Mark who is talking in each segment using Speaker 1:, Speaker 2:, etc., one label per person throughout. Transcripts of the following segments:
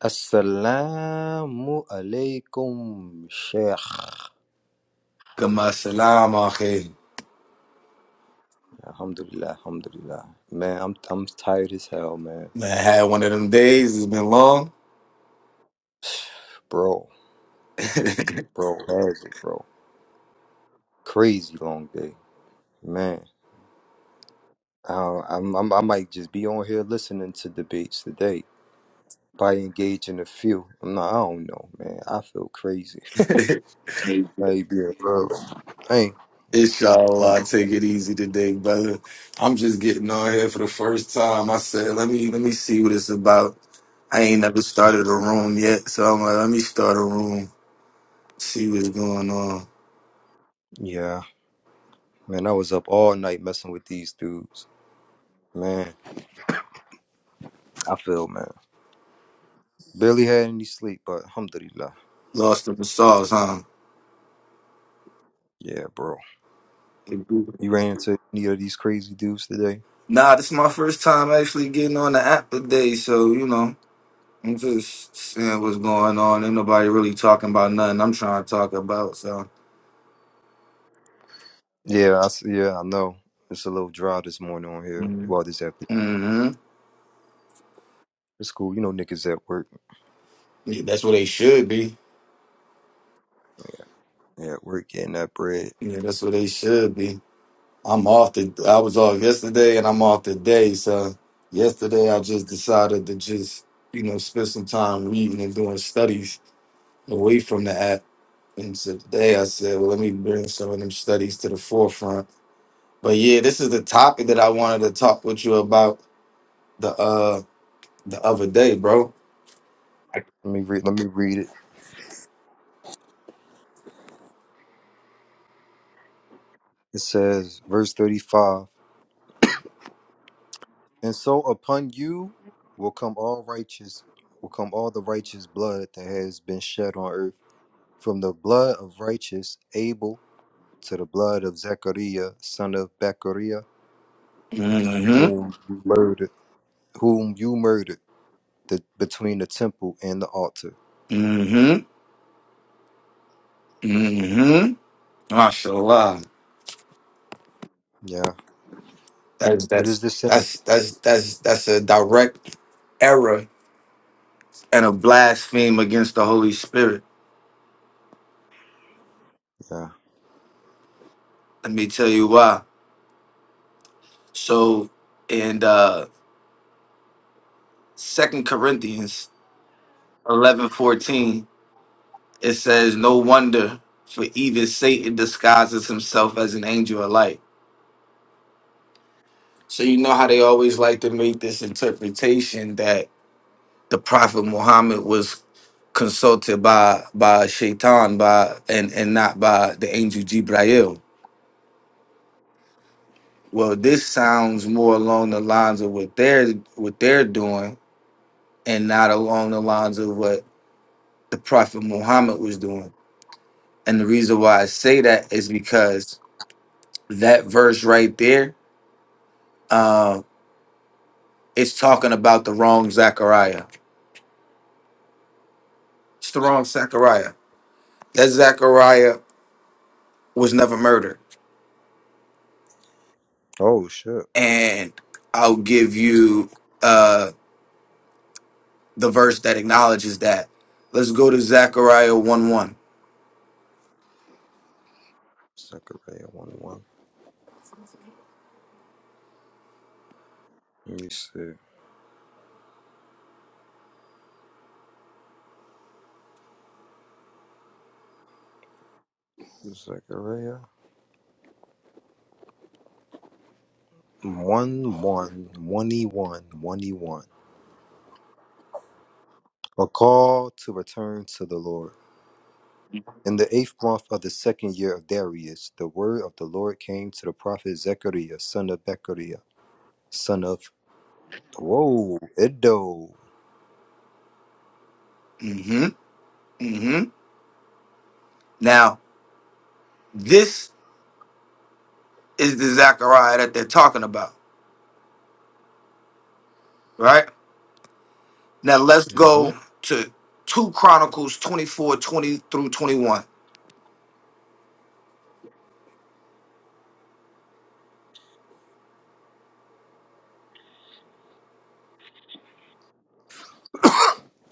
Speaker 1: Assalamu alaikum, Sheikh.
Speaker 2: Kama salam, akhi.
Speaker 1: Alhamdulillah, Alhamdulillah. Man, I'm I'm tired as hell, man.
Speaker 2: Man, I had one of them days. It's been long.
Speaker 1: Bro, bro, heavy, bro. Crazy long day, man. Uh, I'm, I'm I might just be on here listening to debates today. Probably engage in a few. I'm not. I don't know, man. I feel crazy. Hey, be bro. Hey, I'm.
Speaker 2: Inshallah, I take it easy today, brother. I'm just getting on here for the first time. I said, let me let me see what it's about. I ain't never started a room yet, so I'm like, let me start a room, see what's going on.
Speaker 1: Yeah, man. I was up all night messing with these dudes, man. I feel, man. Barely had any sleep, but alhamdulillah.
Speaker 2: Lost in the sauce, huh?
Speaker 1: Yeah, bro. You ran into any of these crazy dudes today?
Speaker 2: Nah, this is my first time actually getting on the app today, so you know, I'm just seeing what's going on. Ain't nobody really talking about nothing I'm trying to talk about, so.
Speaker 1: Yeah, I s- yeah, I know. It's a little dry this morning on here.
Speaker 2: Mm-hmm.
Speaker 1: Well, this afternoon.
Speaker 2: hmm
Speaker 1: It's cool. You know, niggas at work.
Speaker 2: Yeah, that's what they should be.
Speaker 1: Yeah, at work getting that bread.
Speaker 2: Yeah, that's what they should be. I'm off the. I was off yesterday, and I'm off today. So yesterday, I just decided to just you know spend some time reading and doing studies away from the app. And so today, I said, well, let me bring some of them studies to the forefront. But yeah, this is the topic that I wanted to talk with you about the uh the other day, bro.
Speaker 1: Let me read. Let me read it. It says, verse thirty-five. And so upon you will come all righteous, will come all the righteous blood that has been shed on earth, from the blood of righteous Abel to the blood of Zechariah, son of Bechariah
Speaker 2: Mm-hmm.
Speaker 1: whom you murdered, whom you murdered the, between the temple and the altar.
Speaker 2: Mm-hmm. Mm-hmm. MashaAllah.
Speaker 1: Yeah.
Speaker 2: That's
Speaker 1: What
Speaker 2: that's
Speaker 1: is this sentence?
Speaker 2: that's that's that's that's a direct error and a blaspheme against the Holy Spirit.
Speaker 1: Yeah.
Speaker 2: Let me tell you why. So in uh Second Corinthians eleven fourteen, it says, No wonder for even Satan disguises himself as an angel of light. So you know how they always like to make this interpretation that the Prophet Muhammad was consulted by by Shaitan by and and not by the angel Jibrail Well, this sounds more along the lines of what they're what they're doing, and not along the lines of what the Prophet Muhammad was doing. And the reason why I say that is because that verse right there, uh, it's talking about the wrong Zechariah. It's the wrong Zechariah. That Zechariah was never murdered.
Speaker 1: Oh shit.
Speaker 2: And I'll give you uh, the verse that acknowledges that. Let's go to Zechariah one one.
Speaker 1: Zechariah one one. Let me see. Zechariah one one one e one one e one. A call to return to the Lord. In the eighth month of the second year of Darius, the word of the Lord came to the prophet Zechariah, son of Bechariah, son of Whoa, Edo.
Speaker 2: Mm-hmm. Mm-hmm. Now this. is the Zechariah that they're talking about, right? Now let's
Speaker 1: hmm
Speaker 2: go to 2 Chronicles 24 20 through 21.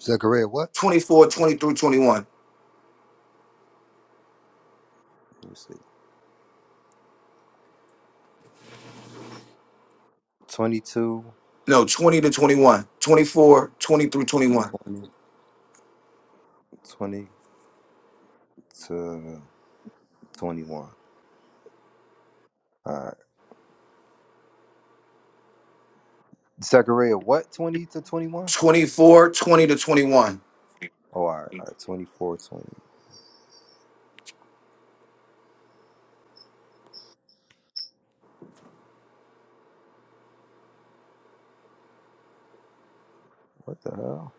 Speaker 1: Zechariah what?
Speaker 2: 24 20 through 21.
Speaker 1: Let me see. 22,
Speaker 2: No, 20 to 21. 24 20 through 21.
Speaker 1: 20 to 21. All right. Zechariah, what? 20 to 21?
Speaker 2: 24 20 to 21.
Speaker 1: Oh, all right. All right. 24, 20. What the hell?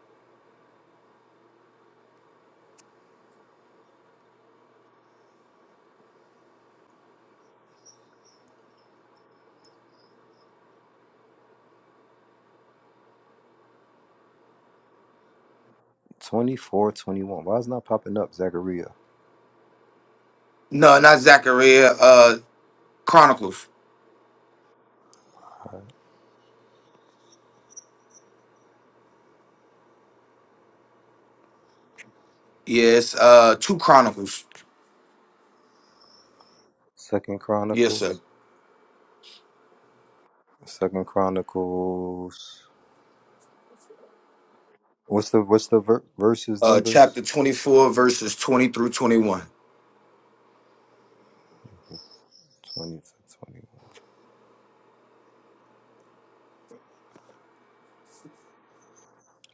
Speaker 1: 24, 21. Why is it not popping up, Zechariah?
Speaker 2: No, not Zechariah, uh Chronicles. Yes, uh 2 Chronicles.
Speaker 1: Second
Speaker 2: Yes, sir.
Speaker 1: Chronicles. Second Chronicles. What's the what's the ver- verses
Speaker 2: Uh
Speaker 1: numbers?
Speaker 2: chapter 24, verses 20 through 21.
Speaker 1: 20 to 21.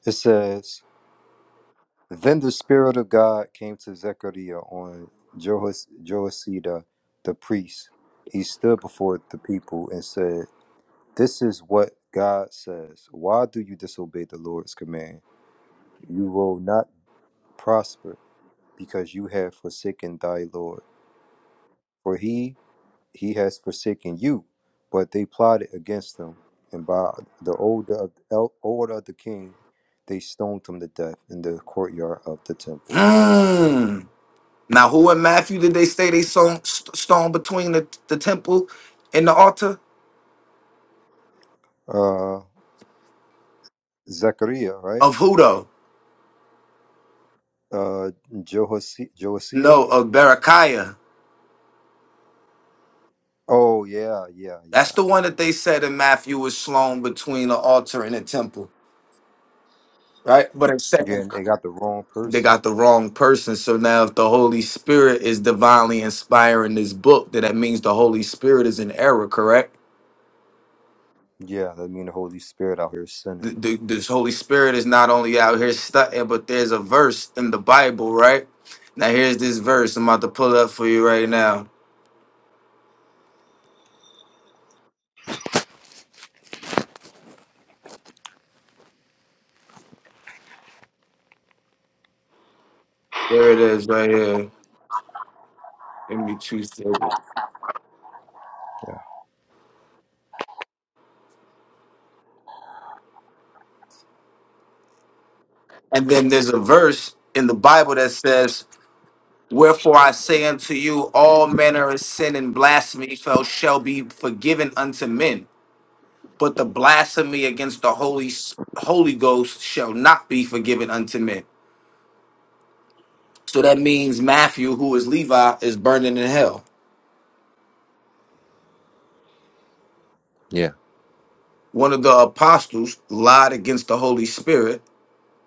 Speaker 1: It says, Then the Spirit of God came to Zechariah on Jehoiada the priest. He stood before the people and said, This is what God says. Why do you disobey the Lord's command? You will not prosper because you have forsaken thy Lord. For he he has forsaken you, but they plotted against him, and by the order of, el- order of the king, they stoned him to death in the courtyard of the temple.
Speaker 2: Mm. Now, who in Matthew did they say they sown stone between the, the temple and the altar?
Speaker 1: Uh, Zechariah, right?
Speaker 2: Of who though?
Speaker 1: Uh, Jehosi- Jehoiada.
Speaker 2: No, of Berechiah.
Speaker 1: Oh yeah, yeah,
Speaker 2: That's
Speaker 1: yeah.
Speaker 2: the one that they said in Matthew was slown between the altar and the temple, right? But in
Speaker 1: Yeah,
Speaker 2: second,
Speaker 1: and they got the wrong
Speaker 2: they
Speaker 1: person.
Speaker 2: got the wrong person. So now, if the Holy Spirit is divinely inspiring this book, then that means the Holy Spirit is in error, correct?
Speaker 1: Yeah, that mean the Holy Spirit out here
Speaker 2: The,
Speaker 1: sinning.
Speaker 2: the, this Holy Spirit is not only out here studying, but there's a verse in the Bible, right? Now here's this verse. I'm about to pull up for you right now. There it is, right here. Give me two seconds. And then there's a verse in the Bible that says, Wherefore I say unto you, all manner of sin and blasphemy shall shall be forgiven unto men, but the blasphemy against the Holy Holy Ghost shall not be forgiven unto men. So that means Matthew, who is Levi, is burning in hell.
Speaker 1: Yeah.
Speaker 2: One of the apostles lied against the Holy Spirit,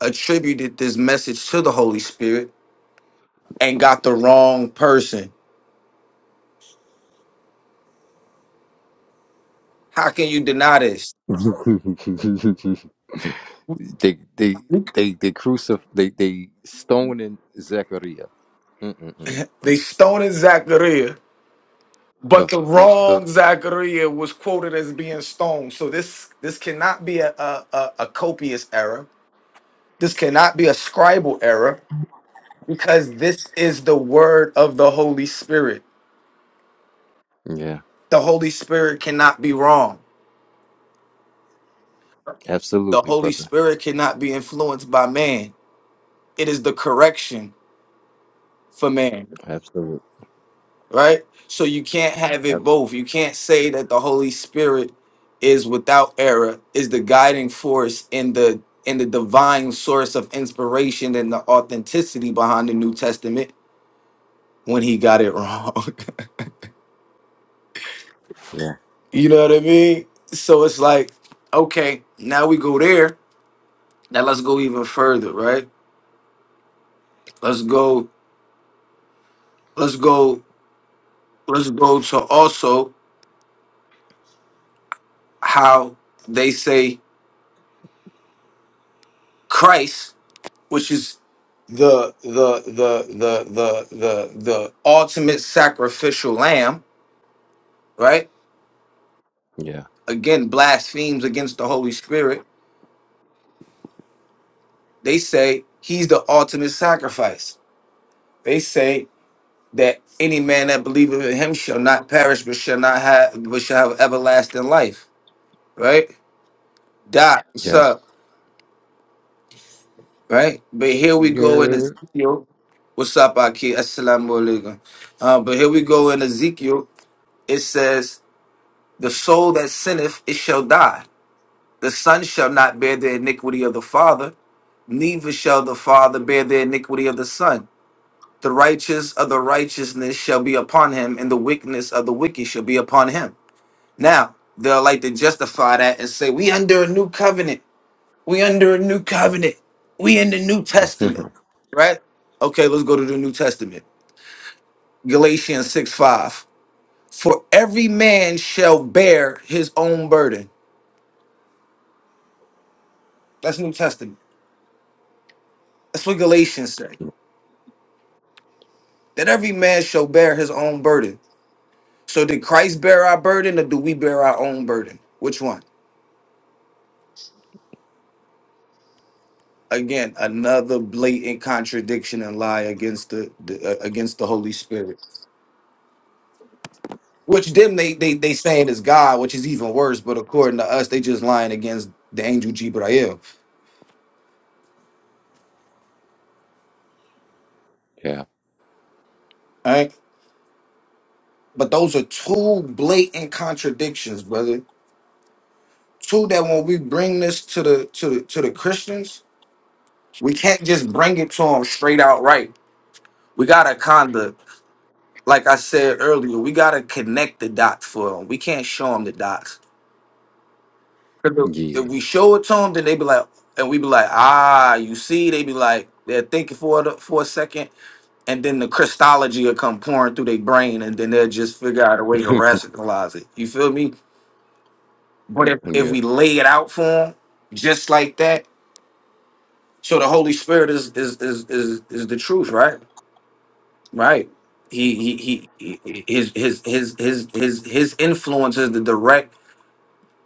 Speaker 2: attributed this message to the Holy Spirit, and got the wrong person How can you deny this?
Speaker 1: Yeah. They they they they crucif they they stoning Zechariah. Mm-mm-mm.
Speaker 2: They stoned Zachariah, but
Speaker 1: The
Speaker 2: the
Speaker 1: the the
Speaker 2: wrong Zachariah was quoted as being stoned. So this this cannot be a, a, a, a copious error. This cannot be a scribal error because this is the word of the Holy Spirit.
Speaker 1: yeah,
Speaker 2: The Holy Spirit cannot be wrong. The
Speaker 1: absolutely,
Speaker 2: Holy
Speaker 1: brother.
Speaker 2: Spirit cannot be influenced by man. It is the correction for man.
Speaker 1: Absolutely.
Speaker 2: right? So you can't have
Speaker 1: Ab-
Speaker 2: it both. You can't say that the Holy Spirit is without error, is the guiding force in the in the divine source of inspiration and the authenticity behind the New Testament when he got it wrong.
Speaker 1: Yeah.
Speaker 2: you know what I mean? So it's like, okay, now we go there. Now let's go even further, right? Let's go, let's go, let's go to also how they say Christ which is the the the the the the the ultimate sacrificial lamb, right?
Speaker 1: Yeah.
Speaker 2: Again, blasphemes against the Holy Spirit. They say he's the ultimate sacrifice. They say that any man that believeth in him shall not perish, but shall not have, but shall have everlasting life. Right? Dot.
Speaker 1: Yeah.
Speaker 2: Sup. Right? But here we go in
Speaker 1: You're
Speaker 2: Ezekiel. What's up, Aki? Assalamu alaikum. Uh, but here we go in Ezekiel. It says The soul that sinneth, it shall die. The son shall not bear the iniquity of the father, neither shall the father bear the iniquity of the son. The righteous of the righteousness shall be upon him, and the wickedness of the wicked shall be upon him. Now, they'll like to justify that and say, We under a new covenant. We under a new covenant. We in the New Testament, right? Okay, let's go to the New Testament. Galatians 6 5. For every man shall bear his own burden. That's New Testament That's what Galatians say. That every man shall bear his own burden. So did Christ bear our burden or do we bear our own burden? Which one? Again, another blatant contradiction and lie against the, the uh, against the Holy Spirit. Which them they they they saying is God, which is even worse, but according to us, they just lying against the angel Jibrail.
Speaker 1: yeah.
Speaker 2: All right. But those are two blatant contradictions, brother. Two that when we bring this to the to the to the Christians, we can't just bring it to them straight out right We gotta kinda, like I said earlier, we gotta connect the dots for them. We can't show them the dots. If
Speaker 1: Yeah.
Speaker 2: we show it to them, then they be like, and we be like, ah, you see, they be like, they're thinking for it for a second, and then the Christology will come pouring through their brain, and then they'll just figure out a way to rationalize it. You feel me? But if, if
Speaker 1: yeah.
Speaker 2: we lay it out for them just like that, so the Holy Spirit is is is is, is the truth, right? Right. He, he he he his his his his his his influence is the direct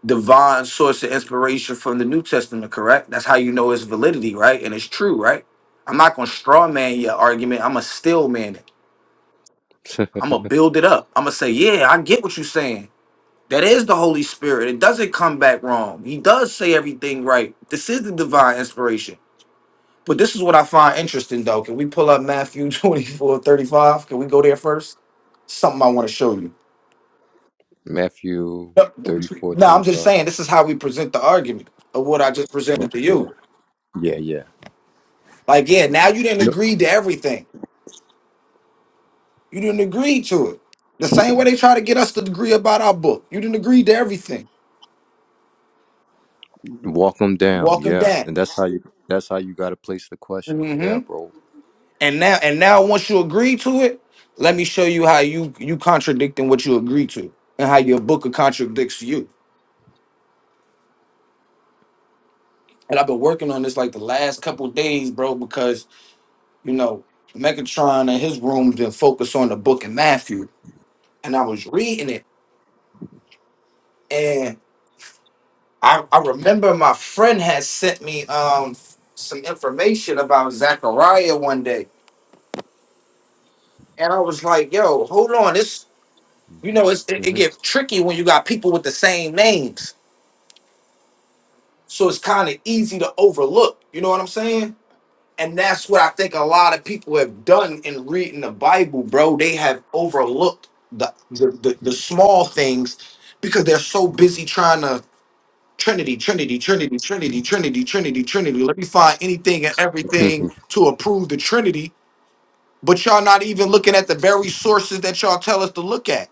Speaker 2: divine source of inspiration from the New Testament, correct? That's how you know its validity, right? And it's true, right? I'm not gonna straw man your argument, I'm a still man it. I'm gonna build it up. I'm gonna say, Yeah, I get what you're saying. That is the Holy Spirit. It doesn't come back wrong. He does say everything right. This is the divine inspiration. But this is what I find interesting though. Can we pull up Matthew 24 35? Can we go there first? Something I want to show you.
Speaker 1: Matthew
Speaker 2: No,
Speaker 1: 34
Speaker 2: no,
Speaker 1: twenty
Speaker 2: I'm just
Speaker 1: five.
Speaker 2: saying this is how we present the argument of what I just presented to you.
Speaker 1: Yeah. Yeah,
Speaker 2: Like, yeah, now you didn't
Speaker 1: yeah.
Speaker 2: agree to everything. You didn't agree to it. The same way they try to get us to agree about our book. You didn't agree to everything.
Speaker 1: Walk them down.
Speaker 2: Walk them
Speaker 1: Yeah,
Speaker 2: down.
Speaker 1: and that's how you. That's how you got to place the question.
Speaker 2: hmm
Speaker 1: Yeah, bro.
Speaker 2: And now, and now, once you agree to it, let me show you how you you contradicting what you agree to, and how your book contradicts you. And I've been working on this like the last couple days, bro, because you know Megatron and his room didn't focus on the book of Matthew and I was reading it, and I, I remember my friend had sent me um some information about Zachariah one day, and I was like, "Yo, hold on, this you know it's, it, it
Speaker 1: hmm
Speaker 2: get tricky when you got people with the same names, so it's kind of easy to overlook." You know what I'm saying? And that's what I think a lot of people have done in reading the Bible, bro. They have overlooked the the, the, the small things because they're so busy trying to Trinity, Trinity, Trinity, Trinity, Trinity, Trinity, Trinity. Let me find anything and everything to approve the Trinity. But y'all not even looking at the very sources that y'all tell us to look at.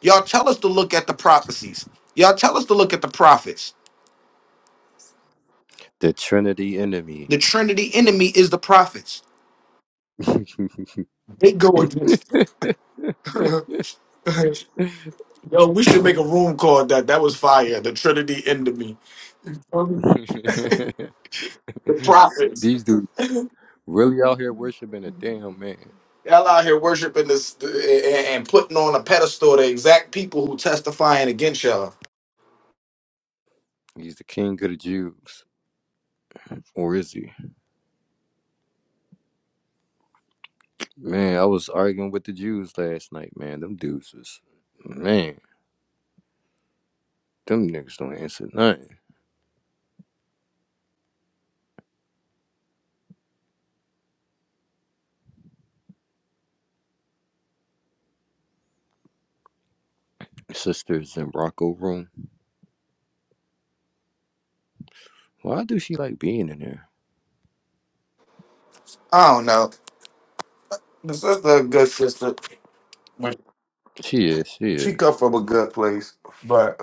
Speaker 2: Y'all tell us to look at the prophecies. Y'all tell us to look at the prophets.
Speaker 1: the Trinity enemy.
Speaker 2: The Trinity enemy is the prophets. They go against. Yo, we should make a room called that. That was fire. The Trinity enemy. Um, The prophets.
Speaker 1: These dudes really out here worshiping a damn man.
Speaker 2: Y'all out here worshiping this and and putting on a pedestal the exact people who testifying against y'all.
Speaker 1: He's the king of the Jews. Or is he? Man, I was arguing with the Jews last night, man. Them dudes was, man, them niggas don't answer nothing. Sisters in Rocco room. Why do she like being in there?
Speaker 2: I don't know. The sister, a good sister.
Speaker 1: She is, she
Speaker 2: She come
Speaker 1: is.
Speaker 2: from a good place, but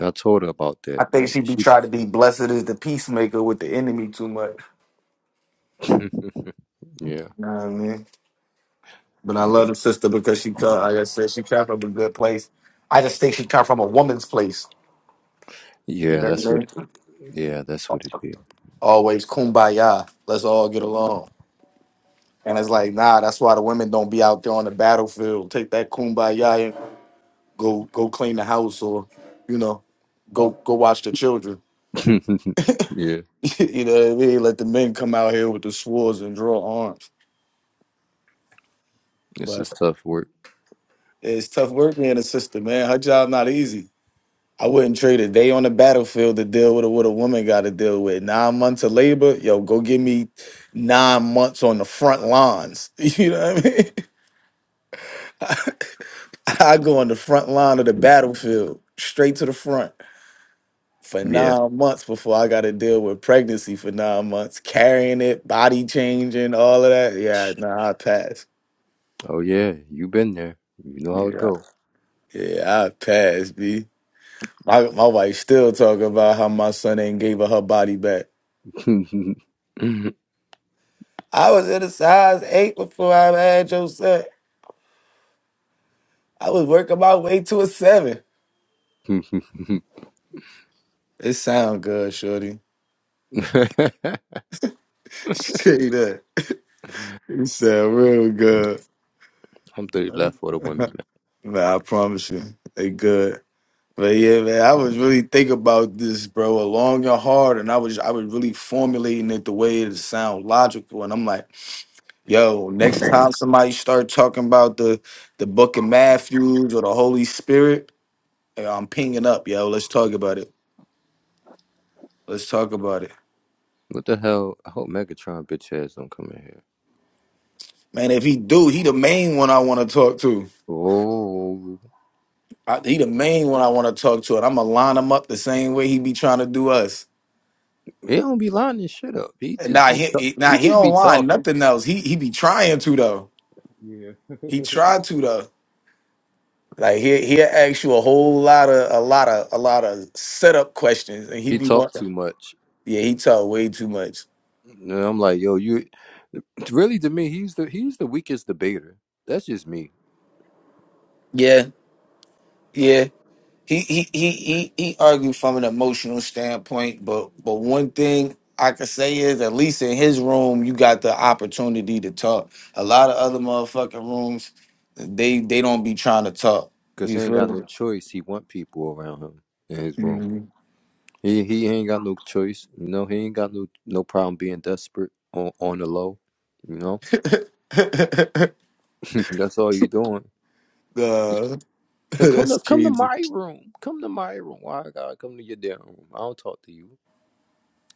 Speaker 1: I told her about that,
Speaker 2: I think
Speaker 1: but
Speaker 2: she be
Speaker 1: she
Speaker 2: trying to be blessed as the peacemaker with the enemy too much.
Speaker 1: Yeah.
Speaker 2: You know what I mean? But I love the sister because she come, like I said, she come from a good place. I just think she come from a woman's place. You
Speaker 1: Yeah,
Speaker 2: know
Speaker 1: that's what
Speaker 2: what
Speaker 1: it,
Speaker 2: I
Speaker 1: yeah, that's
Speaker 2: mean?
Speaker 1: what it be.
Speaker 2: Always kumbaya. Let's all get along. And it's like, nah, that's why the women don't be out there on the battlefield. Take that kumbaya and go go clean the house or, you know, go go watch the children.
Speaker 1: yeah.
Speaker 2: you know what I mean? Let the men come out here with the swords and draw arms.
Speaker 1: It's
Speaker 2: But
Speaker 1: just tough work.
Speaker 2: it's tough work being a sister, man. Her job not easy. I wouldn't trade a day on the battlefield to deal with what a woman got to deal with. Nine months of labor, yo, go give me nine months on the front lines. You know what I mean? I go on the front line of the battlefield, straight to the front for
Speaker 1: Yeah.
Speaker 2: nine months before I got months. Nip changing, all of that. Yeah, nah, I pass.
Speaker 1: Oh yeah, you been there. You know how it
Speaker 2: Yeah,
Speaker 1: go.
Speaker 2: yeah, I pass, B. My my wife still talking about how my son ain't gave her her body back. I was in a size eight before I had your son. I was working my way to a seven.
Speaker 1: I'm
Speaker 2: It sound good, shorty. Tell you that. It sound real good.
Speaker 1: thirty left for the women. man.
Speaker 2: nah, I promise you, they good. But yeah, man, I was really thinking about this, bro, long and hard, and I was I was really formulating it the way it sound logical, and I'm like. Yo, next time somebody start talking about the the Book of Matthews or the Holy Spirit, eh, I'm pinging up, yo. Let's talk about it. Let's talk about it,
Speaker 1: What the hell? I hope Megatron bitch ass don't come in here.
Speaker 2: man. If he do, he the main one I want to talk to.
Speaker 1: Oh,
Speaker 2: I, he the main one I want to talk to, and I'm gonna line him up the same way he be trying to do us.
Speaker 1: he don't be lining shit up. He
Speaker 2: Eh,
Speaker 1: just
Speaker 2: Nah,
Speaker 1: be
Speaker 2: he,
Speaker 1: ta-
Speaker 2: he now
Speaker 1: he
Speaker 2: he
Speaker 1: just
Speaker 2: don't
Speaker 1: be
Speaker 2: line
Speaker 1: talking.
Speaker 2: nothing else. He he be trying to though.
Speaker 1: Yeah.
Speaker 2: He tried to though. Like he he ask you a whole lot of a lot of a lot of setup questions, and he
Speaker 1: He
Speaker 2: be
Speaker 1: talk
Speaker 2: wanting.
Speaker 1: too much.
Speaker 2: Yeah, he talk way too much.
Speaker 1: And I'm like, yo, you really to me, he's the he's the weakest debater. That's just me.
Speaker 2: Yeah. Yeah, he he he he he argued from an emotional standpoint, but but one thing I could say is at least in his room you got the opportunity to talk. A lot of other motherfucking rooms, they they don't be trying to talk.
Speaker 1: Cause he
Speaker 2: You
Speaker 1: ain't got no
Speaker 2: feel
Speaker 1: choice. He want people around him in his room.
Speaker 2: me?
Speaker 1: He he ain't got no choice. You know, he ain't got no no problem being desperate on on the low. You know,
Speaker 2: Mhm.
Speaker 1: that's all you doing.
Speaker 2: Nah,
Speaker 1: Now come
Speaker 2: that's
Speaker 1: to come to
Speaker 2: crazy.
Speaker 1: my room. Come to my room. Why I gotta come to your damn room? I don't talk to you.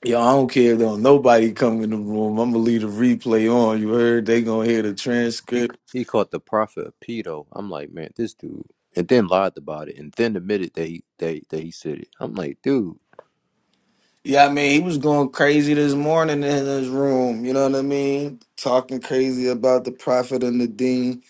Speaker 2: Yo, I don't care though. Nobody come in the room. I'm gonna leave the replay on. You heard? They gonna hear the
Speaker 1: He
Speaker 2: transcript.
Speaker 1: he called the prophet a pedo. I'm like, man, this dude, and then lied about it, and then admitted that he that, that he said it. I'm like, dude,
Speaker 2: Yeah, I mean, he was going crazy this morning in his room. You know what I mean? Talking crazy about the prophet and the dean,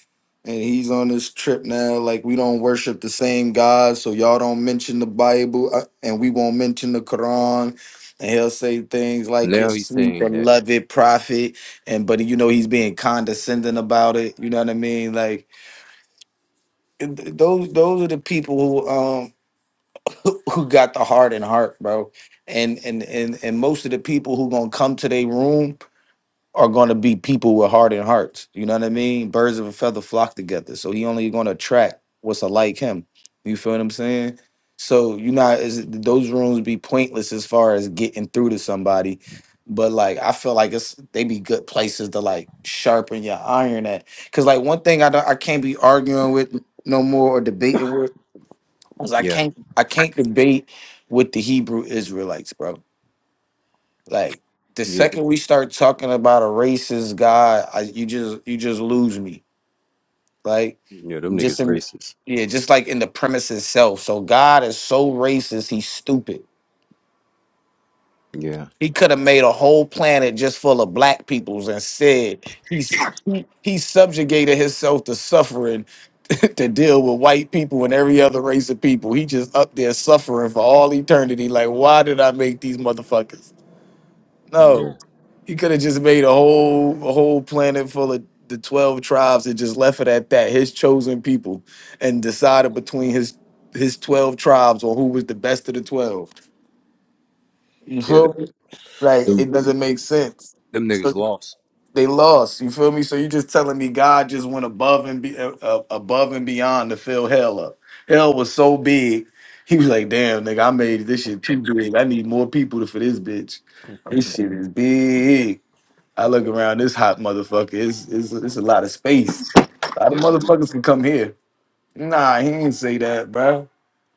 Speaker 2: and he's on this trip now. Like we don't worship the same God, so y'all don't mention the Bible, uh, and we won't mention the Quran. And he'll say things like "your
Speaker 1: now he's
Speaker 2: sweet
Speaker 1: saying that,
Speaker 2: beloved prophet," and but you know he's being condescending about it. You know what I mean? Like th- those those are the people who um who who got the heart and heart, bro. And and and and most of the people who gonna come to their room are gonna be people with heart and hearts. You know what I mean? Birds of a feather flock together. So he only gonna attract what's alike him. You feel what I'm saying? So you know, is those rooms be pointless as far as getting through to somebody. But like I feel like it's they be good places to like sharpen your iron at. Cause like one thing I don't I can't be arguing with no more or debating with Cause I
Speaker 1: yeah,
Speaker 2: can't I can't debate with the Hebrew Israelites, bro. Like the
Speaker 1: yeah, th-
Speaker 2: second we start talking about a racist guy, I, you just you just lose me. Like
Speaker 1: yeah, them
Speaker 2: just
Speaker 1: niggas
Speaker 2: in
Speaker 1: racist.
Speaker 2: yeah, just like in the premise itself. So God is so racist, he's stupid.
Speaker 1: Yeah,
Speaker 2: He could have made a whole planet just full of black peoples and said he's he, he subjugated himself to suffering to deal with white people and every other race of people. He just up there suffering for all eternity. Like, why did I make these motherfuckers? No.
Speaker 1: yeah,
Speaker 2: He could have just made a whole a whole planet full of the 12 tribes and just left it at that, his chosen people, and decided between his his 12 tribes on who was the best of the 12. You
Speaker 1: yeah,
Speaker 2: feel me?
Speaker 1: th-
Speaker 2: Right.
Speaker 1: them,
Speaker 2: It doesn't make sense.
Speaker 1: them
Speaker 2: So
Speaker 1: niggas lost.
Speaker 2: they lost. You feel me? So you just telling me God just went above and be, uh, uh, above and beyond to fill hell up. Hell was so big. He was like, "Damn, nigga, I made this shit too big. I need more people for this bitch. This shit is big." I look around this hot motherfucker. It's it's, it's a lot of space. A lot of
Speaker 1: Yeah,
Speaker 2: motherfuckers can come here. Nah, he ain't say that, bro.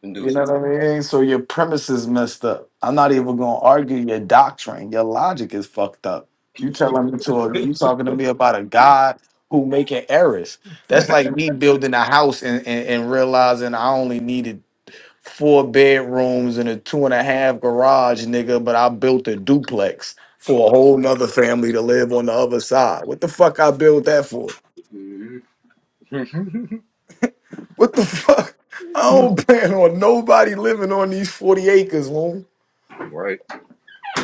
Speaker 1: them
Speaker 2: You
Speaker 1: dudes are
Speaker 2: know what
Speaker 1: tough.
Speaker 2: I mean? So your premise is messed up. I'm not even gonna argue your doctrine. Your logic is fucked up. You telling me to you talking to me about a God who making errors. That's like me building a house and, and, and realizing I only needed four bedrooms and a two and a half garage, nigga, but I built a duplex for a whole nother family to live on the other side. What the fuck I built that for?
Speaker 1: Mhm.
Speaker 2: What the fuck? I don't plan on nobody living on these 40 acres, woman.
Speaker 1: right.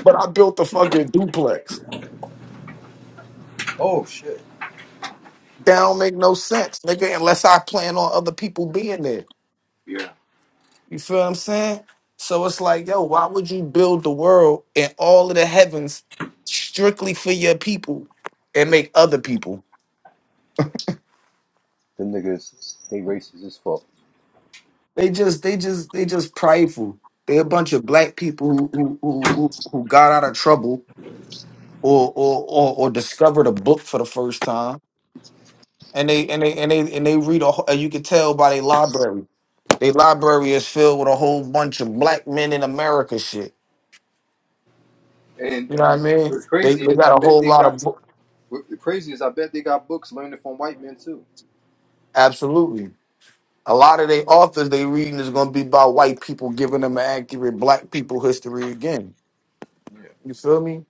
Speaker 2: But I built a fucking duplex.
Speaker 1: Oh shit.
Speaker 2: That don't make no sense, nigga, unless I plan on other people being there.
Speaker 1: Yeah,
Speaker 2: You feel what I'm saying? So it's like, yo, why would you build the world and all of the heavens strictly for your people and make other people?
Speaker 1: them niggas, they racist as fuck.
Speaker 2: They just, they just, they just prideful. They a bunch of black people who who who, who got out of trouble or or or, or discovered a book for the first time and they and they and they and they read a, wh- you can tell by their library They library is filled with a whole bunch of black men in America shit.
Speaker 1: And
Speaker 2: You know what I mean?
Speaker 1: what's
Speaker 2: They,
Speaker 1: crazy
Speaker 2: they
Speaker 1: is, I
Speaker 2: got a
Speaker 1: bet
Speaker 2: whole
Speaker 1: they
Speaker 2: lot of
Speaker 1: got.
Speaker 2: book.
Speaker 1: what- The crazy is, I bet they got books learning from white men too.
Speaker 2: Absolutely. A lot of their authors they reading is gonna be about white people giving them an accurate black people history again. You feel me?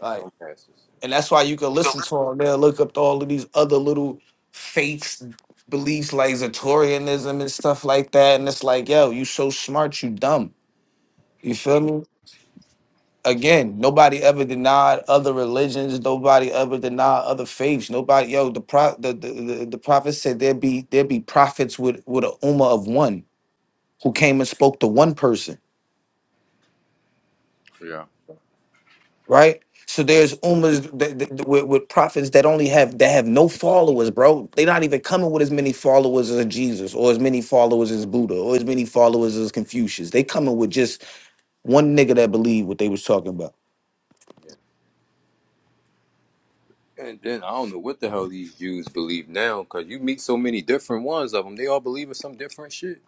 Speaker 2: Like,
Speaker 1: Dumbasses.
Speaker 2: and that's why you can listen to them. They'll look up to all of these other little faiths, beliefs like Zatorianism and stuff like that. And it's like, yo, you so smart, you dumb. You feel me? again, nobody ever denied other religions. Nobody ever denied other faiths. Nobody, yo, the pro, the the, the, the prophet said there be there be prophets with with a ummah of one who came and spoke to one person,
Speaker 1: Yeah.
Speaker 2: right? So there's ummas that, that- that- with, with prophets that only have that have no followers, bro. They're not even coming with as many followers as Jesus, or as many followers as Buddha, or as many followers as Confucius. They coming with just one nigga that believed what they was talking about.
Speaker 1: Yeah. And then I don't know what the hell these Jews believe now, because you meet so many different ones of them. They all believe in some different shit.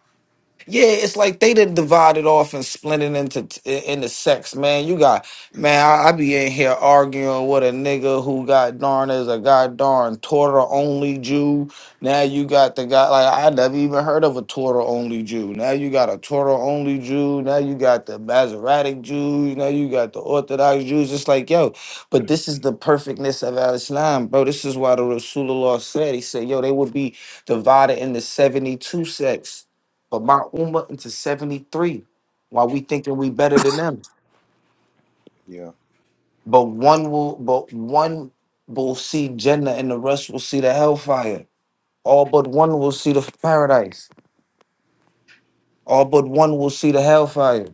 Speaker 2: Yeah, it's like they done divided off and split it into t- into sex, man. You got man, I, I be in here arguing with a nigga who got darn is a god darn Torah only Jew. Now you got the guy like I never even heard of a Torah only Jew. Now you got a Torah only Jew. Now you got the Masoretic Jews. Now you got the Orthodox Jews. It's like yo, but this is the perfectness of Al Islam, bro. This is why the Rasulullah said he said yo they would be divided into seventy two sects but Mount Uma into 73 while we thinking we better than them.
Speaker 1: Yeah,
Speaker 2: But one will but one will see Jannah and the rest will see the hellfire. All but one will see the paradise. All but one will see the hellfire.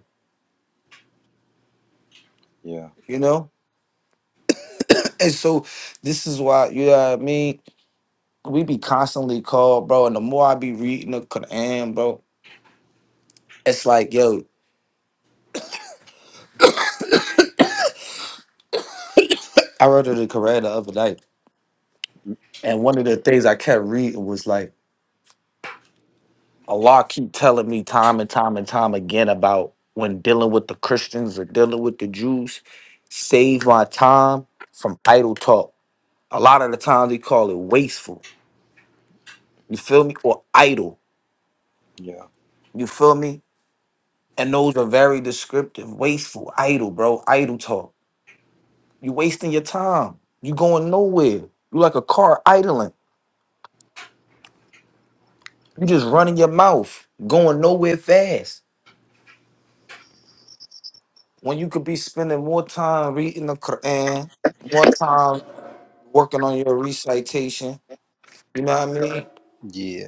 Speaker 1: yeah,
Speaker 2: You know? And so this is why, you know what I mean? We be constantly called, bro. And the more I be reading the Quran, bro, it's like, yo, I read the Quran the other night.
Speaker 1: mm,
Speaker 2: And one of the things I kept reading was like Allah keep telling me time and time and time again about when dealing with the Christians or dealing with the Jews, save my time from idle talk. A lot of the times they call it wasteful. You feel me? Or idle.
Speaker 1: yeah,
Speaker 2: You feel me? And those are very descriptive. Wasteful, idle, bro. Idle talk. You wasting your time. You going nowhere. You like a car idling. You
Speaker 1: yeah,
Speaker 2: just running your mouth, going nowhere fast. When you could be spending more time reading the Quran, more time working on your recitation. You know what I mean?
Speaker 1: yeah,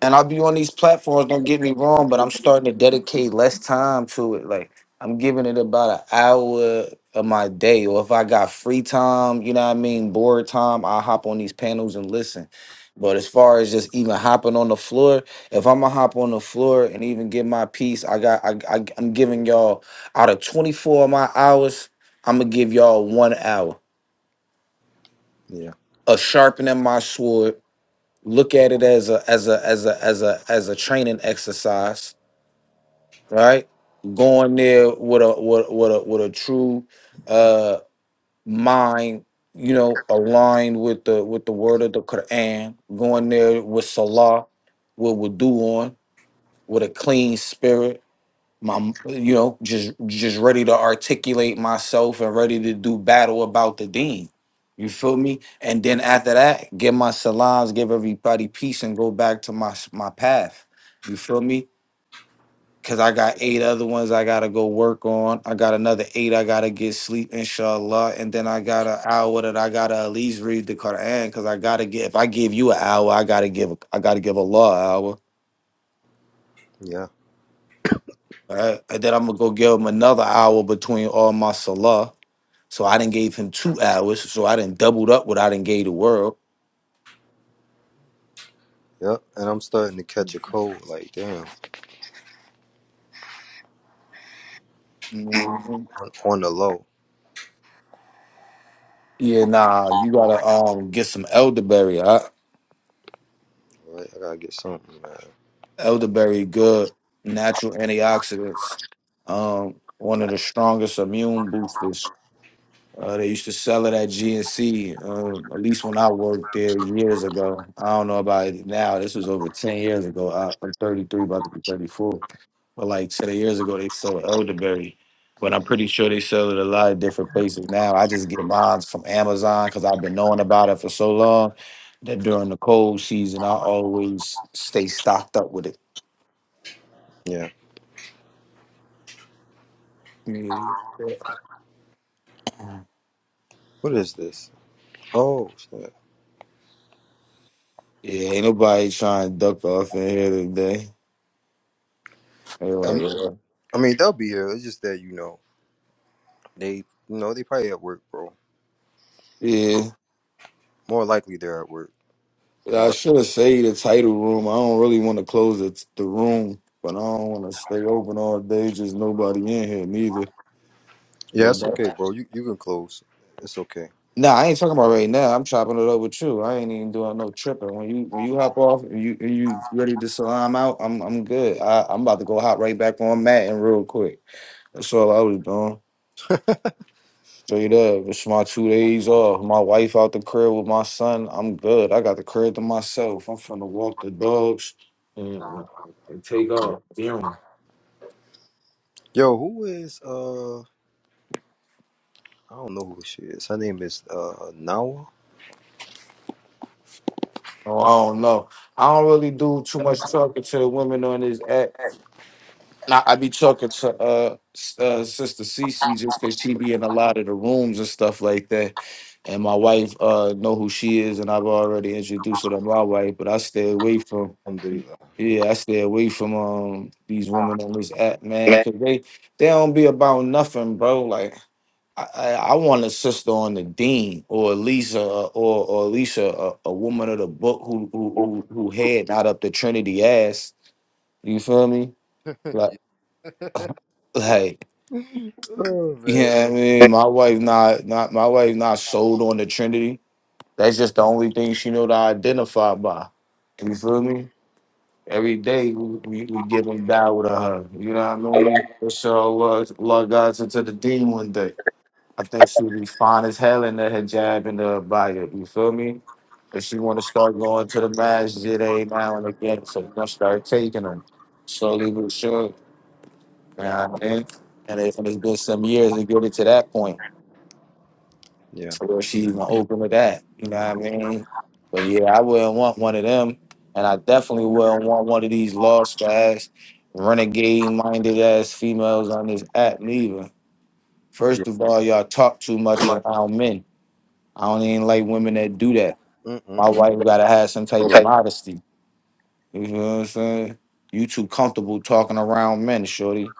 Speaker 2: And I'll be on these platforms, don't get me wrong, but I'm starting to dedicate less time to it. Like I'm giving it about an hour of my day. Or if I got free time, you know what I mean, bored time, i hop on these panels and listen. But as far as just even hopping on the floor, if I'm gonna hop on the floor and even give my piece, I got I, I I'm giving y'all out of 24 of my hours, I'm gonna give y'all one hour
Speaker 1: yeah,
Speaker 2: of sharpening my sword look at it as a as a as a as a as a training exercise, right? Going there with a with, with a with a true uh mind, you know, aligned with the with the word of the Quran, going there with Salah, with wudu on, with a clean spirit, my you know just just ready to articulate myself and ready to do battle about the dean you feel me and then after that give my salams give everybody peace and go back to my s- my path you feel me because i got eight other ones i gotta go work on i got another eight i gotta get sleep inshallah and then i got an hour that i gotta at least read the quran because i gotta get if i give you an hour i gotta give i gotta give allah an hour
Speaker 1: yeah,
Speaker 2: all right and then i'm gonna go give him another hour between all my salah So I didn't gave him two hours. So I didn't doubled up what I didn't gave the world.
Speaker 1: yep. And I'm starting to
Speaker 2: You
Speaker 1: catch a cold. Like, damn,
Speaker 2: know what I mean?
Speaker 1: on, on the low.
Speaker 2: Yeah, nah, you gotta um get some elderberry. I,
Speaker 1: Right, I gotta get something, man.
Speaker 2: elderberry, good natural antioxidants. Um, one of the strongest immune boosters. Uh, they used to sell it at GNC, um, at least when I worked there years ago. I don't know about it now. This was over 10 years ago. I, I'm 33, about to be 34. But like ten years ago, they sold elderberry, but I'm pretty sure they sell it a lot of different places now. I just get mine from Amazon because I've been knowing about it for so long that during the cold season, I always stay stocked up with it.
Speaker 1: Yeah.
Speaker 2: Mhm.
Speaker 1: What is this? Oh, shit.
Speaker 2: Yeah, ain't nobody trying to duck off in here today.
Speaker 1: Um,
Speaker 2: Anyway, uh,
Speaker 1: I mean, they'll be here. It's just that you know, they, you know, they probably at work, bro.
Speaker 2: yeah,
Speaker 1: More likely, they're at work.
Speaker 2: yeah, I
Speaker 1: More.
Speaker 2: should have saved the title room. I don't really want to close the, the room, but I don't want to stay open all day. Just nobody in here neither.
Speaker 1: Yeah,
Speaker 2: But
Speaker 1: it's
Speaker 2: that-
Speaker 1: okay, bro. You you can close. It's okay.
Speaker 2: Nah, I ain't talking about right now. I'm chopping it up with you. I ain't even doing no tripping. When you when you hop off and you and you ready to salam out, I'm I'm good. I, I'm about to go hop right back on Matt and real quick. That's all I was doing. Straight up. It's my two days off. My wife out the crib with my son. I'm good. I got the crib to myself. I'm finna walk the dogs and, and take off. Damn.
Speaker 1: Yo, who is uh I don't know who she is. Her name is uh Nawa.
Speaker 2: Oh, I don't know. I don't really do too much talking to the women on this app. Nah, I be talking to uh, s- uh sister Cece just because she be in a lot of the rooms and stuff like that. And my wife uh know who she is, and I've already introduced her to my wife. But I stay away from
Speaker 1: Alhamdulillah.
Speaker 2: yeah, I stay away from um these women on this app, man,
Speaker 1: Man.
Speaker 2: because they they don't be about nothing, bro. Like I I, I want a sister on the dean, or at least a or or at least a, a, a woman of the book who who who who head not up the Trinity ass. You feel me? Like.
Speaker 1: yeah.
Speaker 2: Like
Speaker 1: oh man.
Speaker 2: Yeah, I mean, my wife not not my wife not sold on the Trinity. That's just the only thing she know to identify by. You feel me? Every day we, we, we get them down with a hug. You know what I mean? Inshallah, Allah guides God's into the dean one day. I think she'll be fine as hell in the hijab and the abaya. You feel me? But she want to start going to the masjid every now and again, so we gonna start taking her slowly but surely. You know what I mean? And it's, and it's been some years to get it to that point.
Speaker 1: Yeah.
Speaker 2: So was she even open with that? You know what I mean? But yeah, I wouldn't want one of them, and I definitely wouldn't want one of these lost ass, renegade minded ass females on this app neither.
Speaker 1: Yeah.
Speaker 2: First of all, y'all talk too much
Speaker 1: Much.
Speaker 2: around men. I don't even like women that do that. My
Speaker 1: Mm-mm-mm.
Speaker 2: wife gotta have some type of
Speaker 1: Okay.
Speaker 2: modesty. You know what I'm saying? You too comfortable talking around men, shorty.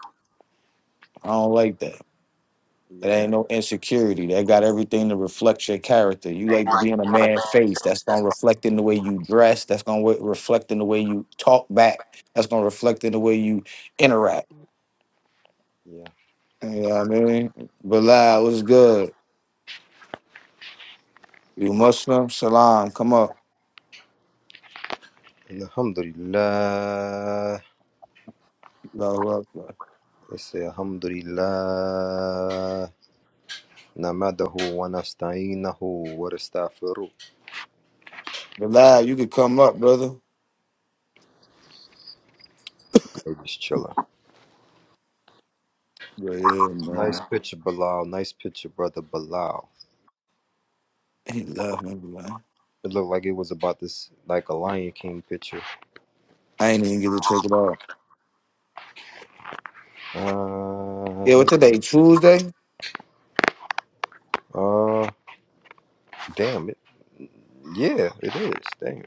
Speaker 2: I don't like that. That ain't
Speaker 1: Yeah.
Speaker 2: no insecurity. That got everything to reflect your character. You like to be in a man's face. That's gonna reflect in the way you dress. That's gonna wa- reflect in the way you talk back. That's gonna reflect in the way you interact.
Speaker 1: Yeah.
Speaker 2: You know what I mean? Bilal, what's good? You Muslim? Salam, come up.
Speaker 1: And Alhamdulillah.
Speaker 2: Bilal,
Speaker 1: Let's say Alhamdulillah. Namadahu wa nastainahu wa nastaghfiruh.
Speaker 2: Bilal, you could come up, brother.
Speaker 1: I'm just chilling.
Speaker 2: Yeah, yeah,
Speaker 1: Nice
Speaker 2: man.
Speaker 1: picture, Bilal. Nice picture, brother Bilal.
Speaker 2: He love him, Bilal.
Speaker 1: It looked like it was about this, like a Lion King picture.
Speaker 2: I ain't even get to check about.
Speaker 1: Uh,
Speaker 2: Yeah, what today? Tuesday?
Speaker 1: uh, damn it. Yeah, it is. Damn.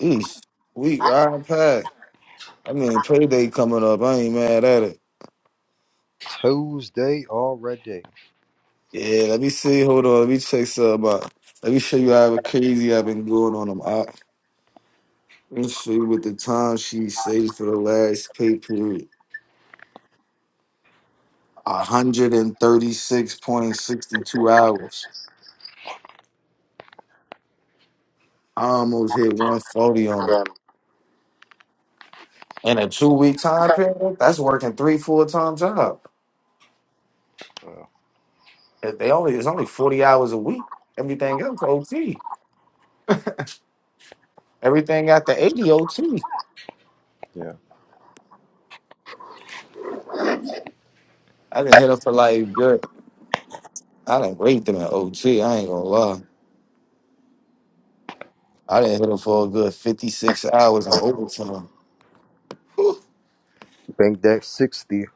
Speaker 2: East. Week, riding Pack. I mean, payday coming up. I ain't mad at it.
Speaker 1: Tuesday already.
Speaker 2: Yeah, let me see. Hold on. Let me check some out. Let me show you how crazy I've been going on them. I, let me show you what the time she saved for the last pay period. 136.62 hours. I almost hit 140 on them. In a two week time period, that's working three full time job.
Speaker 1: Wow.
Speaker 2: If They only it's only 40 hours a week. Everything else OT. Everything after 80 OT.
Speaker 1: Yeah.
Speaker 2: I didn't hit them for like good. I done raped them at OT. I ain't gonna lie. I didn't hit him for a good 56 hours on overtime. Whew.
Speaker 1: Bank that 60.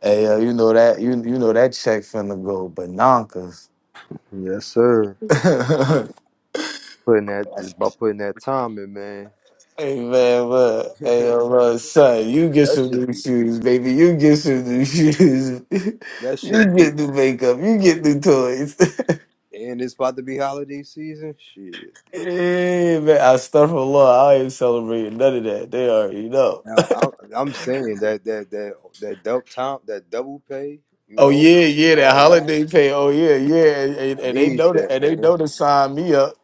Speaker 2: Hey, uh, you know that you you know that check finna go bananas.
Speaker 1: Yes, sir.
Speaker 2: hey
Speaker 1: Putting that, just by putting that time in, man.
Speaker 2: man, look, hey uh,
Speaker 1: that
Speaker 2: look, son, you get some
Speaker 1: should
Speaker 2: new
Speaker 1: be,
Speaker 2: shoes, baby. You get some new shoes. you
Speaker 1: that should be,
Speaker 2: get new makeup. You get new toys.
Speaker 1: and it's about to be holiday season. Shit.
Speaker 2: Hey, man, I stuff a lot. I ain't celebrating none of that. They already know.
Speaker 1: Now, I'm, I'm saying that, that, that, that double time, that double pay, you
Speaker 2: Oh
Speaker 1: know,
Speaker 2: yeah,
Speaker 1: and
Speaker 2: yeah, that
Speaker 1: all that.
Speaker 2: holiday pay. Oh yeah, yeah, and, and,
Speaker 1: I
Speaker 2: and they
Speaker 1: need
Speaker 2: know that,
Speaker 1: that,
Speaker 2: and they
Speaker 1: man.
Speaker 2: know to sign me up.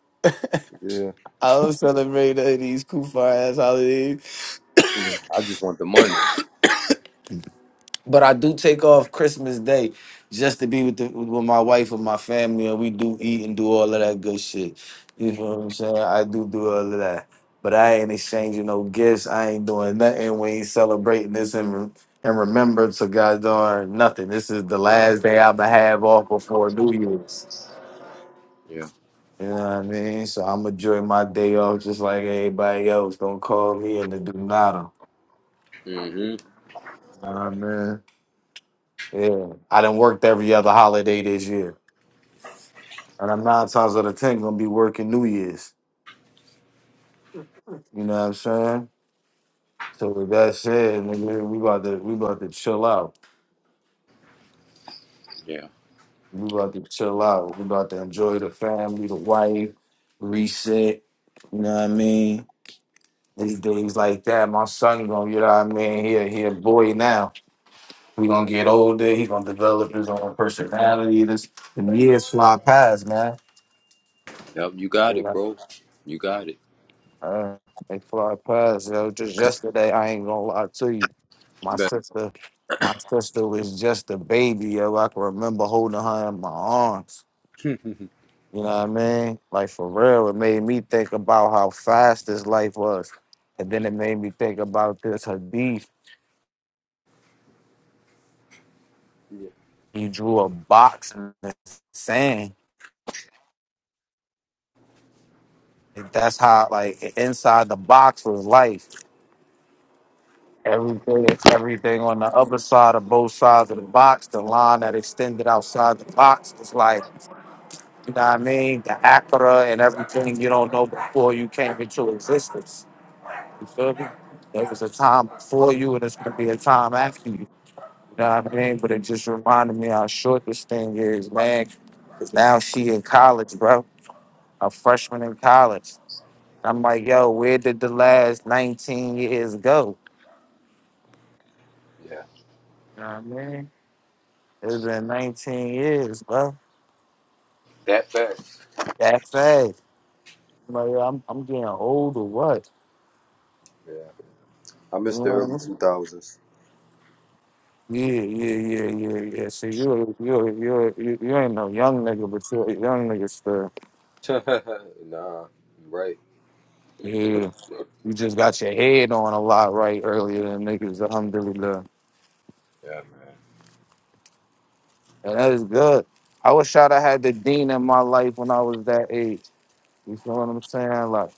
Speaker 1: Yeah.
Speaker 2: I don't celebrate none of these kufar ass holidays,
Speaker 1: yeah. I just want the money.
Speaker 2: but I do take off Christmas Day just to be with the, with my wife and my family, and we do eat and do all of that good shit. You know what I'm saying? I do do all of that, but I ain't exchanging no gifts. I ain't doing nothing. We ain't celebrating this and re- and remember to God darn nothing. This is the last day I'ma have off before New Year's.
Speaker 1: Yeah.
Speaker 2: You know what I mean? So I'm enjoying my day off just like everybody else. Don't call me in the do nada.
Speaker 1: hmm
Speaker 2: You know what I mean? Yeah, I done worked every other holiday this year, and I'm nine times out of ten gonna be working New Year's. You know what I'm saying? So with that said, nigga, we about to we about to chill out.
Speaker 1: Yeah.
Speaker 2: We about to chill out. We about to enjoy the family, the wife, reset. You know what I mean? These days like that, my son gonna, you know what I mean? He a, he a boy now. We gonna get older. He gonna develop his own personality. This the years fly past, man.
Speaker 1: Yep, you got it, bro. You got it.
Speaker 2: Uh, they fly past, yo. Just yesterday, I ain't gonna lie to you. My
Speaker 1: Bet.
Speaker 2: sister, my sister was just a baby, yo. I can remember holding her in my arms. You know what I mean? Like for real, it made me think about how fast this life was, and then it made me think about this Hadith.
Speaker 1: Yeah,
Speaker 2: He drew a box in the sand. And that's how, like, inside the box was life. Everything, everything on the upper side of both sides of the box, the line that extended outside the box was like, you know what I mean? The Acura and everything you don't know before you came into existence. You feel me? There was a time before you and it's gonna be a time after you. You know what I mean? But it just reminded me how short this thing is, man. 'Cause now she in college, bro. A freshman in college. I'm like, yo, where did the last 19 years go?
Speaker 1: yeah.
Speaker 2: You know what I mean? It's been 19 years, bro.
Speaker 1: that fast.
Speaker 2: That fast. I'm Like, yo, I'm, I'm getting old or what?
Speaker 1: Yeah, I
Speaker 2: You know
Speaker 1: missed the
Speaker 2: what
Speaker 1: early
Speaker 2: I mean?
Speaker 1: two thousands.
Speaker 2: Yeah, yeah, yeah, yeah, yeah. So you, you, you, you, you ain't no young nigga, but you a young nigga still.
Speaker 1: nah, you right.
Speaker 2: Yeah, you just got your head on a lot right earlier than niggas. Alhamdulillah,
Speaker 1: Yeah, man.
Speaker 2: and that is good. I wish I'd have had the dean in my life when I was that age. You feel what I'm saying? Like.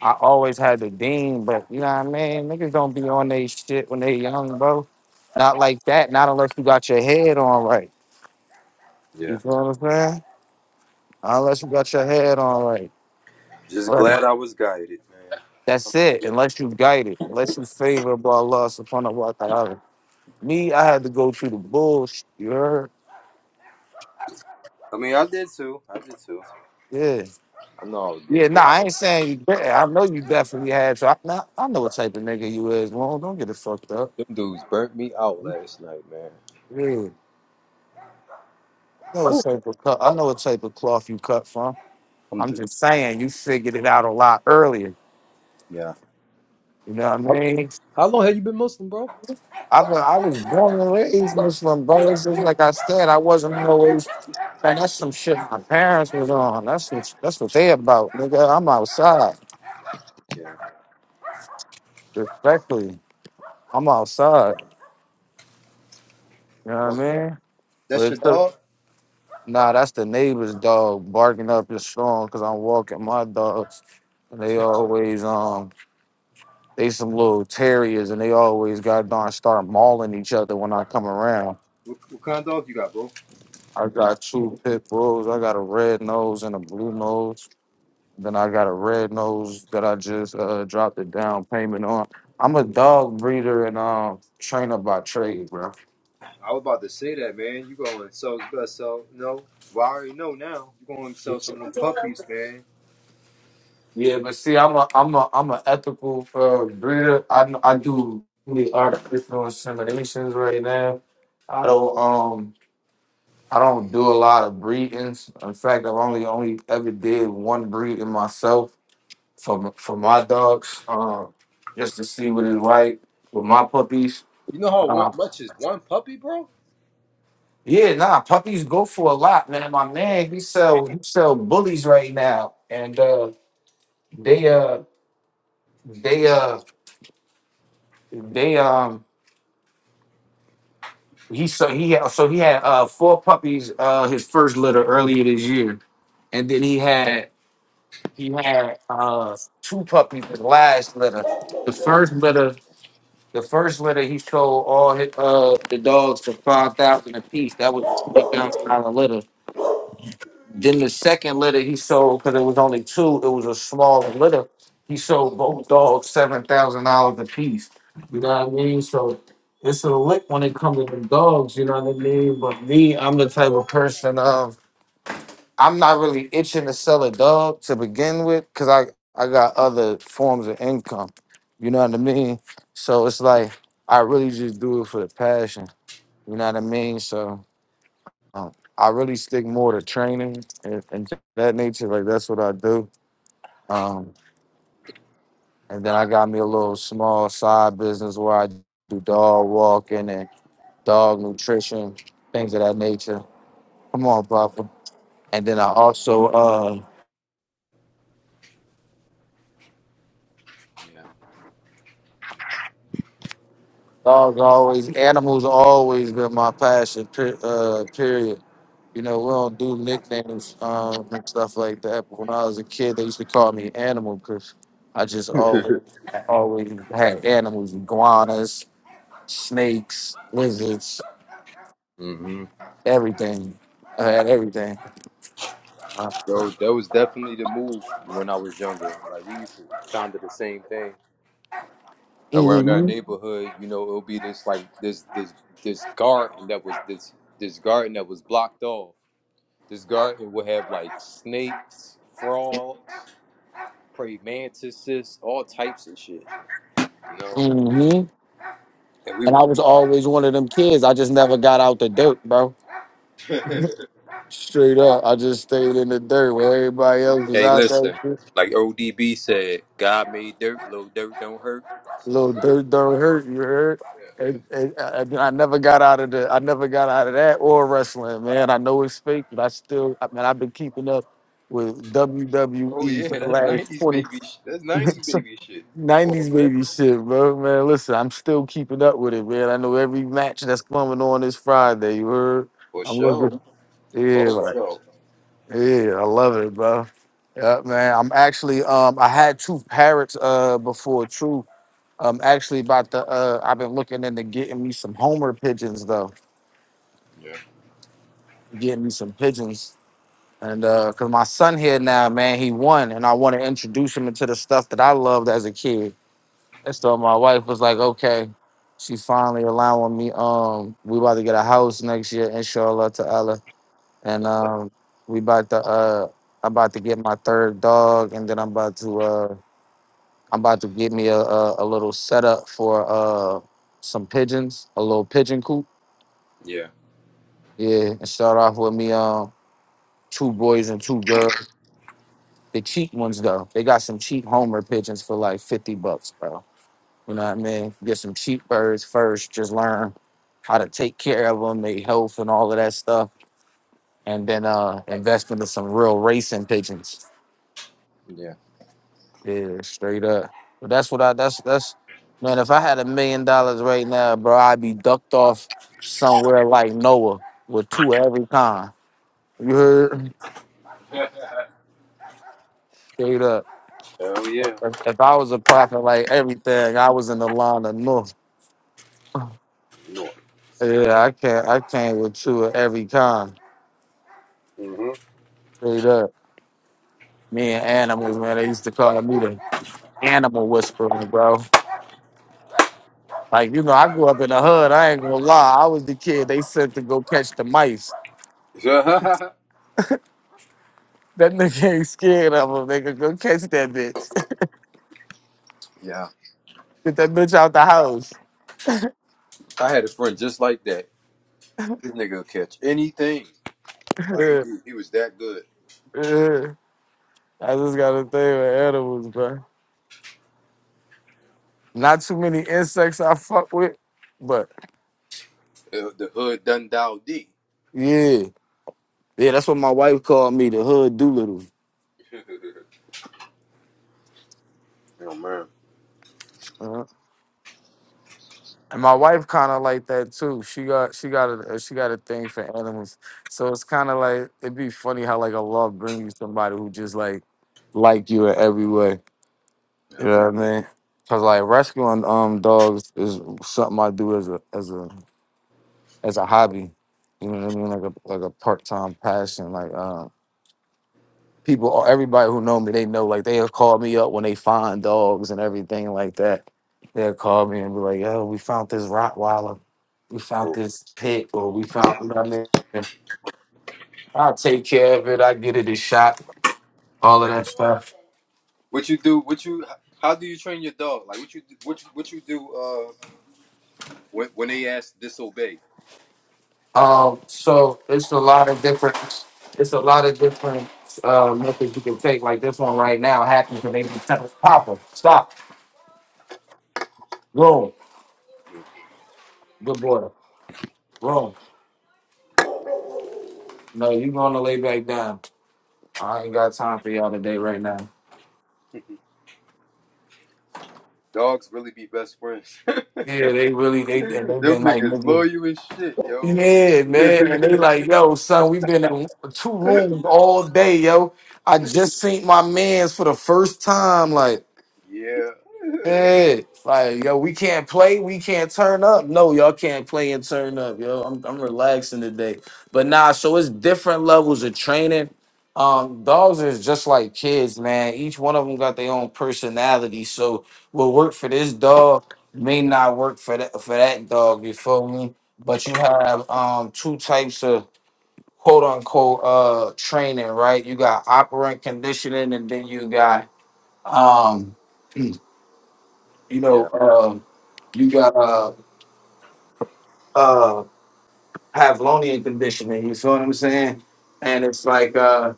Speaker 2: I always had the dean, but you know what I mean? Niggas don't be on they shit when they young, bro. Not like that. Not unless you got your head on right. You
Speaker 1: Yeah,
Speaker 2: feel what I'm saying? Not unless you got your head on right.
Speaker 1: just
Speaker 2: Right.
Speaker 1: glad I was guided, man.
Speaker 2: That's it. Unless you guided. Unless you favored by Allah subhanahu wa ta'ala. Me, I had to go through the bullshit. You heard?
Speaker 1: I mean, I did too. I did too.
Speaker 2: Yeah.
Speaker 1: I know I was
Speaker 2: Yeah,
Speaker 1: get
Speaker 2: nah,
Speaker 1: booked.
Speaker 2: I ain't saying you did. I know you definitely had. So I, nah, I know what type of nigga you is, Well, Don't get it fucked up.
Speaker 1: Them dudes burnt me out last night, man.
Speaker 2: Yeah. I know what
Speaker 1: Whew.
Speaker 2: type of, cu- I know what type of cloth you cut from.
Speaker 1: I'm
Speaker 2: I'm
Speaker 1: dude.
Speaker 2: just saying, you figured it out a lot earlier.
Speaker 1: Yeah,
Speaker 2: You know what I
Speaker 1: How,
Speaker 2: mean?
Speaker 1: how long have you been Muslim, bro?
Speaker 2: I was, I was born and raised Muslim, bro. It's just like I said, I wasn't always. Man, that's some shit my parents was on. That's what that's what they about, nigga. I'm outside,
Speaker 1: yeah.
Speaker 2: respectfully. I'm outside. You know what I
Speaker 1: Well,
Speaker 2: mean? But
Speaker 1: that's your
Speaker 2: it's the
Speaker 1: dog.
Speaker 2: nah. That's the neighbor's dog barking up the storm because I'm walking my dogs, and they always um they some little terriers, and they always goddamn start mauling each other when I come around.
Speaker 1: What, what kind of dog you got, bro?
Speaker 2: I got two pit bulls. I got a red nose and a blue nose. Then I got a red nose that I just uh, dropped a down payment on. I'm a dog breeder and um trainer by trade, bro.
Speaker 1: I was about to say that, man. You going to sell best sell? No, well, I already know now. You going to sell some of them puppies, man?
Speaker 2: Yeah, but see, I'm a I'm a I'm an ethical uh, breeder. I I do really artificial inseminations right now. I don't um I don't do a lot of breedings. In fact, I've only only ever did one breeding myself. for for my dogs, um, just to see what it's like with my puppies.
Speaker 1: You know how one,
Speaker 2: Um,
Speaker 1: much is one puppy, bro?
Speaker 2: yeah, nah, puppies go for a lot, man. My man, he sell he sell bullies right now, and uh, they uh they uh they um he so he had so he had uh four puppies uh his first litter earlier this year, and then he had he had uh two puppies his last litter. The first litter The first litter, he sold all his, uh the dogs for five thousand apiece. That was a twenty pound a litter. Then the second litter he sold because it was only two. It was a smaller litter. He sold both dogs seven thousand dollars a piece. You know what I mean? So it's a lick when it comes to the dogs. You know what I mean? But me, I'm the type of person of I'm not really itching to sell a dog to begin with, cause I I got other forms of income. You know what I mean? So it's like I really just do it for the passion. You know what I mean? So um, I really stick more to training and, and that nature. Like that's what I do. Um, and then I got me a little small side business where I do dog walking and dog nutrition, things of that nature. Come on, Papa. And then I also uh
Speaker 1: Damn. Yeah.
Speaker 2: Dogs always, animals always been my passion. Per, uh, period. You know, we don't do nicknames um, and stuff like that. But when I was a kid, they used to call me Animal because I just always, always had animals: iguanas, snakes, lizards,
Speaker 1: mm hmm
Speaker 2: everything. I had everything.
Speaker 1: Bro, that was definitely the move when I was younger. Like we used to kind of the same thing around our
Speaker 2: hmm
Speaker 1: neighborhood. You know, it'll be this like this this this garden that was this this garden that was blocked off. This garden would have like snakes, frogs, praying mantises, all types of shit. You know.
Speaker 2: hmm
Speaker 1: And we
Speaker 2: And I
Speaker 1: were,
Speaker 2: was always one of them kids. I just never got out the dirt, bro.
Speaker 1: hey,
Speaker 2: Straight up, I just stayed in the dirt where everybody else was out
Speaker 1: listen,
Speaker 2: there.
Speaker 1: like ODB said, God made dirt, little dirt don't hurt.
Speaker 2: little
Speaker 1: So,
Speaker 2: dirt don't hurt. You heard?
Speaker 1: yeah.
Speaker 2: And, and I, I never got out of the. I never got out of that or wrestling, man. I know it's fake, but I still. I mean, I've been keeping up with
Speaker 1: oh
Speaker 2: WWE for
Speaker 1: yeah,
Speaker 2: the
Speaker 1: that's
Speaker 2: last
Speaker 1: '90s
Speaker 2: twenty.
Speaker 1: baby. Sh- that's '90s baby shit. Come on,
Speaker 2: 90s
Speaker 1: man.
Speaker 2: baby shit, bro. Man, listen, I'm still keeping up with it, man. I know every match that's coming on this Friday. You heard?
Speaker 1: For
Speaker 2: I'm
Speaker 1: sure,
Speaker 2: looking. Yeah,
Speaker 1: for
Speaker 2: like,
Speaker 1: sure.
Speaker 2: yeah, I love it, bro. Yeah, man. I'm actually um I had Truth Parrots uh before Truth. I'm actually, about to. uh, I've been looking into getting me some Homer pigeons though,
Speaker 1: Yeah,
Speaker 2: getting me some pigeons, and uh, cause my son here now, man, he won, and I want to introduce him into the stuff that I loved as a kid. And so my wife was like, okay, she's finally allowing me. Um, we about to get a house next year, inshallah, to Allah, and um, we about to uh, I'm about to get my third dog, and then I'm about to uh, I'm about to get me a a, a little setup for uh some pigeons, a little pigeon coop
Speaker 1: yeah,
Speaker 2: Yeah, and start off with me um two boys and two girls. The cheap ones though, they got some cheap Homer pigeons for like fifty bucks, bro. You know what I mean? Get some cheap birds first. Just learn how to take care of them, their health and all of that stuff, and then uh invest into some real racing pigeons.
Speaker 1: yeah.
Speaker 2: Yeah, straight up. But that's what I. That's that's man. If I had a million dollars right now, bro, I'd be ducked off somewhere like Noah with two of every kind. You heard? Straight up.
Speaker 1: Hell yeah.
Speaker 2: If I was a prophet like everything, I was in the line of North.
Speaker 1: No.
Speaker 2: Yeah, I can't. I came with two of every kind.
Speaker 1: Mm-hmm.
Speaker 2: Straight up, me and animals, man. They used to call me the animal whisperer, bro. Like you know, I grew up in the hood. I ain't gonna lie. I was the kid they sent to go catch the mice. That nigga ain't scared of them. Nigga, go catch that bitch.
Speaker 1: yeah,
Speaker 2: Get that bitch out the house.
Speaker 1: I had a friend just like that. This nigga will catch anything. Like he, he was that good.
Speaker 2: Yeah, yeah. I just got a thing with animals, bro. Not too many insects I fuck with, but
Speaker 1: Uh, the hood done dialed D.
Speaker 2: yeah. Yeah, that's what my wife called me, the hood Doolittle.
Speaker 1: oh man.
Speaker 2: uh And my wife kind of like that too. She got she got a she got a thing for animals, so it's kind of like it'd be funny how like a love brings you somebody who just like like you in every way.
Speaker 1: Yeah.
Speaker 2: You know what I mean? Cause like rescuing um dogs is something I do as a as a as a hobby. You know what I mean? Like a like a part time passion. Like um. people or everybody who know me, they know like they'll call me up when they find dogs and everything like that. They'll call me and be like, "Yo, we found this Rottweiler, we found this pit, or we found you know what I mean, And I'll take care of it. I get it a shot. All that.
Speaker 1: What you do? What you? How do you train your dog? Like what you? What you? What you do? Uh, when when they ask disobey,
Speaker 2: Um, so it's a lot of different. It's a lot of different uh, methods you can take. Like this one right now happened because they just tell us, "Papa, stop, room, good boy, room." No, you going to lay back down. I ain't got time for y'all today right now.
Speaker 1: dogs really be best friends. Them
Speaker 2: Yeah, they really they and they been like
Speaker 1: niggas
Speaker 2: nigga.
Speaker 1: love you as shit, yo.
Speaker 2: Yeah, man, and they like, yo, son, we been in two rooms all day, yo. I just seen my man's for the first time, like.
Speaker 1: yeah.
Speaker 2: Hey, like yo, we can't play, we can't turn up. No, y'all can't play and turn up, yo. I'm I'm relaxing today, but nah. So it's different levels of training. Um, dogs is just like kids, man. Each one of them got their own personality. So what worked for this dog may not work for that for that dog. You feel me? But you have um two types of quote unquote uh training, right? You got operant conditioning, and then you got um you
Speaker 1: Yeah.
Speaker 2: know.
Speaker 1: Yeah.
Speaker 2: uh, you got uh uh Pavlonian conditioning. You feel what I'm saying? And it's like uh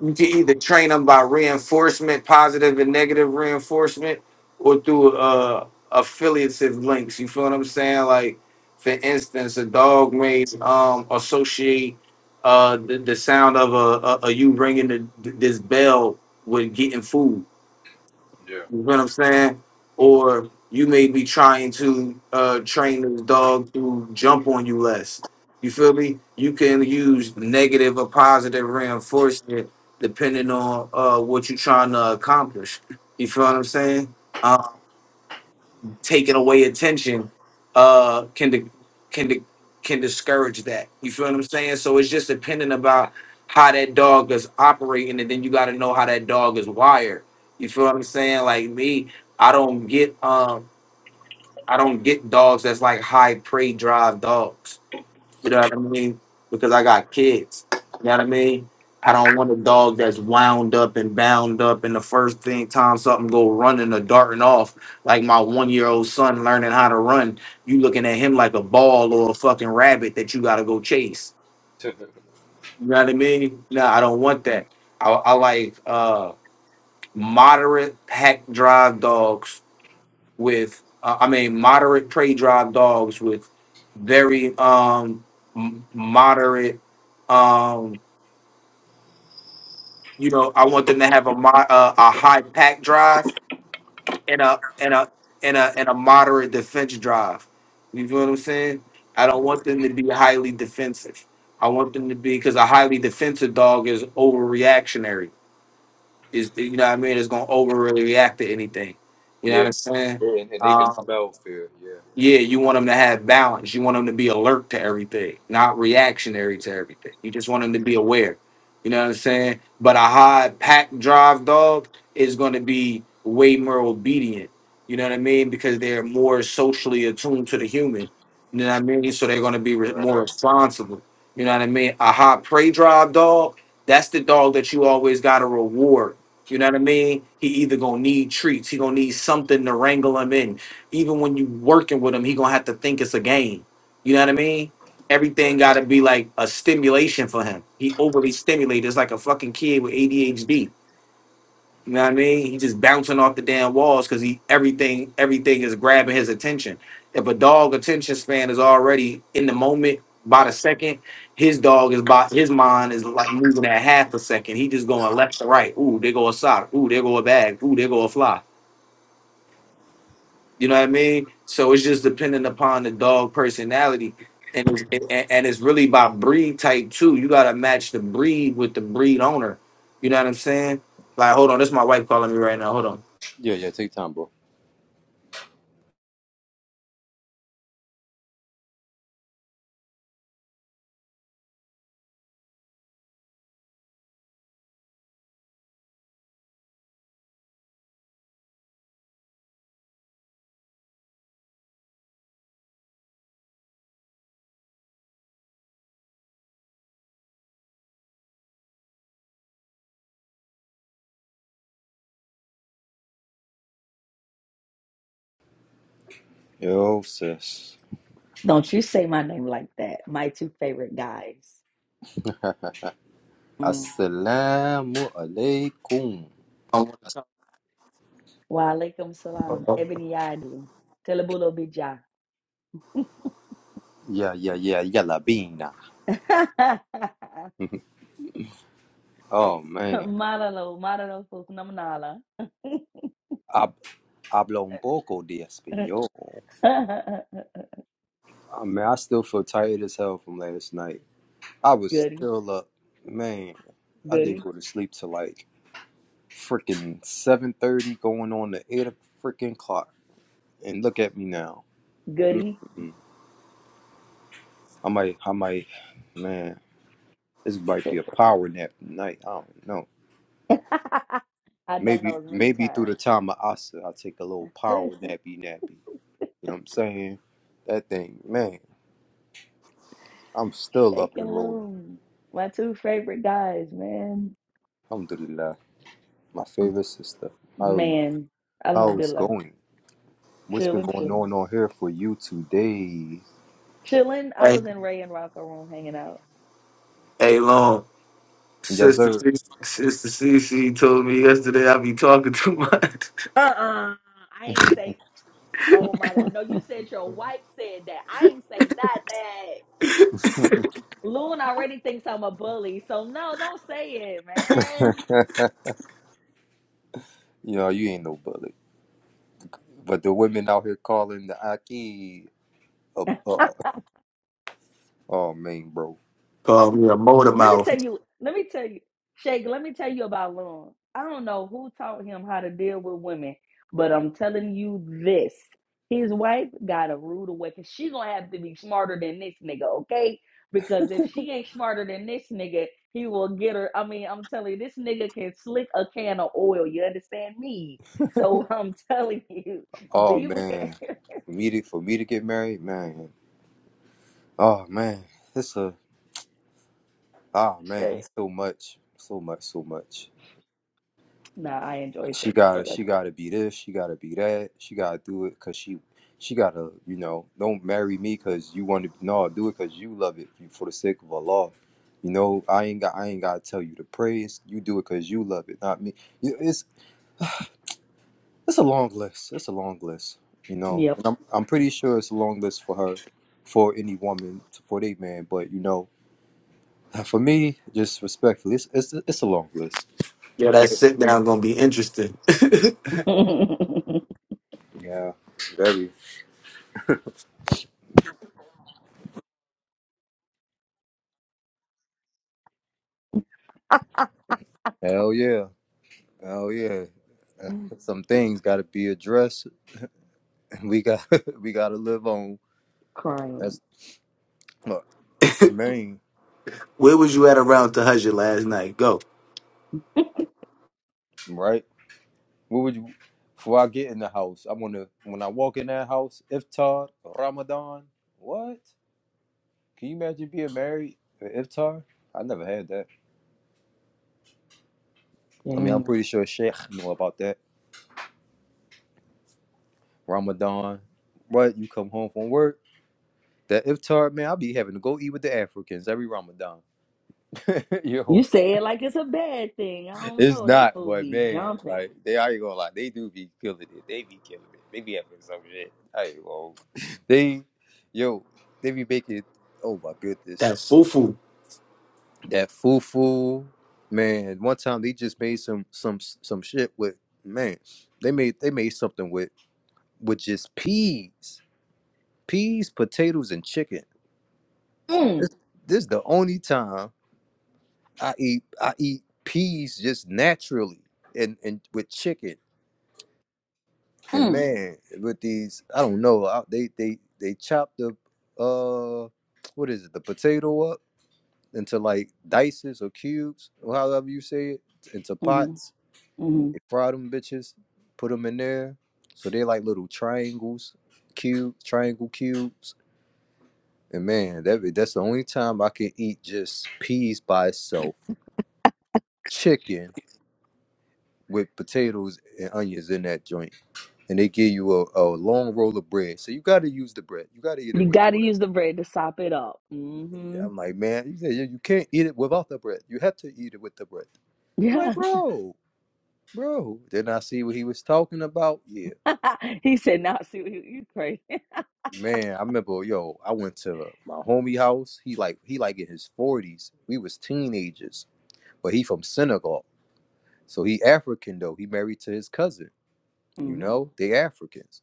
Speaker 2: you can either train them by reinforcement, positive and negative reinforcement, or through uh affiliative links. You feel what I'm saying? Like for instance, a dog may um associate uh the, the sound of a, a, a you ringing the, this bell with getting food. You know what I'm saying? Or you may be trying to uh, train this dog to jump on you less. You feel me? You can use negative or positive reinforcement depending on uh, what you're trying to accomplish. You feel what I'm saying? taking away attention uh can di- can di- can discourage that. You feel what I'm saying? So it's just dependent about how that dog is operating, and then you got to know how that dog is wired. You feel what I'm saying? Like me, I don't get um I don't get dogs that's like high prey drive dogs. You know what I mean? Because I got kids. You know what I mean? I don't want a dog that's wound up and bound up, and the first thing time something go running or darting off, like my one year old son learning how to run, you looking at him like a ball or a fucking rabbit that you gotta go chase. You know what I mean? No, I don't want that. I, I like uh, moderate pack drive dogs with uh, I mean moderate prey drive dogs with very um m- moderate um you know I want them to have a mo- uh, a high pack drive and a and a and a and a moderate defense drive. You feel what I'm saying? I don't want them to be highly defensive. I want them to be because a highly defensive dog is overreactionary. Is you know what I mean? It's gonna overreact to anything. You know what
Speaker 1: Yeah.
Speaker 2: I'm saying?
Speaker 1: And, and they can
Speaker 2: Um,
Speaker 1: smell fear. Yeah.
Speaker 2: Yeah, you want them to have balance. You want them to be alert to everything, not reactionary to everything. You just want them to be aware. You know what I'm saying? But a hard pack drive dog is going to be way more obedient. You know what I mean? Because they're more socially attuned to the human. You know what I mean? So they're going to be re- more
Speaker 1: Right.
Speaker 2: responsible. You know what I mean? A hot prey drive dog, that's the dog that you always got to reward. You know what I mean? He either gonna need treats, he gonna need something to wrangle him in even when you working with him, he gonna have to think it's a game. You know what I mean? Everything
Speaker 1: right.
Speaker 2: gotta be like a stimulation for him. He overly stimulated. It's like a fucking kid with ADHD. You know what I mean? He just bouncing off the damn walls because he everything everything is grabbing his attention. If a dog attention span is already in the moment by the second, his dog is by his mind is like moving at half a second. He just going left to right. Ooh, there go a sock. Ooh, there go a bag. Ooh, there go a fly. You know what I mean? So it's just depending upon the dog personality, and it's and, and it's really by breed type too. You gotta match the breed with the breed owner. You know what I'm saying? Like, hold on, this my wife calling me right now. Hold on.
Speaker 1: Yeah. Yeah. Take time, bro. Yo, sis.
Speaker 3: Don't you say my name like that. My two favorite guys. Mm.
Speaker 1: Assalamu alaikum.
Speaker 2: Hold
Speaker 3: Wa alaikum salam.
Speaker 2: on.
Speaker 3: Ebony Yadi. Telebulo Bija.
Speaker 1: Yeah. Yeah. Yeah. Yalla bina. Oh man.
Speaker 3: Maralo, Maralo Fuknamnala.
Speaker 1: I Hablo un poco de español. I mean, I still feel tired as hell from last night. I was
Speaker 3: Goody,
Speaker 1: still up, man. I didn't
Speaker 3: goody,
Speaker 1: go to sleep till like freaking seven thirty, going on to eight freaking clock. And look at me now.
Speaker 3: goody.
Speaker 1: Mm. I might, I might, man. This might
Speaker 3: Shake.
Speaker 1: be a power nap tonight. I don't know.
Speaker 3: i done
Speaker 1: Maybe,
Speaker 3: those many
Speaker 1: maybe through the
Speaker 3: times.
Speaker 1: time of Asa, I take a little power nappy nappy. You know what I'm saying? That thing, man. I'm still up
Speaker 3: Shake
Speaker 1: and
Speaker 3: and
Speaker 1: rolling.
Speaker 3: loom. My two favorite guys, man.
Speaker 1: Alhamdulillah. my favorite sister. How are you?
Speaker 3: Man.
Speaker 1: How is
Speaker 3: Alhamdulillah.
Speaker 1: going? What's been
Speaker 3: Chilling,
Speaker 1: going
Speaker 3: chilling.
Speaker 1: on on here for you today?
Speaker 3: Chilling. I
Speaker 2: Hey,
Speaker 3: was in Ray and Rocco room hanging out.
Speaker 2: hey, long
Speaker 1: Yes,
Speaker 2: sister,
Speaker 1: sir.
Speaker 2: C- sister CC told me yesterday I be talking too much.
Speaker 3: Uh-uh. I ain't say, oh my God. No, you said your wife said that. I ain't say nothing. Loon already thinks I'm a bully. So no, don't say it,
Speaker 1: you
Speaker 3: man.
Speaker 1: know, you ain't no bully. But the women out here calling the Aki a bu- Oh, man, bro.
Speaker 2: Called me a motor
Speaker 3: Let me tell
Speaker 2: mouth.
Speaker 3: you, let me tell you, Shake, let me tell you about Lauren. I don't know who taught him how to deal with women, but I'm telling you this. His wife got a rude awakening. She gonna have to be smarter than this nigga, okay? Because if she ain't smarter than this nigga, he will get her. I mean, I'm telling you, this nigga can slick a can of oil. You understand me? So I'm telling you,
Speaker 1: Oh,
Speaker 3: beware,
Speaker 1: man. For me to, for me to get married, man. Oh, man. It's a, ah, man.
Speaker 3: Shake.
Speaker 1: It's so much. So much, so much.
Speaker 3: Nah, I enjoy
Speaker 1: she
Speaker 3: Shake though.
Speaker 1: got
Speaker 3: That's-
Speaker 1: she got to be this, she got to be that, she got to do it because she she got to you know don't marry me because you want to no do it because you love it for the sake of Allah. You know I ain't got I ain't got to tell you to praise. You do it because you love it, not me. You- It's it's a long list. It's a long list. You know,
Speaker 3: Yep.
Speaker 1: and I'm I'm pretty sure it's a long list for her, for any woman, for they man. But you know, for me, just respectfully, it's it's it's a long list.
Speaker 2: Yeah, that sit down gonna be interesting.
Speaker 1: Yeah, very. Hell yeah. Oh yeah, Uh, some things got to be addressed. We got we got to live on.
Speaker 3: Crying.
Speaker 1: That's my my main
Speaker 2: Where was you at around Tahaja last night? Go.
Speaker 1: right. What would you? Before I get in the house, I want to. When I walk in that house, iftar, Ramadan. What? Can you imagine being married at iftar? I never had that. I mean, I'm
Speaker 3: Damn.
Speaker 1: pretty sure Sheikh know about that. Ramadan. What? You come home from work. That iftar, man, I'll be having to go eat with the Africans every Ramadan. Yo,
Speaker 3: You say it like it's a bad thing. I don't
Speaker 1: It's
Speaker 3: know. They
Speaker 1: not,
Speaker 3: fool
Speaker 1: but
Speaker 3: be
Speaker 1: man, like
Speaker 3: jumping.
Speaker 1: they I ain't gonna lie, they do be killing it. They be killing it. They be having some shit. I ain't gonna. They, yo, they be making. Oh my goodness,
Speaker 2: That foo foo.
Speaker 1: that fufu, man. One time they just made some some some shit with man. They made they made something with with just peas, peas, potatoes, and chicken. This
Speaker 3: Mm,
Speaker 1: this is the only time I eat I eat peas just naturally and and with chicken. And
Speaker 3: mm,
Speaker 1: man, with these, I don't know. I, they they they chop the uh, what is it? The potato up into like dices or cubes, or however you say it, into
Speaker 3: mm,
Speaker 1: pots.
Speaker 3: mm.
Speaker 1: They fry them bitches, put them in there, so they like little triangles, cube triangle cubes. And man, that be- that's the only time I can eat just peas by itself, chicken with potatoes and onions in that joint. and they give you a, a long roll of bread. So you got to use the bread. You got to eat it
Speaker 3: You
Speaker 1: with the
Speaker 3: gotta
Speaker 1: bread.
Speaker 3: use the bread to sop it up.
Speaker 1: Yeah,
Speaker 3: hmm
Speaker 1: I'm like, man, you say you you can't eat it without the bread. You have to eat it with the bread. I'm like,
Speaker 3: Yeah.
Speaker 1: bro, bro. Then I see what he was talking about. Yeah,
Speaker 3: he said, "Now see what you you crazy."
Speaker 1: man. I remember, yo, I went to my homie house. He like he like in his 40s. We was teenagers, but he from Senegal, so he African though. He married to his cousin. You
Speaker 3: hmm
Speaker 1: know, they Africans,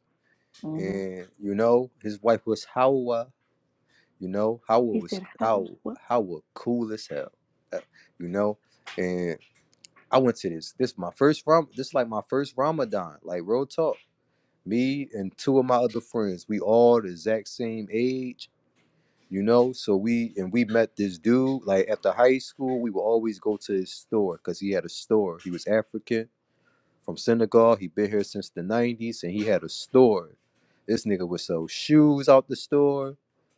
Speaker 3: hmm
Speaker 1: and you know his wife was Hawa. you know how it
Speaker 3: He
Speaker 1: was
Speaker 3: said,
Speaker 1: how
Speaker 3: "How?" What?
Speaker 1: how it cool as hell uh, you know and i went to this this my first ram this like my first ramadan like real talk me and two of my other friends we all the exact same age you know so we and we met this dude like after high school we would always go to his store because he had a store he was african from Senegal. He been here since the '90s, and he had a store. This nigga would sell shoes out the store.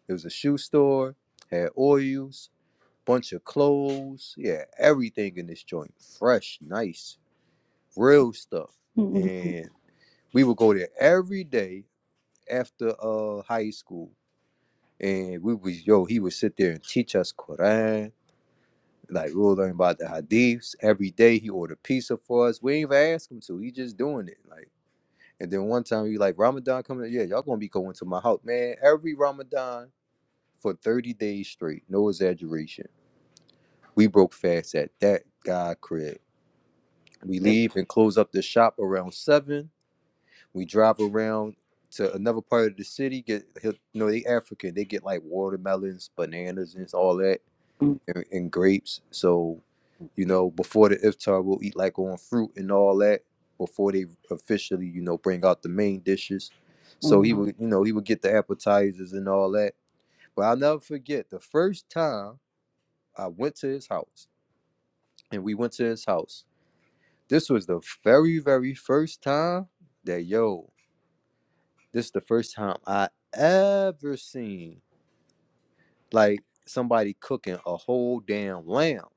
Speaker 1: It was a shoe store. Had oils, bunch of clothes. Yeah, everything in this joint, fresh, nice, real stuff. And we would go there every day after uh high school, and we was yo. He would sit there and teach us Quran. Like we would learn about the hadiths every day. He ordered pizza for us. We ain't even ask him to. He just doing it. Like. And then one time you like Ramadan coming, up? yeah, y'all gonna be going to my house, man. Every Ramadan for thirty days straight, no exaggeration. We broke fast at that guy crib. We leave and close up the shop around seven. We drive around to another part of the city. Get you know they African, they get like watermelons, bananas, and all that, and, and grapes. So You know, before the iftar, we'll eat like on fruit and all that before they officially, you know, bring out the main dishes. So he
Speaker 3: Mm,
Speaker 1: would, you know, he would get the appetizers and all that. But I'll never forget the first time I went to his house and we went to his house. This was the very, very first time that, yo, this is the first time I ever seen like somebody cooking a whole damn lamb.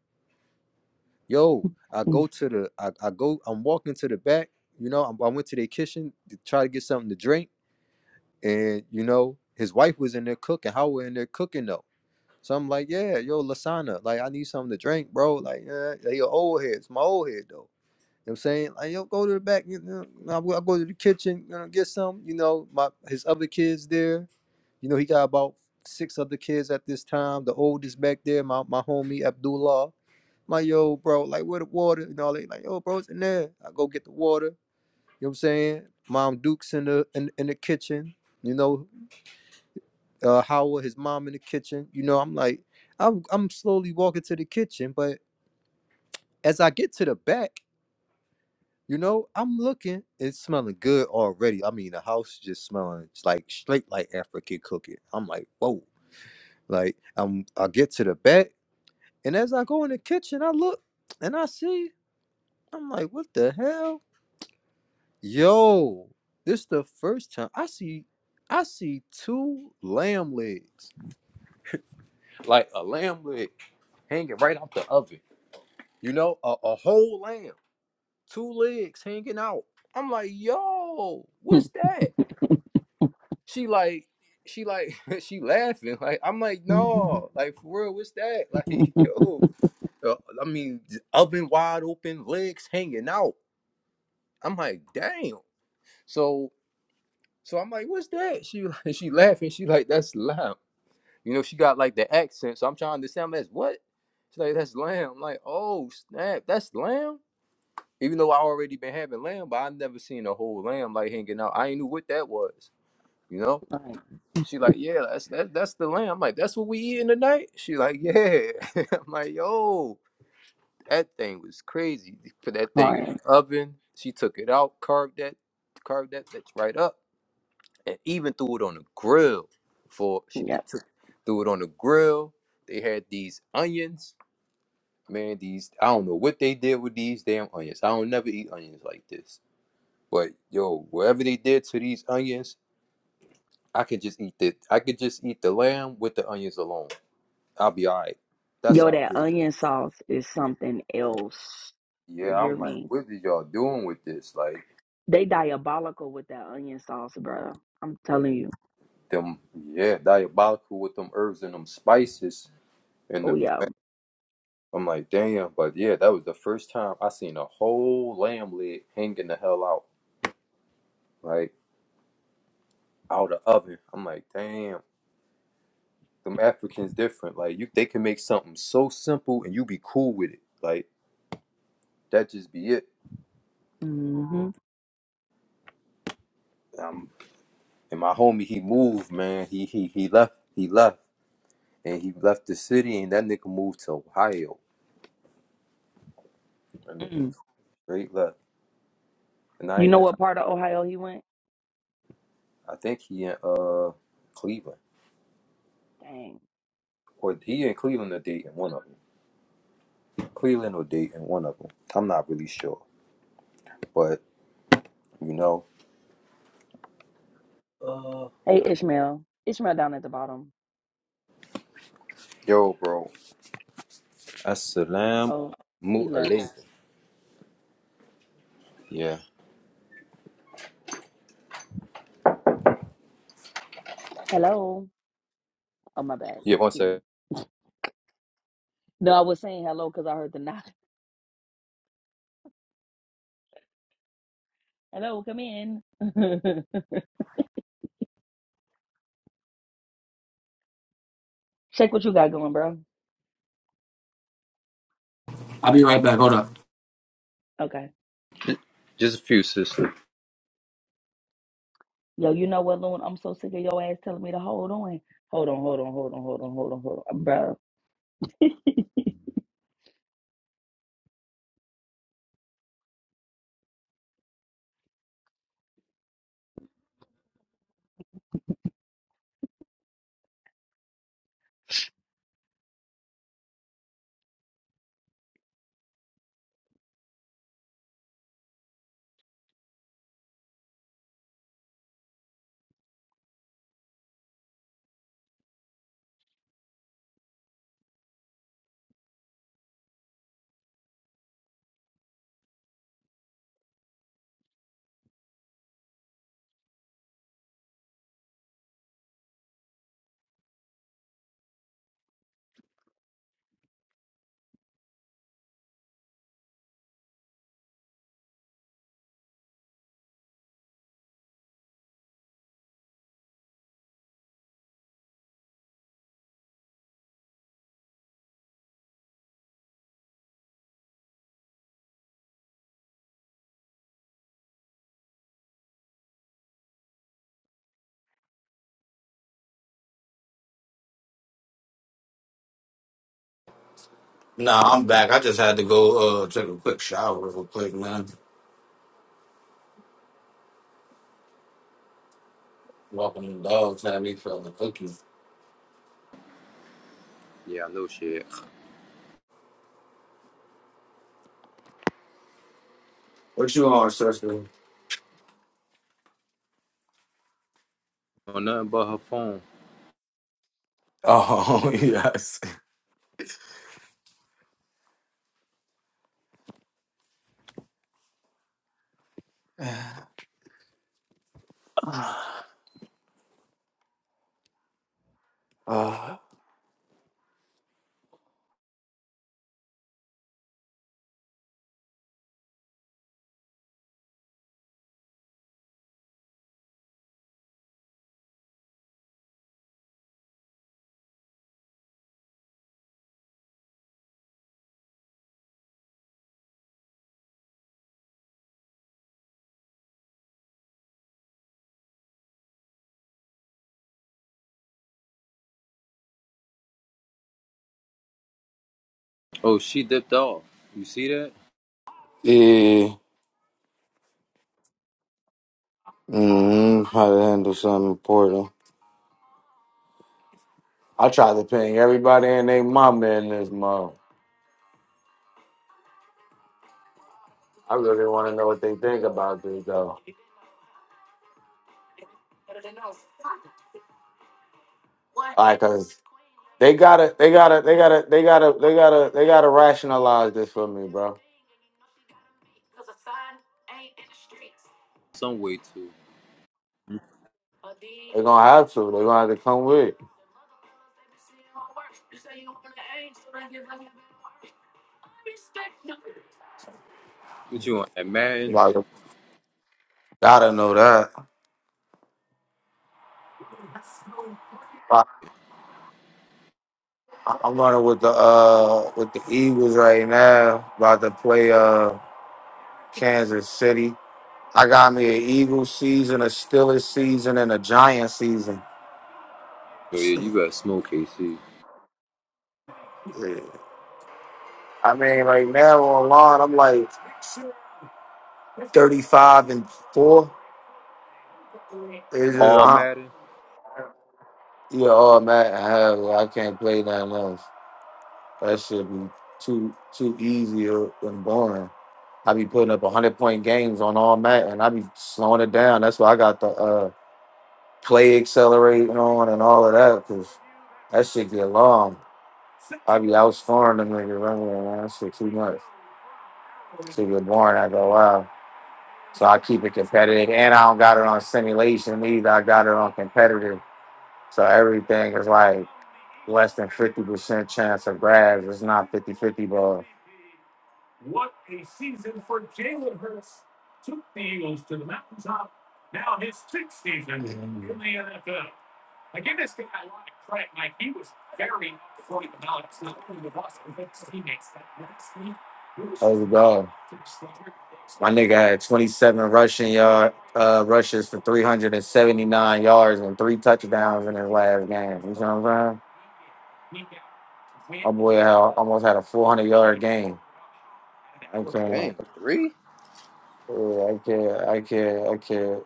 Speaker 1: yo, I
Speaker 3: mm,
Speaker 1: go
Speaker 3: mm,
Speaker 1: to the, I, I go, I'm walking to the back, you know, I'm, I went to their kitchen to try to get something to drink. And, you know, his wife was in there cooking, how we are in there cooking though. So I'm like, yeah, yo, Lasana, like, I need something to drink, bro. Like, yeah, they your old head. It's my old head though. You know what I'm saying? Like, yo, go to the back, you know, i go I'll go to the kitchen, you know, get some, you know, my, his other kids there, you know, he got about six other kids at this time. The oldest back there, my, my homie Abdullah. My yo, bro, like where the water? You know, they like, yo, bro, it's in there. I go get the water. You know what I'm saying? Mom Duke's in the in, in the kitchen. You know, uh, Howard, his mom in the kitchen. You know, I'm like, I'm I'm slowly walking to the kitchen, but as I get to the back, you know, I'm looking. It's smelling good already. I mean, the house just smelling it's like straight like African cooking. I'm like, whoa. Like, I'm I get to the back. And as I go in the kitchen, I look and I see, I'm like, what the hell? Yo, this the first time I see I see two lamb legs. Like a lamb leg hanging right out the oven. You know, a, a whole lamb, two legs hanging out. I'm like, yo,
Speaker 3: mm,
Speaker 1: what's that? She like, she like, she laughing. Like, I'm like,
Speaker 3: mm,
Speaker 1: no, like for real, what's that? Like,
Speaker 3: mm, mm.
Speaker 1: yo, uh, I mean, oven wide open, legs hanging out. I'm like, damn. So so I'm like, what's that? She like she laughing. She like, that's lamb. You know, she got like the accent. So I'm trying to understand that's what? She's like, that's lamb. I'm like, oh snap, that's lamb. Even though I already been having lamb, but I never seen a whole lamb like hanging out. I ain't knew what that was. You know?
Speaker 3: crying,
Speaker 1: She like, yeah, that's that, that's the lamb. I'm like, that's what we eating tonight? She like, yeah. I'm like, yo, that thing was crazy. Put that thing in the
Speaker 3: crying.
Speaker 1: oven. She took it out, carved that, carved that bitch right up and even threw it on the grill. For she th-
Speaker 3: Yep.
Speaker 1: took- threw it on the grill. They had these onions, man. These I don't know what they did with these damn onions. I don't never eat onions like this. But yo, whatever they did to these onions, I could just eat the I could just eat the lamb with the onions alone. I'll be all right. That's
Speaker 3: Yo,
Speaker 1: how
Speaker 3: that
Speaker 1: good it is.
Speaker 3: onion sauce is something else. You
Speaker 1: Yeah,
Speaker 3: hear
Speaker 1: I'm like,
Speaker 3: me?
Speaker 1: what is y'all doing with this? Like
Speaker 3: They diabolical with that onion sauce, bro. I'm telling you.
Speaker 1: them, yeah, diabolical with them herbs and them spices and the
Speaker 3: Oh yeah.
Speaker 1: I'm like, damn, but yeah, that was the first time I seen a whole lamb leg hanging the hell out, like out of the oven. I'm like, damn, them Africans different. Like you, they can make something so simple and you be cool with it. Like that just be it.
Speaker 3: hmm
Speaker 1: Um, and my homie, he moved, man. He he he left. He left, and he left the city, and that nigga moved to Ohio. That nigga
Speaker 3: Mm.
Speaker 1: straight left, and I
Speaker 3: You know
Speaker 1: ain't.
Speaker 3: what part of Ohio he went?
Speaker 1: I think he in uh Cleveland,
Speaker 3: Dang.
Speaker 1: or he in Cleveland or Dayton, one of them. Cleveland or Dayton, one of them. I'm not really sure, but you know,
Speaker 3: Hey Ishmael. Ishmael down at the bottom.
Speaker 1: yo, bro, Assalamu
Speaker 3: Oh, he left.
Speaker 1: alaikum. Yeah,
Speaker 3: Hello. Oh my bad.
Speaker 1: yeah. One
Speaker 3: Excuse
Speaker 1: sec,
Speaker 3: me. No, I was saying hello because I heard the knock. Hello, come in. Shake what you got going, bro.
Speaker 2: I'll be right back. Hold up.
Speaker 3: Okay.
Speaker 1: just a few sister.
Speaker 3: Yo, you know what, Loon? I'm so sick of your ass telling me to hold on. Hold on, hold on, hold on, hold on, hold on, hold on, bro.
Speaker 2: Nah, I'm back. I just had to go uh take a quick shower real quick, man. Walking the dogs had me feeling cookie.
Speaker 1: Yeah, I know she. ain't
Speaker 2: What you on, sister?
Speaker 1: On nothing but her phone.
Speaker 2: Oh yes. Uh,
Speaker 1: Oh, she dipped off. You see that?
Speaker 2: yeah. Mm, how to handle something important. I tried to ping everybody and they mama in this month. I really want to know what they think about this though. Like, cause they gotta, they gotta, they gotta, they gotta, they gotta, they gotta rationalize this for me, bro.
Speaker 1: Some way too.
Speaker 2: They're gonna have to. They're gonna have to come with. it.
Speaker 1: What you on that Madden?
Speaker 2: Like, gotta know that. I- I'm running with the uh with the Eagles right now. About to play uh Kansas City. I got me an Eagles season, a Steelers season, and a Giant season.
Speaker 1: Oh yeah,
Speaker 2: So,
Speaker 1: you better smoke KC.
Speaker 2: Yeah. I mean, like now online, I'm like 35 and four. It's just
Speaker 1: All
Speaker 2: I'm,
Speaker 1: Madden.
Speaker 2: yeah, all mad. Hell, I can't play nothing else. That should be too too easy or- and boring. I be putting up 100 point games on all mat, and I be slowing it down. That's why I got the uh play accelerating on and all of that because that shit get long. I be outscoring them niggas running around. That shit too much. Shit get boring after a while. So I keep it competitive, and I don't got it on simulation either. I got it on competitive. So everything is like less than fifty percent chance of grabs. It's not fifty-fifty, 50 ball. You go. My nigga had twenty seven rushing yard uh, rushes for three hundred and seventy nine yards and three touchdowns in his last game. You know what I'm saying? where I almost had a 400 yard game. So,
Speaker 1: Dang, three.
Speaker 2: yeah, I kid, I kid, I kid.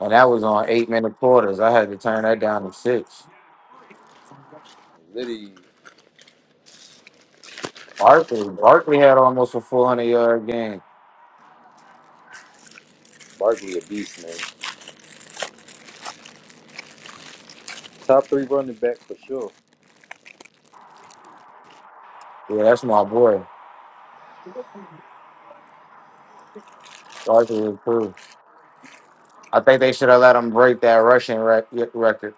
Speaker 2: And that was on eight minute quarters. I had to turn that down to six.
Speaker 1: Liddy,
Speaker 2: Barkley, Barkley had almost a 400 yard game.
Speaker 1: Barkley, a beast, man. Top three running back for sure.
Speaker 2: Yeah, that's my boy. Barkley was cool. I think they should have let him break that rushing rec- record.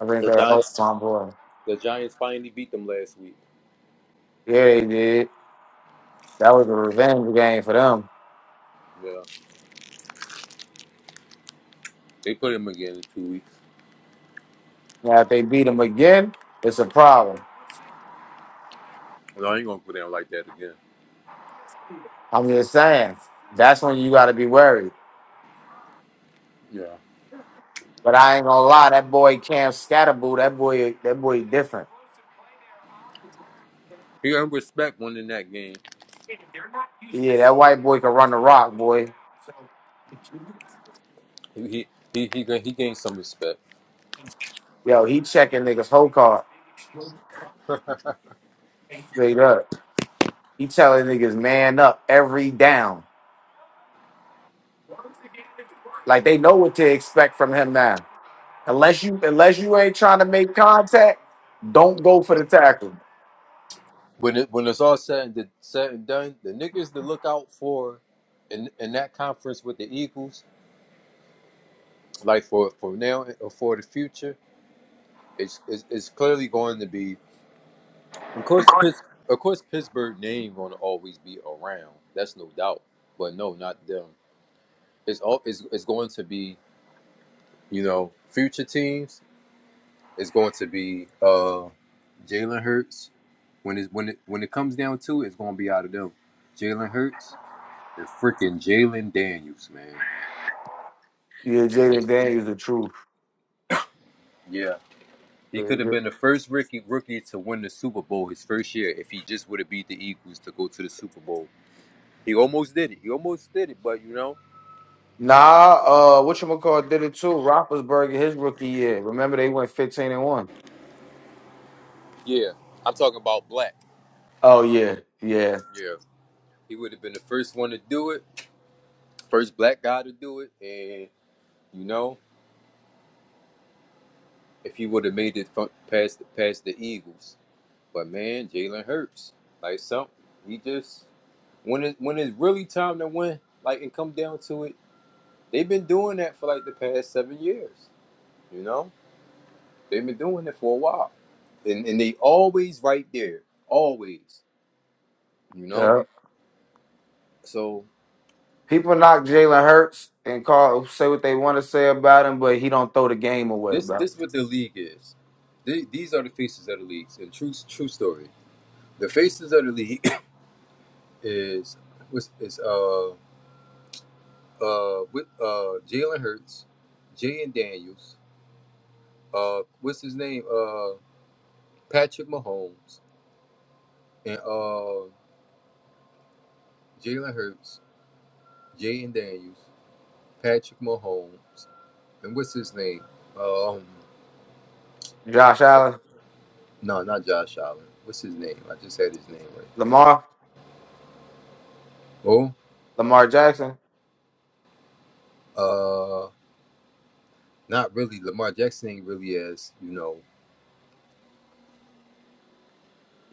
Speaker 2: I think
Speaker 1: The
Speaker 2: that helped
Speaker 1: Giants.
Speaker 2: my boy.
Speaker 1: The Giants finally beat them last week.
Speaker 2: Yeah, they did. That was a revenge game for them.
Speaker 1: Yeah. They put him again in two weeks.
Speaker 2: Now, if they beat them again, it's a problem.
Speaker 1: No, I ain't gonna put him like that again.
Speaker 2: I'm just saying, that's when you got to be worried.
Speaker 1: Yeah.
Speaker 2: But I ain't gonna lie, that boy Cam Scatterboo, that boy, that boy different.
Speaker 1: He earned respect winning that game.
Speaker 2: Yeah, that white boy can run the rock, boy.
Speaker 1: He he he he, ga- he gained some respect.
Speaker 2: Yo, he checking niggas whole card straight up. He telling niggas man up every down. Like they know what to expect from him now. Unless you unless you ain't trying to make contact, don't go for the tackle.
Speaker 1: When it when it's all said and, did, said and done, the niggas to look out for in in that conference with the Eagles, like for for now or for the future, it's it's, it's clearly going to be of course Pitts, of course Pittsburgh name going to always be around. That's no doubt. But no, not them. It's all it's, it's going to be you know future teams It's going to be uh, Jalen Hurts. When it when it when it comes down to it, it's going to be out of them. Jalen Hurts and freaking Jalen Daniels, man.
Speaker 2: Yeah, Jaden Daniels the truth.
Speaker 1: Yeah, he could have been the first rookie rookie to win the Super Bowl his first year if he just would have beat the Eagles to go to the Super Bowl. He almost did it. He almost did it, but you know,
Speaker 2: Nah, uh, whatchamacallit did it too. Roethlisberger his rookie year. Remember they went fifteen and one.
Speaker 1: yeah, I'm talking about black.
Speaker 2: Oh yeah, yeah.
Speaker 1: Yeah, he would have been the first one to do it, first black guy to do it, and you know, if he would have made it past past the Eagles. But man, Jalen Hurts, like some, he just when it when it's really time to win, like and come down to it, they've been doing that for like the past seven years. You know, they've been doing it for a while, and and they always right there, always. You
Speaker 2: yeah.
Speaker 1: know, so
Speaker 2: People knock Jalen Hurts and call say what they want to say about him, but he don't throw the game away,
Speaker 1: this
Speaker 2: bro.
Speaker 1: this what the league is. The- These are the faces of the leagues, and true true story. The faces of the league is was is uh uh with uh Jalen Hurts, Jay Daniels. uh, what's his name? Uh, Patrick Mahomes and uh, Jalen Hurts, Jaden Daniels, Patrick Mahomes, and what's his name? Uh, Um,
Speaker 2: Josh Allen,
Speaker 1: no, not Josh Allen. What's his name? I just had his name right there.
Speaker 2: Lamar,
Speaker 1: Oh,
Speaker 2: Lamar Jackson.
Speaker 1: uh, not really. Lamar Jackson ain't really as you know.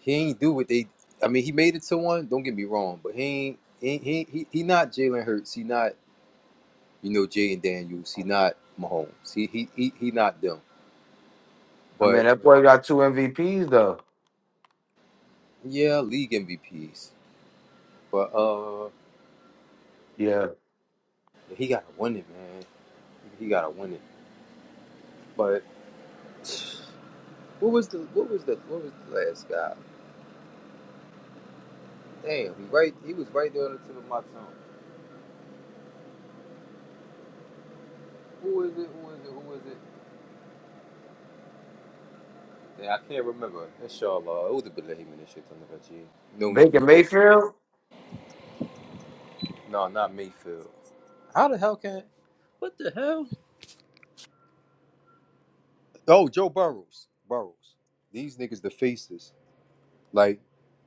Speaker 1: He ain't do what they. I mean, he made it to one. Don't get me wrong, but he ain't. He he he, he not Jalen Hurts. He not you know Jaden Daniels. He not Mahomes. He he he, he not them.
Speaker 2: I mean,
Speaker 1: But
Speaker 2: that boy got two MVPs though.
Speaker 1: Yeah, league MVPs. But uh
Speaker 2: Yeah,
Speaker 1: he gotta win it, man. He gotta win it. But what was the what was the what was the last guy? Damn, he right he was right there on the tip of my tongue. Who was it? Who was it? Who was it? Yeah, I can't remember. Inshallah. It was a Bilal and shit on the G. No we
Speaker 2: Baker
Speaker 1: forget.
Speaker 2: Mayfield.
Speaker 1: No, not Mayfield. How the hell can what the hell? Oh, Joe Burrows. Burrows. These niggas the faces. Like,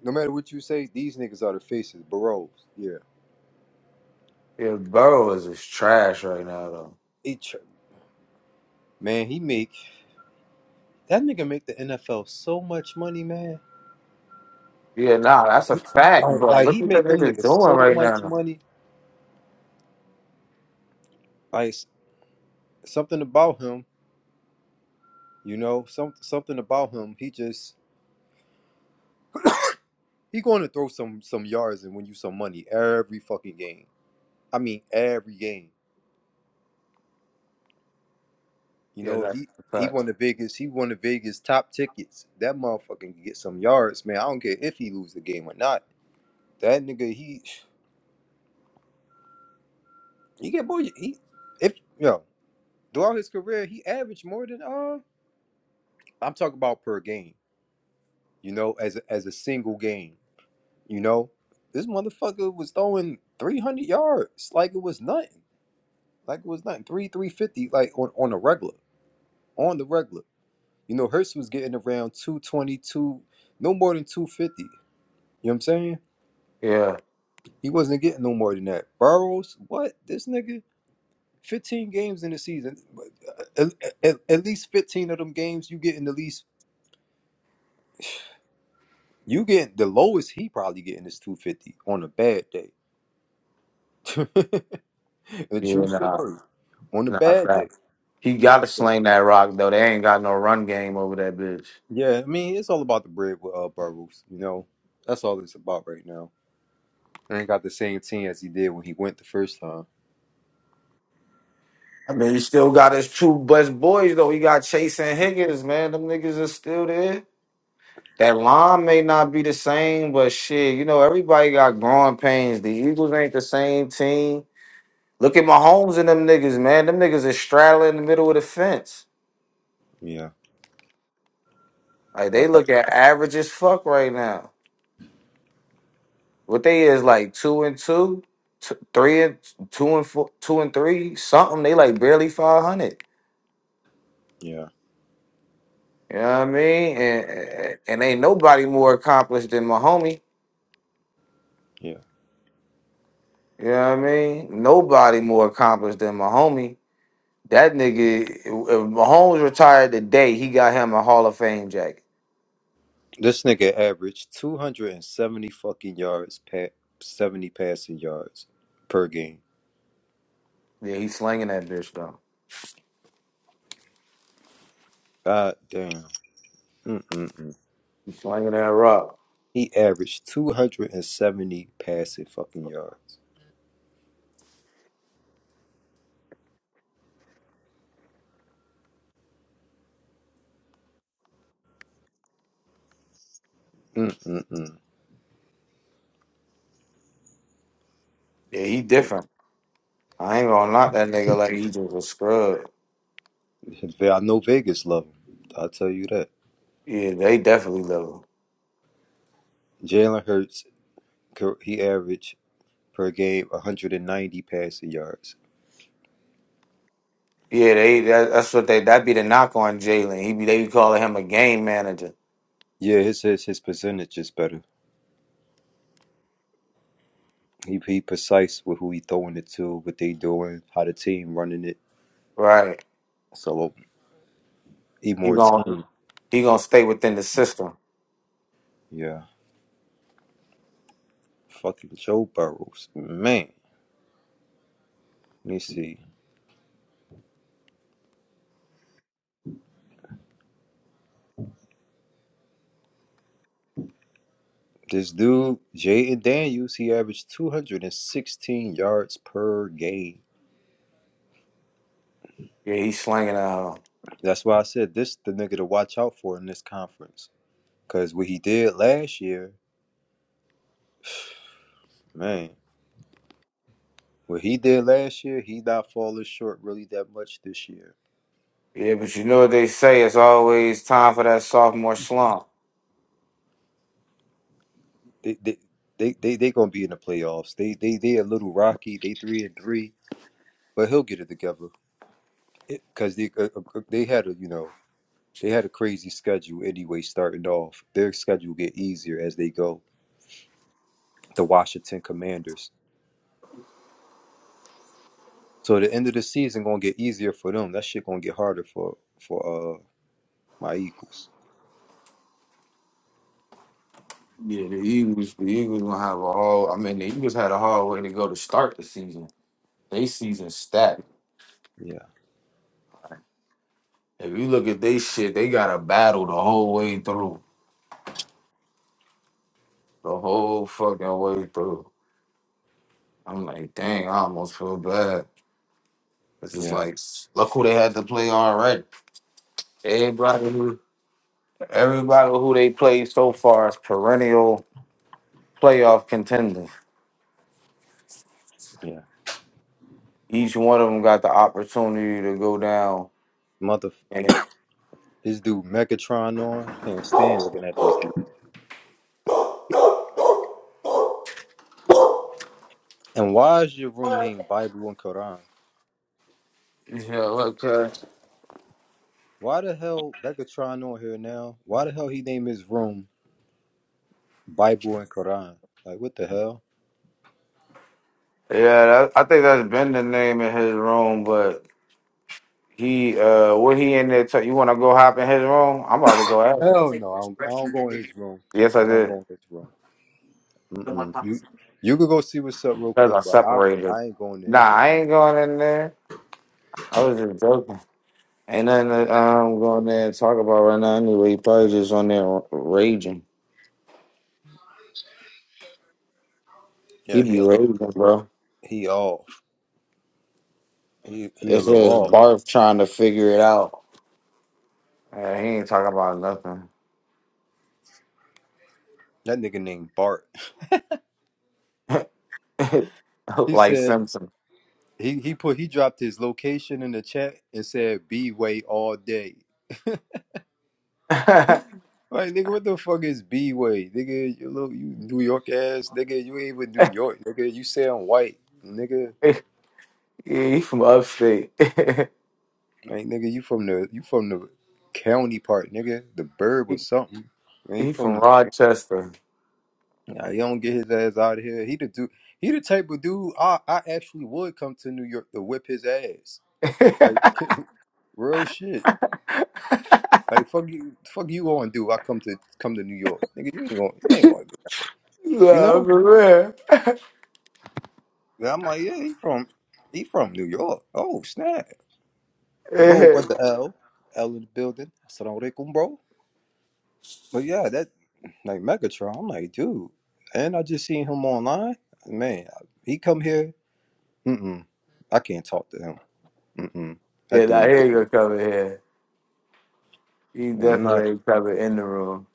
Speaker 1: no matter what you say, these niggas are the faces. Burrows. Yeah.
Speaker 2: Yeah, Burrow is is trash right now though.
Speaker 1: He tr- Man, he make that nigga make the NFL so much money, man.
Speaker 2: Yeah, nah,
Speaker 1: Like,
Speaker 2: that's a
Speaker 1: he
Speaker 2: fact.
Speaker 1: like-
Speaker 2: But
Speaker 1: like,
Speaker 2: look
Speaker 1: he
Speaker 2: what the
Speaker 1: make them
Speaker 2: niggas
Speaker 1: niggas
Speaker 2: doing
Speaker 1: so
Speaker 2: right
Speaker 1: much
Speaker 2: now.
Speaker 1: money. Like s- something about him, you know, some something about him. He just he going to throw some some yards and win you some money every fucking game. I mean, every game. You
Speaker 2: Yeah,
Speaker 1: know,
Speaker 2: that's
Speaker 1: he
Speaker 2: a
Speaker 1: he
Speaker 2: fact.
Speaker 1: won the biggest. He won the biggest top tickets. That motherfucker can get some yards, man. I don't care if he lose the game or not. That nigga, he he get boy. He if yo. Throughout his career, he averaged more than uh I'm talking about per game, you know, as a, as a single game, you know. This motherfucker was throwing 300 yards like it was nothing. Like it was nothing. 3 350 like on on a regular, on the regular. You know, Hurst was getting around 222, no more than 250. You know what I'm saying?
Speaker 2: Yeah,
Speaker 1: He wasn't getting no more than that. Burrows, what? This nigga 15 games in the season. At, at- at least 15 of them games you get in the least You get the lowest he probably getting is 250 on a bad day. a
Speaker 2: yeah,
Speaker 1: true
Speaker 2: nah,
Speaker 1: story. On a
Speaker 2: nah,
Speaker 1: bad
Speaker 2: fact.
Speaker 1: day.
Speaker 2: He got to
Speaker 1: So,
Speaker 2: sling that rock though. They ain't got no run game over that bitch.
Speaker 1: yeah, I mean, it's all about the bread with uh, Burrows, you know. That's all it's about right now. I ain't got the same team as he did when he went the first time.
Speaker 2: I mean, he still got his two best boys though. He got Chase and Higgins, man. Them niggas are still there. That line may not be the same, but shit, you know, everybody got growing pains. The Eagles ain't the same team. Look at Mahomes and them niggas, man. Them niggas is straddling in the middle of the fence.
Speaker 1: Yeah.
Speaker 2: Like
Speaker 1: All
Speaker 2: they
Speaker 1: right.
Speaker 2: look at average as fuck right now. What they is like two and two, t- three and two and four, two and three, something. They like barely five hundred.
Speaker 1: Yeah.
Speaker 2: You know what I mean? And, and and ain't nobody more accomplished than Mahomes.
Speaker 1: Yeah.
Speaker 2: You know what I mean? Nobody more accomplished than Mahomes. That nigga, if Mahomes retired today, he got him a Hall of Fame jacket.
Speaker 1: This nigga averaged 270 fucking yards, pa- 70 passing yards per game.
Speaker 2: Yeah, he's slinging that bitch though.
Speaker 1: God damn. Mm-mm-mm.
Speaker 2: He's slinging that rock.
Speaker 1: He averaged 270 passing fucking yards. Mm-mm-mm.
Speaker 2: Yeah, he different. I ain't gonna knock that nigga like he just a scrub.
Speaker 1: I know Vegas love him. I'll tell you that.
Speaker 2: Yeah, they definitely level.
Speaker 1: Jalen Hurts, cor- he averaged per game 190 passing yards.
Speaker 2: Yeah, they that, that's what they that be the knock on Jalen. He be they be calling him a game manager,
Speaker 1: Yeah, his his, his percentage is better. He he precise with who he throwing it to, what they doing, how the team running it.
Speaker 2: right?
Speaker 1: So he
Speaker 2: He
Speaker 1: more
Speaker 2: gonna
Speaker 1: team.
Speaker 2: he gonna stay within the system.
Speaker 1: Yeah, fucking Joe Burrows, man. Let me see. This dude, Jaden Daniels, he averaged 216 yards per game.
Speaker 2: Yeah, he's slinging that.
Speaker 1: That's why I said this the nigga to watch out for in this conference. Because what he did last year, man, what he did last year, he not falling short really that much this year.
Speaker 2: Yeah, but you know what they say. It's always time for that sophomore slump.
Speaker 1: They they they they, they gonna be in the playoffs. They they they a little rocky. They three and three, but he'll get it together. Because they uh, uh, they had a you know they had a crazy schedule anyway. Starting off, their schedule get easier as they go. The Washington Commanders. So the end of the season gonna get easier for them. That shit gonna get harder for for uh my Eagles.
Speaker 2: Yeah, the Eagles, the Eagles gonna have a hard. I mean, the Eagles had a hard way to go to start the season. They season stacked.
Speaker 1: Yeah,
Speaker 2: If you look at they shit, they got a battle the whole way through, the whole fucking way through. I'm like, dang, I almost feel bad. It's just
Speaker 1: yeah,
Speaker 2: like, look who they had to play already. Everybody who, everybody who they played so far is perennial playoff contender.
Speaker 1: yeah.
Speaker 2: Each one of them got the opportunity to go down.
Speaker 1: Mother.
Speaker 2: And
Speaker 1: This dude Megatron on. Can't stand looking at this dude. And why is your room named Bible and Quran?
Speaker 2: yeah, okay.
Speaker 1: Why the hell Megatron on here now? Why the hell he named his room Bible and Quran? Like what the hell?
Speaker 2: Yeah, that, I think that's been the name in his room, but he, uh, what he in there? T- you want to go hop in his room? I'm about to go out.
Speaker 1: Hell no, I don't, I don't go in his room.
Speaker 2: Yes, I
Speaker 1: I don't
Speaker 2: did.
Speaker 1: go in his room. Mm-mm. You you could go see what's up real
Speaker 2: Cause
Speaker 1: quick,
Speaker 2: I
Speaker 1: but I
Speaker 2: separated.
Speaker 1: I ain't going to
Speaker 2: Nah,
Speaker 1: his room.
Speaker 2: I ain't going in there. I was just joking. Ain't nothing that I'm going there and talk about right now. Anyway, he probably just on there r- raging.
Speaker 1: Yeah,
Speaker 2: He
Speaker 1: he a
Speaker 2: be
Speaker 1: little
Speaker 2: raging, bro.
Speaker 1: he off. He he a
Speaker 2: It's
Speaker 1: little
Speaker 2: just
Speaker 1: off.
Speaker 2: barf trying to figure it out. Yeah, he ain't talking about nothing.
Speaker 1: That nigga named Bart. He
Speaker 2: like
Speaker 1: said
Speaker 2: Simpson.
Speaker 1: he he put he dropped his location in the chat and said be way all day.
Speaker 2: yeah,
Speaker 1: Like nigga, what the fuck is B way? Nigga, you little you New York ass, nigga, you ain't even New York, nigga. You say I'm white, nigga.
Speaker 2: he from upstate.
Speaker 1: Like nigga, you from the you from the county part, nigga. The burb or
Speaker 2: he,
Speaker 1: something. You ain't
Speaker 2: he from
Speaker 1: from
Speaker 2: Rochester.
Speaker 1: nah, you don't get his ass out of here. He the dude he the type of dude I, I actually would come to New York to whip his ass.
Speaker 2: no,
Speaker 1: Like real shit. Like fuck you fuck you gonna do I come to come to New York. Nigga, you ain't gonna you ain't gonna do that. You
Speaker 2: for
Speaker 1: know?
Speaker 2: real.
Speaker 1: Yeah, I'm like, yeah, he from he from New York. Oh snap, bro, brother L, L in the building. Assalamu alaikum, bro. But yeah, that like Megatron. I'm like, dude, and I just seen him online. Man, he come here. Mm-mm, I can't talk to him. Mm-mm,
Speaker 2: yeah,
Speaker 1: that
Speaker 2: now
Speaker 1: dude.
Speaker 2: he ain't gonna come in here. He
Speaker 1: I'm not.
Speaker 2: definitely ain't coming in the room.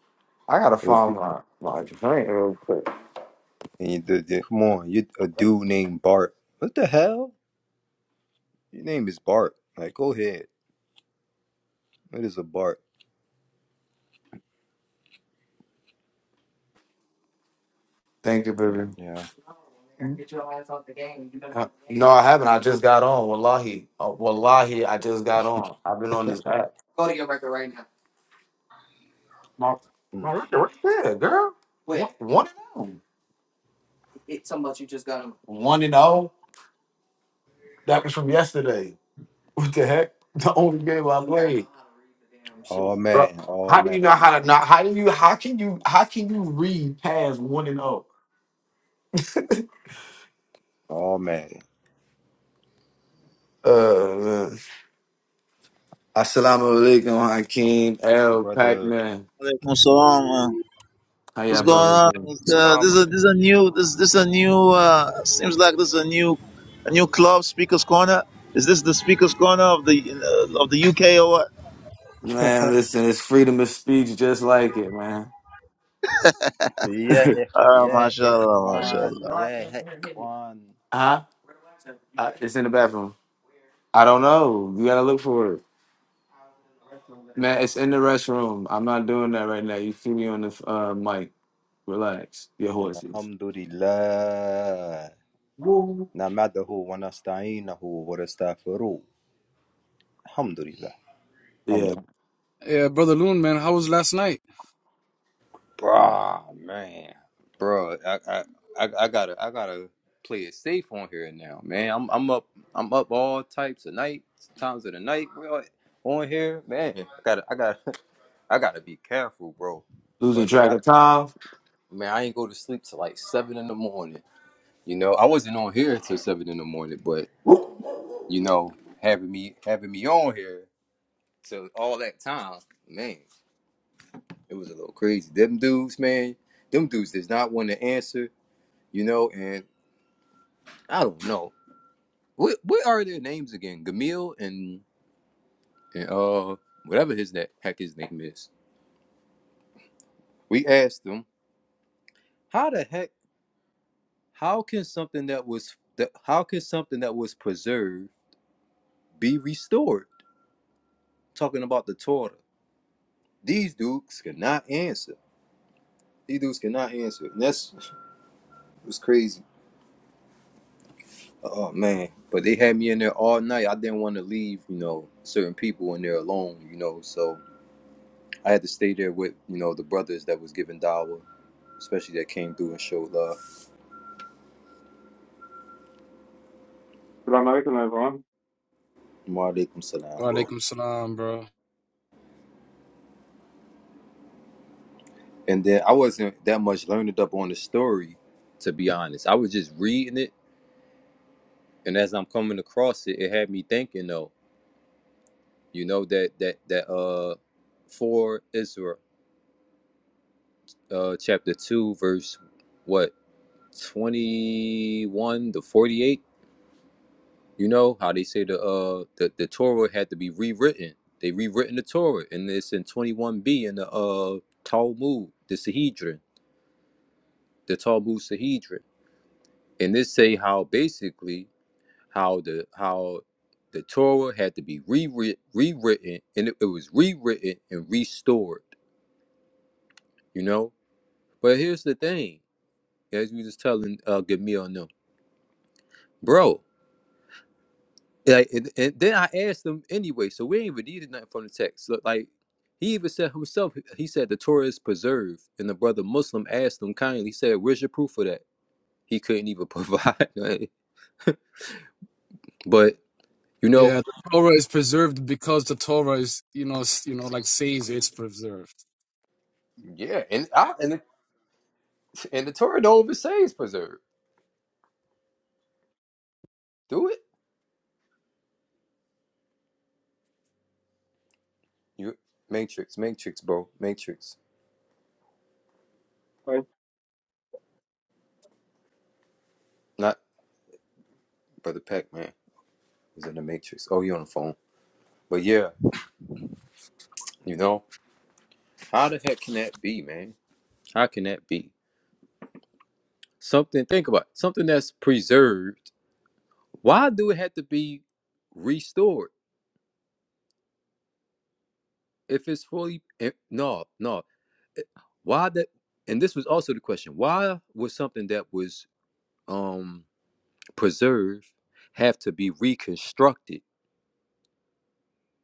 Speaker 2: I gotta
Speaker 1: a
Speaker 2: find
Speaker 1: du-
Speaker 2: my my drink real quick.
Speaker 1: and the- the- Come on, you a dude named Bart. What the hell? Your name is Bart. Like, go ahead. It is a Bart.
Speaker 2: Thank you, baby.
Speaker 1: Yeah.
Speaker 2: No, I haven't. I just got on. Wallahi, uh, wallahi, I just got on. I've been on this app.
Speaker 1: Mm.
Speaker 2: Right there, girl. One and oh. One and oh. That was from yesterday. What the heck? The only game I love.
Speaker 1: All
Speaker 2: Bro,
Speaker 1: man. All
Speaker 2: how do you know
Speaker 1: man.
Speaker 2: how to not? How do you? How can you? How can you read past one and zero?
Speaker 1: All man.
Speaker 2: Uh, man. Assalamu alaikum, Hakeem L. Pac
Speaker 1: Brother.
Speaker 2: Man.
Speaker 4: Alaikum salam. uh,
Speaker 2: How
Speaker 4: What's
Speaker 2: y'all
Speaker 4: going
Speaker 2: brother
Speaker 4: on?
Speaker 2: doing?
Speaker 4: Uh,
Speaker 5: Salam.
Speaker 4: this is this is a new this this a new uh, seems like this is a new a new club speakers corner. Is this the speakers corner of the uh, of the UK or what?
Speaker 2: Man, listen, it's freedom of speech, just like it, man.
Speaker 1: يا إخ...
Speaker 4: Uh,
Speaker 1: يا
Speaker 4: mashallah, mashallah.
Speaker 1: إخوان يا إخوان
Speaker 2: huh? Uh, it's in the bathroom. I don't know. You gotta look for it, man. It's in the restroom. I'm not doing that right now. You see me on the uh, mic. Relax, your
Speaker 1: إن
Speaker 2: horses.
Speaker 1: الحمد لله
Speaker 2: Woo.
Speaker 1: نعمده ونستعينه ونستغفره الحمد لله الحمد
Speaker 2: Yeah,
Speaker 1: لله
Speaker 5: Yeah, brother Loon, man, how was last night?
Speaker 1: Bruh, man. bro, I, I, I, I gotta, I gotta play it safe on here now, man. I'm, I'm up, I'm up all types of night, times of the night. We on here, man. I gotta, I gotta, I gotta be careful, bro.
Speaker 2: losing
Speaker 1: But man,
Speaker 2: track
Speaker 1: I,
Speaker 2: of time.
Speaker 1: man, I ain't go to sleep till like seven in the morning. You know, I wasn't on here till seven in the morning, but you know, having me having me on here till all that time, man, it was a little crazy. Them dudes, man, them dudes does not want to answer, you know, and I don't know. What what are their names again? Gamil and and uh whatever his that heck his name is. We asked them, how the heck how can something that was that how can something that was preserved be restored? Talking about the Torah. These dudes cannot answer. These dudes cannot answer. And that's it was crazy. Oh man. But they had me in there all night. I didn't want to leave, you know, certain people in there alone, you know. So I had to stay there with, you know, the brothers that was giving dawah, especially that came through and showed love.
Speaker 6: Salam alaikum, everyone.
Speaker 1: Wa alaikum salam,
Speaker 5: Wa
Speaker 1: bro.
Speaker 5: alaikum salam, bro.
Speaker 1: And then I wasn't that much learned up on the story, to be honest. I was just reading it and as I'm coming across it, it had me thinking though, you know, that that that uh for Israel, uh chapter two, verse what? 21 to 48 you know how they say the uh the, the torah had to be rewritten they rewritten the torah and it's in 21b in the uh talmud the sahedrin the talmud sahedrin and this say how basically how the how the torah had to be rewritten rewritten and it, it was rewritten and restored you know but here's the thing as we was telling uh Gamil, no, bro Like, and, and then I asked them anyway, so we ain't even needed nothing from the text. Look, like he even said himself, he said the Torah is preserved, and the brother Muslim asked him kindly, he said, "Where's your proof for that?" He couldn't even provide. like, but you
Speaker 5: Yeah,
Speaker 1: know,
Speaker 5: the Torah is preserved because the Torah is, you know, s- you know, like says it's preserved.
Speaker 1: Yeah, and I and the, and the Torah don't even say it's preserved. Do it. You Matrix, Matrix, bro, Matrix.
Speaker 6: Hi.
Speaker 1: Not brother Pac Man. He's in the Matrix. Oh, you on the phone? But yeah, you know how the heck can that be, man? How can that be? Something, think about it, something that's preserved. Why do it have to be restored if it's fully? If, no, no. eh, Why that? And this was also the question: Why was something that was um preserved have to be reconstructed?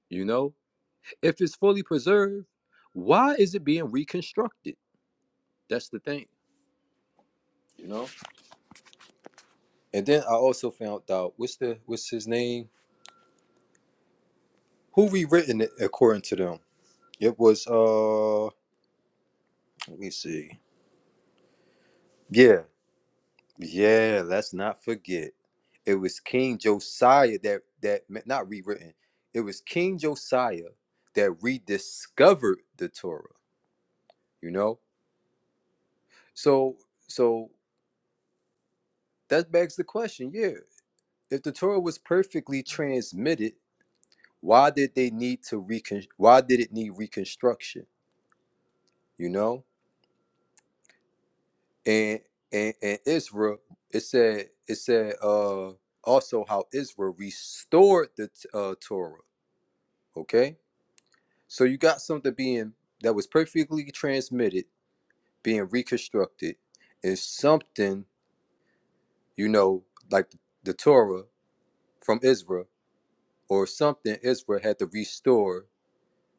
Speaker 1: You know, if it's fully preserved, why is it being reconstructed? That's the thing. You know. And then I also found out what's the what's his name? Who rewritten it according to them? It was uh. Let me see. Yeah, yeah. Let's not forget, it was King Josiah that that not rewritten. It was King Josiah that rediscovered the Torah. You know, so so that begs the question. Yeah, if the Torah was perfectly transmitted, why did they need to recon? Why did it need reconstruction? You know, and and, and Israel, it said it said uh also how Israel restored the uh, Torah. Okay, so you got something being that was perfectly transmitted, being reconstructed, and something you know like the Torah from Israel, or something Israel had to restore.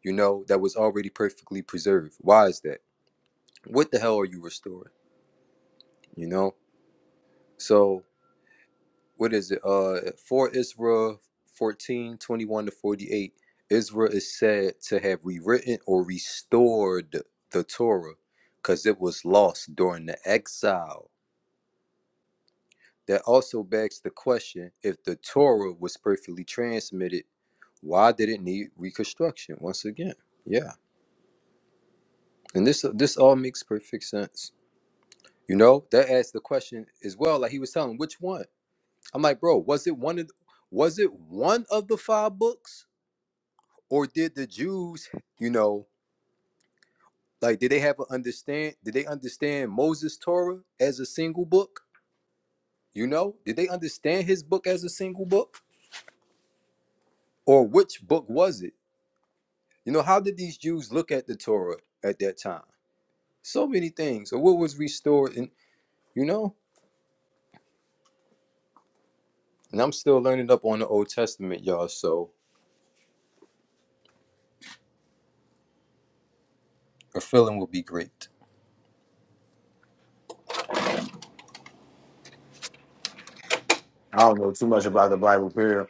Speaker 1: You know that was already perfectly preserved. Why is that? What the hell are you restoring? You know, so what is it? Uh, for Ezra 14 21 to 48, Ezra is said to have rewritten or restored the Torah because it was lost during the exile. That also begs the question if the Torah was perfectly transmitted, why did it need reconstruction once again? Yeah. And this this all makes perfect sense. You know, that asks the question as well. Like he was telling, which one? I'm like, bro, was it one of was it one of the five books? or did the Jews, you know, like did they have an understand? Did they understand Moses' Torah as a single book? You know, did they understand his book as a single book, or which book was it? You know, how did these Jews look at the Torah at that time? So many things. Or what was restored, and you know, and I'm still learning up on the Old Testament, y'all. So a feeling will be great.
Speaker 2: I don't know too much about the Bible period.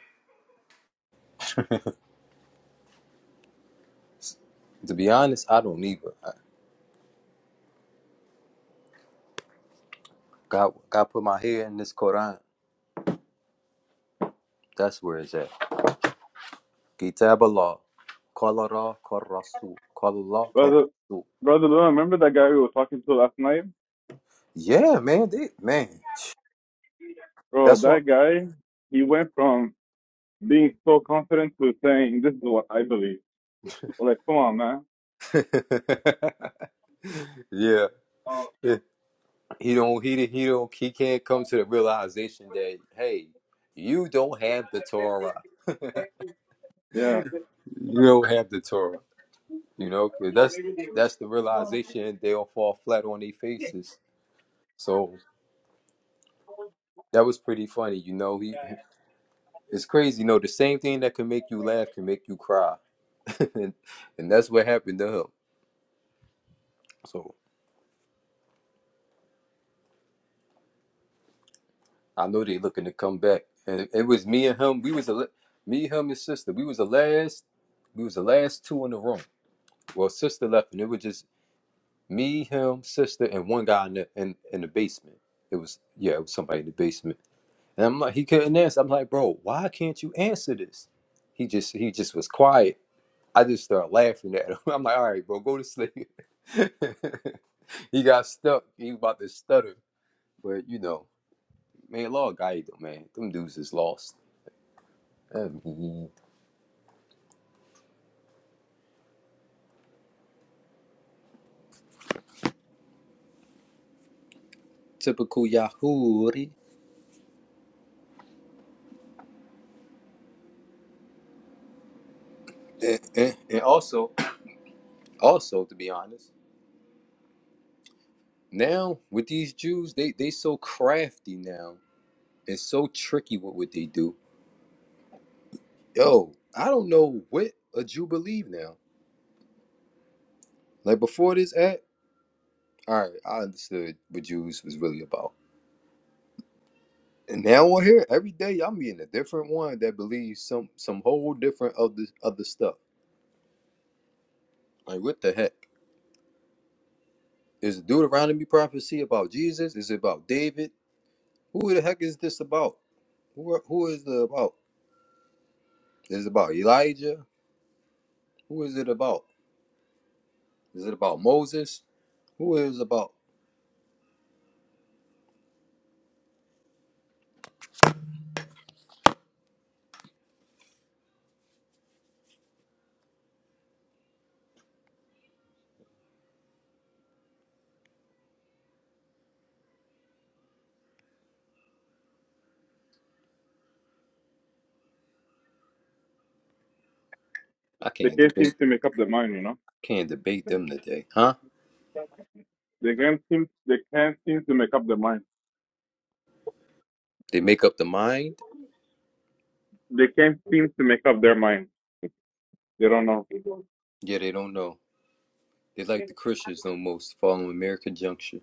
Speaker 1: To be honest, I don't either. I- God, God put my head in this Quran. That's where it's at. Kitab Allah. Qala Allah, qala Rasul. Qala Allah,
Speaker 6: Brother,
Speaker 1: Rasul.
Speaker 6: brother, Lou, remember that guy we were talking to last night?
Speaker 1: Yeah, man, they, man.
Speaker 6: Bro,
Speaker 1: That's why.
Speaker 6: that guy, he went from being so confident to saying, this is what I believe. Like, come on, man.
Speaker 1: yeah. He don't he he don't he can't come to the realization that hey, you don't have the Torah.
Speaker 6: Yeah.
Speaker 1: You don't have the Torah. You know, 'cause that's that's the realization they'll fall flat on their faces. So that was pretty funny, you know. He It's crazy. No, the same thing that can make you laugh can make you cry. and, and that's what happened to him. So I know they looking to come back. And it was me and him. We was a me, him, and sister. We was the last. We was the last two in the room. Well, sister left, and it was just me, him, sister, and one guy in the in, in the basement. It was yeah, it was somebody in the basement. And I'm like, he couldn't answer. I'm like, bro, why can't you answer this? He just he just was quiet. I just start laughing at him. I'm like, all right, bro, go to sleep. he got stuck. He was about to stutter. But you know, man, Lord guide them, man. Them dudes is lost. I mean, typical Yahoo. And, and, and also, also to be honest, now with these Jews, they they so crafty now and so tricky with what they do. Yo, I don't know what a Jew believe now. Like before this act, all right, I understood what Jews was really about And now on here, every day I'm meeting a different one that believes some some whole different other other stuff. Like what the heck? Is Deuteronomy prophecy about Jesus? Is it about David? Who the heck is this about? Who who is it about? Is it about Elijah? Who is it about? Is it about Moses? Who is it about? I
Speaker 6: They
Speaker 1: can't
Speaker 6: can't seem
Speaker 1: debate
Speaker 6: to make up their mind, you know?
Speaker 1: can't debate them today, huh?
Speaker 6: They can't seem, they can't seem to make up their mind.
Speaker 1: They make up the mind,
Speaker 6: They can't seem to make up their mind. They don't know.
Speaker 1: yeah they don't know. They like the Christians almost following American Junction.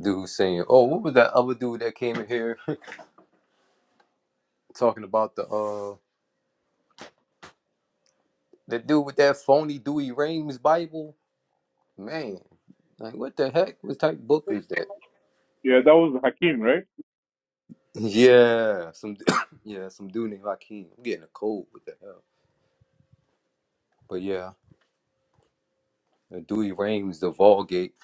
Speaker 1: Dude saying, Oh, what was that other dude that came in here? talking about the uh the dude with that phony Dewey Rames Bible. Man, like what the heck? What type of book is that?
Speaker 6: Yeah, that was Hakeem, right?
Speaker 1: Yeah, some yeah, some dude named Hakeem. I'm getting a cold. What the hell? But yeah, the Dewey Rames, the Vulgate.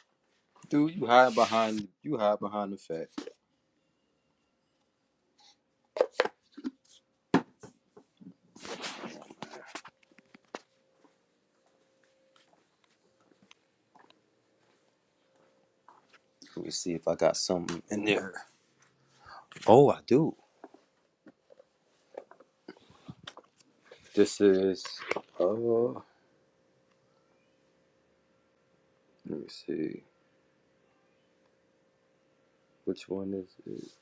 Speaker 1: Dude, you hide behind you hide behind the fact. Let me see if I got something in there. Oh, I do. This is uh. Let me see. Which one is it?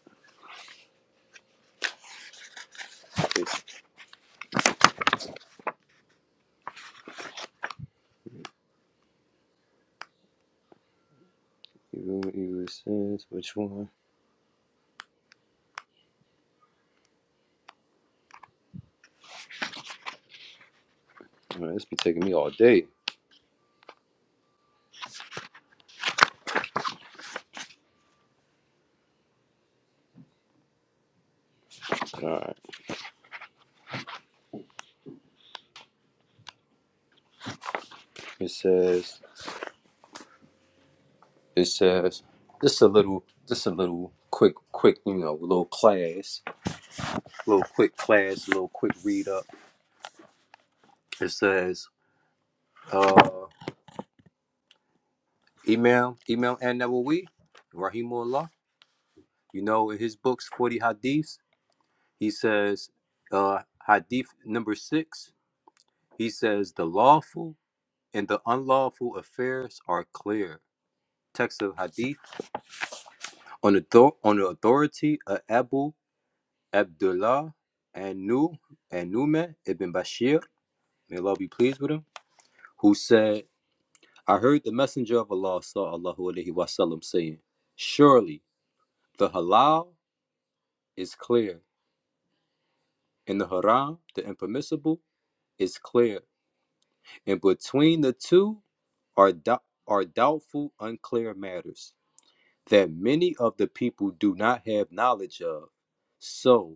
Speaker 1: It's you, you, sense which one? Man, this be taking me all day. all right. It says it says just a little just a little quick quick you know little class little quick class little quick read up. It says uh email email and Nawawi Rahimullah. You know in his books Forty Hadiths he says uh Hadith number six he says the lawful and the unlawful affairs are clear. Text of Hadith on the, on the authority of Abu Abdullah and Nu and Numan ibn Bashir, may Allah be pleased with him, who said, I heard the Messenger of Allah sallallahu alaihi wasallam saying, Surely the halal is clear, and the haram, the impermissible, is clear, and between the two are dou- are doubtful, unclear matters that many of the people do not have knowledge of. So."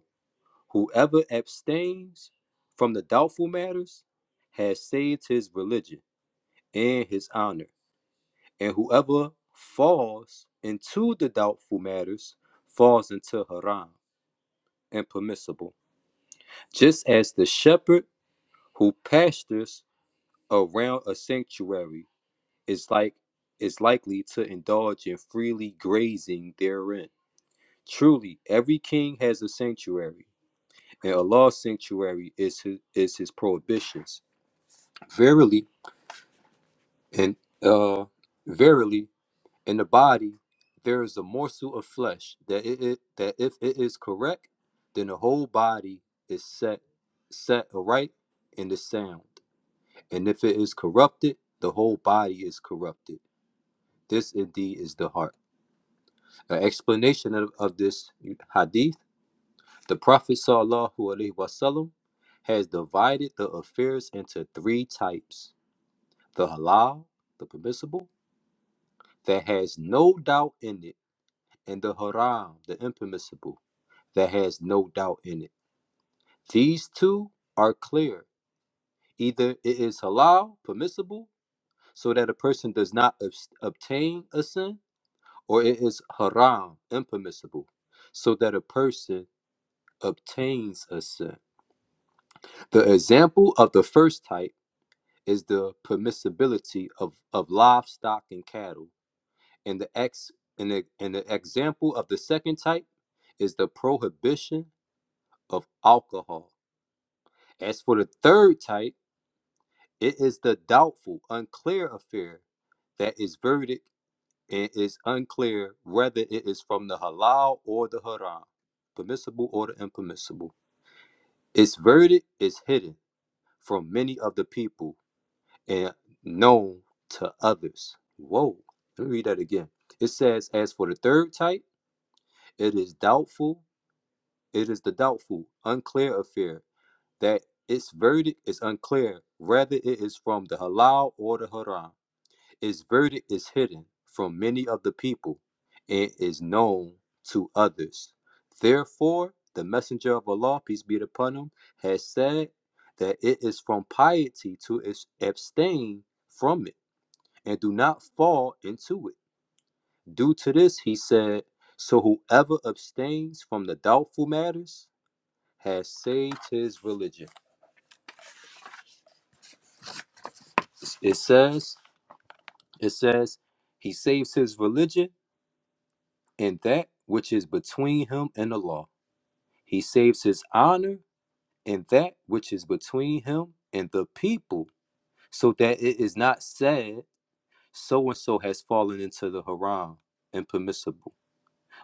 Speaker 1: Whoever abstains from the doubtful matters has saved his religion and his honor, and whoever falls into the doubtful matters falls into haram, impermissible. Just as the shepherd who pastures around a sanctuary is like is likely to indulge in freely grazing therein. Truly, every king has a sanctuary, and Allah's sanctuary is his, is his prohibitions Verily, and uh, verily, in the body there is a morsel of flesh that it, it that if it is correct, then the whole body is set set aright in the sound. And if it is corrupted, the whole body is corrupted. This indeed is the heart. An explanation of, of this hadith: the Prophet sallallahu alaihi wasallam has divided the affairs into three types: the halal, the permissible. that has no doubt in it, and the haram, the impermissible, that has no doubt in it. These two are clear. Either it is halal, permissible, so that a person does not obs- obtain a sin, or it is haram, impermissible, so that a person obtains a sin. The example of the first type is the permissibility of, of livestock and cattle And the ex and the, and the example of the second type is the prohibition of alcohol. As for the third type, it is the doubtful, unclear affair that is verdict and is unclear whether it is from the halal or the haram, permissible or the impermissible. Its verdict is hidden from many of the people and known to others. Whoa, let me read that again. It says, as for the third type, it is doubtful, It is the doubtful, unclear affair, that its verdict is unclear, whether it is from the halal or the haram. Its verdict is hidden from many of the people and is known to others. Therefore, the Messenger of Allah, peace be upon him, has said that it is from piety to abstain from it and do not fall into it. Due to this, he said, So whoever abstains from the doubtful matters, has saved his religion. It says, it says, he saves his religion and that which is between him and the law. He saves his honor and that which is between him and the people, so that it is not said, so and so has fallen into the haram and permissible.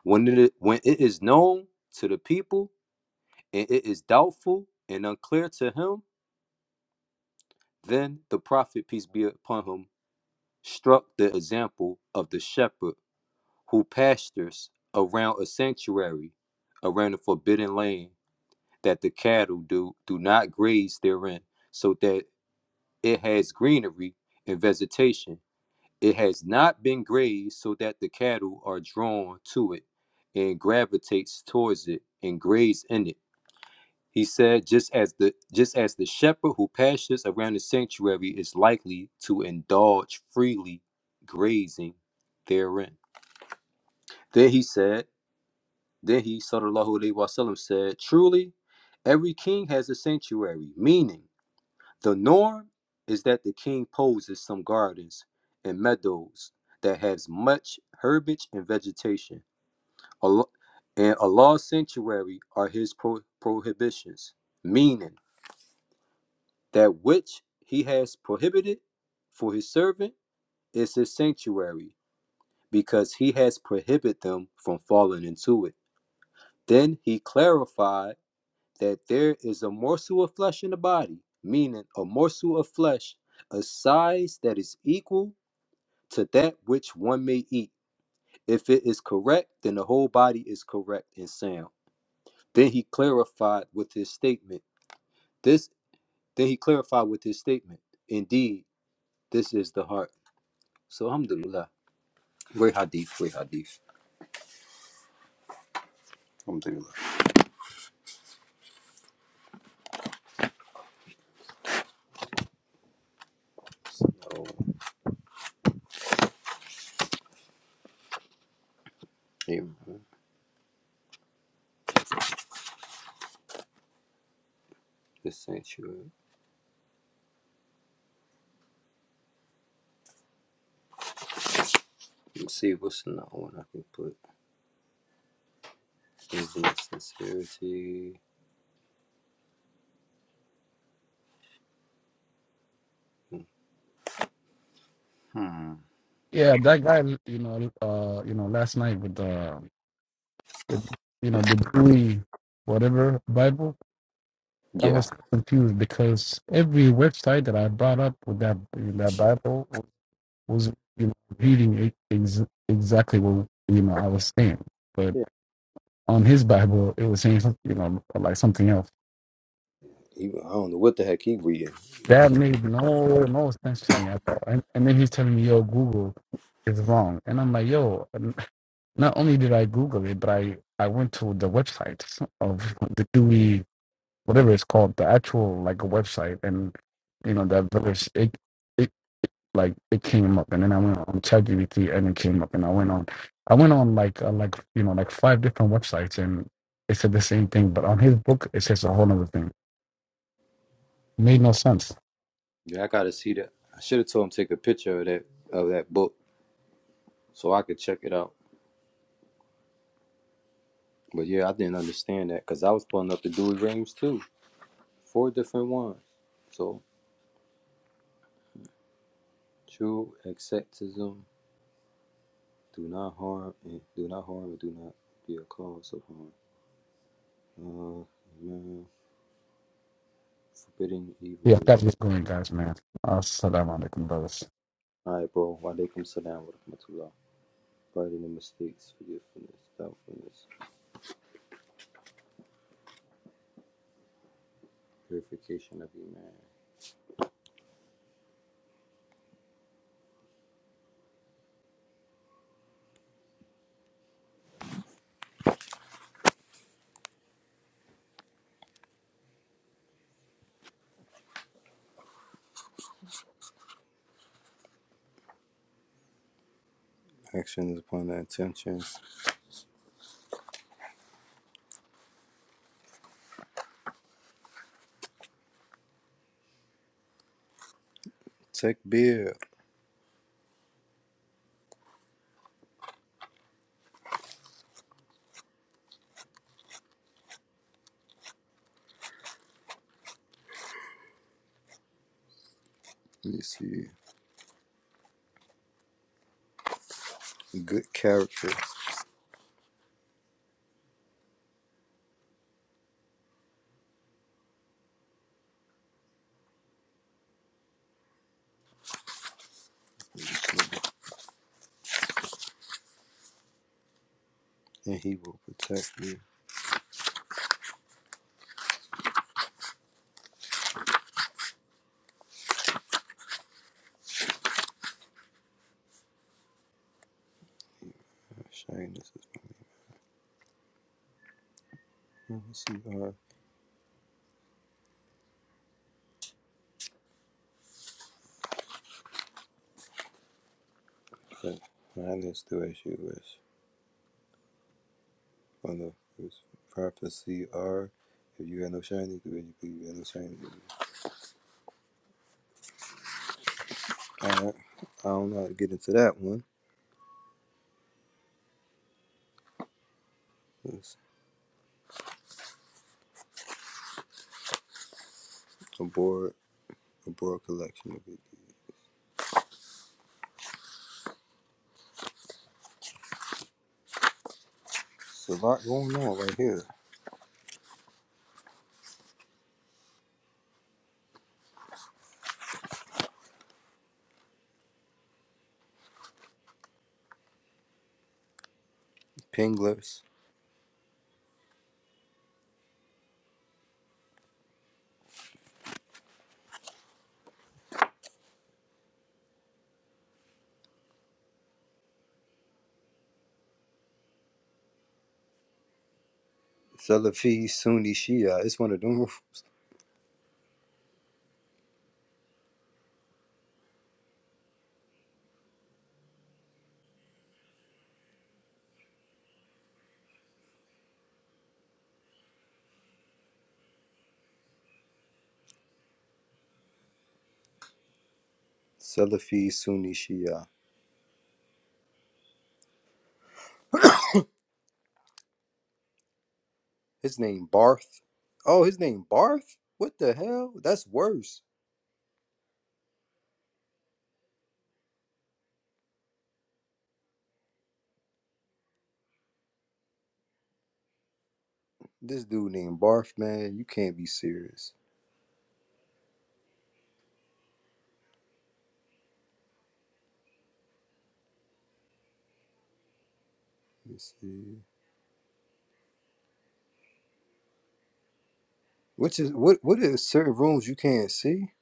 Speaker 1: When it, when it is known to the people and it is doubtful and unclear to him, then the prophet, peace be upon him, struck the example of the shepherd who pastures around a sanctuary, around a forbidden land, that the cattle do, do not graze therein, so that it has greenery and vegetation. It has not been grazed so that the cattle are drawn to it and gravitates towards it and graze in it he said, just as the just as the shepherd who pastures around the sanctuary is likely to indulge freely grazing therein. Then he said, then he sallallahu alaihi wasallam said, truly, every king has a sanctuary, meaning the norm is that the king poses some gardens and meadows that has much herbage and vegetation. Allah, and Allah's sanctuary are his pro- prohibitions, meaning That which he has prohibited for his servant is his sanctuary, because he has prohibited them from falling into it. Then he clarified that there is a morsel of flesh in the body, meaning a morsel of flesh, a size that is equal to that which one may eat. If it is correct, then the whole body is correct and sound. Then he clarified with his statement. This then he clarified with his statement. Indeed, this is the heart. So alhamdulillah. Great hadith, great hadith. Alhamdulillah. So amen. This sanctuary. Let's see what's another one I can put. Is it sincerity? Hmm.
Speaker 5: Yeah, that guy, you know, uh, you know, last night with the with you know the Dewey whatever Bible, I
Speaker 1: Yeah.
Speaker 5: was confused because every website that I brought up with that with that Bible wa- was you know reading it ex- exactly what you know I was saying, but
Speaker 1: Yeah.
Speaker 5: on his Bible it was saying some- you know like something else.
Speaker 1: He, I don't know what the heck he reading.
Speaker 5: That made no no sense to me at all. And and then he's telling me, "Yo, Google is wrong," and I'm like, "Yo." n- Not only did I Google it, but I I went to the website of the Dewey whatever it's called, the actual like a website, and you know that verse it it like it came up, and then I went on ChatGPT and it came up, and I went on I went on like uh, like you know like five different websites, and it said the same thing, but on his book it says a whole other thing. made no sense.
Speaker 1: Yeah, I gotta see that. I should have told him to take a picture of that of that book so I could check it out. But yeah, I didn't understand that because I was pulling up the Dewey Rings too. Four different ones. So true acceptism, do not harm and do not harm and do not be a cause of harm. Uh, man, forbidding evil
Speaker 5: Yeah, I
Speaker 1: is.
Speaker 5: got going, guys, man. Assalamu alaikum, brothers.
Speaker 1: Alright, bro. Walaikum salam wa rahmatullah. Pardon the mistakes, forgiveness, doubtfulness, purification of iman. Actions upon the intentions. Takbir. Let me see. Good character. And he will protect you. Uh, Shyness is funny. Let me see. Uh, but shyness do as you wish. From the first prophecy are. If you had no shyness, do as you believe. You had no shyness. Alright. I don't know how to get into that one. It's a broad, a broad collection of it. It's a lot going on right here. Pinglers, Salafi, Sunni, Shia. It's one of them. Salafi, Sunni, Shia. His name Barth. Oh, his name Barth? What the hell? That's worse. This dude named Barth, man. You can't be serious. Let's see. Which is what? What is certain rooms you can't see?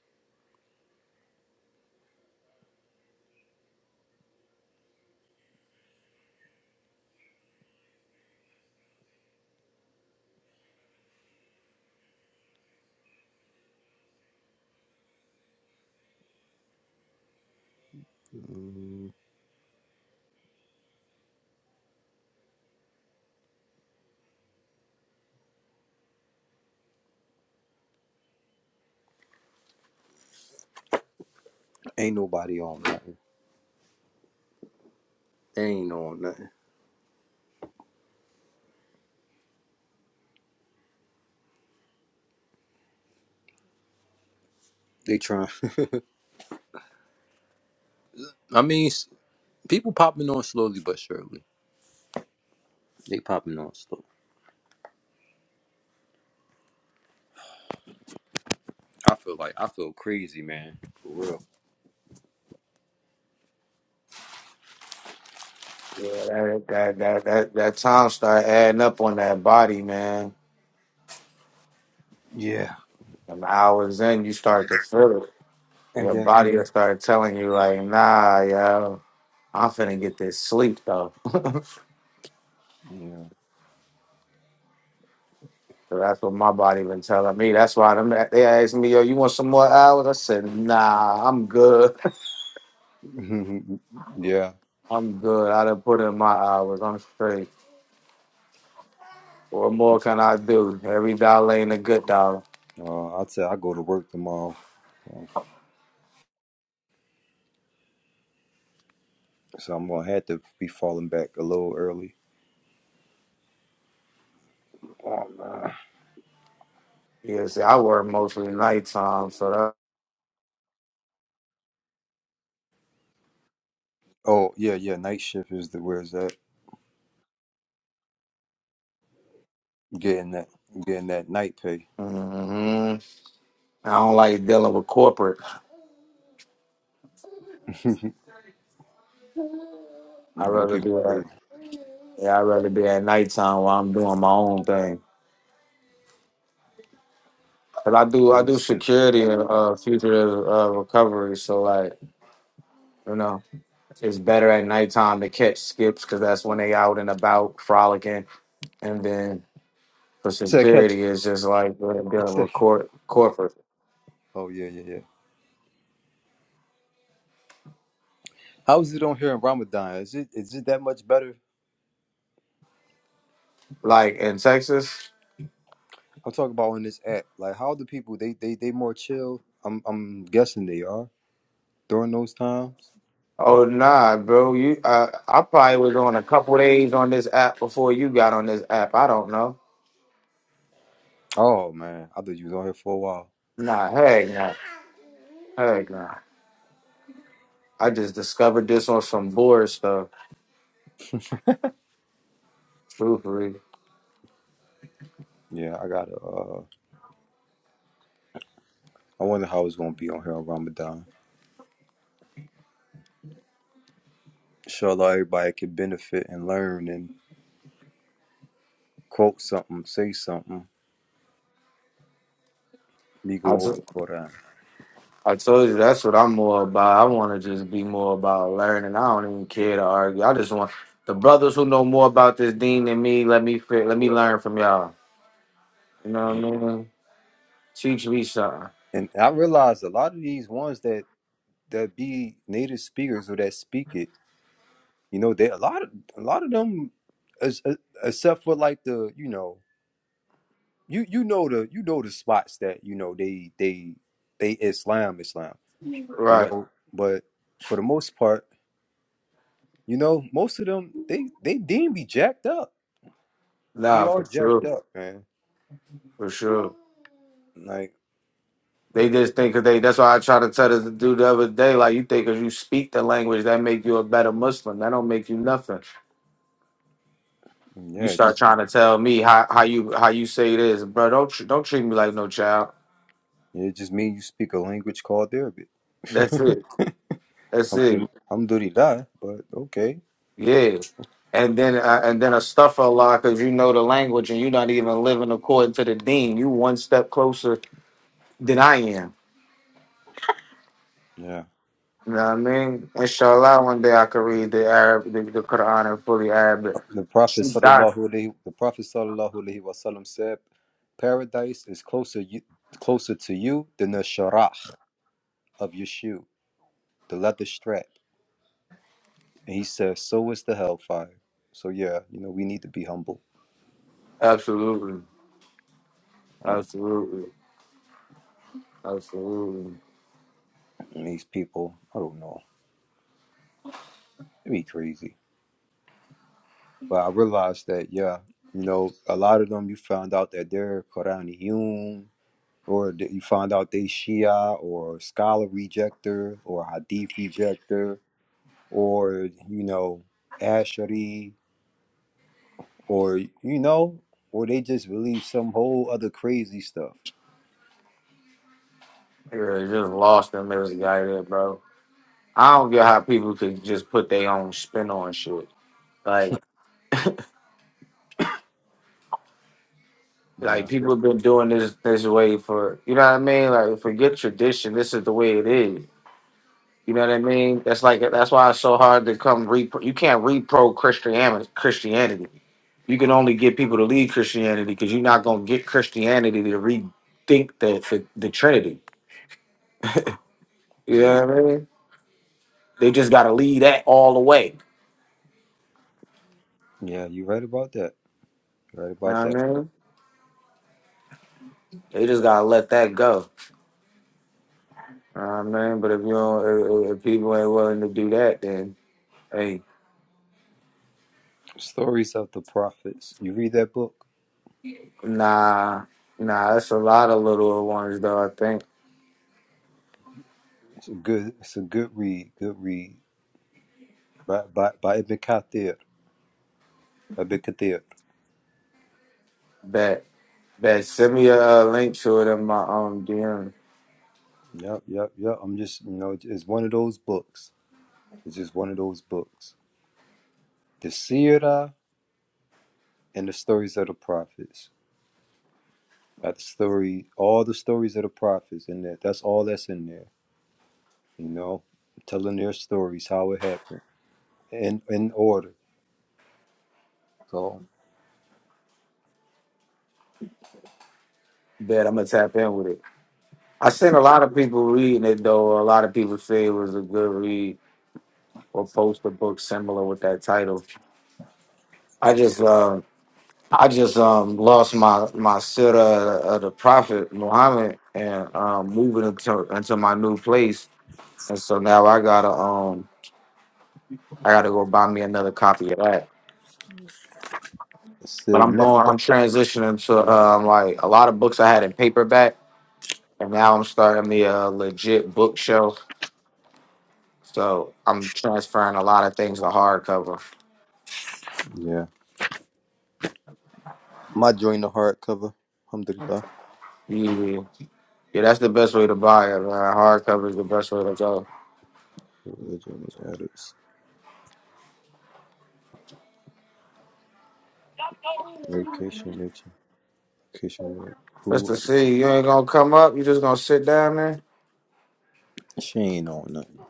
Speaker 1: Mm, ain't nobody on nothing. ain't on nothing. They trying. I mean, people popping on slowly but surely. They popping on stuff. I feel like I feel crazy, man. For real.
Speaker 2: Yeah, that, that that that that time start adding up on that body, man.
Speaker 1: Yeah.
Speaker 2: And hours in, you start to feel it.
Speaker 1: And
Speaker 2: Your
Speaker 1: then
Speaker 2: body will start telling you, like, nah, yo, I'm finna get this sleep though. so
Speaker 1: yeah.
Speaker 2: that's what my body been telling me. That's why them they asked me, yo, you want some more hours? I said, nah, I'm good.
Speaker 1: yeah.
Speaker 2: I'm good. I done put in my hours. I'm straight. What more can I do? Every dollar ain't a good dollar.
Speaker 1: Uh, I'd say I go to work tomorrow. Um, So I'm gonna have to be falling back a little early. Oh, man.
Speaker 2: Yeah, see, I work mostly nighttime, so that.
Speaker 1: oh yeah, yeah. Night shift is the where's that? Getting that, getting that night pay.
Speaker 2: hmm I don't like dealing with corporate.
Speaker 1: You
Speaker 2: I
Speaker 1: know,
Speaker 2: rather
Speaker 1: people.
Speaker 2: be
Speaker 1: crazy.
Speaker 2: at yeah, I rather be at nighttime while I'm doing my own thing. But I do I
Speaker 1: What
Speaker 2: do
Speaker 1: is this?
Speaker 2: security and uh, fugitive uh, recovery, so like you know, it's better at nighttime to catch skips because that's when they out and about frolicking. And then for
Speaker 1: He said, catch. it.
Speaker 2: security, it's just like we're
Speaker 1: He
Speaker 2: dealing
Speaker 1: said,
Speaker 2: with cor- corporate.
Speaker 1: oh yeah, yeah, yeah. How is it on here in Ramadan? Is it is it that much better?
Speaker 2: Like in Texas,
Speaker 1: I'm talking about on this app. Like, how the people they they they more chill? I'm I'm guessing they are during those times.
Speaker 2: oh nah, bro, you I I probably was on a couple days on this app before you got on this app. I don't know.
Speaker 1: Oh man, I thought you was on here for a while.
Speaker 2: Nah, heck nah. Heck nah. I just discovered this on some board stuff. Truthfully.
Speaker 1: Yeah, I gotta. Uh, I wonder how it's gonna be on here on Ramadan. Inshallah, everybody can benefit and learn and quote something, say something. Me
Speaker 2: I,
Speaker 1: go over
Speaker 2: t-
Speaker 1: Quran.
Speaker 2: I told you that's what I'm more about. I want to just be more about learning. I don't even care to argue. I just want the brothers who know more about this dean than me. Let me fit, let me learn from y'all. You know what
Speaker 1: Yeah.
Speaker 2: I mean? Teach me something.
Speaker 1: And I realized a lot of these ones that that be native speakers or that speak it, you know, they a lot of a lot of them, as, as, except for like the you know you you know the you know the spots that you know they they they Islam Islam you
Speaker 2: Right.
Speaker 1: know but for the most part you know most of them they they deem be jacked up be
Speaker 2: Nah,
Speaker 1: all
Speaker 2: for
Speaker 1: jacked
Speaker 2: sure.
Speaker 1: up man
Speaker 2: For sure.
Speaker 1: like
Speaker 2: They just think 'cause they. That's why I try to tell this dude the other day. Like you think 'cause you speak the language that make you a better Muslim. That don't make you nothing. You
Speaker 1: yeah it
Speaker 2: start
Speaker 1: just
Speaker 2: trying to tell me how, how you how you say this, bro. Don't tr- don't treat me like no child.
Speaker 1: yeah, it just means you speak a language called Arabic
Speaker 2: That's it. That's it.
Speaker 1: Alhamdul- alhamdulillah but okay
Speaker 2: Yeah. And then uh, and then a stuffer a lot because you know the language and you're not even living according to the dean. You one step closer than I am.
Speaker 1: yeah
Speaker 2: You know what I mean? Inshallah, one day I could read the Arab, the, the Quran in fully Arabic.
Speaker 1: the Prophet
Speaker 2: She's done.
Speaker 1: sallallahu alaihi the Prophet sallallahu alaihi wasallam said paradise is closer you closer to you than the sharah of your shoe the leather strap. And he said, So is the hellfire. So yeah, you know, we need to be humble.
Speaker 2: Absolutely.
Speaker 1: Um,
Speaker 2: Absolutely. Absolutely.
Speaker 1: and these people, I don't know, they be crazy. But I realized that, yeah, you know, a lot of them you found out that they're Quraniyun, or that you find out they Shia, or scholar rejector, or Hadith rejector, or, you know, Ashari, or, you know, or they just believe some whole other crazy stuff.
Speaker 2: Yeah, just lost in this guy there, bro. I don't get how people could just put their own spin on shit. Like, like
Speaker 1: Yeah.
Speaker 2: people have been doing this this way for you know what I mean. Like, forget tradition. This is the way it is. You know what I mean? That's like that's why it's so hard to come repro. You can't repro Christianity. Christianity. You can only get people to leave Christianity because you're not gonna get Christianity to rethink the the, the Trinity. You
Speaker 1: Yeah.
Speaker 2: know what I mean? They just gotta leave that all the way.
Speaker 1: Yeah, you right about that. Right
Speaker 2: You
Speaker 1: about
Speaker 2: know
Speaker 1: that.
Speaker 2: what I mean? They just gotta let that go. You know what I mean? But if you don't, if, if people ain't willing to do that, then hey,
Speaker 1: Stories of the Prophets. You read that book?
Speaker 2: nah, nah, that's a lot of little ones though. I think
Speaker 1: It's a good it's a good read. Good read. By by, by Ibn Kathir. Ibn Kathir.
Speaker 2: that that send me a uh, link to it in my um DM.
Speaker 1: Yep, yep, yep. I'm just you know, it's one of those books. It's just one of those books. The Sirah and the stories of the prophets. Got the story all the stories of the prophets in there. That's all that's in there. You know? Telling their stories, how it happened. In in order. So
Speaker 2: That I'm gonna tap in with it. I seen a lot of people reading it though. A lot of people say it was a good read or post a book similar with that title. I
Speaker 1: yeah.
Speaker 2: just um I just um lost my my sitter of the Prophet Muhammad and um moving into into my new place. And so now I gotta um I gotta go buy me another copy of that.
Speaker 1: It's
Speaker 2: But
Speaker 1: still
Speaker 2: I'm going
Speaker 1: nectar.
Speaker 2: I'm transitioning to um like a lot of books I had in paperback and now I'm starting me a legit bookshelf. So I'm transferring a lot of things to hardcover.
Speaker 1: Yeah. My join the hard cover. Alhamdulillah.
Speaker 2: Yeah, yeah that's the best way to buy it, man. Hardcover is the best way to go.
Speaker 1: The Religion of Adults. Vacation nature. Vacation Adults.
Speaker 2: Mr.
Speaker 1: Who?
Speaker 2: C, you ain't gonna come up, you just gonna sit down there.
Speaker 1: She ain't on nothing.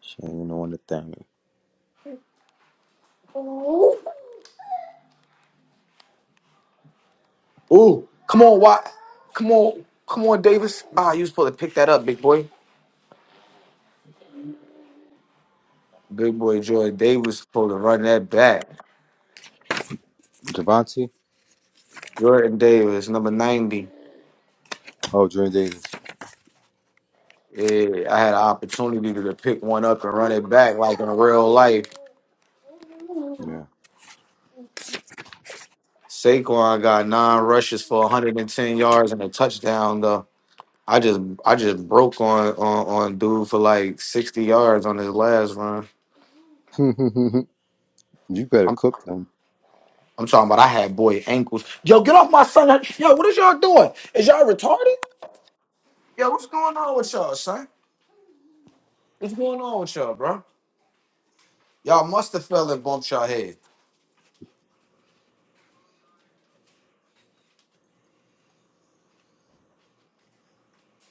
Speaker 1: She ain't on the thing.
Speaker 2: Ooh, come on, Watt. Come on, come on, Davis. Ah, you was supposed to pick that up, big boy. Big boy Joy Davis supposed to run that back.
Speaker 1: Javante?
Speaker 2: Jordan Davis, number 90.
Speaker 1: Oh, Jordan Davis.
Speaker 2: Yeah, I had an opportunity to pick one up and run it back like in real life.
Speaker 1: Yeah.
Speaker 2: Saquon got nine rushes for 110 yards and a touchdown though. I just I just broke on on, on dude for like 60 yards on his last run.
Speaker 1: you better
Speaker 2: I'm
Speaker 1: cook them.
Speaker 2: I'm talking about I had boy ankles. Yo, get off my son. Yo, what is y'all doing? Is y'all retarded? Yo, what's going on with y'all, son? What's going on with y'all, bro? Y'all must have fell and bumped y'all head.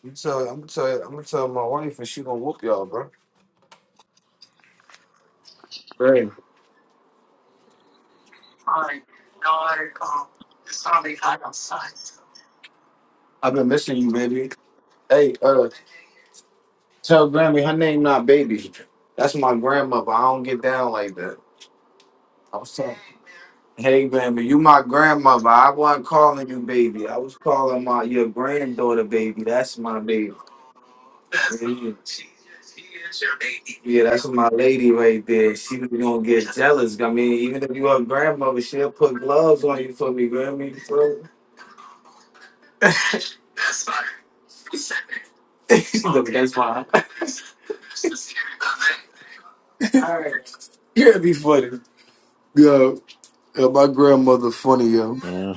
Speaker 2: You tell, I'm gonna tell, I'm gonna tell my wife, and she gonna whoop y'all, bro. Hey, I've been missing you, baby. Hey, uh, tell Grammy her name not baby. That's my grandmother. I don't get down like that. I was telling, hey Grammy, you my grandmother. I wasn't calling you baby. I was calling my your granddaughter baby. That's my baby. Yeah, yeah, that's my lady right there. She was gonna get jealous. I mean, even if you a grandmother, she'll put gloves on you for me, Grammy. Bro. Yo, yeah, my grandmother funny, yo.
Speaker 1: hmm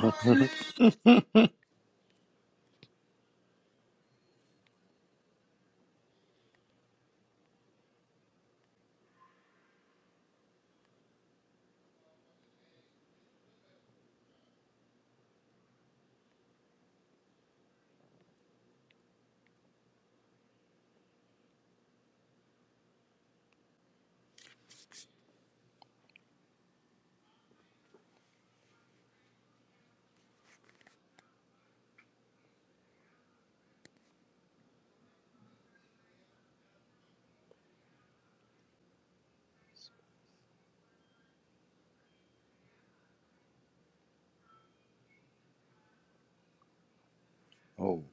Speaker 1: oh,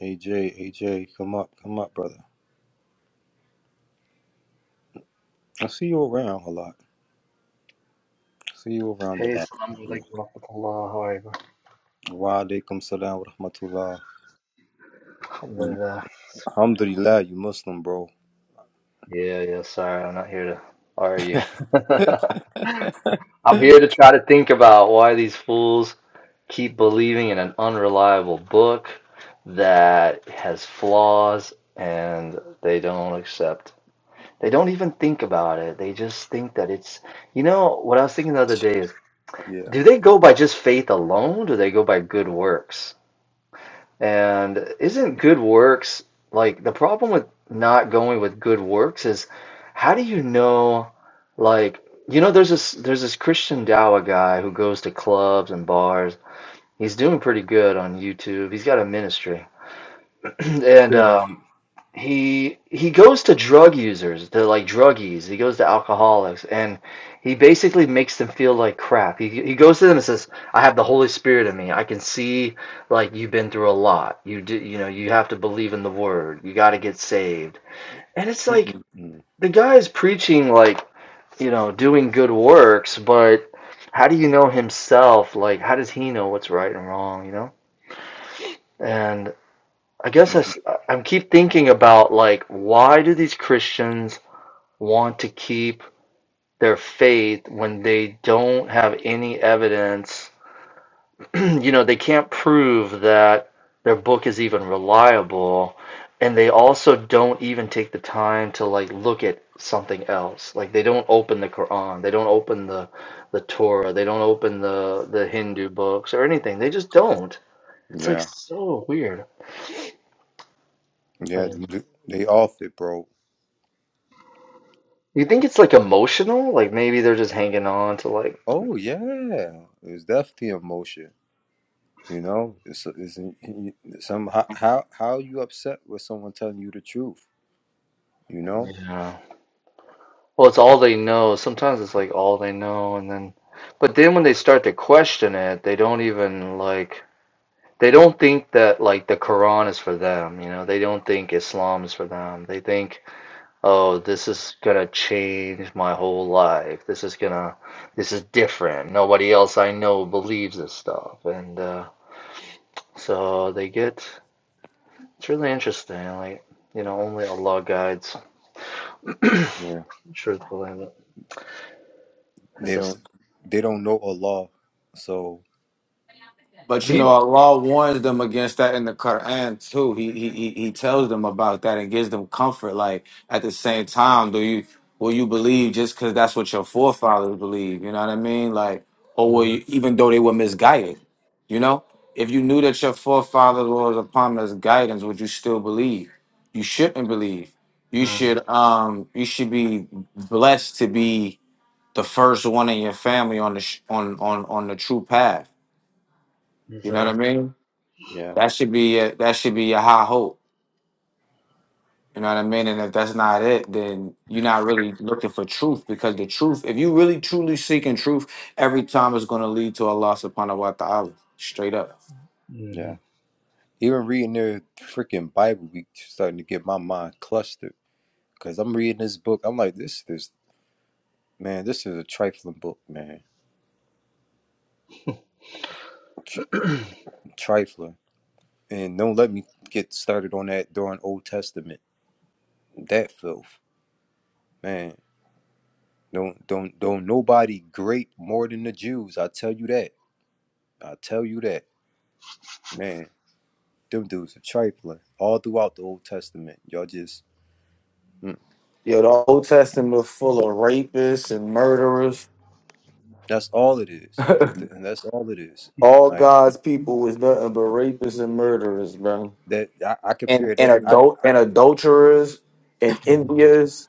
Speaker 1: AJ, AJ, come up, come up, brother. I see you around a lot. I see you around
Speaker 7: Hey,
Speaker 1: a lot.
Speaker 7: assalamu alaikum warahmatullah. How are you?
Speaker 1: Wa alaikum salam wa rahmatullah.
Speaker 7: Alhamdulillah. Subhanallah.
Speaker 1: Alhamdulillah, you Muslim, bro.
Speaker 7: Yeah, yeah, sorry, I'm not here to argue. I'm here to try to think about why these fools keep believing in an unreliable book that has flaws and they don't accept. They don't even think about it. They just think that it's, you know, what I was thinking the other day is,
Speaker 1: Yeah.
Speaker 7: do they go by just faith alone? Do they go by good works? And isn't good works like the problem with not going with good works is how do you know like you know there's this there's this Christian Dawa guy who goes to clubs and bars. He's doing pretty good on YouTube. He's got a ministry. And
Speaker 1: Yeah.
Speaker 7: um he he goes to drug users, to like druggies. He goes to alcoholics, and he basically makes them feel like crap. He he goes to them and says, "I have the Holy Spirit in me. I can see like you've been through a lot. You do, you know, you have to believe in the Word. You got to get saved." And it's like
Speaker 1: Mm-mm. Mm.
Speaker 7: the guy's preaching like you know doing good works, but how do you know himself? Like how does he know what's right and wrong? You know, and I guess I, am keep thinking about like why do these Christians want to keep their faith when they don't have any evidence. you know, they can't prove that their book is even reliable, and they also don't even take the time to like look at something else. Like they don't open the Quran, they don't open the the Torah, they don't open the the Hindu books or anything. They just don't. It's like
Speaker 1: Yeah,
Speaker 7: so weird. I
Speaker 1: yeah,
Speaker 7: don't know.
Speaker 1: th- they off it, bro.
Speaker 7: You think it's like emotional? Like maybe they're just hanging on to like
Speaker 1: Oh yeah, it was definitely a motion. You know, it's, it's some how how how you upset with someone telling you the truth. You know,
Speaker 7: yeah. Well, it's all they know. Sometimes it's like all they know, and then, but then when they start to question it, they don't even like, they don't think that like the Quran is for them, you know, they don't think Islam is for them. They think, oh, this is gonna change my whole life. This is gonna, this is different. Nobody else I know believes this stuff. And uh, so they get, it's really interesting. Like, you know, only Allah guides,
Speaker 1: Yeah.
Speaker 7: truthfully. But there's
Speaker 1: they
Speaker 7: this,
Speaker 1: don't they don't know Allah, so
Speaker 2: But you
Speaker 7: do
Speaker 2: know,
Speaker 1: so
Speaker 2: Allah warns them against that in the Quran too. He he he he tells them about that and gives them comfort. Like at the same time, do you will you believe just because that's what your forefathers believe? You know what I mean? Like, or
Speaker 7: you?
Speaker 2: will you, even though they were misguided, you know, if you knew that your forefathers was upon this guidance, would you still believe? You shouldn't believe. You should um you should be blessed to be the first one in your family on the sh- on on on the true path. You know what I mean?
Speaker 1: yeah
Speaker 2: That should be a, that should be a high hope. You know what I mean? And if that's not it, then you're not really looking for truth because the truth, if you really truly seeking truth, every time it's going to lead to Allah subhanahu wa ta'ala. Straight up.
Speaker 1: yeah. Even reading their freaking Bible, we starting to get my mind clustered because I'm reading this book. I'm like, this this man, this is a trifling book, man. Tr- trifling. And don't let me get started on that during Old Testament. That filth. Man, don't don't don't nobody great more than the Jews. I tell you that. I tell you that. Man, them dudes are trifling all throughout the Old Testament. Y'all just mm,
Speaker 2: Yo, the Old Testament was full of rapists and murderers.
Speaker 1: that's all it is. Th- And that's all it is.
Speaker 2: All
Speaker 1: Like
Speaker 2: God's people was nothing but rapists and murderers, bro.
Speaker 1: that I, I
Speaker 2: And
Speaker 1: compare
Speaker 2: and
Speaker 1: that I
Speaker 2: adult and adulterers and envious.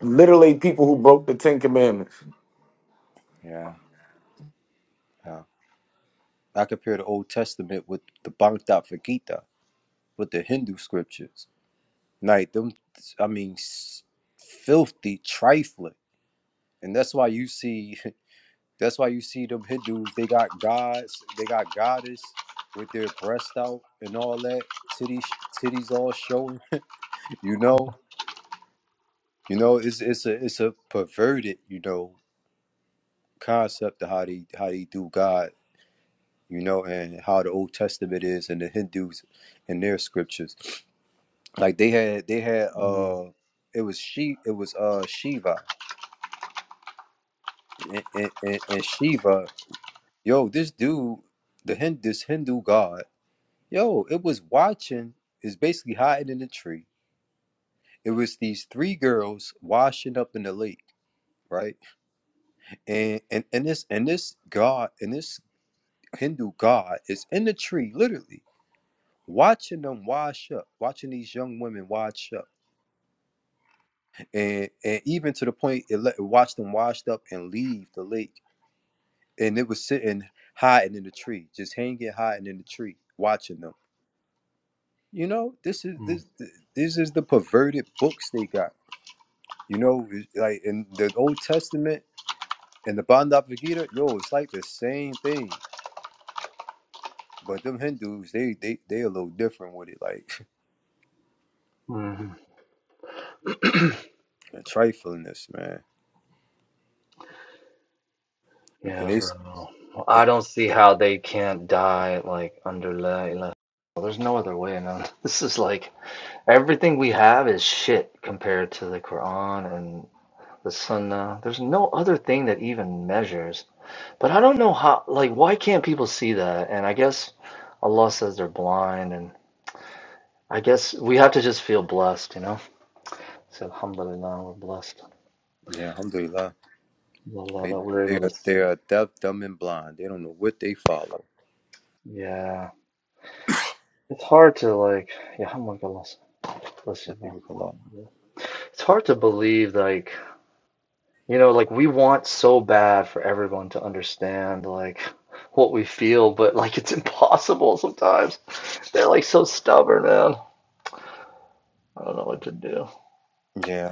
Speaker 2: Literally people who broke the Ten Commandments.
Speaker 1: yeah, yeah. I compare the Old Testament with the Bhagavad Gita, with the Hindu scriptures. Like them, I mean, s- filthy trifling, and that's why you see, that's why you see them Hindus. They got gods, they got goddess with their breast out and all that, titties, titties all showing. you know, you know, it's it's a it's a perverted, you know, concept of how they how they do God, you know, and how the Old Testament is and the Hindus and their scriptures. Like they had they had uh, it was she it was uh Shiva and, and, and and Shiva, yo, this dude, the Hindu, this Hindu god, yo, it was watching, is basically hiding in a tree. It was these three girls washing up in the lake, right? And and and this and this god and this Hindu god is in the tree, literally watching them wash up, watching these young women wash up, and and even to the point it let it watched them washed up and leave the lake and it was sitting hiding in the tree, just hanging hiding in the tree, watching them. You know, this is this this is the perverted books they got. You know, it's like in the Old Testament and the Bhagavad Gita, yo, it's like the same thing. But them Hindus, they they they a little different with it, like the triflingness, man. And
Speaker 7: Yeah,
Speaker 1: they,
Speaker 7: bro.
Speaker 1: s-
Speaker 7: Well, I
Speaker 1: and-
Speaker 7: don't see how they can't die like under La ilaha. Well, there's no other way, man. This is like everything we have is shit compared to the Quran and the Sunnah. There's no other thing that even measures. But I don't know how, like, why can't people see that? And I guess Allah says they're blind, and I guess we have to just feel blessed, you know? So, alhamdulillah, we're blessed.
Speaker 1: yeah, alhamdulillah,
Speaker 7: Allah,
Speaker 1: they
Speaker 7: that we're
Speaker 1: they
Speaker 7: able
Speaker 1: are
Speaker 7: to
Speaker 1: they
Speaker 7: see.
Speaker 1: are deaf, dumb, and blind. They don't know what they follow.
Speaker 7: Yeah. It's hard to, like, yeah, alhamdulillah. Placebo.
Speaker 1: Yafiqullah.
Speaker 7: It's hard to believe, like, you know, like we want so bad for everyone to understand, like, what we feel, but like it's impossible sometimes. They're like so stubborn, man. I don't know what to do.
Speaker 1: Yeah,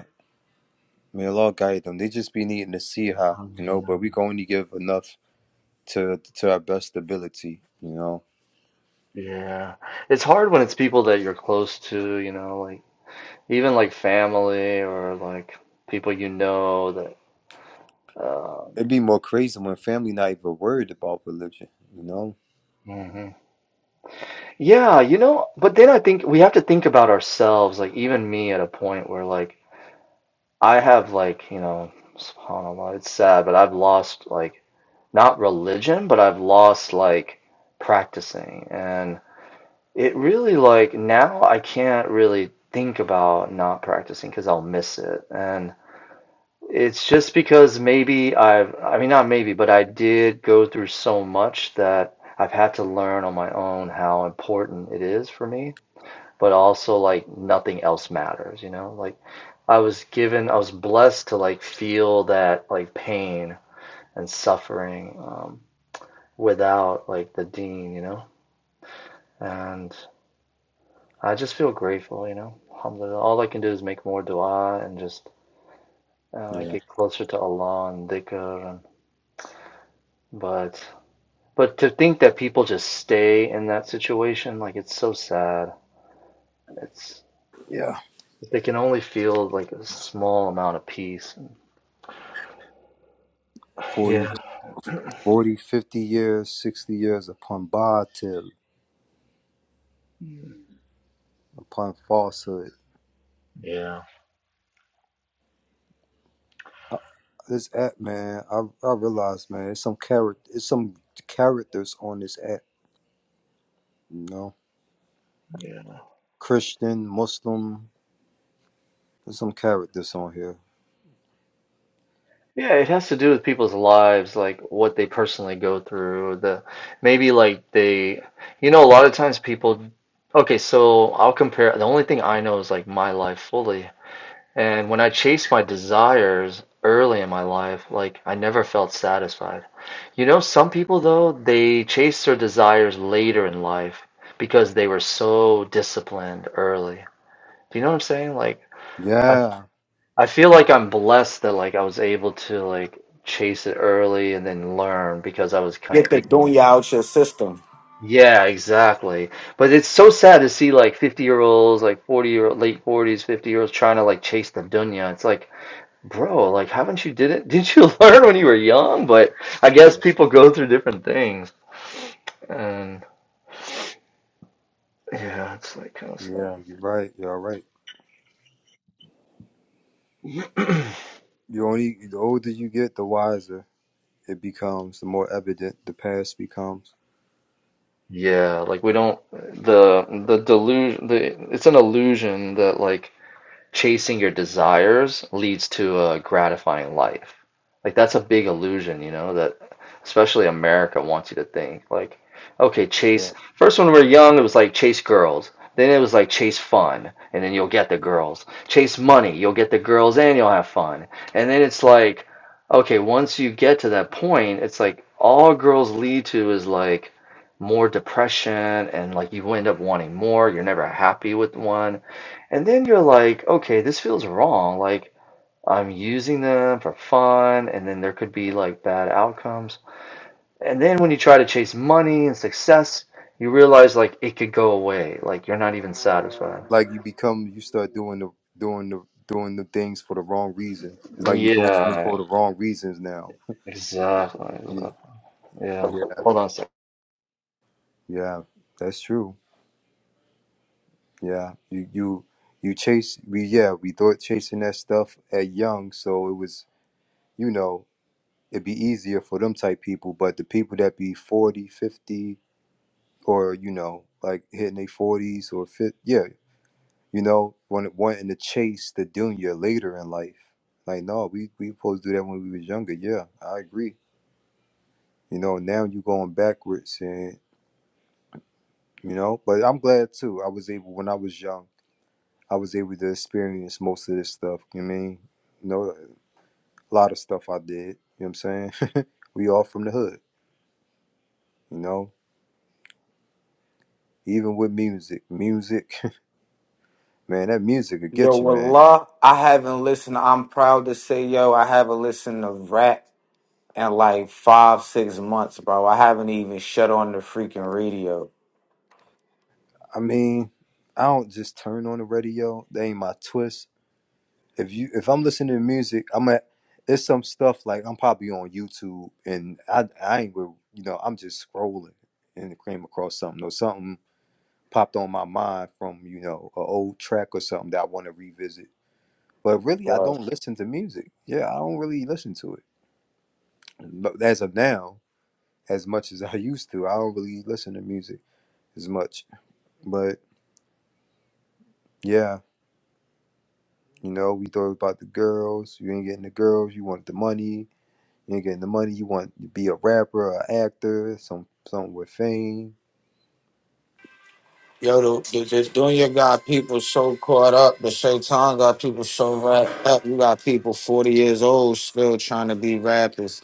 Speaker 1: May Allah guide them. They just be needing to see how, you know, but we can only give enough to to our best ability, you know.
Speaker 7: Yeah. It's hard when it's people that you're close to, you know, like even like family or like people you know that, um,
Speaker 1: It'd be more crazy when family not even worried about religion, you know?
Speaker 7: hmm Yeah, you know, but then I think we have to think about ourselves, like even me at a point where like I have like, you know, subhanAllah, it's sad, but I've lost like not religion, but I've lost like practicing. And it really like now I can't really think about not practicing because I'll miss it. And it's just because maybe I've, I mean, not maybe, but I did go through so much that I've had to learn on my own how important it is for me but also like nothing else matters, you know? Like I was given, I was blessed to like feel that like pain and suffering um, without like the dean, you know? And I just feel grateful, you know? Alhamdulillah. All I can do is make more dua and just uh,
Speaker 1: Yeah.
Speaker 7: get closer to Allah and dhikr. And, but, but to think that people just stay in that situation, like it's so sad. It's,
Speaker 1: Yeah.
Speaker 7: if they can only feel like a small amount of peace
Speaker 1: 40, 40, fifty years, 60 years upon Baatil, upon falsehood. I, this app, man, I, I realize, man, it's some character, it's some characters on this app, you know? Christian, Muslim, there's some characters on here.
Speaker 7: Yeah, it has to do with people's lives, like what they personally go through, the maybe like they, you know, a lot of times people, okay, so I'll compare, the only thing I know is like my life fully. And when I chased my desires early in my life, like I never felt satisfied. You know, some people though, they chase their desires later in life because they were so disciplined early. Do you know what I'm saying? Like, I.
Speaker 1: Yeah.
Speaker 7: I feel like I'm blessed that like I was able to like chase it early and then learn because I was kind
Speaker 2: Get
Speaker 7: of
Speaker 2: the
Speaker 7: ignorant.
Speaker 2: dunya out your system.
Speaker 7: Yeah, exactly. But it's so sad to see like 50 year olds, like 40 year late 40s, 50 year olds trying to like chase the dunya. It's like, bro, like haven't you did it? Didn't you learn when you were young? But I
Speaker 1: Yeah.
Speaker 7: guess people go through different things. And yeah, it's like kind of
Speaker 1: Yeah, you're right. You're right.
Speaker 7: sad.
Speaker 1: You only the older you get, the wiser it becomes. The more evident the past becomes.
Speaker 7: Yeah, like we
Speaker 1: Yeah,
Speaker 7: don't the the delusion the it's an illusion that like chasing your desires leads to a gratifying life. Like that's a big illusion, you know, that especially America wants you to think. Like, okay,
Speaker 1: yeah.
Speaker 7: chase first when we were young it was like chase girls. Then it was like chase fun and then you'll get the
Speaker 1: Right.
Speaker 7: girls. Chase money, you'll get the girls and you'll have fun. And then it's like okay, once you get to that point, it's like all girls lead to is like more depression and like you end up wanting more, you're never happy with one and then you're like, okay, this feels wrong. Like, I'm using them for fun, and then there could be like bad outcomes. And then when you try to chase money and success, you realize like it could go away. Like, you're not even satisfied.
Speaker 1: Like you become, you start doing the doing the doing the things for the wrong reason. It's like you're doing them
Speaker 7: Yeah,
Speaker 1: for the wrong reasons now.
Speaker 7: exactly.
Speaker 1: You
Speaker 7: exactly.
Speaker 1: know?
Speaker 7: Yeah,
Speaker 1: Yeah,
Speaker 7: hold on a sec.
Speaker 1: yeah. That's true. Yeah, you you you chase. We yeah, we thought chasing that stuff at young, so it was you know it'd be easier for them type people. But the people that be 40, 50. or you know, like hitting their forties or fifth. Yeah, you know, wanting wanting to chase the dunya later in life. Like, no, we we supposed to do that when we was younger. Yeah, I agree. You know, now you going backwards, and you know, but I'm glad too. I was able when I was young. I was able to experience most of this stuff. You know what I mean, you know, a lot of stuff I did. You know what I'm saying? we all from the hood. You know, even with music, music, man, that music will
Speaker 2: Yo,
Speaker 1: get you, man
Speaker 2: wallah, I haven't listened. I'm proud to say, yo, I haven't listened to rap in like five, six months, bro. I haven't even shut on the freaking radio,
Speaker 1: I mean, I don't just turn on the radio. That ain't my twist. If you if I'm listening to music, I'm at it's some stuff like I'm probably on YouTube and I I ain't with you know, I'm just scrolling and came across something or something popped on my mind from, you know, an old track or something that I want to revisit. But really I
Speaker 2: bro.
Speaker 1: don't listen to music. Yeah, I don't really listen to it. But as of now, as much as I used to, I don't really listen to music as much. But yeah. You know, we thought about the girls. You ain't getting the girls. You want the money. You ain't getting the money. You want to be a rapper, an actor, some something with fame.
Speaker 2: Yo, the, the, the Junior got people so caught up. The Shaitan got people so wrapped up. You got people 40 years old still trying to be rappers.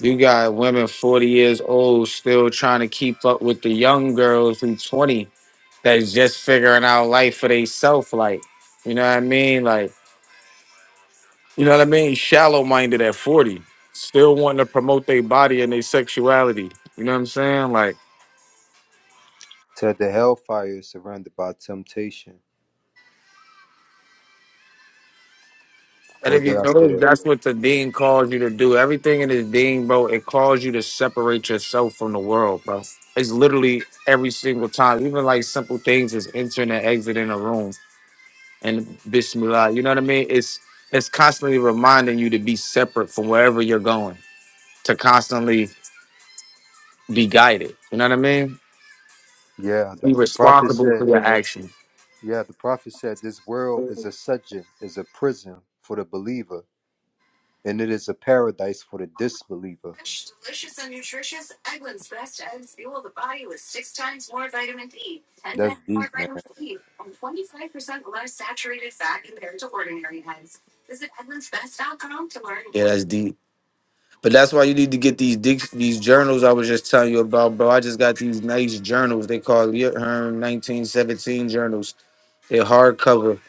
Speaker 2: You got women 40 years old still trying to keep up with the young girls who 20 that's just figuring out life for themselves. Like, you know what I mean? Like, You know what I mean? Shallow minded at 40, still wanting to promote their body and their sexuality. You know what I'm saying? Like,
Speaker 1: Said the hellfire is surrounded by temptation.
Speaker 2: and
Speaker 1: Or
Speaker 2: if you
Speaker 1: did I say
Speaker 2: notice,
Speaker 1: that?
Speaker 2: that's what the dean calls you to do. Everything in this dean, bro, it calls you to separate yourself from the world, bro. It's literally every single time. Even like simple things is entering and exiting a room and bismillah. You know what I mean? It's it's constantly reminding you to be separate from wherever you're going, to constantly be guided. You know what I mean?
Speaker 1: Yeah, the,
Speaker 2: Be
Speaker 1: the prophet
Speaker 2: responsible for
Speaker 1: said.
Speaker 2: your actions.
Speaker 1: Yeah, the prophet said this world is a dungeon, is a prison for the believer, and it is a paradise for the disbeliever. That's deep, man.
Speaker 2: Yeah, that's deep. But that's why you need to get these dic- these journals I was just telling you about, bro. I just got these nice journals. They call Yurt Hearn 1917 journals. They're hardcover,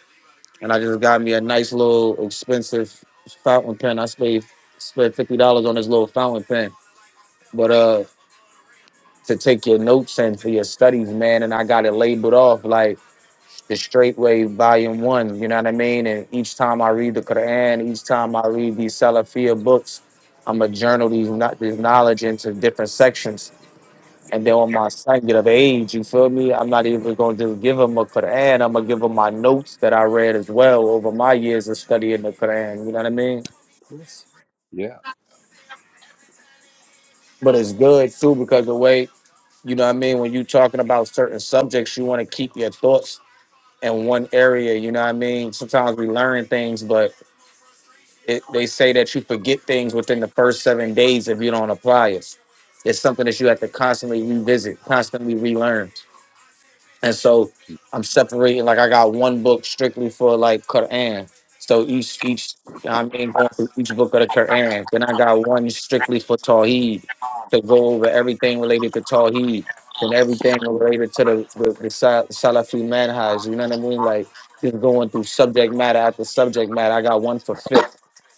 Speaker 2: and I just got me a nice little expensive fountain pen. I spent spent fifty dollars on this little fountain pen, but uh, to take your notes and for your studies, man. And I got it labeled off. like, the straight way volume one you know what i mean and each time i read the quran each time i read these salafia books i'm a journal these, kno- these knowledge into different sections and then when my son get of age you feel me i'm not even going to just give him a quran i'm going to give him my notes that i read as well over my years of studying the quran you know what i mean
Speaker 1: Plus, yeah,
Speaker 2: but it's good too because the way you know what i mean when you talking about certain subjects you want to keep your thoughts in one area you know what i mean sometimes we learn things but it, they say that you forget things within the first seven days if you don't apply it. It's something that you have to constantly revisit, constantly relearn. And so I'm separating like I got one book strictly for like Quran. So each each I mean going through each book of the Quran. Then I got one strictly for Tawheed to go over everything related to Tawheed and everything related to the, the, the Sa- Salafi manhaj. You know what I mean? Like just going through subject matter after subject matter. I got one for fit.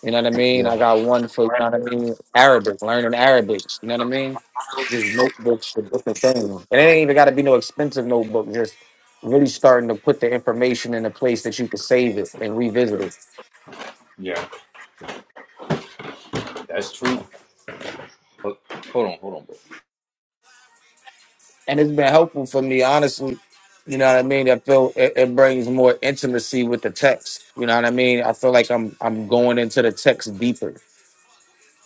Speaker 2: You know what I mean? I
Speaker 1: Yeah,
Speaker 2: got one for you know what I mean? Arabic, learning Arabic. You know what I mean? just notebooks for different things. And it ain't even got to be no expensive notebook. Just really starting to put the information in a place that you can save it and revisit it.
Speaker 1: yeah, that's true. Ho- Hold on, hold on, bro.
Speaker 2: And it's been helpful for me, honestly. You know what I mean? I feel it, it brings more intimacy with the text. You know what I mean? I feel like I'm I'm going into the text deeper.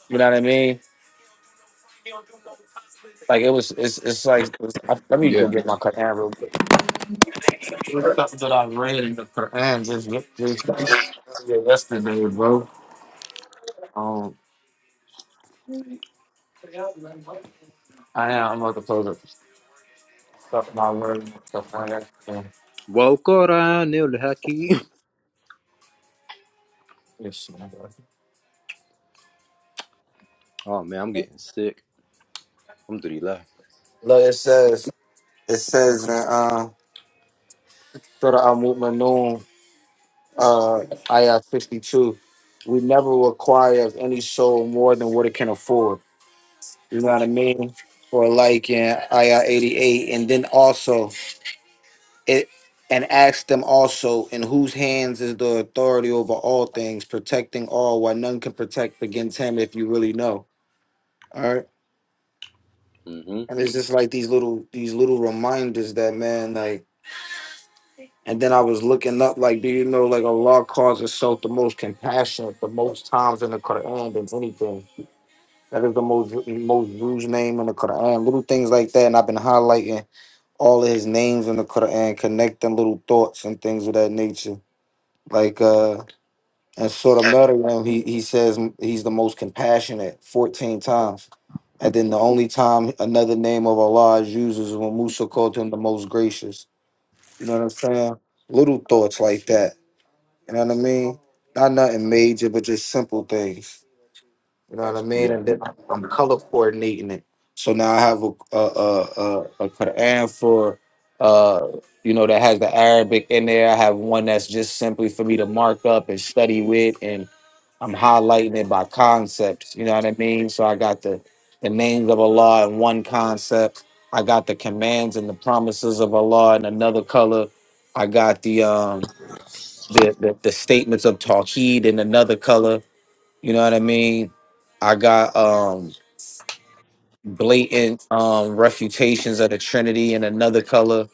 Speaker 2: You know what I mean? Like it was, it's it's like it's, I, let me
Speaker 1: yeah.
Speaker 2: go get my Quran real quick. There's Something that I read in the Quran just, just yesterday, bro. Um, I am. I'm about to close it. Stuff my word, stuff my action.
Speaker 1: والقرآن الحكيم
Speaker 2: Yes, Lord.
Speaker 1: Oh man, I'm getting sick. I'm dirty left.
Speaker 2: Look, it says, it says in uh, Surah Al Mu'minun, uh, Ayah 52, we never require of any soul more than what it can afford. You know what I mean? Or like in Ayah 88, and then also it, and ask them also, in whose hands is the authority over all things, protecting all, while none can protect against him if you really know. All right.
Speaker 1: Mm-hmm.
Speaker 2: and it's just like these little these little reminders that man like and then i was looking up like do you know like allah calls himself the most compassionate the most times in the quran than anything that is the most most used name in the quran little things like that and i've been highlighting all of his names in the quran connecting little thoughts and things of that nature like uh And sort of Miriam, he, he says he's the most compassionate 14 times. And then the only time another name of Allah is used is when Musa called him the most gracious. You know what I'm saying? Little thoughts like that. You know what I mean? Not nothing major, but just simple things. You know what I mean?
Speaker 1: Yeah,
Speaker 2: And then I'm color coordinating it. So now I have a a a, a, a Quran for uh you know that has the Arabic in there. I have one that's just simply for me to mark up and study with and I'm highlighting it by concepts. You know what I mean? So I got the the names of Allah in one concept. I got the commands and the promises of Allah in another color. I got the um the the, the statements of Tawheed in another color. You know what I mean? I got um blatant um refutations of the Trinity in another color.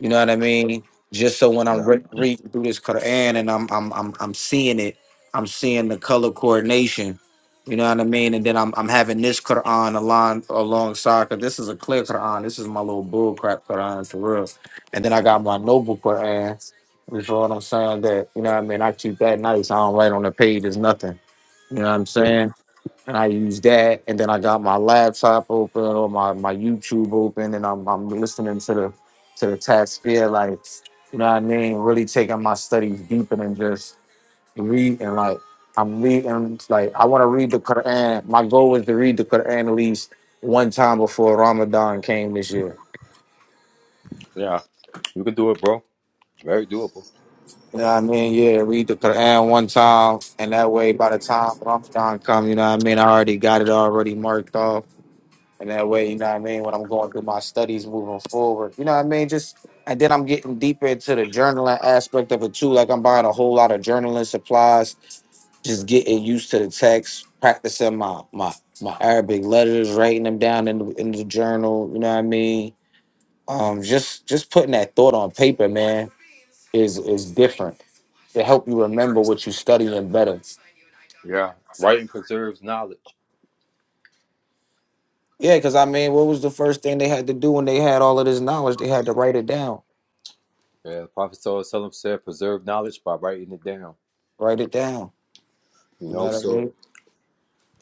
Speaker 2: You know what I mean? Just so when I'm
Speaker 1: yeah,
Speaker 2: re- reading through this Quran and I'm I'm I'm I'm seeing it, I'm seeing the color coordination. You know what I mean? And then I'm I'm having this Quran along alongside because this is a clear Quran. This is my little bullcrap Quran for real. And then I got my noble Quran. You feel what I'm saying? That you know what I mean? I keep that nice. I don't write on the page. It's nothing. You know what I'm saying? and I use that. And then I got my laptop open or my, my YouTube open, and I'm, I'm listening to the to the taxpayer, like you know what I mean. Really taking my studies deeper than just reading. Like I'm reading, like I want to read the Quran. My goal was to read the Quran at least one time before Ramadan came this year.
Speaker 1: Yeah, you can, bro. Very doable.
Speaker 2: You know what I mean? Yeah, read the Quran one time, and that way, by the time Ramadan come, you know what I mean. I already got it already marked off And that way, you know what I mean, when I'm going through my studies moving forward, you know what I mean? Just and then I'm getting deeper into the journaling aspect of it too. Like I'm buying a whole lot of journaling supplies, just getting used to the text, practicing my my my Arabic letters, writing them down in the, in the journal, you know what I mean? Um just just putting that thought on paper, man, is is different. To help you remember what you're studying better.
Speaker 1: Yeah, writing preserves knowledge.
Speaker 2: Yeah, because I mean, what was the first thing they had to do when they had all of this knowledge? They had to write it down.
Speaker 1: Yeah, Prophet Sallallahu said, preserve knowledge by writing it down.
Speaker 2: Write it down
Speaker 1: You
Speaker 2: You know
Speaker 1: know,
Speaker 2: what I
Speaker 1: so
Speaker 2: mean?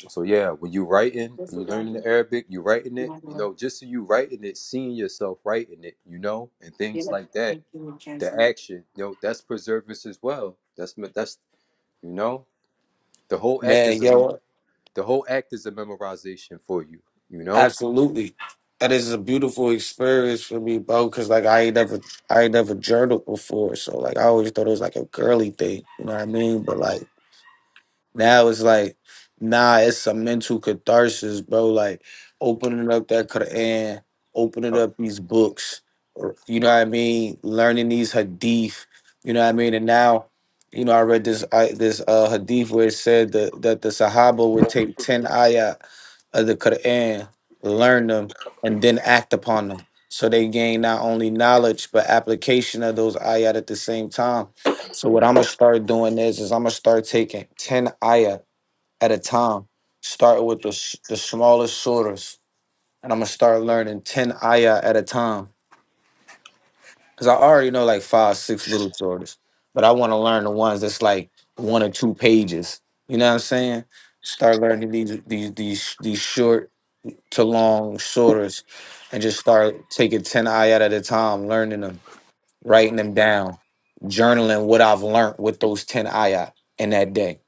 Speaker 1: so yeah, when you writing, you learning the Arabic, you writing it. You know, just so you writing it, seeing yourself writing it. You know, and things like that. The action, you know, that's preservance as well. That's that's you know, the whole act is
Speaker 2: Man,
Speaker 1: a
Speaker 2: yo,
Speaker 1: The whole act is a memorization for you. You know.
Speaker 2: absolutely. And this is a beautiful experience for me, bro, because like I ain't never I ain't never journaled before. So like I always thought it was like a girly thing. You know what I mean? But like now it's like, nah, it's a mental catharsis, bro. Like opening up that Quran, opening
Speaker 1: Oh,
Speaker 2: up these books, or you know what I mean, learning these hadith, you know what I mean? And now you know, I read this I, this uh, hadith where it said that, that the Sahaba would take ten ayat of the Quran, learn them, and then act upon them. So they gain not only knowledge but application of those ayat at the same time. So what
Speaker 1: yeah,
Speaker 2: I'm gonna start doing is, is I'm gonna start taking ten ayat at a time, starting with the s- the smallest surahs, and I'm gonna start learning ten ayat at a time. Cause I already know like five, six little surahs, but I want to learn the ones that's like one or two pages. You know what I'm saying? Start learning these these these these short to long shoulders and just start taking 10 ayat at a time, learning them, writing them down, journaling what I've learned with those 10 ayat in that day.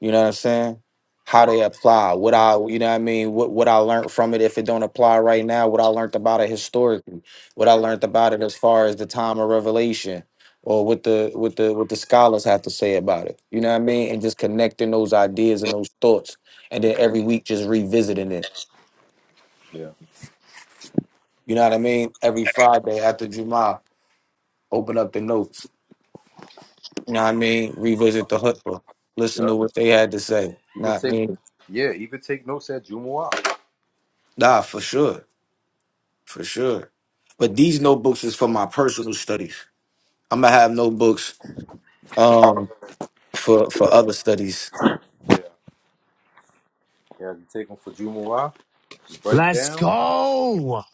Speaker 2: You know what I'm saying? How
Speaker 1: yeah,
Speaker 2: they apply, what I, you know what I mean, what, what I learned from it if it don't apply right now, what I learned about it historically, what I learned about it as far as the time of revelation or what the what the what the scholars have to say about it. You know what I mean? And just connecting those ideas and those thoughts and then every week just revisiting it
Speaker 1: yeah,
Speaker 2: You know what I mean? Every Friday after Juma, open up the notes. You know what I mean? Revisit the hutbah. Listen
Speaker 1: yeah.
Speaker 2: to what they had to say.
Speaker 1: Even
Speaker 2: Not I
Speaker 1: take,
Speaker 2: mean?
Speaker 1: yeah, even take notes at Jumu'ah.
Speaker 2: Nah, for sure. For sure. But these notebooks is for my personal studies. I'm gonna have notebooks um for for other studies.
Speaker 1: Yeah, yeah. You take them for Jumu'ah. You write
Speaker 8: Let's
Speaker 1: down.
Speaker 8: go.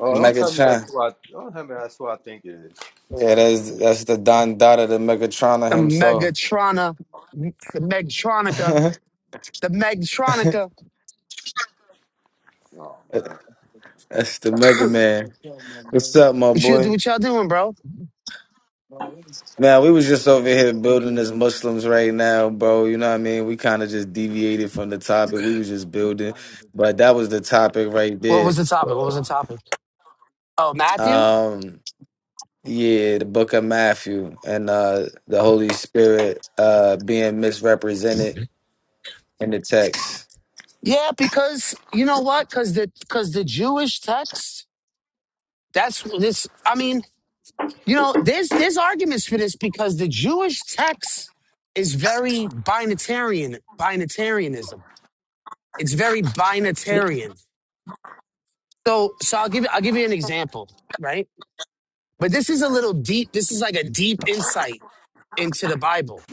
Speaker 1: Oh, don't tell me that's
Speaker 2: Megatron.
Speaker 1: what. I. Don't tell me that's what I think it is.
Speaker 2: Yeah, that's that's the Don Dada, the Megatrona
Speaker 8: The
Speaker 2: himself.
Speaker 8: Megatrona, the Megtronica,
Speaker 2: that's
Speaker 8: the Megtronica.
Speaker 1: Oh man.
Speaker 2: the Mega Man. What's up, my
Speaker 8: You should do
Speaker 2: boy?
Speaker 8: what y'all doing, bro. What
Speaker 2: Now we was just over here building as Muslims right now, bro. You know what I mean? We kind of just deviated from the topic. We was just building, but that was the topic right
Speaker 8: was
Speaker 2: there.
Speaker 8: the topic? What was the topic? Oh, Matthew?
Speaker 2: Um, yeah, the Book of Matthew and uh, the Holy Spirit uh, being misrepresented in the text.
Speaker 8: Yeah, because you know what? Because the because the Jewish text, that's what this I mean, you know, there's there's arguments for this because the Jewish text is very binitarian, binitarianism. It's very binitarian. So, so I'll give you, I'll give you an example, right? But this is a little deep. This is like a deep insight into the Bible.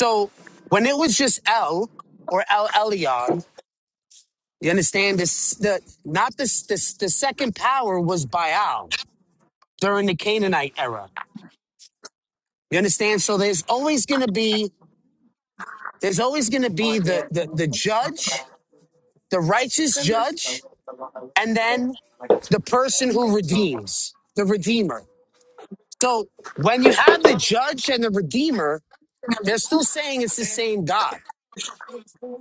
Speaker 8: So when it was just El or El Elyon, you understand this, the, not this, this, the second power was Baal during the Canaanite era. You understand? So there's always going to be, there's always going to be the, the, the judge, the righteous judge, and then the person who redeems, the redeemer. So when you have the judge and the redeemer, they're still saying it's the same God.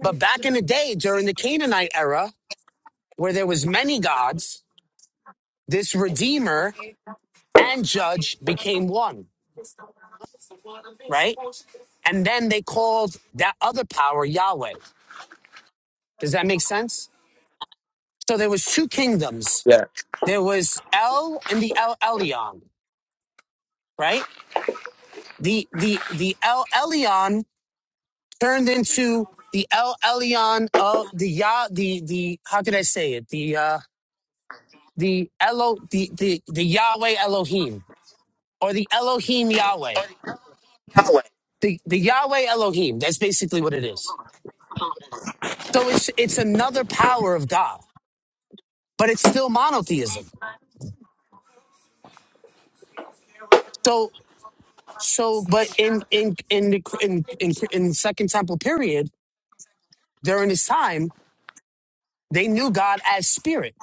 Speaker 8: But back in the day, during the Canaanite era, where there was many gods, this redeemer and judge became one, right? And then they called that other power Yahweh. Does that make sense? So there was two kingdoms.
Speaker 2: Yeah.
Speaker 8: There was El and the El Elyon, right? The the the El Elyon turned into the El Elyon of the Yah, the the how could I say it? The uh the Elo the the, the Yahweh Elohim or the Elohim Yahweh. The the Yahweh Elohim. That's basically what it is. So it's it's another power of God, but it's still monotheism. So so but in in in the in in, in the Second Temple period during this time, they knew God as spirit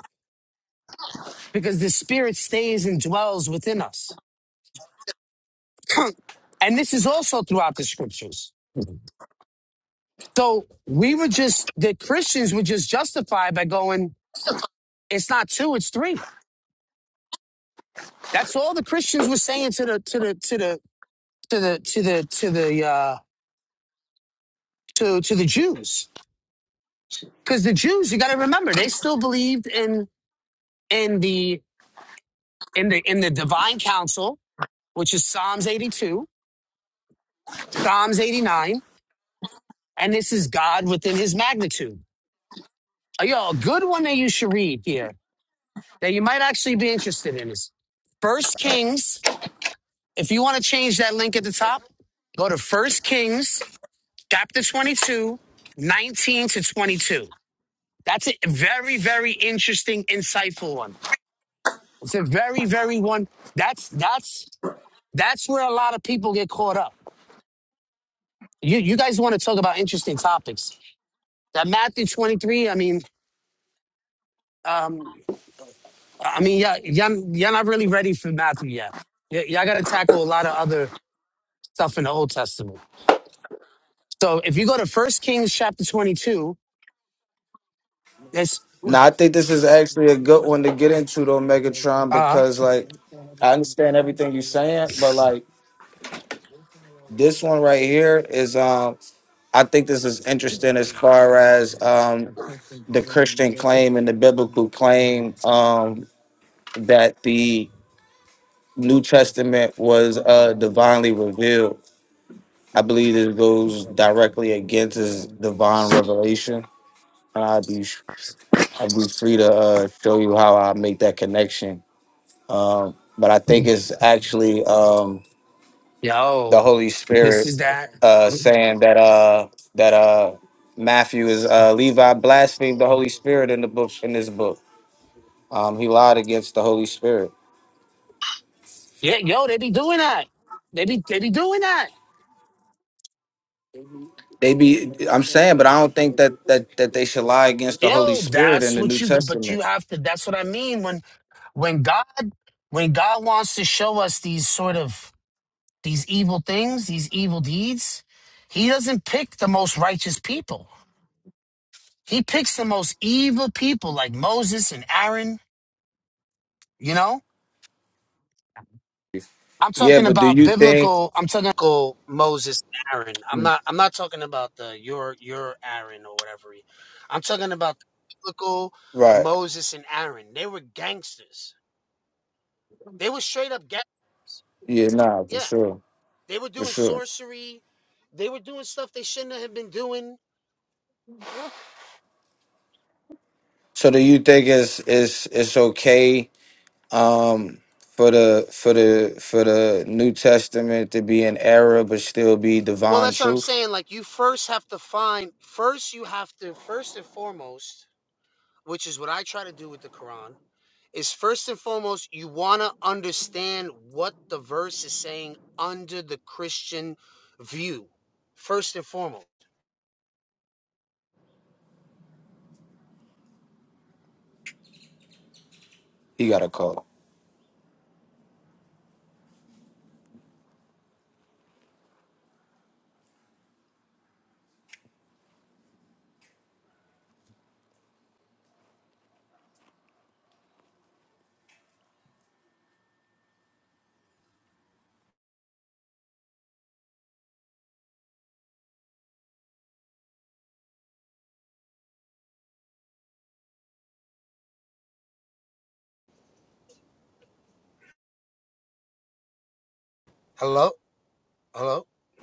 Speaker 8: because the spirit stays and dwells within us. and this is also throughout the scriptures. Mm-hmm. So we were just, the Christians were just justified by going, it's not two, it's three. That's all the Christians were saying to the, to the, to the, to the, to the, to the, uh, to, to the Jews. Cause the Jews, you got to remember, they still believed in, in the, in the, in the divine counsel, which is Psalms 82, Psalms 89. And this is God within his magnitude. Uh, Yo, a good one that you should read here that you might actually be interested in is First Kings. If you want to change that link at the top, go to First Kings chapter 22, 19 to 22. That's a very, very interesting, insightful one. It's a very, very one. That's, that's, that's where a lot of people get caught up. You, you guys want to talk about interesting topics. That Matthew 23, I mean, um, I mean, yeah, y'all, y'all not really ready for Matthew yet. Y- y'all got to tackle a lot of other stuff in the Old Testament. So if you go to First Kings chapter 22, this uh
Speaker 2: Now I think this is actually a good one to get into though, Megatron, because like I understand everything you're saying, but like this one right here is um I think this is interesting as far as um the Christian claim and the biblical claim um, that the New Testament was uh, divinely revealed. I believe this goes directly against his divine revelation, and I'll be I'll be free to uh, show you how I make that connection. Um, but I think it's actually um, the
Speaker 8: yo,
Speaker 2: Holy
Speaker 8: this
Speaker 2: Spirit
Speaker 8: is that.
Speaker 2: uh, saying that uh, that uh, Matthew is uh, Levi blasphemed the Holy Spirit in the book in this book. Um, he lied against the Holy Spirit.
Speaker 8: Yeah, yo, they be doing that. They be they be doing that.
Speaker 2: They be I'm saying, but I don't think that that that they should lie against the Holy
Speaker 8: Yo,
Speaker 2: Spirit in
Speaker 8: that's
Speaker 2: the New
Speaker 8: what you but
Speaker 2: Testament.
Speaker 8: you have to that's what I mean when when God when God wants to show us these sort of these evil things, these evil deeds, he doesn't pick the most righteous people. He picks the most evil people like Moses and Aaron, you know? I'm
Speaker 2: Yeah,
Speaker 8: talking
Speaker 2: but do
Speaker 8: about
Speaker 2: you think
Speaker 8: biblical. I'm talking about Moses, Aaron. I'm not. I'm not talking about the your your Aaron or whatever. he- I'm talking about the biblical
Speaker 2: right.
Speaker 8: Moses and Aaron. They were gangsters. They were straight up gangsters.
Speaker 2: Yeah, nah, for
Speaker 8: Yeah,
Speaker 2: sure.
Speaker 8: they were
Speaker 2: For
Speaker 8: doing
Speaker 2: sure.
Speaker 8: sorcery. They were doing stuff they shouldn't have been doing.
Speaker 2: So do you think it's it's it's okay um for the for the for the New Testament to be in error but still be
Speaker 8: Well,
Speaker 2: divine
Speaker 8: that's what I'm
Speaker 2: truth?
Speaker 8: saying. Like you first have to find. First, you have to first and foremost, which is what I try to do with the Quran is first and foremost you want to understand what the verse is saying under the Christian view. First and foremost.
Speaker 2: He got a call.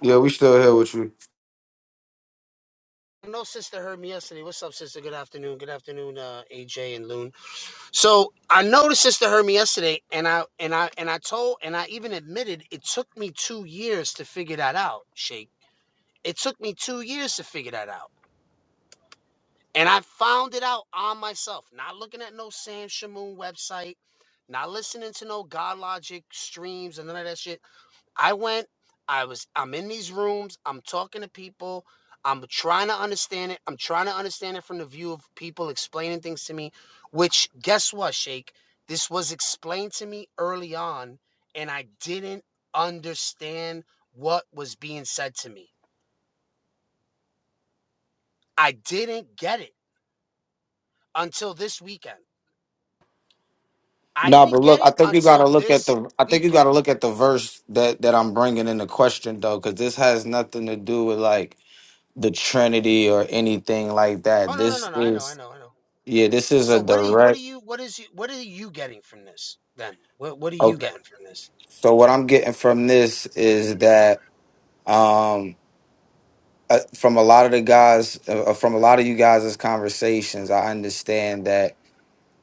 Speaker 2: Yeah, we still here with you. No, but look, I think you got to look at the. I think you got to look at the verse that that I'm bringing in the question though, because this has nothing to do with like the Trinity or anything like that. This is yeah, this is a direct. Okay, so what I'm getting from this is that um, uh, from a lot of the guys, uh, uh, from a lot of you guys' conversations, I understand that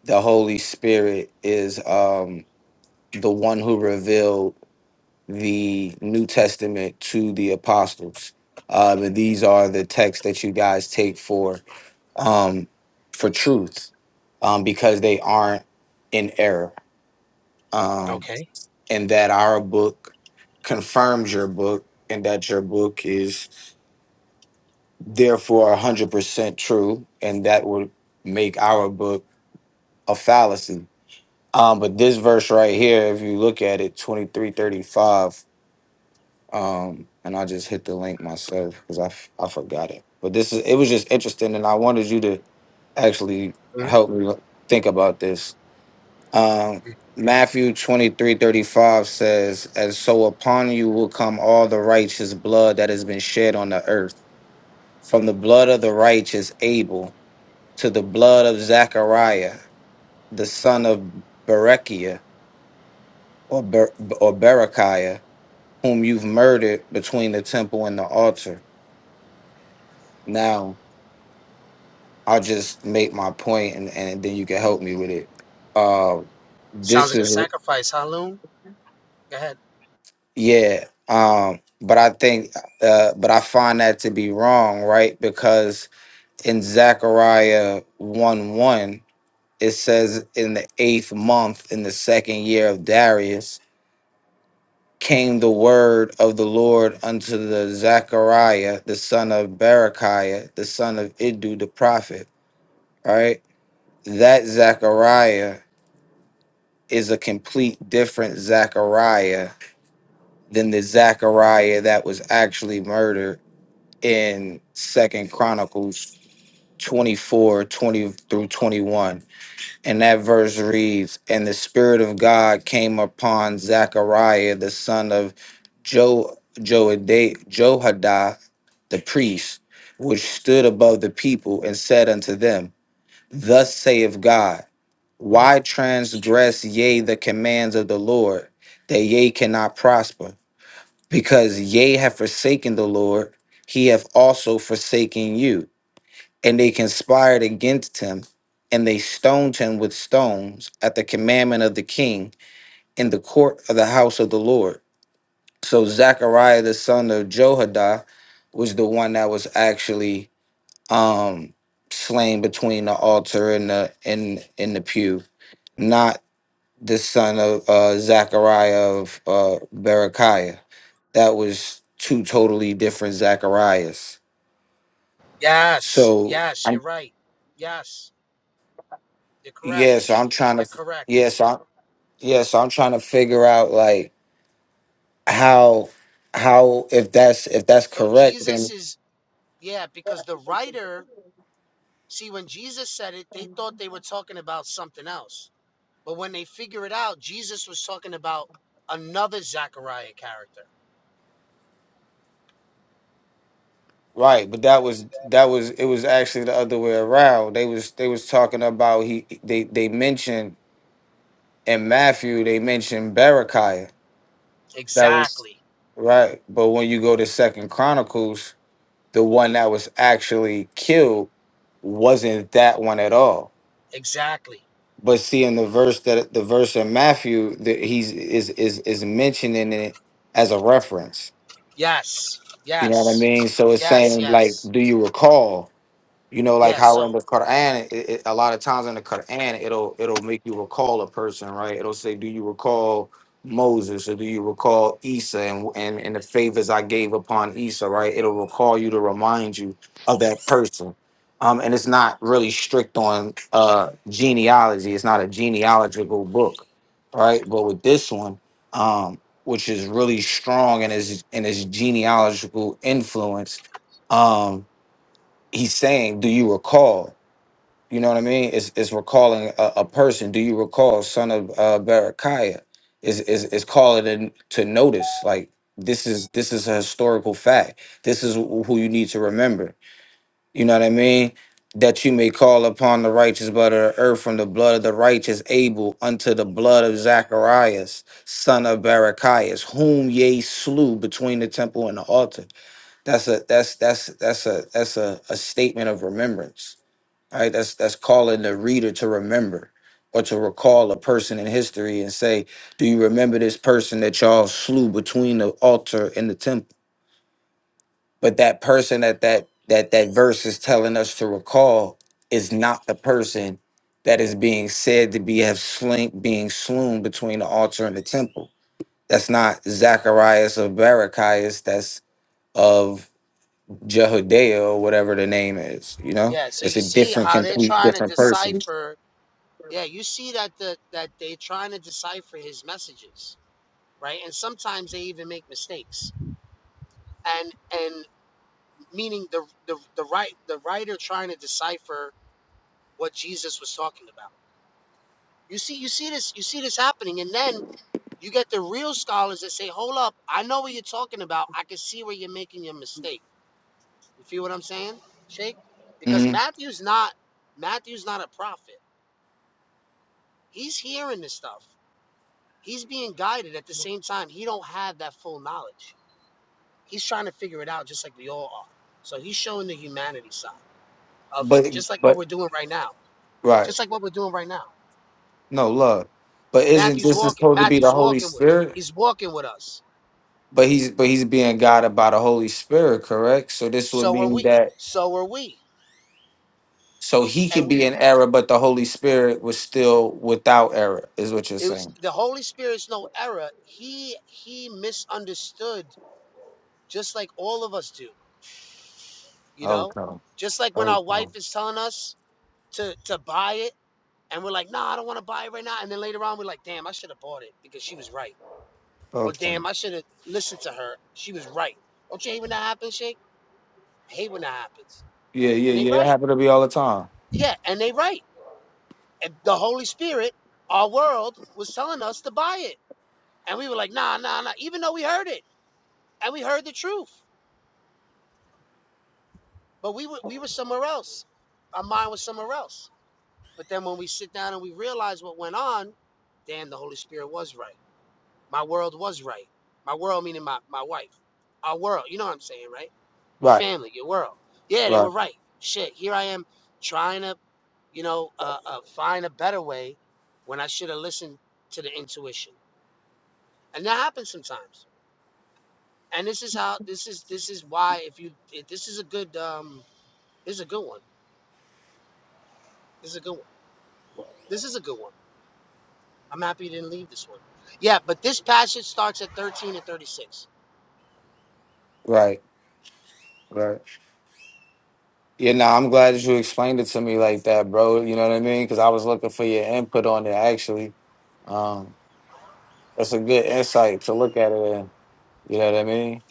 Speaker 2: the Holy Spirit is um, the one who revealed the New Testament to the apostles. Um, and these are the texts that you guys take for. um, for truth um, because they aren't in error. Um, and that our book confirms your book and that your book is therefore 100% true. And that would make our book a fallacy. Um, but this verse right here, if you look at it, 2335, um, and I just hit the link myself because I, f- I forgot it. But this is, it was just interesting. And I wanted you to actually help me think about this Um, Matthew twenty three thirty five says, And so upon you will come all the righteous blood that has been shed on the earth, from the blood of the righteous Abel to the blood of Zechariah, the son of Berechiah or, Ber- or Berechiah, whom you've murdered between the temple and the altar. Now, I'll just make my point and, and then you can help me with it. Uh, this is Yeah. Um, but I think uh but I find that to be wrong, right? Because in Zechariah one one, it says in the eighth month in the second year of Darius came the word of the Lord unto the Zechariah, the son of Berechiah, the son of Iddu the prophet, right? That Zechariah is a complete different Zechariah than the Zechariah that was actually murdered in Second Chronicles 24 20 through 21. And that verse reads, And the Spirit of God came upon Zechariah, the son of Jo Joada- Johadah, the priest, which stood above the people, and said unto them, Thus saith God, Why transgress ye the commands of the Lord, that ye cannot prosper? because ye have forsaken the Lord, he hath also forsaken you. And they conspired against him, and they stoned him with stones at the commandment of the king in the court of the house of the Lord. So Zechariah the son of Johadah was the one that was actually um slain between the altar and the and in the pew, not the son of uh, Zachariah of uh, Berechiah. That was two totally different Zacharias. So I'm yeah, so I'm trying to yeah, so I'm, yeah, so I'm trying to figure out like how how if that's if that's correct then
Speaker 8: See, when Jesus said it, they thought they were talking about something else. But when they figure it out, Jesus was talking about another Zechariah character.
Speaker 2: right but that was that was it was actually the other way around they was they was talking about he they they mentioned in matthew they mentioned berechiah that was right but when you go to second chronicles the one that was actually killed wasn't that one at all. But see, in the verse that the verse in Matthew that he's is is is mentioning it as a reference. You know what I mean? So it's
Speaker 8: Yes,
Speaker 2: saying like,
Speaker 8: yes.
Speaker 2: do you recall? You know, like
Speaker 8: Yeah,
Speaker 2: how in
Speaker 8: so
Speaker 2: the Quran, it, it, a lot of times in the Quran, it'll it'll make you recall a person, right? It'll say, "Do you recall Moses or do you recall Isa and and, and the favors I gave upon Isa?" Right? It'll recall you to remind you of that person. Um, and it's not really strict on uh, genealogy. It's not a genealogical book, right? But with this one, um, which is really strong in its in its genealogical influence, um, he's saying, "Do you recall?" You know what I mean? It's it's recalling a, a person. Do you recall, son of uh, Barakiah? Is is is calling in to notice? Like this is this is a historical fact. This is wh- who you need to remember. You know what I mean? That you may call upon the righteous blood of the earth from the blood of the righteous Abel unto the blood of Zacharias, son of Barachias, whom ye slew between the temple and the altar. That's a that's that's that's a that's a, a statement of remembrance. All Right? That's that's calling the reader to remember or to recall a person in history and say, Do you remember this person that y'all slew between the altar and the temple? But that person that that that, that verse is telling us to recall is not the person that is being said to be have slain being slain between the altar and the temple. That's not Zacharias of Barachias, that's of Jehudiah or whatever the name is. You know, it's a different, complete different person. hmm But but right, no love. But isn't this is supposed to be the Holy Spirit? But he's but he's being guided by the Holy Spirit, correct? So this would mean that so he could be in error, but the Holy Spirit was still without error, is what you're saying. Okay. Okay. Okay. Yeah, yeah, yeah. It happened to be all the time. Right. Right. Right. Right. Yeah, no, I'm glad that you explained it to me like that, bro. You know what I mean? Because I was looking for your input on it, actually. Um, that's a good insight to look at it in. You know what I mean?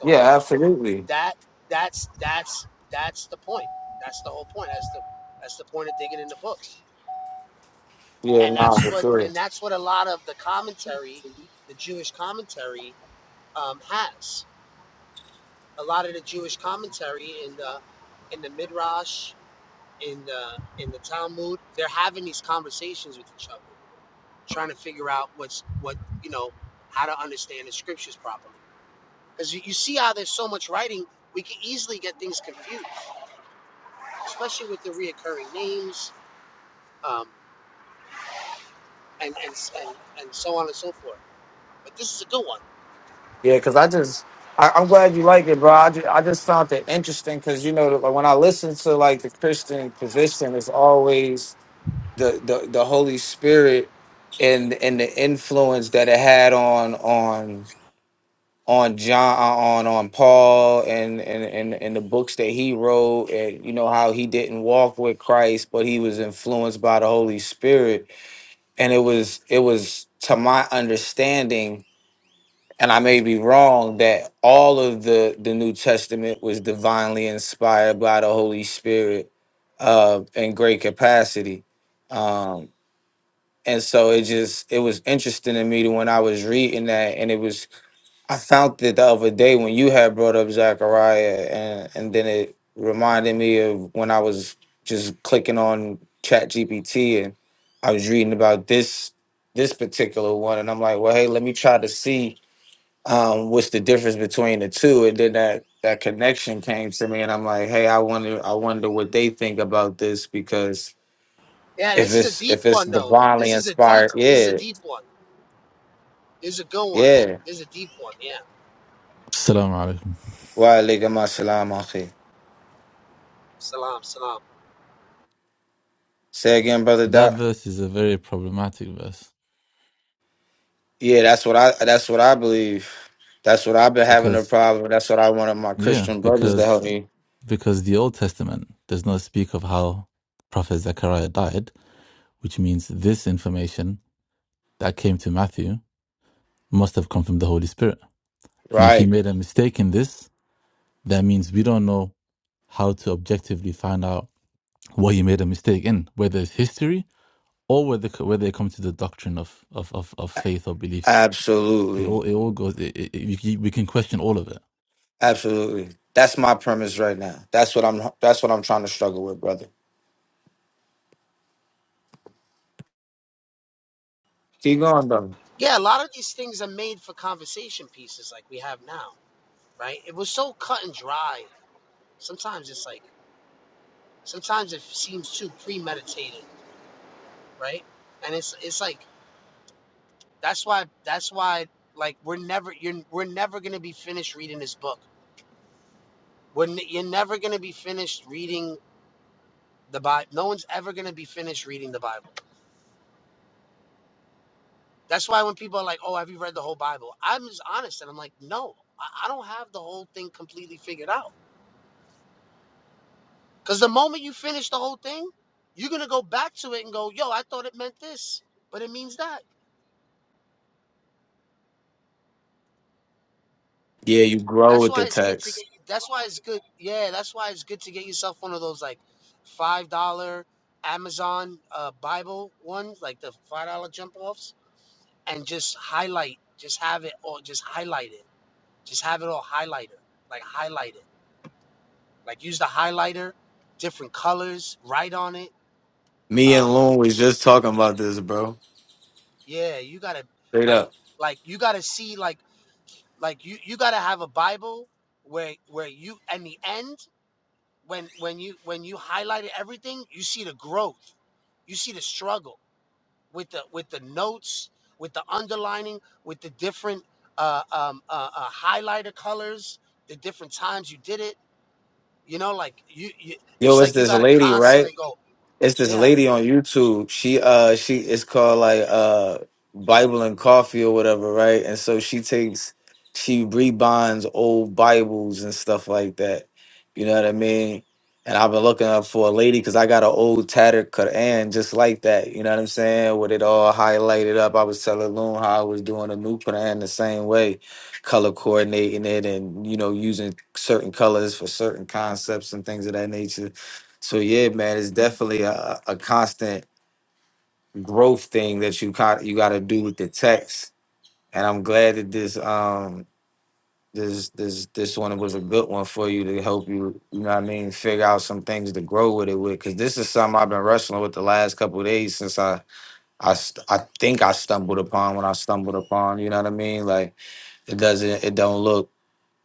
Speaker 2: Yeah, absolutely. Yeah, nah, for sure. Yeah, because I just, I, I'm glad you like it, bro. I just, I just found it interesting because, you know, like, when I listen to like the Christian position, it's always the, the, the Holy Spirit and and the influence that it had on on on John uh, on on Paul and and and, and the books that he wrote and you know how he didn't walk with Christ but he was influenced by the Holy Spirit and it was it was to my understanding and I may be wrong that all of the the New Testament was divinely inspired by the Holy Spirit uh in great capacity um and so it just it was interesting to me to when I was reading that and it was I found it the other day when you had brought up Zachariah, and and then it reminded me of when I was just clicking on Chat GPT and I was reading about this this particular one, and I'm like, well, hey, let me try to see um, what's the difference between the two, and then that that connection came to me, and I'm like, hey, I wonder I wonder what they think about this because if it's if it's divinely inspired, yeah, yeah.
Speaker 9: Assalamu alaikum.
Speaker 2: Wa alaikum assalam, akhi. Say again, brother
Speaker 9: That
Speaker 2: Doc.
Speaker 9: verse is a very problematic verse
Speaker 2: Yeah, that's what I that's what I believe. That's what I've been having a
Speaker 9: because
Speaker 2: problem. with. That's what I wanted my
Speaker 9: yeah,
Speaker 2: Christian brothers to help
Speaker 9: because
Speaker 2: me.
Speaker 9: because the Old Testament does not speak of how Prophet Zechariah died, which means this information that came to Matthew must have come from the Holy Spirit. And if he
Speaker 2: Right.
Speaker 9: made a mistake in this, that means we don't know how to objectively find out what he made a mistake in, whether it's history or whether whether it comes to the doctrine of of of, of faith or belief. It
Speaker 2: Absolutely.
Speaker 9: all it all goes. It, it, it- we can we can question all of it
Speaker 2: Absolutely. That's my premise right now. That's what I'm that's what I'm trying to struggle with, brother. Keep going, brother. Yeah, you grow with the text. Me and Loon was just talking about this, bro. Straight up. Yo, it's this lady, right? It's this lady on YouTube. She uh she it's called like uh Bible and Coffee or whatever, right? And so she takes she rebinds old Bibles and stuff like that. You know what I mean? And I've been looking up for a lady because I got an old tattered Quran just like that. You know what I'm saying? With it all highlighted up. I was telling Loon how I was doing a new Quran the same way, color coordinating it and you know using certain colors for certain concepts and things of that nature so yeah, man, it's definitely a, a constant growth thing that you got you got to do with the text. And I'm glad that this um this this this one was a good one for you to help you. You know what I mean? Figure out some things to grow with it with because this is something I've been wrestling with the last couple of days since I I st- I think I stumbled upon when I stumbled upon. You know what I mean? Like it doesn't it don't look.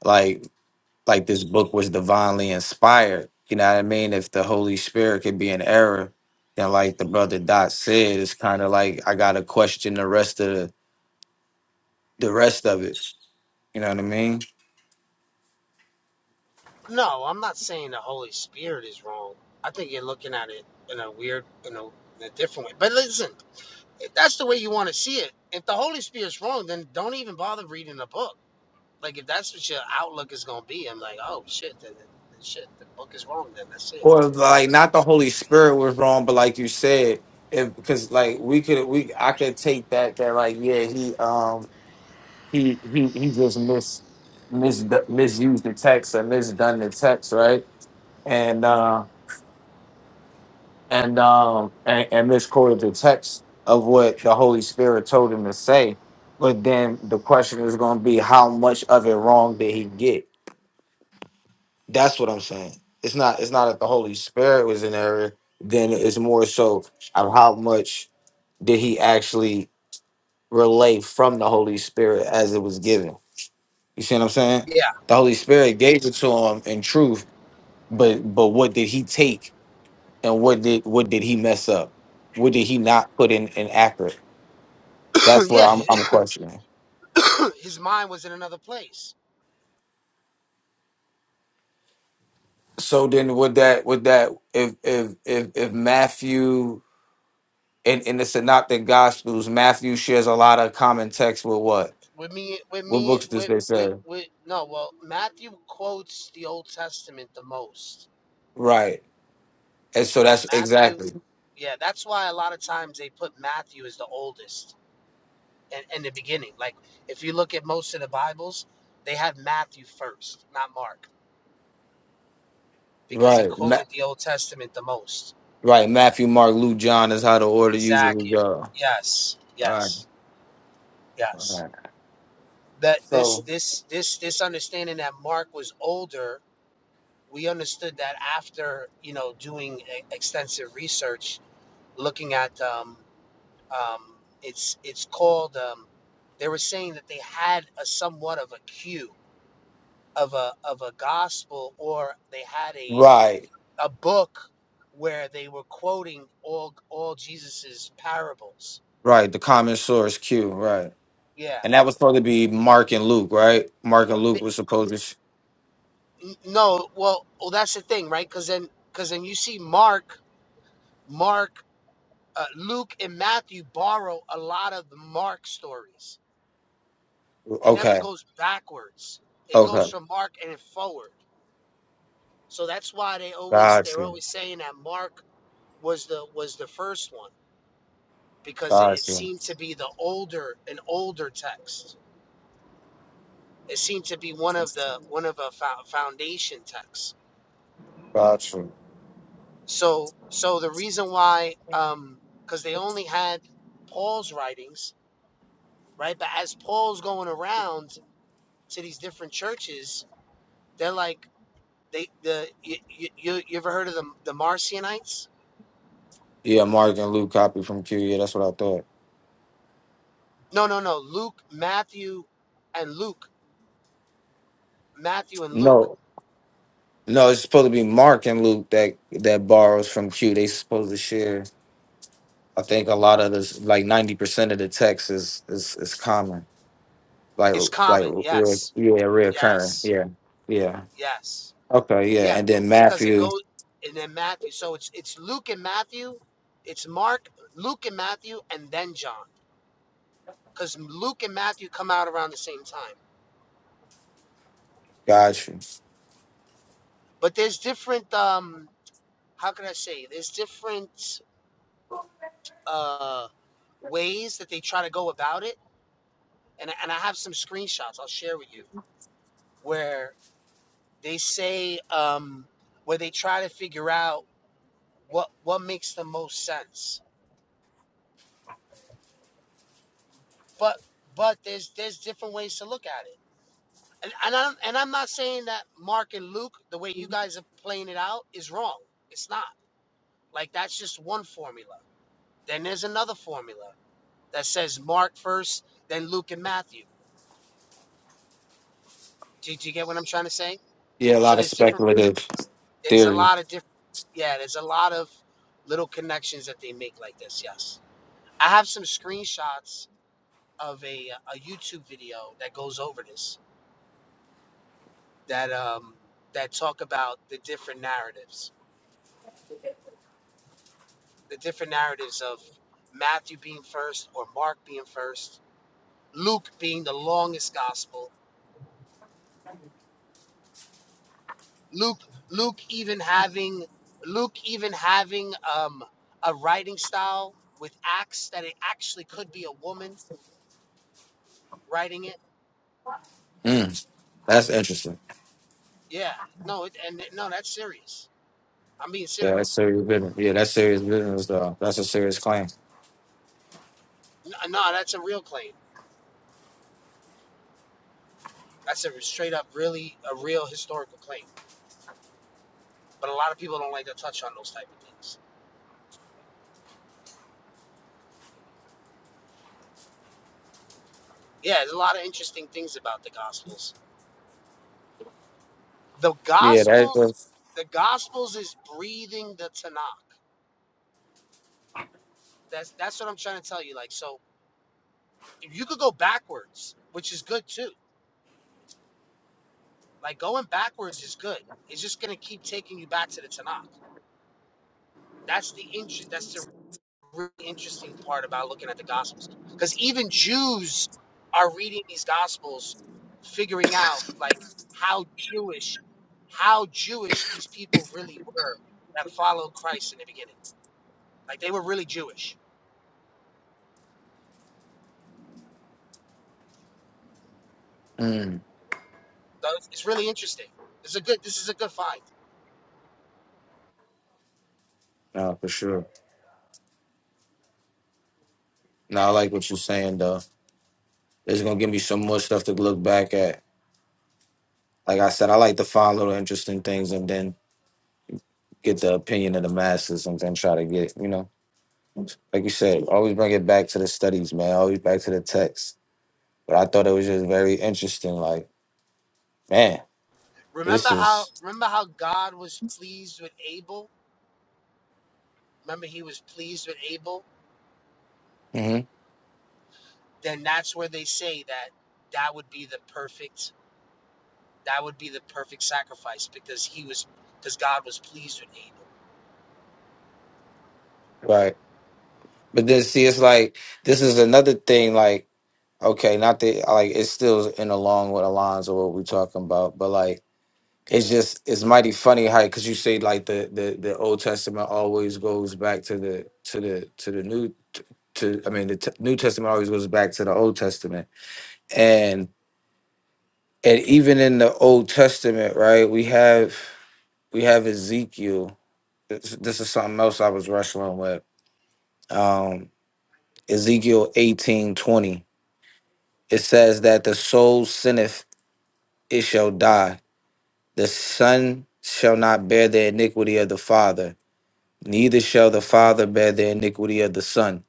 Speaker 2: like. like this book was divinely inspired. You know what I mean? If the Holy Spirit could be in error, then like the brother Dot said, it's kind of like I gotta question the rest of the, the rest of it. You know what I mean? Or like not the Holy Spirit was wrong, but like you said, if because like we could we I could take that that like yeah he um he he he just mis mis misused the text or misdone the text right and. uh, and um and, and misquoted the text of what the Holy Spirit told him to say. But then the question is going to be how much of it wrong did he get? That's what I'm saying. It's not it's not that the Holy Spirit was in error. Then it's more so of how much did he actually relay from the Holy Spirit as it was given. You see what I'm saying? The Holy Spirit gave it to him in truth, but but what did he take and what did what did he mess up? What did he not put in in accurate? That's what I'm I'm questioning. So then would that would that if if if if Matthew in, in the synoptic gospels, Matthew shares a lot of common text with what? What books does they say? Right. And so that's exactly right. Ma- right. Matthew, Mark, Luke, John is how the order usually go. Right, right. So Right. Right. The common source Q, right. And that was supposed to be Mark and Luke, right? Mark and Luke was supposed to sh- okay. Okay. Gotcha. Gotcha. Gotcha. Yeah, Mark and Luke copy from Q. Yeah, that's what I thought. No. No, it's supposed to be Mark and Luke that that borrows from Q. They supposed to share. I think a lot of this, like ninety percent of the text is is is common, like like re- yeah, reoccurring. Yeah, yeah. Okay, yeah. And then Matthew, gotcha. Yeah, a lot of speculative theory. Mm, that's interesting. Yeah, that's serious business. Yeah, that's serious business, though. That's a serious claim. Yeah, that. Mm, no, for sure. No, I like what you're saying though. It's gonna give me some more stuff to look back at. Like I said, I like to find little interesting things and then get the opinion of the masses and then try to get, you know, like you said, always bring it back to the studies, man. Always back to the text. But I thought it was just very interesting. Like, man, this is hmm right. But then see, it's like this is another thing. Like, okay, not that like it's still in along with the lines of what we're talking about, but like it's just it's mighty funny how because you say like the, the the old testament always goes back to the to the to the new t- to i mean the t- new testament always goes back to the old testament and and even in the old testament right we have we have ezekiel this, this is something else i was wrestling with um ezekiel eighteen twenty. it says that the soul sinneth it shall die the son shall not bear the iniquity of the father Neither shall the Father bear the iniquity of the Son.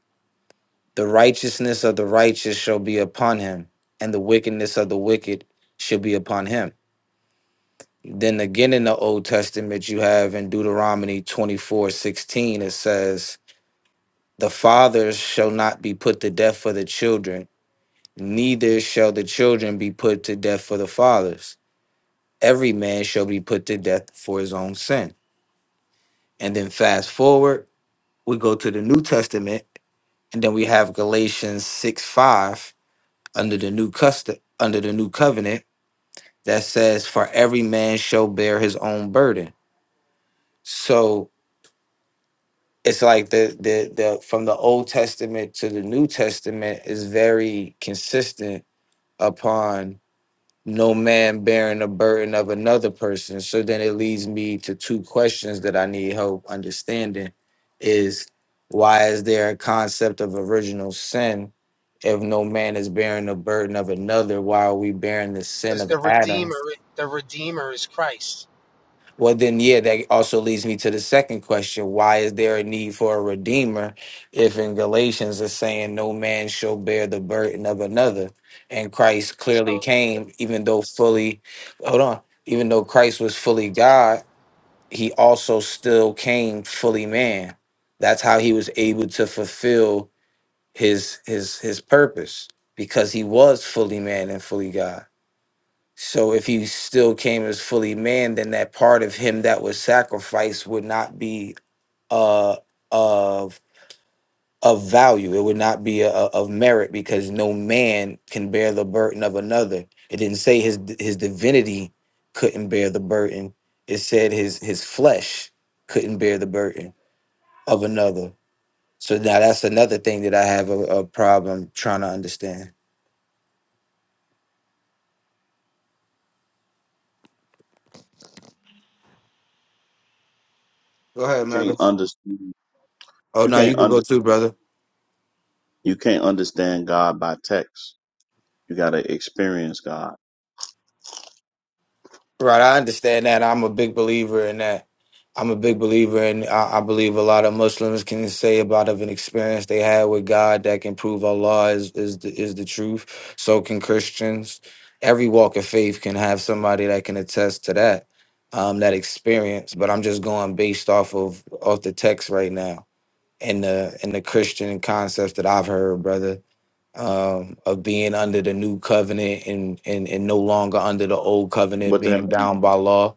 Speaker 2: The righteousness of the righteous shall be upon him, and the wickedness of the wicked shall be upon him. Then again in the Old Testament, you have in Deuteronomy twenty-four sixteen, it says, The fathers shall not be put to death for the children, neither shall the children be put to death for the fathers. Every man shall be put to death for his own sin. And then fast forward, we go to the New Testament And then we have Galatians 6 5 under the new custom under the new covenant that says, For every man shall bear his own burden. So it's like the the the from the old testament to the new testament is very consistent upon no man bearing the burden of another person. So then it leads me to two questions that I need help understanding is why is there a concept of original sin if no man is bearing the burden of another? Why are we bearing the sin of Adam? Well, then, yeah, that also leads me to the second question. Why is there a need for a redeemer if in Galatians it's saying no man shall bear the burden of another? And Christ clearly came, even though fully, hold on, even though Christ was fully God, he also still came fully man. That's how he was able to fulfill his his his purpose because he was fully man and fully God. So if he still came as fully man, then that part of him that was sacrificed would not be uh of of value. It would not be a, a- of merit because no man can bear the burden of another. It didn't say his his divinity couldn't bear the burden. It said his his flesh couldn't bear the burden of another. So now that's another thing that I have a, a problem trying to understand. Go ahead,
Speaker 10: can't
Speaker 2: Michael.
Speaker 10: under
Speaker 2: Oh
Speaker 10: you
Speaker 2: no, you
Speaker 10: can't
Speaker 2: can
Speaker 10: under
Speaker 2: go too, brother.
Speaker 10: you can't understand God by text. You gotta experience God.
Speaker 2: Right, I understand that. I'm a big believer in that. I'm a big believer in. I, I believe a lot of Muslims can say about of an experience they had with God that can prove Allah is is the, is the truth. So can Christians. Every walk of faith can have somebody that can attest to that um, that experience. But I'm just going based off of off the text right now and the and the Christian concepts that I've heard, brother um, of being under the new covenant and, and and no longer under the old covenant,
Speaker 10: But then
Speaker 2: being bound by law.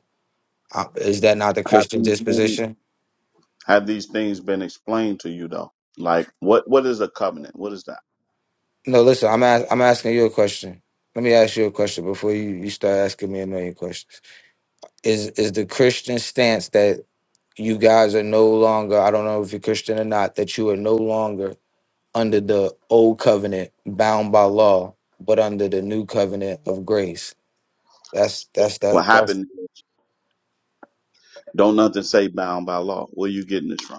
Speaker 2: Uh, Is that not the
Speaker 10: have
Speaker 2: Christian
Speaker 10: these things,
Speaker 2: disposition?
Speaker 10: have these things been explained to you though? Like what what is a covenant? What is that?
Speaker 2: No, listen, I'm ask, I'm asking you a question. Let me ask you a question before you, you start asking me a million questions. Is is the Christian stance that you guys are no longer, I don't know if you're Christian or not, that you are no longer under the old covenant bound by law, but under the new covenant of grace. That's that's
Speaker 10: What
Speaker 2: that that's
Speaker 10: happened? Don't nothing say bound by law. Where you getting this from?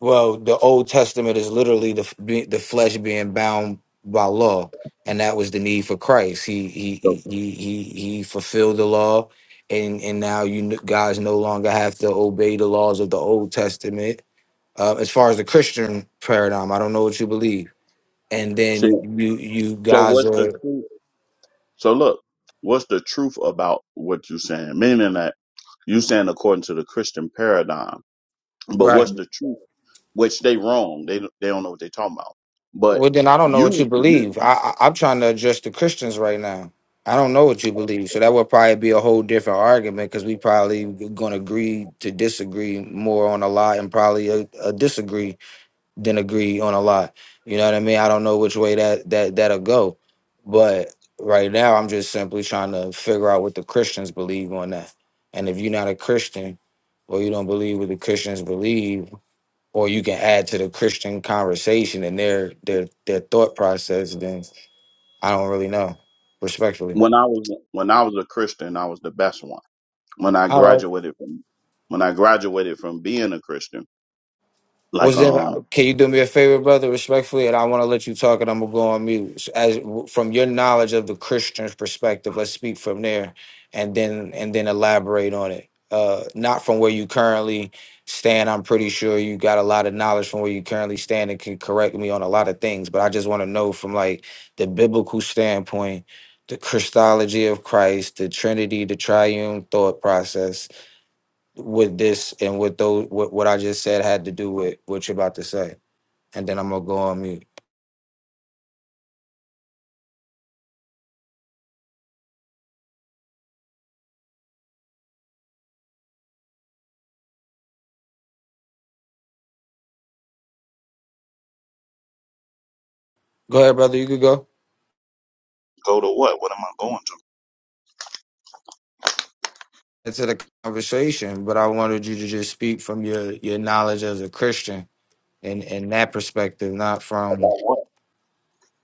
Speaker 2: Well, the Old Testament is literally the be- the flesh being bound by law, and that was the need for Christ. He he
Speaker 10: So,
Speaker 2: he he he he fulfilled the law, and and now you n- guys no longer have to obey the laws of the Old Testament. Uh, as far as the Christian paradigm, I don't know what you believe, and
Speaker 10: see,
Speaker 2: then you you
Speaker 10: so
Speaker 2: guys
Speaker 10: what's the
Speaker 2: are
Speaker 10: truth? So look, what's the truth about what you are saying? Meaning that you saying according to the Christian paradigm. But
Speaker 2: right.
Speaker 10: what's the truth? Which they wrong. They they don't know what they talking about. But
Speaker 2: Well, then I don't know what you
Speaker 10: you you
Speaker 2: believe. I, I I'm trying to address the Christians right now. I don't know what you believe, so that would probably be a whole different argument because we probably gonna agree to disagree more on a lot, and probably a, a disagree than agree on a lot. You know what I mean? I don't know which way that that that'll go, but right now I'm just simply trying to figure out what the Christians believe on that. And if you're not a Christian, or you don't believe what the Christians believe, or you can add to the Christian conversation and their their their thought process, then I don't really know. Respectfully.
Speaker 10: when I was when I was a Christian, I was the best one. When I
Speaker 2: All right.
Speaker 10: graduated from when I graduated from being a Christian, like
Speaker 2: Was then?
Speaker 10: um,
Speaker 2: Can you do me a favor, brother, respectfully? And I want to let you talk, and I'm gonna go on mute. As from your knowledge of the Christian's perspective, let's speak from there, and then and then elaborate on it. Uh, not from where you currently stand. I'm pretty sure you got a lot of knowledge from where you currently stand, and can correct me on a lot of things. But I just want to know from like the biblical standpoint, the Christology of Christ, the Trinity, the Triune thought process what this and what those what, what I just said had to do with what you're about to say. And then I'm gonna go on mute. Go ahead, brother, you could go
Speaker 10: go to what? What am I going to?
Speaker 2: into the conversation, but I wanted you to just speak from your your knowledge as a Christian and and that perspective, not
Speaker 10: About
Speaker 2: from
Speaker 10: what?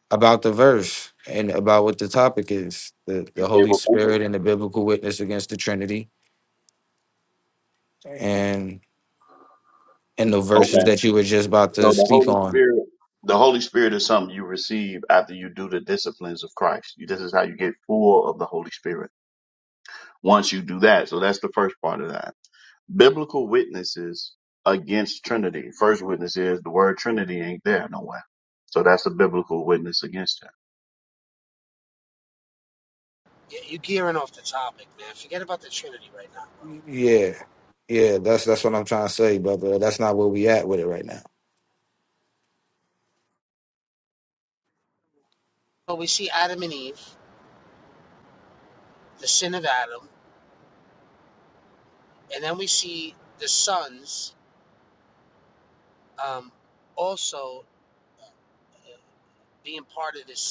Speaker 2: about the verse and about what the topic is. The
Speaker 10: You
Speaker 2: the
Speaker 10: gave
Speaker 2: Holy
Speaker 10: a
Speaker 2: Spirit and the biblical witness against the Trinity and and the
Speaker 10: Okay.
Speaker 2: verses that you were just about to
Speaker 10: So the
Speaker 2: speak
Speaker 10: Holy
Speaker 2: on.
Speaker 10: Spirit, the Holy Spirit is something you receive after you do the disciplines of Christ. You- This is how you get full of the Holy Spirit once you do that. So that's the first part of that. Biblical witnesses against Trinity. First witness is the word Trinity ain't there nowhere. So that's a biblical witness against that.
Speaker 2: Yeah. Yeah, that's that's what I'm trying to say, brother. That's not where we at with it right now.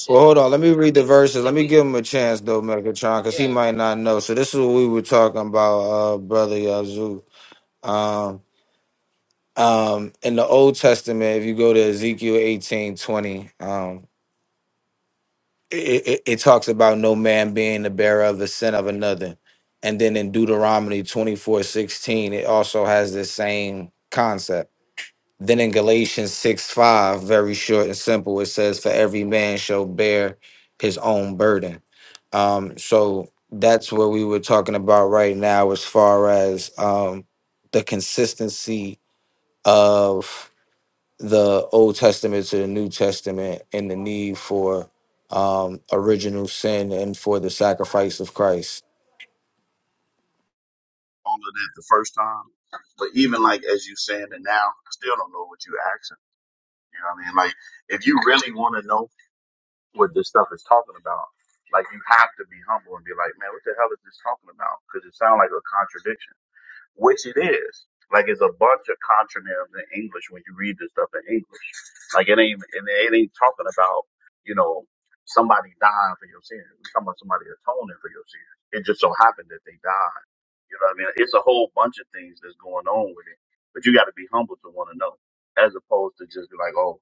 Speaker 2: Well, hold on. Let me read the verses. Let me give him a chance, though, Megatron, because he might not know. So this is what we were talking about, uh, brother Yazoo. Um, um, in the Old Testament, if you go to Ezekiel eighteen twenty, um, it, it, it talks about no man being the bearer of the sin of another. And then in Deuteronomy twenty four sixteen, it also has the same concept. Then in Galatians 6 5, very short and simple, it says, For every man shall bear his own burden. Um, so that's what we were talking about right now as far as um, the consistency of the Old Testament to the New Testament and the need for um, original sin and for the sacrifice of Christ.
Speaker 10: All of that the first time. But even like as you saying it now, I still don't know what you asking. You know what I mean? Like if you really want to know what this stuff is talking about. Like you have to be humble and be like, man, what the hell is this talking about? Because it sounds like a contradiction, which it is. Like it's a bunch of contronyms in English when you read this stuff in English. Like it ain't, and it ain't talking about, you know, somebody dying for your sins. It's talking about somebody atoning for your sins. It just so happened that they died. You know what I mean? It's a whole bunch of things that's going on with it, but you got to be humble to want to know, as opposed to just be like, oh,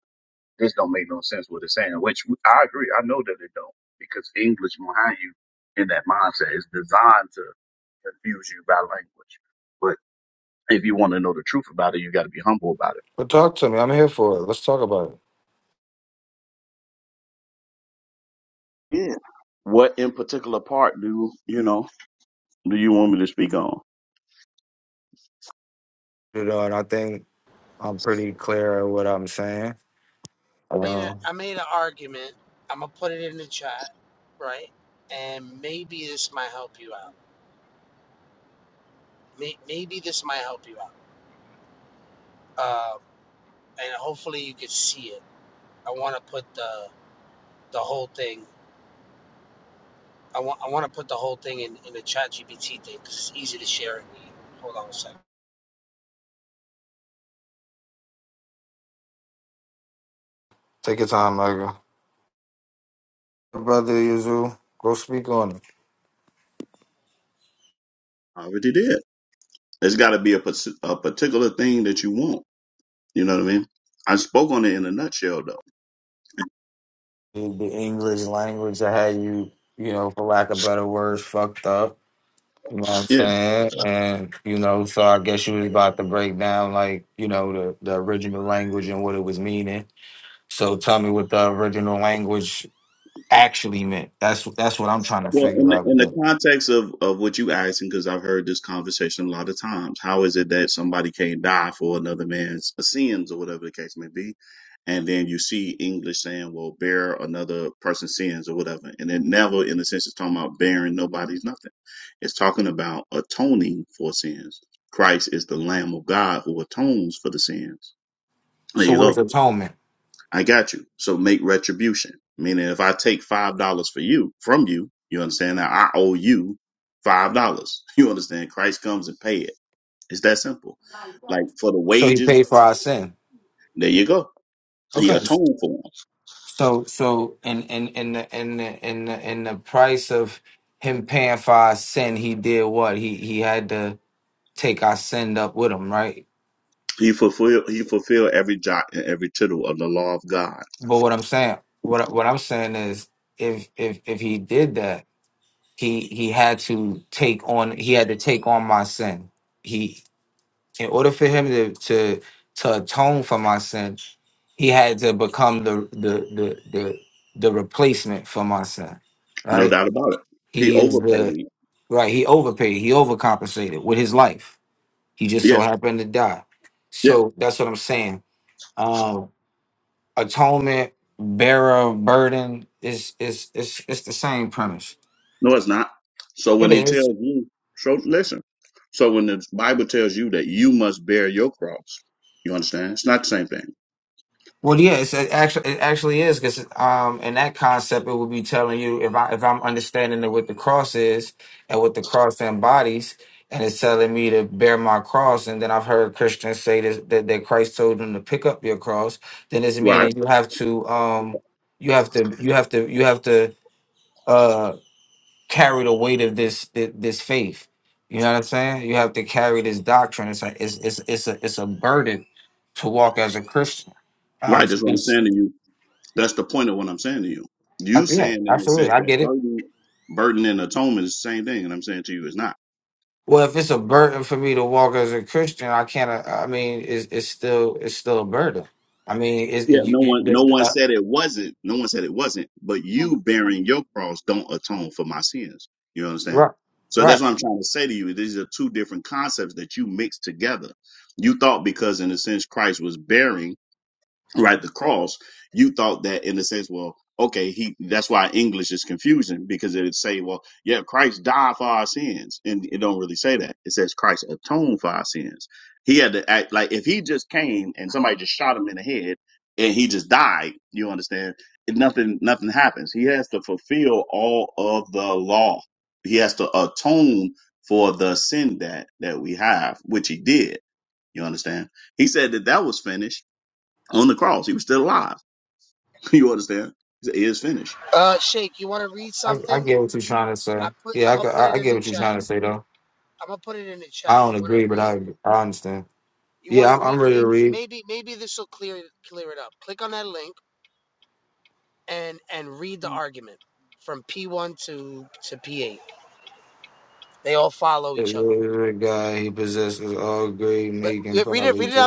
Speaker 10: this don't make no sense what it's saying, which I agree. I know that it don't because English behind you in that mindset is designed to confuse you by language. But if you want to know the truth about it, you got to be humble about it.
Speaker 2: But talk to me. I'm here for it. Let's talk about it.
Speaker 10: Yeah. What in particular part do you know do you want me to speak on?
Speaker 2: You know, and I think I'm pretty clear at what I'm saying. Take your time, nigga. Brother Yuzu, go speak on it.
Speaker 10: I already did. There's got to be a, pers- a particular thing that you want. You know what I mean? I spoke on it in a nutshell, though.
Speaker 2: The the English language I had you, you know, for lack of better words, fucked up. You know what I'm
Speaker 10: Yeah.
Speaker 2: saying? And, you know, so I guess you was about to break down, like, you know, the, the original language and what it was meaning. So tell me what the original language actually meant. That's that's what I'm trying to
Speaker 10: Well, in
Speaker 2: figure
Speaker 10: the,
Speaker 2: out.
Speaker 10: in the
Speaker 2: man.
Speaker 10: context of, of what you asking, because I've heard this conversation a lot of times, how is it that somebody can't die for another man's uh, sins or whatever the case may be? And then you see English saying, well, bear another person's sins or whatever. And it never, in a sense, is talking about bearing nobody's nothing. It's talking about atoning for sins. Christ is the Lamb of God who atones for the sins. There
Speaker 2: So
Speaker 10: you
Speaker 2: what
Speaker 10: go.
Speaker 2: is atonement?
Speaker 10: I got you. So make retribution. Meaning if I take five dollars for you from you, you understand that I owe you five dollars. You understand? Christ comes and pay it. It's that simple. Like for the
Speaker 2: So he
Speaker 10: wages,
Speaker 2: paid for our sin.
Speaker 10: there you go. He
Speaker 2: Okay.
Speaker 10: atoned for them.
Speaker 2: So so in in in the in the in the in the price of him paying for our sin, he did what? He he had to take our sin up with him, right?
Speaker 10: He fulfill he fulfilled every jot and every tittle of the law of God.
Speaker 2: But what I'm saying, what I- what I'm saying is, if if if he did that, he he had to take on he had to take on my sin. in order for him to to, to atone for my sin, he had to become the the the the, the replacement for my sin.
Speaker 10: No
Speaker 2: Right?
Speaker 10: doubt about it. He
Speaker 2: He is the
Speaker 10: overpaid.
Speaker 2: right, he overpaid, he overcompensated with his life. He just
Speaker 10: Yeah,
Speaker 2: so happened to die.
Speaker 10: yeah.
Speaker 2: So that's what I'm saying. Um atonement, bearer of burden is is is it's the same premise.
Speaker 10: No, it's not. So when
Speaker 2: It
Speaker 10: he
Speaker 2: is.
Speaker 10: tells you, so listen. So when the Bible tells you that you must bear your cross, you understand? It's not the same thing.
Speaker 2: Well, yeah, it's it actually it actually is because um, in that concept, it would be telling you if I if I'm understanding that what the cross is and what the cross embodies, and it's telling me to bear my cross, and then I've heard Christians say this, that that Christ told them to pick up your cross. Then it's
Speaker 10: Right.
Speaker 2: meaning you have to um you have to you have to you have to uh carry the weight of this thi- this faith. You know what I'm saying? You have to carry this doctrine. It's like it's it's it's a it's a burden to walk as a Christian. Um,
Speaker 10: Right. That's what I'm saying to you. That's the point of what I'm saying to you.
Speaker 2: I,
Speaker 10: You
Speaker 2: yeah,
Speaker 10: saying in the
Speaker 2: absolutely.
Speaker 10: sense
Speaker 2: I
Speaker 10: that
Speaker 2: get it.
Speaker 10: burden, burden and atonement is the same thing, and I'm saying to you it's not.
Speaker 2: Well, if it's a burden for me to walk as a Christian, I can't. uh, I mean, it's it's still it's still a burden. I mean, it's
Speaker 10: Yeah.
Speaker 2: it, you,
Speaker 10: No
Speaker 2: you
Speaker 10: one,
Speaker 2: the-
Speaker 10: no
Speaker 2: the-
Speaker 10: one
Speaker 2: uh,
Speaker 10: said it wasn't. No one said it wasn't. But you bearing your cross don't atone for my sins. You understand?
Speaker 2: right,
Speaker 10: So
Speaker 2: right.
Speaker 10: that's what I'm trying to say to you. These are two different concepts that you mix together. You thought because in a sense Christ was bearing. right the cross you thought that in the sense well okay he that's why english is confusing because it would say well yeah christ died for our sins and it don't really say that it says christ atoned for our sins he had to act like if he just came and somebody just shot him in the head and he just died you understand it, nothing nothing happens he has to fulfill all of the law he has to atone for the sin that that we have which he did you understand he said that that was finished on the cross. He was still alive. You understand? He said, It is finished.
Speaker 2: I, I get what you're trying to say. Yeah, I, g- I I get what you're trying to say though. I don't agree, but I I understand. Yeah, I'm, I'm ready to read. The God he possesses all great, meek, and poverty.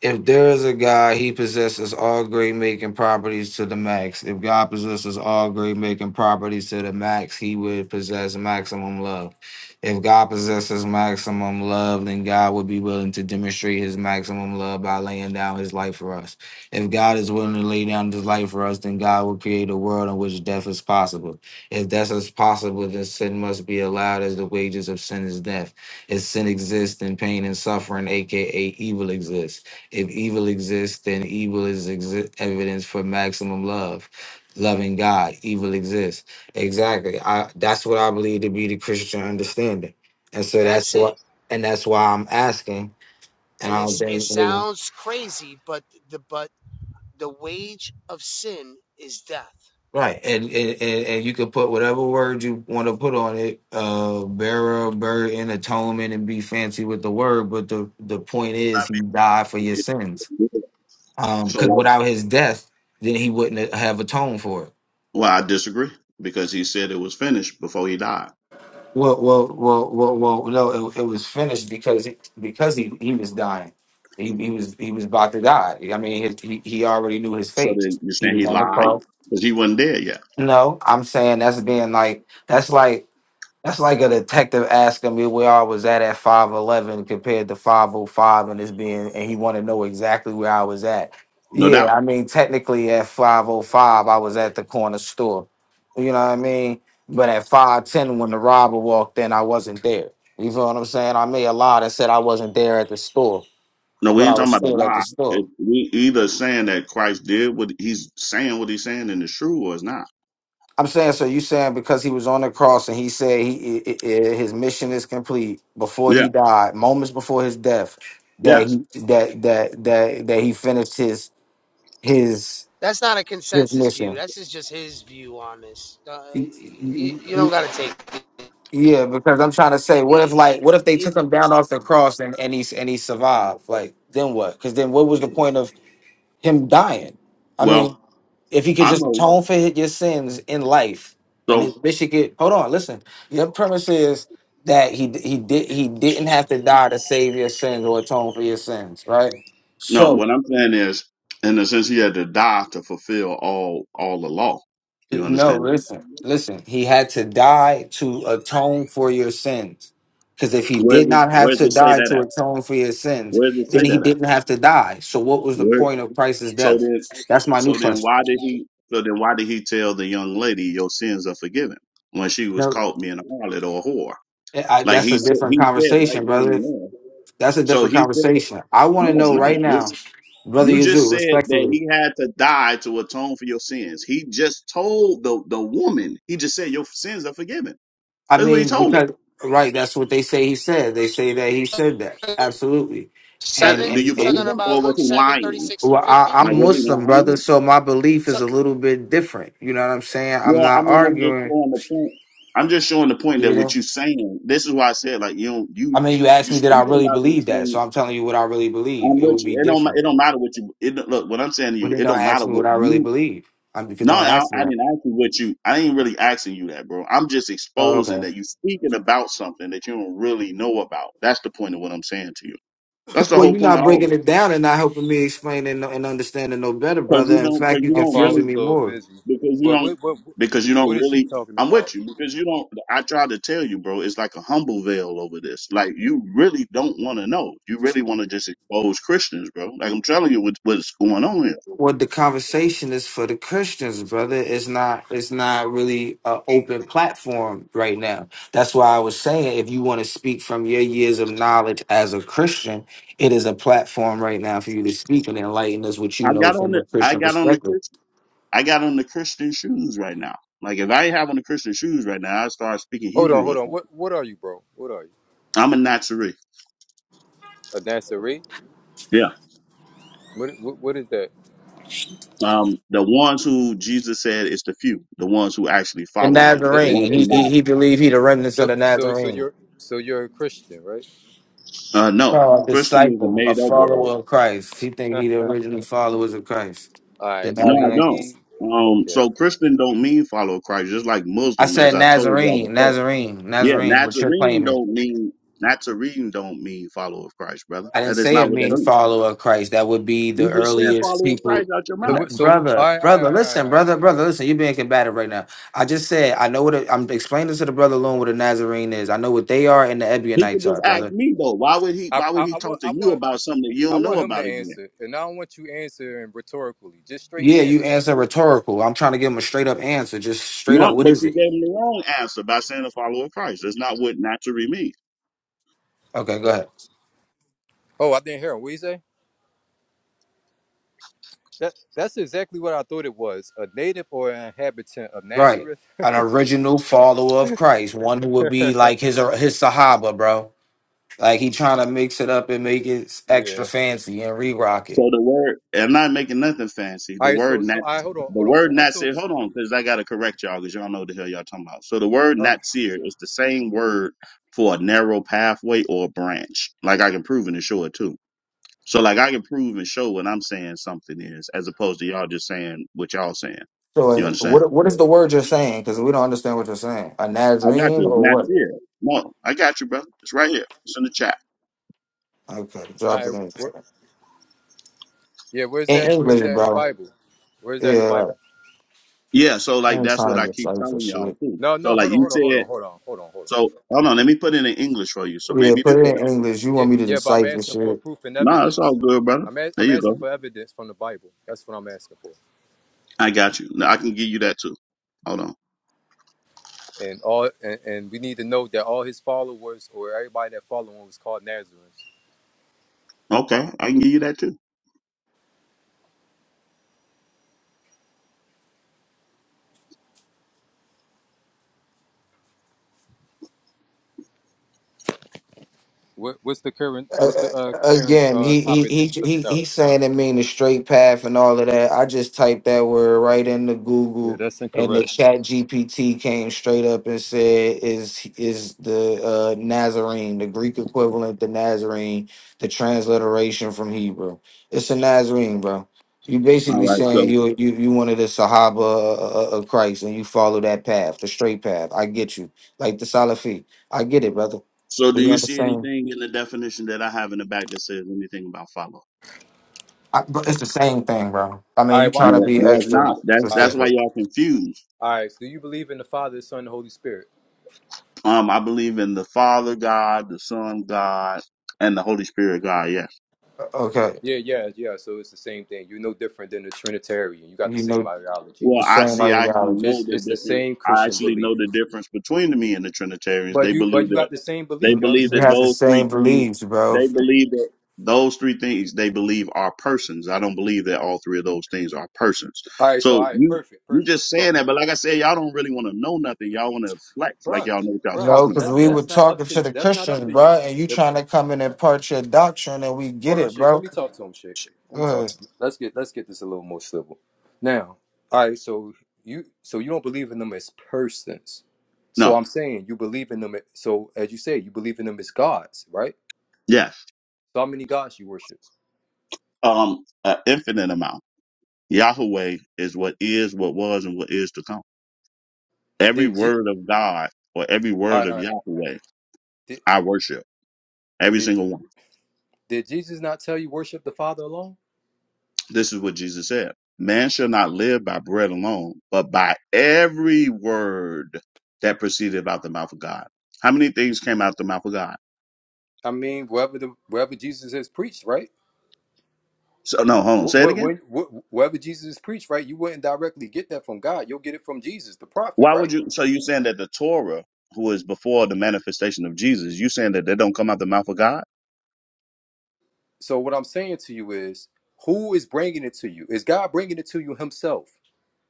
Speaker 2: if there is a God, he possesses all great making properties to the max. If God possesses all great making properties to the max, he would possess maximum love. If God possesses maximum love, then God would be willing to demonstrate his maximum love by laying down his life for us. If God is willing to lay down his life for us, then God will create a world in which death is possible. If death is possible, then sin must be allowed as the wages of sin is death. If sin exists, then pain and suffering, aka evil, exists. If evil exists, then evil is exi- evidence for maximum love. Loving God, evil exists. Exactly. I that's what I believe to be the Christian understanding. And so that's what and that's why I'm asking. And I don't think we- right. And and, and, and you can put whatever word you want to put on it, uh bearer, burden, atonement, and be fancy with the word, but the, the point is he died for your sins.
Speaker 10: Not-
Speaker 2: Um,
Speaker 10: So
Speaker 2: because
Speaker 10: like,
Speaker 2: without his death, then he wouldn't have atoned for it.
Speaker 10: well, I disagree because he said it was finished before he died.
Speaker 2: Well, well, well, well, well. No, it, it was finished because because he, he was dying. He, he was he was about to die. I mean, his, he he already knew his
Speaker 10: So
Speaker 2: fate.
Speaker 10: then you're
Speaker 2: He
Speaker 10: saying
Speaker 2: was
Speaker 10: he
Speaker 2: on the
Speaker 10: lied
Speaker 2: cross.
Speaker 10: because he wasn't dead yet.
Speaker 2: No, I'm saying that's being like that's like that's like a detective asking me where I was at at 5'11 compared to 505 and it's being and he want to know exactly where I was at.
Speaker 10: No
Speaker 2: Yeah,
Speaker 10: doubt.
Speaker 2: I mean technically at 505 I was at the corner store. You know what I mean? But at 510 when the robber walked in I wasn't there. You feel what I'm saying? I made a lie that said I wasn't there at the store,
Speaker 10: No, we
Speaker 2: but
Speaker 10: ain't
Speaker 2: I was
Speaker 10: talking about a
Speaker 2: still at the
Speaker 10: lie.
Speaker 2: store.
Speaker 10: It, we either saying that Christ did what he's saying, what he's saying, and it's true or it's not.
Speaker 2: I'm saying, so you saying because he was on the cross and he said he, i i i- his mission is complete before
Speaker 10: Yeah.
Speaker 2: he died, moments before his death, that he
Speaker 10: Yes.
Speaker 2: that that that that he finished his his his mission. Yeah, because I'm trying to say, what if like what if they took him down off the cross and and he and he survived? Like then what? Because then what was the point of him dying? I mean.
Speaker 10: Well,
Speaker 2: if he could
Speaker 10: I
Speaker 2: just
Speaker 10: know.
Speaker 2: atone for his- your sins in life and
Speaker 10: So
Speaker 2: his mission could hold on listen your premise is that he he did he didn't have to die to save your sins or atone for your sins right
Speaker 10: no,
Speaker 2: so
Speaker 10: what I'm saying is, in the sense he had to die to fulfill all all the law. You
Speaker 2: no
Speaker 10: understand?
Speaker 2: listen listen he had to die to atone for your sins because if he
Speaker 10: Where does
Speaker 2: did
Speaker 10: it-
Speaker 2: not have
Speaker 10: where does
Speaker 2: to
Speaker 10: it say
Speaker 2: die
Speaker 10: that
Speaker 2: to
Speaker 10: at?
Speaker 2: atone for your sins
Speaker 10: Where does it say
Speaker 2: then he
Speaker 10: that at?
Speaker 2: didn't have to die so what was the
Speaker 10: Where?
Speaker 2: point of christ's
Speaker 10: So
Speaker 2: death
Speaker 10: then,
Speaker 2: that's my new
Speaker 10: so then,
Speaker 2: question
Speaker 10: why did he? So then, why did he tell the young lady your sins are forgiven when she was
Speaker 2: no
Speaker 10: caught being a harlot or a whore?
Speaker 2: I,
Speaker 10: Like
Speaker 2: that's
Speaker 10: he
Speaker 2: a
Speaker 10: said,
Speaker 2: different
Speaker 10: he said right
Speaker 2: conversation
Speaker 10: then
Speaker 2: brother
Speaker 10: and there.
Speaker 2: That's a
Speaker 10: So
Speaker 2: different
Speaker 10: he said,
Speaker 2: conversation. I want to
Speaker 10: no, it's
Speaker 2: know
Speaker 10: not.
Speaker 2: right now,
Speaker 10: This
Speaker 2: Brother
Speaker 10: you just
Speaker 2: Yazoo,
Speaker 10: said that
Speaker 2: respectfully.
Speaker 10: he had to die to atone for your sins. He just told the the woman. He just said your sins are forgiven.
Speaker 2: I
Speaker 10: That's what he
Speaker 2: mean,
Speaker 10: told her.
Speaker 2: because right, that's what they say he said. They say that he said that. Absolutely. And
Speaker 10: And do
Speaker 2: and
Speaker 10: you believe
Speaker 2: and
Speaker 10: him, or was he lying?
Speaker 2: well, I,
Speaker 10: Like
Speaker 2: I'm
Speaker 10: was he
Speaker 2: Muslim,
Speaker 10: lying?
Speaker 2: brother, so my belief is a little bit different. You know what I'm saying? I'm
Speaker 10: Well, I
Speaker 2: not
Speaker 10: mean, I'm just
Speaker 2: arguing.
Speaker 10: showing the point. I'm just showing the point
Speaker 2: You
Speaker 10: that what
Speaker 2: know?
Speaker 10: you're saying. This is why I said like you don't
Speaker 2: I
Speaker 10: you
Speaker 2: mean, you asked
Speaker 10: you
Speaker 2: me did I
Speaker 10: speaking
Speaker 2: really
Speaker 10: about these
Speaker 2: believe that,
Speaker 10: things.
Speaker 2: so I'm telling you what I really believe.
Speaker 10: I'm
Speaker 2: It
Speaker 10: with
Speaker 2: would be
Speaker 10: you. It don't ma-
Speaker 2: different.
Speaker 10: it don't matter what you it don't- look. What I'm saying to
Speaker 2: But
Speaker 10: you,
Speaker 2: then
Speaker 10: it
Speaker 2: don't
Speaker 10: don't matter
Speaker 2: ask me
Speaker 10: what
Speaker 2: what I really
Speaker 10: you.
Speaker 2: believe. i because
Speaker 10: No,
Speaker 2: don't
Speaker 10: I,
Speaker 2: ask
Speaker 10: I
Speaker 2: me that.
Speaker 10: didn't ask you what you. I ain't really asking you that, bro. I'm just
Speaker 2: Oh,
Speaker 10: exposing
Speaker 2: okay.
Speaker 10: that you speaking about something that you don't really know about. That's the point of what I'm saying to you. That's the
Speaker 2: Well,
Speaker 10: whole
Speaker 2: you're
Speaker 10: point
Speaker 2: not
Speaker 10: of all
Speaker 2: breaking
Speaker 10: of
Speaker 2: it
Speaker 10: it.
Speaker 2: down and not helping me explain and, and understanding no better,
Speaker 10: Cause
Speaker 2: brother.
Speaker 10: you
Speaker 2: In
Speaker 10: don't, cause
Speaker 2: fact, you're
Speaker 10: you
Speaker 1: My fault.
Speaker 10: don't
Speaker 1: I was
Speaker 2: confusing
Speaker 10: really
Speaker 1: a
Speaker 2: me
Speaker 1: little
Speaker 2: more.
Speaker 1: busy.
Speaker 10: because you
Speaker 1: But
Speaker 10: don't
Speaker 1: what what
Speaker 10: because you don't
Speaker 1: what is he
Speaker 10: really
Speaker 1: talking
Speaker 10: I'm
Speaker 1: about?
Speaker 10: with you because you don't I try to tell you, bro, it's like a humble veil over this. Like you really don't want to know. You really want to just expose Christians, bro. Like I'm telling you what, what's going on here.
Speaker 2: What the conversation is for the Christians, brother, is not it's not really an open platform right now. That's why I was saying if you want to speak from your years of knowledge as a Christian, it is a platform right now for you to speak and enlighten us what you
Speaker 10: I
Speaker 2: know
Speaker 10: got on
Speaker 2: from the
Speaker 10: the I
Speaker 2: Christian
Speaker 10: got on the
Speaker 2: perspective.
Speaker 10: Christian I got on the Christian shoes right now. Like if I ain't have on the Christian shoes right now, I start speaking
Speaker 1: Hold on,
Speaker 10: Hebrew or
Speaker 1: hold on. What
Speaker 10: something.
Speaker 1: what are you, bro? What are you?
Speaker 10: I'm a Nazarene.
Speaker 1: A dancery?
Speaker 10: Yeah.
Speaker 1: What what, what is that?
Speaker 10: Um the ones who Jesus said is the few, the ones who actually
Speaker 2: The
Speaker 10: following him. The
Speaker 1: It, it,
Speaker 10: ones
Speaker 2: Nazarene,
Speaker 1: it,
Speaker 10: who
Speaker 2: he
Speaker 1: it,
Speaker 2: he,
Speaker 10: not
Speaker 2: he believed he the remnants of
Speaker 1: so
Speaker 2: the
Speaker 1: so so
Speaker 2: Nazarene.
Speaker 1: you're so you're a Christian, right?
Speaker 10: uh no.
Speaker 2: No, a
Speaker 10: Christian is a
Speaker 2: disciple, a
Speaker 10: made up word
Speaker 2: follower of Christ. He think
Speaker 1: All
Speaker 2: he the original followers of Christ. The
Speaker 1: right. So
Speaker 10: No, I
Speaker 1: he
Speaker 10: don't.
Speaker 1: he.
Speaker 2: Nazarenes.
Speaker 10: Um,
Speaker 1: okay.
Speaker 10: so Christian don't mean follow Christ, just like
Speaker 2: I
Speaker 10: Muslim, as
Speaker 2: said
Speaker 10: I told y'all
Speaker 2: Nazarene,
Speaker 10: before.
Speaker 2: Nazarene,
Speaker 10: Yeah,
Speaker 2: Nazarene, what you're
Speaker 10: Nazarene
Speaker 2: claiming.
Speaker 10: don't mean Nazarene don't mean follower of Christ, brother.
Speaker 2: I didn't
Speaker 10: That is
Speaker 2: say a
Speaker 10: not what that
Speaker 2: mean
Speaker 1: So,
Speaker 10: means.
Speaker 2: follower of Christ. That would be the
Speaker 10: You just said
Speaker 2: earliest
Speaker 10: follower of Christ
Speaker 2: people.
Speaker 10: out your
Speaker 1: so,
Speaker 2: And
Speaker 10: mouth.
Speaker 2: th-
Speaker 1: we- so all
Speaker 2: brother,
Speaker 1: right, all
Speaker 2: brother,
Speaker 1: right, all right,
Speaker 2: listen,
Speaker 1: all right,
Speaker 2: brother,
Speaker 1: all
Speaker 2: brother,
Speaker 1: right.
Speaker 2: listen. You're being combative right now. I just said I know what i am explaining to the brother alone what a Nazarene is. I know what they are and the
Speaker 10: He could
Speaker 2: Ebionites
Speaker 10: just
Speaker 2: are,
Speaker 10: ask
Speaker 2: brother.
Speaker 10: me though. Why would he?
Speaker 1: I,
Speaker 10: Why would
Speaker 1: I,
Speaker 10: he
Speaker 1: I want,
Speaker 10: talk to
Speaker 1: I
Speaker 10: you
Speaker 1: want,
Speaker 10: about something that you
Speaker 1: I
Speaker 10: don't know
Speaker 1: want him to
Speaker 10: about again?
Speaker 1: answer, and I don't want you answering rhetorically. Just straight
Speaker 2: Yeah,
Speaker 1: answer.
Speaker 2: you answer rhetorical. I'm trying to give him a straight up answer. Just straight up.
Speaker 10: Not,
Speaker 2: What
Speaker 10: but
Speaker 2: is
Speaker 10: you
Speaker 2: it?
Speaker 10: gave him the wrong answer by saying a follower of Christ. That's not what Nazarene means.
Speaker 2: Okay, go ahead.
Speaker 1: Oh, I didn't hear him. What you say? That, that's exactly what I thought it was. A native or an inhabitant of
Speaker 2: Right.
Speaker 1: Nazareth.
Speaker 2: An original follower of Christ, one who would be like his his Sahaba, bro. Like he trying to mix it up and make it extra
Speaker 1: yeah.
Speaker 2: fancy and re-rock
Speaker 10: So
Speaker 2: it.
Speaker 10: the word, I'm not making nothing fancy.
Speaker 1: All
Speaker 10: The
Speaker 1: right.
Speaker 10: word
Speaker 1: So,
Speaker 10: nat,
Speaker 1: so, I Hold on,
Speaker 10: the
Speaker 1: hold on.
Speaker 10: word
Speaker 1: So, what's so?
Speaker 10: natsir. Hold on, because I gotta correct y'all, because y'all know what the hell y'all talking about. So the word
Speaker 1: Oh, all
Speaker 10: natsir is the same word for a narrow pathway or a branch. Like I can prove and show it too. So like I can prove and show what I'm saying something is, as opposed to y'all just saying what y'all saying.
Speaker 2: So uh,
Speaker 10: You understand?
Speaker 2: what what is the word you're saying? Because we don't understand what you're saying. A
Speaker 10: I got
Speaker 2: Nazarene
Speaker 10: you.
Speaker 2: or
Speaker 10: It's
Speaker 2: what?
Speaker 10: natsir. No, I got you, brother. It's right here. It's in the chat.
Speaker 2: Okay, drop
Speaker 1: right.
Speaker 2: it in
Speaker 1: Where, yeah. Where's
Speaker 2: in
Speaker 1: that? Where's
Speaker 2: English,
Speaker 1: that in the
Speaker 2: bro.
Speaker 1: Bible? Where's that in the
Speaker 2: Yeah,
Speaker 1: Bible?
Speaker 10: Yeah. So like
Speaker 2: I'm
Speaker 10: that's what
Speaker 2: trying
Speaker 10: I
Speaker 2: to
Speaker 10: keep
Speaker 2: decipher
Speaker 10: telling y'all
Speaker 2: shit.
Speaker 10: too.
Speaker 1: No,
Speaker 10: So
Speaker 1: no.
Speaker 10: like
Speaker 1: Hold on,
Speaker 10: you
Speaker 1: hold on, hold
Speaker 10: said.
Speaker 1: on, hold on, hold on, hold on.
Speaker 10: So hold on, let me put it in English for you. So
Speaker 2: Yeah,
Speaker 10: maybe this
Speaker 2: put
Speaker 10: will
Speaker 2: it in
Speaker 10: help.
Speaker 2: English. You
Speaker 1: Yeah,
Speaker 2: want me to
Speaker 1: yeah, but I'm
Speaker 2: decipher
Speaker 1: asking for
Speaker 2: shit?
Speaker 1: proof and
Speaker 10: Nah, it's all
Speaker 1: evidence.
Speaker 10: good, brother.
Speaker 1: I'm a,
Speaker 10: There
Speaker 1: I'm
Speaker 10: you
Speaker 1: asking
Speaker 10: go.
Speaker 1: for evidence from the Bible. That's what I'm asking for.
Speaker 10: I got you. Now, I can give you that too. Hold on.
Speaker 1: And all and, and we need to know that all his followers or everybody that followed him was called Nazarenes.
Speaker 10: Okay, I can give you that too.
Speaker 1: What, what's the current
Speaker 2: uh,
Speaker 1: what's the uh, current
Speaker 2: again,
Speaker 1: uh,
Speaker 2: he he
Speaker 1: topic that
Speaker 2: he
Speaker 1: he's
Speaker 2: he
Speaker 1: looking up?
Speaker 2: he's saying it mean the straight path and all of that. I just typed that word right into
Speaker 1: Yeah,
Speaker 2: Google,
Speaker 1: that's
Speaker 2: and the
Speaker 1: incorrect.
Speaker 2: Chat GPT came straight up and said, "Is is the uh, Nazarene the Greek equivalent to Nazarene, the transliteration from Hebrew? It's a Nazarene, bro." You
Speaker 10: All
Speaker 2: basically
Speaker 10: right.
Speaker 2: saying
Speaker 10: So,
Speaker 2: you you you one of the Sahaba of of Christ and you follow that path, the straight path. I get you, like the Salafi. I get it, brother.
Speaker 10: so do
Speaker 2: You
Speaker 10: you see
Speaker 2: understand?
Speaker 10: anything in the definition that I have in the back that says anything about follow?
Speaker 2: I, but it's the same thing, bro. I
Speaker 1: All
Speaker 2: mean, you
Speaker 1: right,
Speaker 2: trying
Speaker 1: watch
Speaker 2: to
Speaker 1: this.
Speaker 10: No,
Speaker 2: be
Speaker 10: no,
Speaker 1: Watch
Speaker 10: it's
Speaker 1: this.
Speaker 2: extra
Speaker 10: not.
Speaker 1: Watch this.
Speaker 10: That's
Speaker 1: All
Speaker 10: that's
Speaker 1: right.
Speaker 10: why
Speaker 2: specific.
Speaker 10: y'all confused.
Speaker 1: All right. So do you believe in the Father, the Son, and the Holy Spirit?
Speaker 10: Um, I believe in the Father God, the Son God, and the Holy Spirit God. Yeah.
Speaker 2: Okay,
Speaker 1: Yeah, yeah, yeah. So it's the same thing. You're no different than the Trinitarian. You got the
Speaker 2: you
Speaker 1: same
Speaker 2: know
Speaker 1: ideology.
Speaker 2: the
Speaker 10: Well, I
Speaker 2: same
Speaker 10: see. I actually
Speaker 2: ideology.
Speaker 10: know
Speaker 1: It's
Speaker 10: the
Speaker 1: it's the
Speaker 10: difference.
Speaker 1: same
Speaker 10: I
Speaker 1: Christian
Speaker 10: actually
Speaker 1: belief.
Speaker 10: know the difference between me and the Trinitarians.
Speaker 1: But
Speaker 10: They
Speaker 1: you but
Speaker 10: believe
Speaker 1: you
Speaker 10: that
Speaker 1: got the same
Speaker 10: they
Speaker 1: belief.
Speaker 2: N-
Speaker 1: Y'all the
Speaker 10: believe
Speaker 2: You
Speaker 10: that
Speaker 1: same.
Speaker 2: have the
Speaker 10: those three
Speaker 2: same
Speaker 10: things.
Speaker 2: beliefs, bro.
Speaker 10: They believe that those three things they believe are persons. I don't believe that all three of those things are persons.
Speaker 1: All right, so all
Speaker 10: So
Speaker 1: right,
Speaker 10: you
Speaker 1: perfect,
Speaker 10: you
Speaker 1: perfect.
Speaker 10: just
Speaker 1: So,
Speaker 10: saying that, but like I said, y'all don't really want to know nothing. Y'all want to flex like
Speaker 1: bruh,
Speaker 10: y'all know what y'all
Speaker 1: bruh,
Speaker 2: No,
Speaker 10: talking
Speaker 2: because
Speaker 1: that's
Speaker 10: about,
Speaker 2: we
Speaker 10: bro.
Speaker 2: were
Speaker 1: that's not up
Speaker 2: talking
Speaker 1: to
Speaker 2: to the
Speaker 1: that's not up
Speaker 2: Christians,
Speaker 1: to you.
Speaker 2: bro, and you
Speaker 1: If-
Speaker 2: trying to come in and part your doctrine, and we get
Speaker 1: hold on,
Speaker 2: it,
Speaker 1: Shake. Let
Speaker 2: bro.
Speaker 1: me talk to him, Shake. Let
Speaker 2: Go
Speaker 1: me talk to him. Let's get let's get this a little more civil. Now, all right, so you so you don't believe in them as persons. So
Speaker 10: No.
Speaker 1: I'm saying you believe in them. a- So as you say, you believe in them as gods, right?
Speaker 10: Yes.
Speaker 1: So how many gods you worship?
Speaker 10: Um. An infinite amount. Yahweh is what is, what was, and what is to come. Every
Speaker 1: Did Je-
Speaker 10: word of God or every
Speaker 1: all
Speaker 10: word
Speaker 1: right, all
Speaker 10: of
Speaker 1: right.
Speaker 10: Yahweh
Speaker 1: Did,
Speaker 10: I worship. Every
Speaker 1: did
Speaker 10: single one.
Speaker 1: did Jesus not tell you worship the Father alone?
Speaker 10: This is what Jesus said. Man shall not live by bread alone, but by every word that proceeded out the mouth of God. How many things came out the mouth of God?
Speaker 1: I mean, wherever the wherever Jesus has preached, right?
Speaker 10: So no, hold on.
Speaker 1: Wh-
Speaker 10: Say it
Speaker 1: wh- When,
Speaker 10: again.
Speaker 1: wh- wherever Jesus is preached, right, you wouldn't directly get that from God. You'll get it from Jesus, the prophet,
Speaker 10: Why
Speaker 1: right?
Speaker 10: would you so you saying that the Torah, who is before the manifestation of Jesus, you saying that they don't come out the mouth of God?
Speaker 1: So what I'm saying to you is, who is bringing it to you? Is God bringing it to you Himself?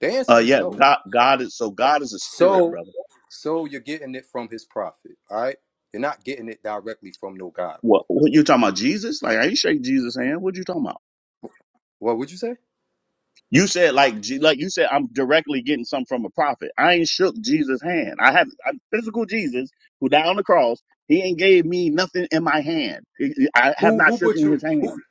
Speaker 1: The
Speaker 10: Uh
Speaker 1: answer is
Speaker 10: yeah,
Speaker 1: no.
Speaker 10: God God is so God is a spirit,
Speaker 1: So,
Speaker 10: brother.
Speaker 1: so you're getting it from His prophet, all right? You're not getting it directly from no God,
Speaker 10: What
Speaker 1: bro.
Speaker 10: what you talking about? Jesus? Like I ain't shake Jesus' hand. What you talking about?
Speaker 1: What would you say?
Speaker 10: You said like Je- like you said I'm directly getting something from a prophet. I ain't shook Jesus' hand. I have I, physical Jesus who died on the cross. He ain't gave me nothing in my hand. I I have
Speaker 1: Who
Speaker 10: not
Speaker 1: who brought
Speaker 10: shaken
Speaker 1: you
Speaker 10: his
Speaker 1: who
Speaker 10: hand.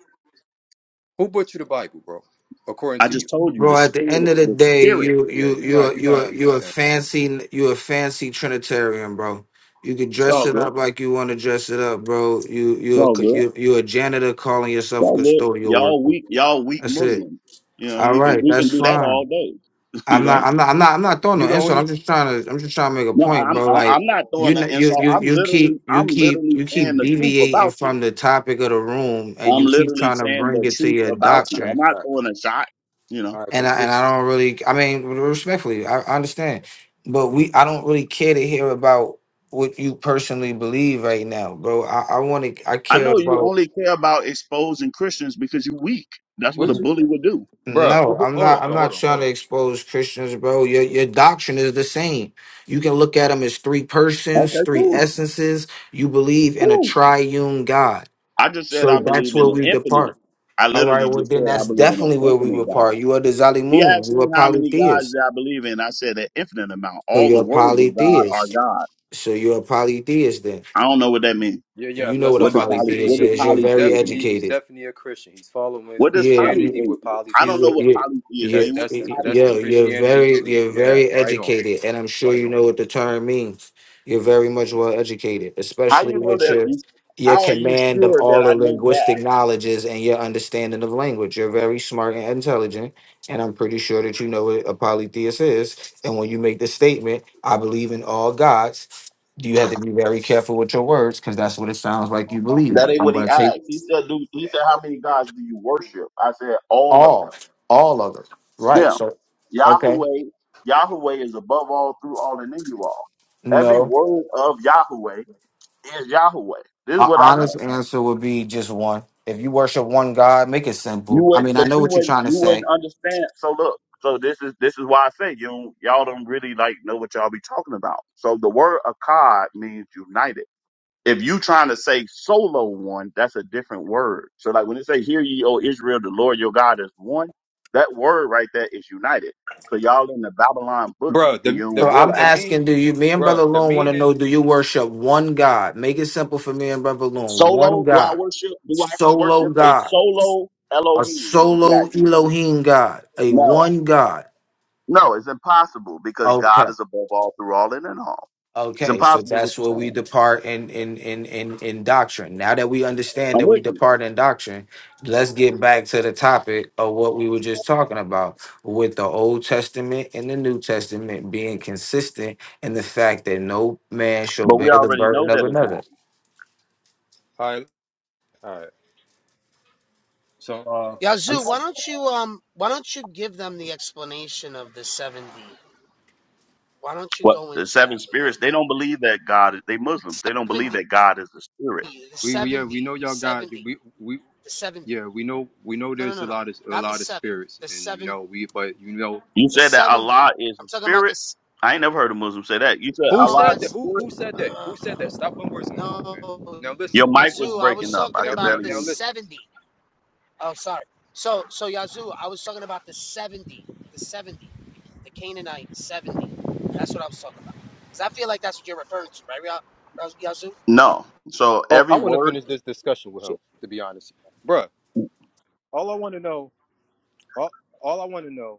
Speaker 1: who brought you the Bible, bro? According
Speaker 10: I
Speaker 1: to you,
Speaker 10: just told you the
Speaker 2: Bro, at the
Speaker 10: spirit.
Speaker 2: end of the
Speaker 10: The
Speaker 2: day,
Speaker 10: spirit.
Speaker 2: you
Speaker 1: yeah,
Speaker 2: you
Speaker 1: you're not
Speaker 2: you
Speaker 1: you're
Speaker 2: you
Speaker 1: not
Speaker 2: you a
Speaker 1: understanding.
Speaker 2: fancy you a fancy Trinitarian, bro. You can
Speaker 10: It's
Speaker 2: dress
Speaker 10: all
Speaker 2: it
Speaker 10: good.
Speaker 2: up like you want to dress it up, bro. You
Speaker 10: It's
Speaker 2: you
Speaker 10: all
Speaker 2: a,
Speaker 10: good.
Speaker 2: you you a janitor calling
Speaker 10: It's
Speaker 2: yourself a
Speaker 10: all good.
Speaker 2: custodial
Speaker 10: Y'all
Speaker 2: worker.
Speaker 10: weak. Y'all weak
Speaker 2: That's it.
Speaker 10: Muslim. You know
Speaker 2: All
Speaker 10: we can
Speaker 2: right,
Speaker 10: we can
Speaker 2: that's
Speaker 10: do that all
Speaker 2: fine.
Speaker 10: day. you
Speaker 2: I'm not.
Speaker 10: know.
Speaker 1: You
Speaker 2: I'm not. I'm not. I'm not throwing no
Speaker 1: you the
Speaker 2: insult.
Speaker 1: only
Speaker 2: I'm just trying to. I'm just trying to make a
Speaker 10: No,
Speaker 2: point,
Speaker 10: I'm
Speaker 2: bro. Like
Speaker 10: I'm not
Speaker 2: you,
Speaker 10: throwing an
Speaker 2: kn- you,
Speaker 10: insult.
Speaker 2: you,
Speaker 10: I'm
Speaker 2: you
Speaker 10: literally
Speaker 2: keep, you
Speaker 10: I'm
Speaker 2: keep,
Speaker 10: literally
Speaker 2: you
Speaker 10: saying
Speaker 2: keep
Speaker 10: the truth
Speaker 2: deviating
Speaker 10: about you.
Speaker 2: from the topic of the room, and
Speaker 10: I'm
Speaker 2: you keep
Speaker 10: literally
Speaker 2: trying to
Speaker 10: saying
Speaker 2: bring
Speaker 10: the
Speaker 2: it to
Speaker 10: truth
Speaker 2: your
Speaker 1: all
Speaker 10: about
Speaker 1: right
Speaker 10: you.
Speaker 1: all
Speaker 10: I'm
Speaker 2: doctrine.
Speaker 10: not
Speaker 1: right
Speaker 10: throwing a shot. You
Speaker 1: all
Speaker 10: know,
Speaker 1: right
Speaker 2: And
Speaker 1: because
Speaker 2: I and I
Speaker 1: this.
Speaker 2: don't really. I mean, respectfully, I, I understand, but we. I don't really care to hear about what you personally believe right now, bro. I, I want to. I
Speaker 10: I
Speaker 2: care
Speaker 10: know you
Speaker 2: about.
Speaker 10: only care about exposing Christians because you're weak. That's what a bully would do.
Speaker 1: Bro,
Speaker 2: No, I'm
Speaker 1: hold on,
Speaker 2: not.
Speaker 1: hold
Speaker 2: I'm
Speaker 1: on,
Speaker 2: not
Speaker 1: hold on, hold
Speaker 2: trying to
Speaker 1: on.
Speaker 2: expose Christians, bro. Your your doctrine is the same. You can look at them as three persons,
Speaker 10: Okay,
Speaker 2: three
Speaker 10: cool,
Speaker 2: essences. You believe in a
Speaker 10: cool.
Speaker 2: triune God,
Speaker 10: I just said
Speaker 2: so
Speaker 10: I believe
Speaker 2: that's
Speaker 10: in
Speaker 2: where
Speaker 10: an
Speaker 2: we
Speaker 10: infinite.
Speaker 2: depart.
Speaker 10: I
Speaker 2: All right.
Speaker 10: literally
Speaker 2: Well,
Speaker 10: just
Speaker 2: then
Speaker 10: said I
Speaker 2: that's
Speaker 10: believe in an
Speaker 2: definitely where we
Speaker 10: infinite God.
Speaker 2: depart. You are the
Speaker 10: He
Speaker 2: Zalimun.
Speaker 10: asked
Speaker 2: You
Speaker 10: me
Speaker 2: are
Speaker 10: how many gods
Speaker 2: polytheist.
Speaker 10: that I believe in. I said an infinite amount.
Speaker 2: So
Speaker 10: All the
Speaker 2: you're a
Speaker 10: words of God are
Speaker 2: polytheist.
Speaker 10: God.
Speaker 2: So you're a polytheist. Then
Speaker 10: I don't know what that means.
Speaker 1: Yeah, yeah,
Speaker 2: you know
Speaker 1: that's
Speaker 2: what
Speaker 1: what
Speaker 2: a
Speaker 1: I'm
Speaker 10: What do
Speaker 1: about to
Speaker 10: poly
Speaker 1: say.
Speaker 10: What
Speaker 2: polytheist
Speaker 1: He
Speaker 10: do
Speaker 2: is.
Speaker 1: he
Speaker 2: You're
Speaker 1: he's
Speaker 2: very
Speaker 10: polytheism
Speaker 1: definitely
Speaker 10: mean?
Speaker 1: he's
Speaker 2: educated.
Speaker 1: definitely a Christian. He's following
Speaker 10: What does
Speaker 2: Yeah.
Speaker 1: Christianity
Speaker 10: polytheism?
Speaker 1: with
Speaker 10: I don't know
Speaker 1: polytheism.
Speaker 2: you
Speaker 10: what
Speaker 2: you
Speaker 10: polytheism
Speaker 1: That's
Speaker 2: you
Speaker 10: mean. What does
Speaker 1: that's
Speaker 2: you-
Speaker 1: that's the
Speaker 2: yo,
Speaker 10: polytheism? mean?
Speaker 2: you're
Speaker 1: Christianity
Speaker 2: very
Speaker 1: belief.
Speaker 2: you're
Speaker 1: Yeah,
Speaker 2: very
Speaker 1: right on,
Speaker 2: educated, and I'm sure
Speaker 1: right
Speaker 2: you
Speaker 1: on.
Speaker 2: know what the term means. You're very much well educated,
Speaker 10: How
Speaker 2: especially
Speaker 10: you know
Speaker 2: with
Speaker 10: that?
Speaker 2: your
Speaker 10: You,
Speaker 2: your
Speaker 10: how are you
Speaker 2: command of
Speaker 10: sure
Speaker 2: all
Speaker 10: that
Speaker 2: the
Speaker 10: I know that?
Speaker 2: linguistic knowledges and your understanding of language. You're very smart and intelligent, and I'm pretty sure that you know what a polytheist is. And when you make the statement, "I believe in all gods," you have to be very careful with your words because that's what it sounds like you believe
Speaker 10: That
Speaker 2: in.
Speaker 10: ain't
Speaker 2: I'm
Speaker 10: what he
Speaker 2: going to take
Speaker 10: asked. He said, "Do he said how many gods do you worship?" I said, "All of them."
Speaker 2: all, all of it, right?
Speaker 10: Yeah,
Speaker 2: So, okay.
Speaker 10: Yahweh. Yahweh is above all, through all, and in you all. Every
Speaker 2: No.
Speaker 10: word of Yahweh is Yahweh. This is
Speaker 2: An
Speaker 10: what I know.
Speaker 2: honest answer would be just one. If you worship one God, make it
Speaker 10: You
Speaker 2: simple. I
Speaker 10: would,
Speaker 2: mean, I
Speaker 10: but
Speaker 2: know
Speaker 10: you
Speaker 2: what you're
Speaker 10: wouldn't.
Speaker 2: trying to
Speaker 10: You wouldn't
Speaker 2: say.
Speaker 10: understand. So look. So this is this is why I say you don't- y'all don't really like know what y'all be talking about. So the word Akkad means united. if you trying to say solo one, that's a different word. So like when it say hear ye, O Israel, the Lord your God is one, that word right there is united. So y'all in the Babylon boogie
Speaker 1: Bro,
Speaker 10: and you
Speaker 1: the the
Speaker 10: don't
Speaker 2: So
Speaker 1: the,
Speaker 2: I'm
Speaker 1: the
Speaker 10: realize it.
Speaker 1: mean,
Speaker 2: asking, do you, me and
Speaker 1: bro,
Speaker 2: Brother
Speaker 1: the
Speaker 2: Loon want to know,
Speaker 1: meaning.
Speaker 2: do you worship one God? Make it simple for me and Brother Loon. One
Speaker 10: Solo, do I
Speaker 2: God.
Speaker 10: worship? Do I
Speaker 2: Solo
Speaker 10: worship a
Speaker 2: God.
Speaker 10: solo
Speaker 2: A
Speaker 10: Elohim? Is what you
Speaker 2: solo
Speaker 10: asking me?
Speaker 2: Elohim God. A
Speaker 10: No,
Speaker 2: one God.
Speaker 10: no, it's impossible because
Speaker 2: Okay.
Speaker 10: God is above all, through all, and in all. It's
Speaker 2: Okay, so
Speaker 10: impossible what
Speaker 2: that's
Speaker 10: you're
Speaker 2: where we
Speaker 10: saying.
Speaker 2: depart in in in in, in doctrine. Now that we understand
Speaker 10: I'm
Speaker 2: that we
Speaker 10: with you,
Speaker 2: depart in doctrine, let's get back to the topic of what we were just talking about with the Old Testament and the New Testament being consistent in the fact that no man shall
Speaker 10: but we
Speaker 2: bear the
Speaker 10: already know
Speaker 2: burden of
Speaker 10: that it's
Speaker 2: another.
Speaker 10: not.
Speaker 1: All right, all right. So uh,
Speaker 2: I'm-
Speaker 10: What the seven spirits? They don't believe that God. is They Muslims. They don't believe that God is a spirit.
Speaker 1: we, we yeah we know y'all got we we yeah we know we know there's a lot of a lot of spirits and you know we but you know
Speaker 10: You said that Allah is the spirit. I ain't never heard a Muslim say that. You said
Speaker 1: who
Speaker 10: Allah
Speaker 1: said
Speaker 10: is the
Speaker 1: that who
Speaker 10: spirit.
Speaker 1: who said that who said that stop putting words in my mouth man now
Speaker 10: Your
Speaker 1: listen
Speaker 10: mic was breaking up. I
Speaker 1: now
Speaker 10: could
Speaker 1: now
Speaker 10: barely hear
Speaker 1: now
Speaker 10: you.
Speaker 1: listen.
Speaker 10: No. So
Speaker 1: Oh,
Speaker 10: every
Speaker 1: I want to
Speaker 10: word.
Speaker 1: finish this discussion with
Speaker 10: so-
Speaker 1: him, to be honest. Bruh, all I want to know, all, all I want to know,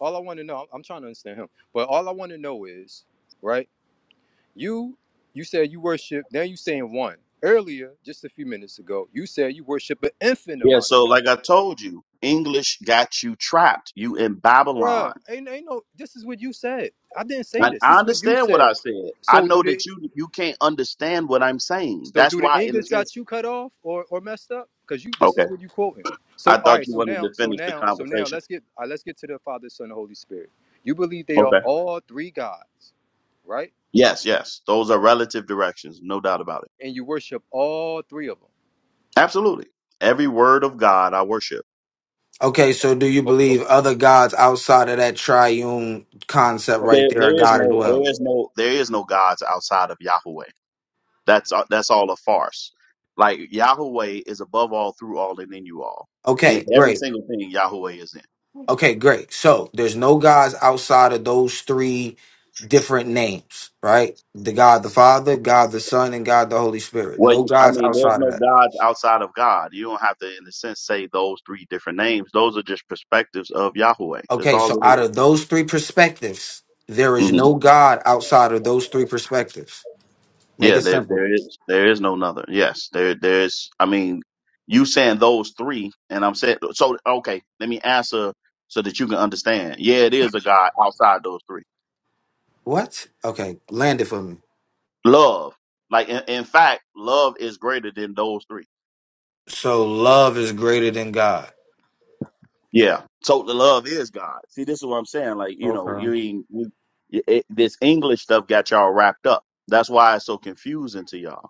Speaker 1: all I want to know, I'm, I'm trying to understand him, but all I want to know is, right? You, you said you worship, now you saying one. Earlier, just a few minutes ago, you said you worship an infinite
Speaker 10: Yeah.
Speaker 1: amount of
Speaker 10: So
Speaker 1: God.
Speaker 10: like I told you, English got you trapped. You in
Speaker 1: Bruh,
Speaker 10: Babylon.
Speaker 1: ain't, ain't no, this is what you said. I didn't say
Speaker 10: And
Speaker 1: this.
Speaker 10: I
Speaker 1: This is what you
Speaker 10: understand what I
Speaker 1: said.
Speaker 10: said. I
Speaker 1: So do
Speaker 10: know
Speaker 1: they?
Speaker 10: that you you can't understand what I'm saying.
Speaker 1: So
Speaker 10: That's
Speaker 1: do the
Speaker 10: why, in a
Speaker 1: English
Speaker 10: sense.
Speaker 1: got you cut off or, or messed up? Because you this
Speaker 10: Okay.
Speaker 1: is what you quoting.
Speaker 10: I
Speaker 1: So all
Speaker 10: thought
Speaker 1: right,
Speaker 10: you
Speaker 1: so
Speaker 10: wanted to
Speaker 1: now, so
Speaker 10: finish the
Speaker 1: now, so now
Speaker 10: conversation.
Speaker 1: let's get all right, let's get to the Father, Son, and Holy Spirit. You believe they are
Speaker 10: Okay.
Speaker 1: all three gods, right?
Speaker 10: Yes. Yes. Those are relative directions. No doubt about it.
Speaker 1: And you worship all three of them.
Speaker 10: Absolutely. Every word of God I worship.
Speaker 2: Okay, so do you
Speaker 1: Oh, oh,
Speaker 2: believe other gods outside of that triune concept
Speaker 1: oh,
Speaker 2: right
Speaker 10: There,
Speaker 2: there are
Speaker 10: there is
Speaker 2: God as
Speaker 10: no,
Speaker 1: oh.
Speaker 2: well?
Speaker 10: there is no, there is no gods outside of Yahweh. That's uh, that's all a farce. Like Yahweh is above all, through all, and in you all. In
Speaker 2: Okay, great.
Speaker 10: every single thing Yahweh is in.
Speaker 2: Okay, great. So there's no gods outside of those three different names, right? The God the Father, God the Son, and God the Holy Spirit.
Speaker 10: Well,
Speaker 2: No
Speaker 10: you- I
Speaker 2: gods
Speaker 10: mean, there's
Speaker 2: outside of
Speaker 10: no
Speaker 2: that.
Speaker 10: God outside of God. You don't have to, in a sense, say those three different names. Those are just perspectives of Yahweh. That's
Speaker 2: Okay,
Speaker 10: all it
Speaker 2: so out
Speaker 10: is.
Speaker 2: of those three perspectives, there is
Speaker 10: Mhm.
Speaker 2: no God outside of those three perspectives. Make
Speaker 10: Yeah,
Speaker 2: it
Speaker 10: there
Speaker 2: simple.
Speaker 10: there is there is no another. Yes, there there is. I mean, you saying those three, and I'm saying so. Okay, let me answer so that you can understand. Yeah, it is a God outside those three.
Speaker 2: What? Okay, land it for me.
Speaker 10: Love, like in, in fact, love is greater than those three.
Speaker 2: So love is greater than God.
Speaker 10: Yeah. So the love is God. See, this is what I'm saying. Like you know, you
Speaker 2: Okay.
Speaker 10: ain't you, it, this English stuff got y'all wrapped up. That's why it's so confusing to y'all.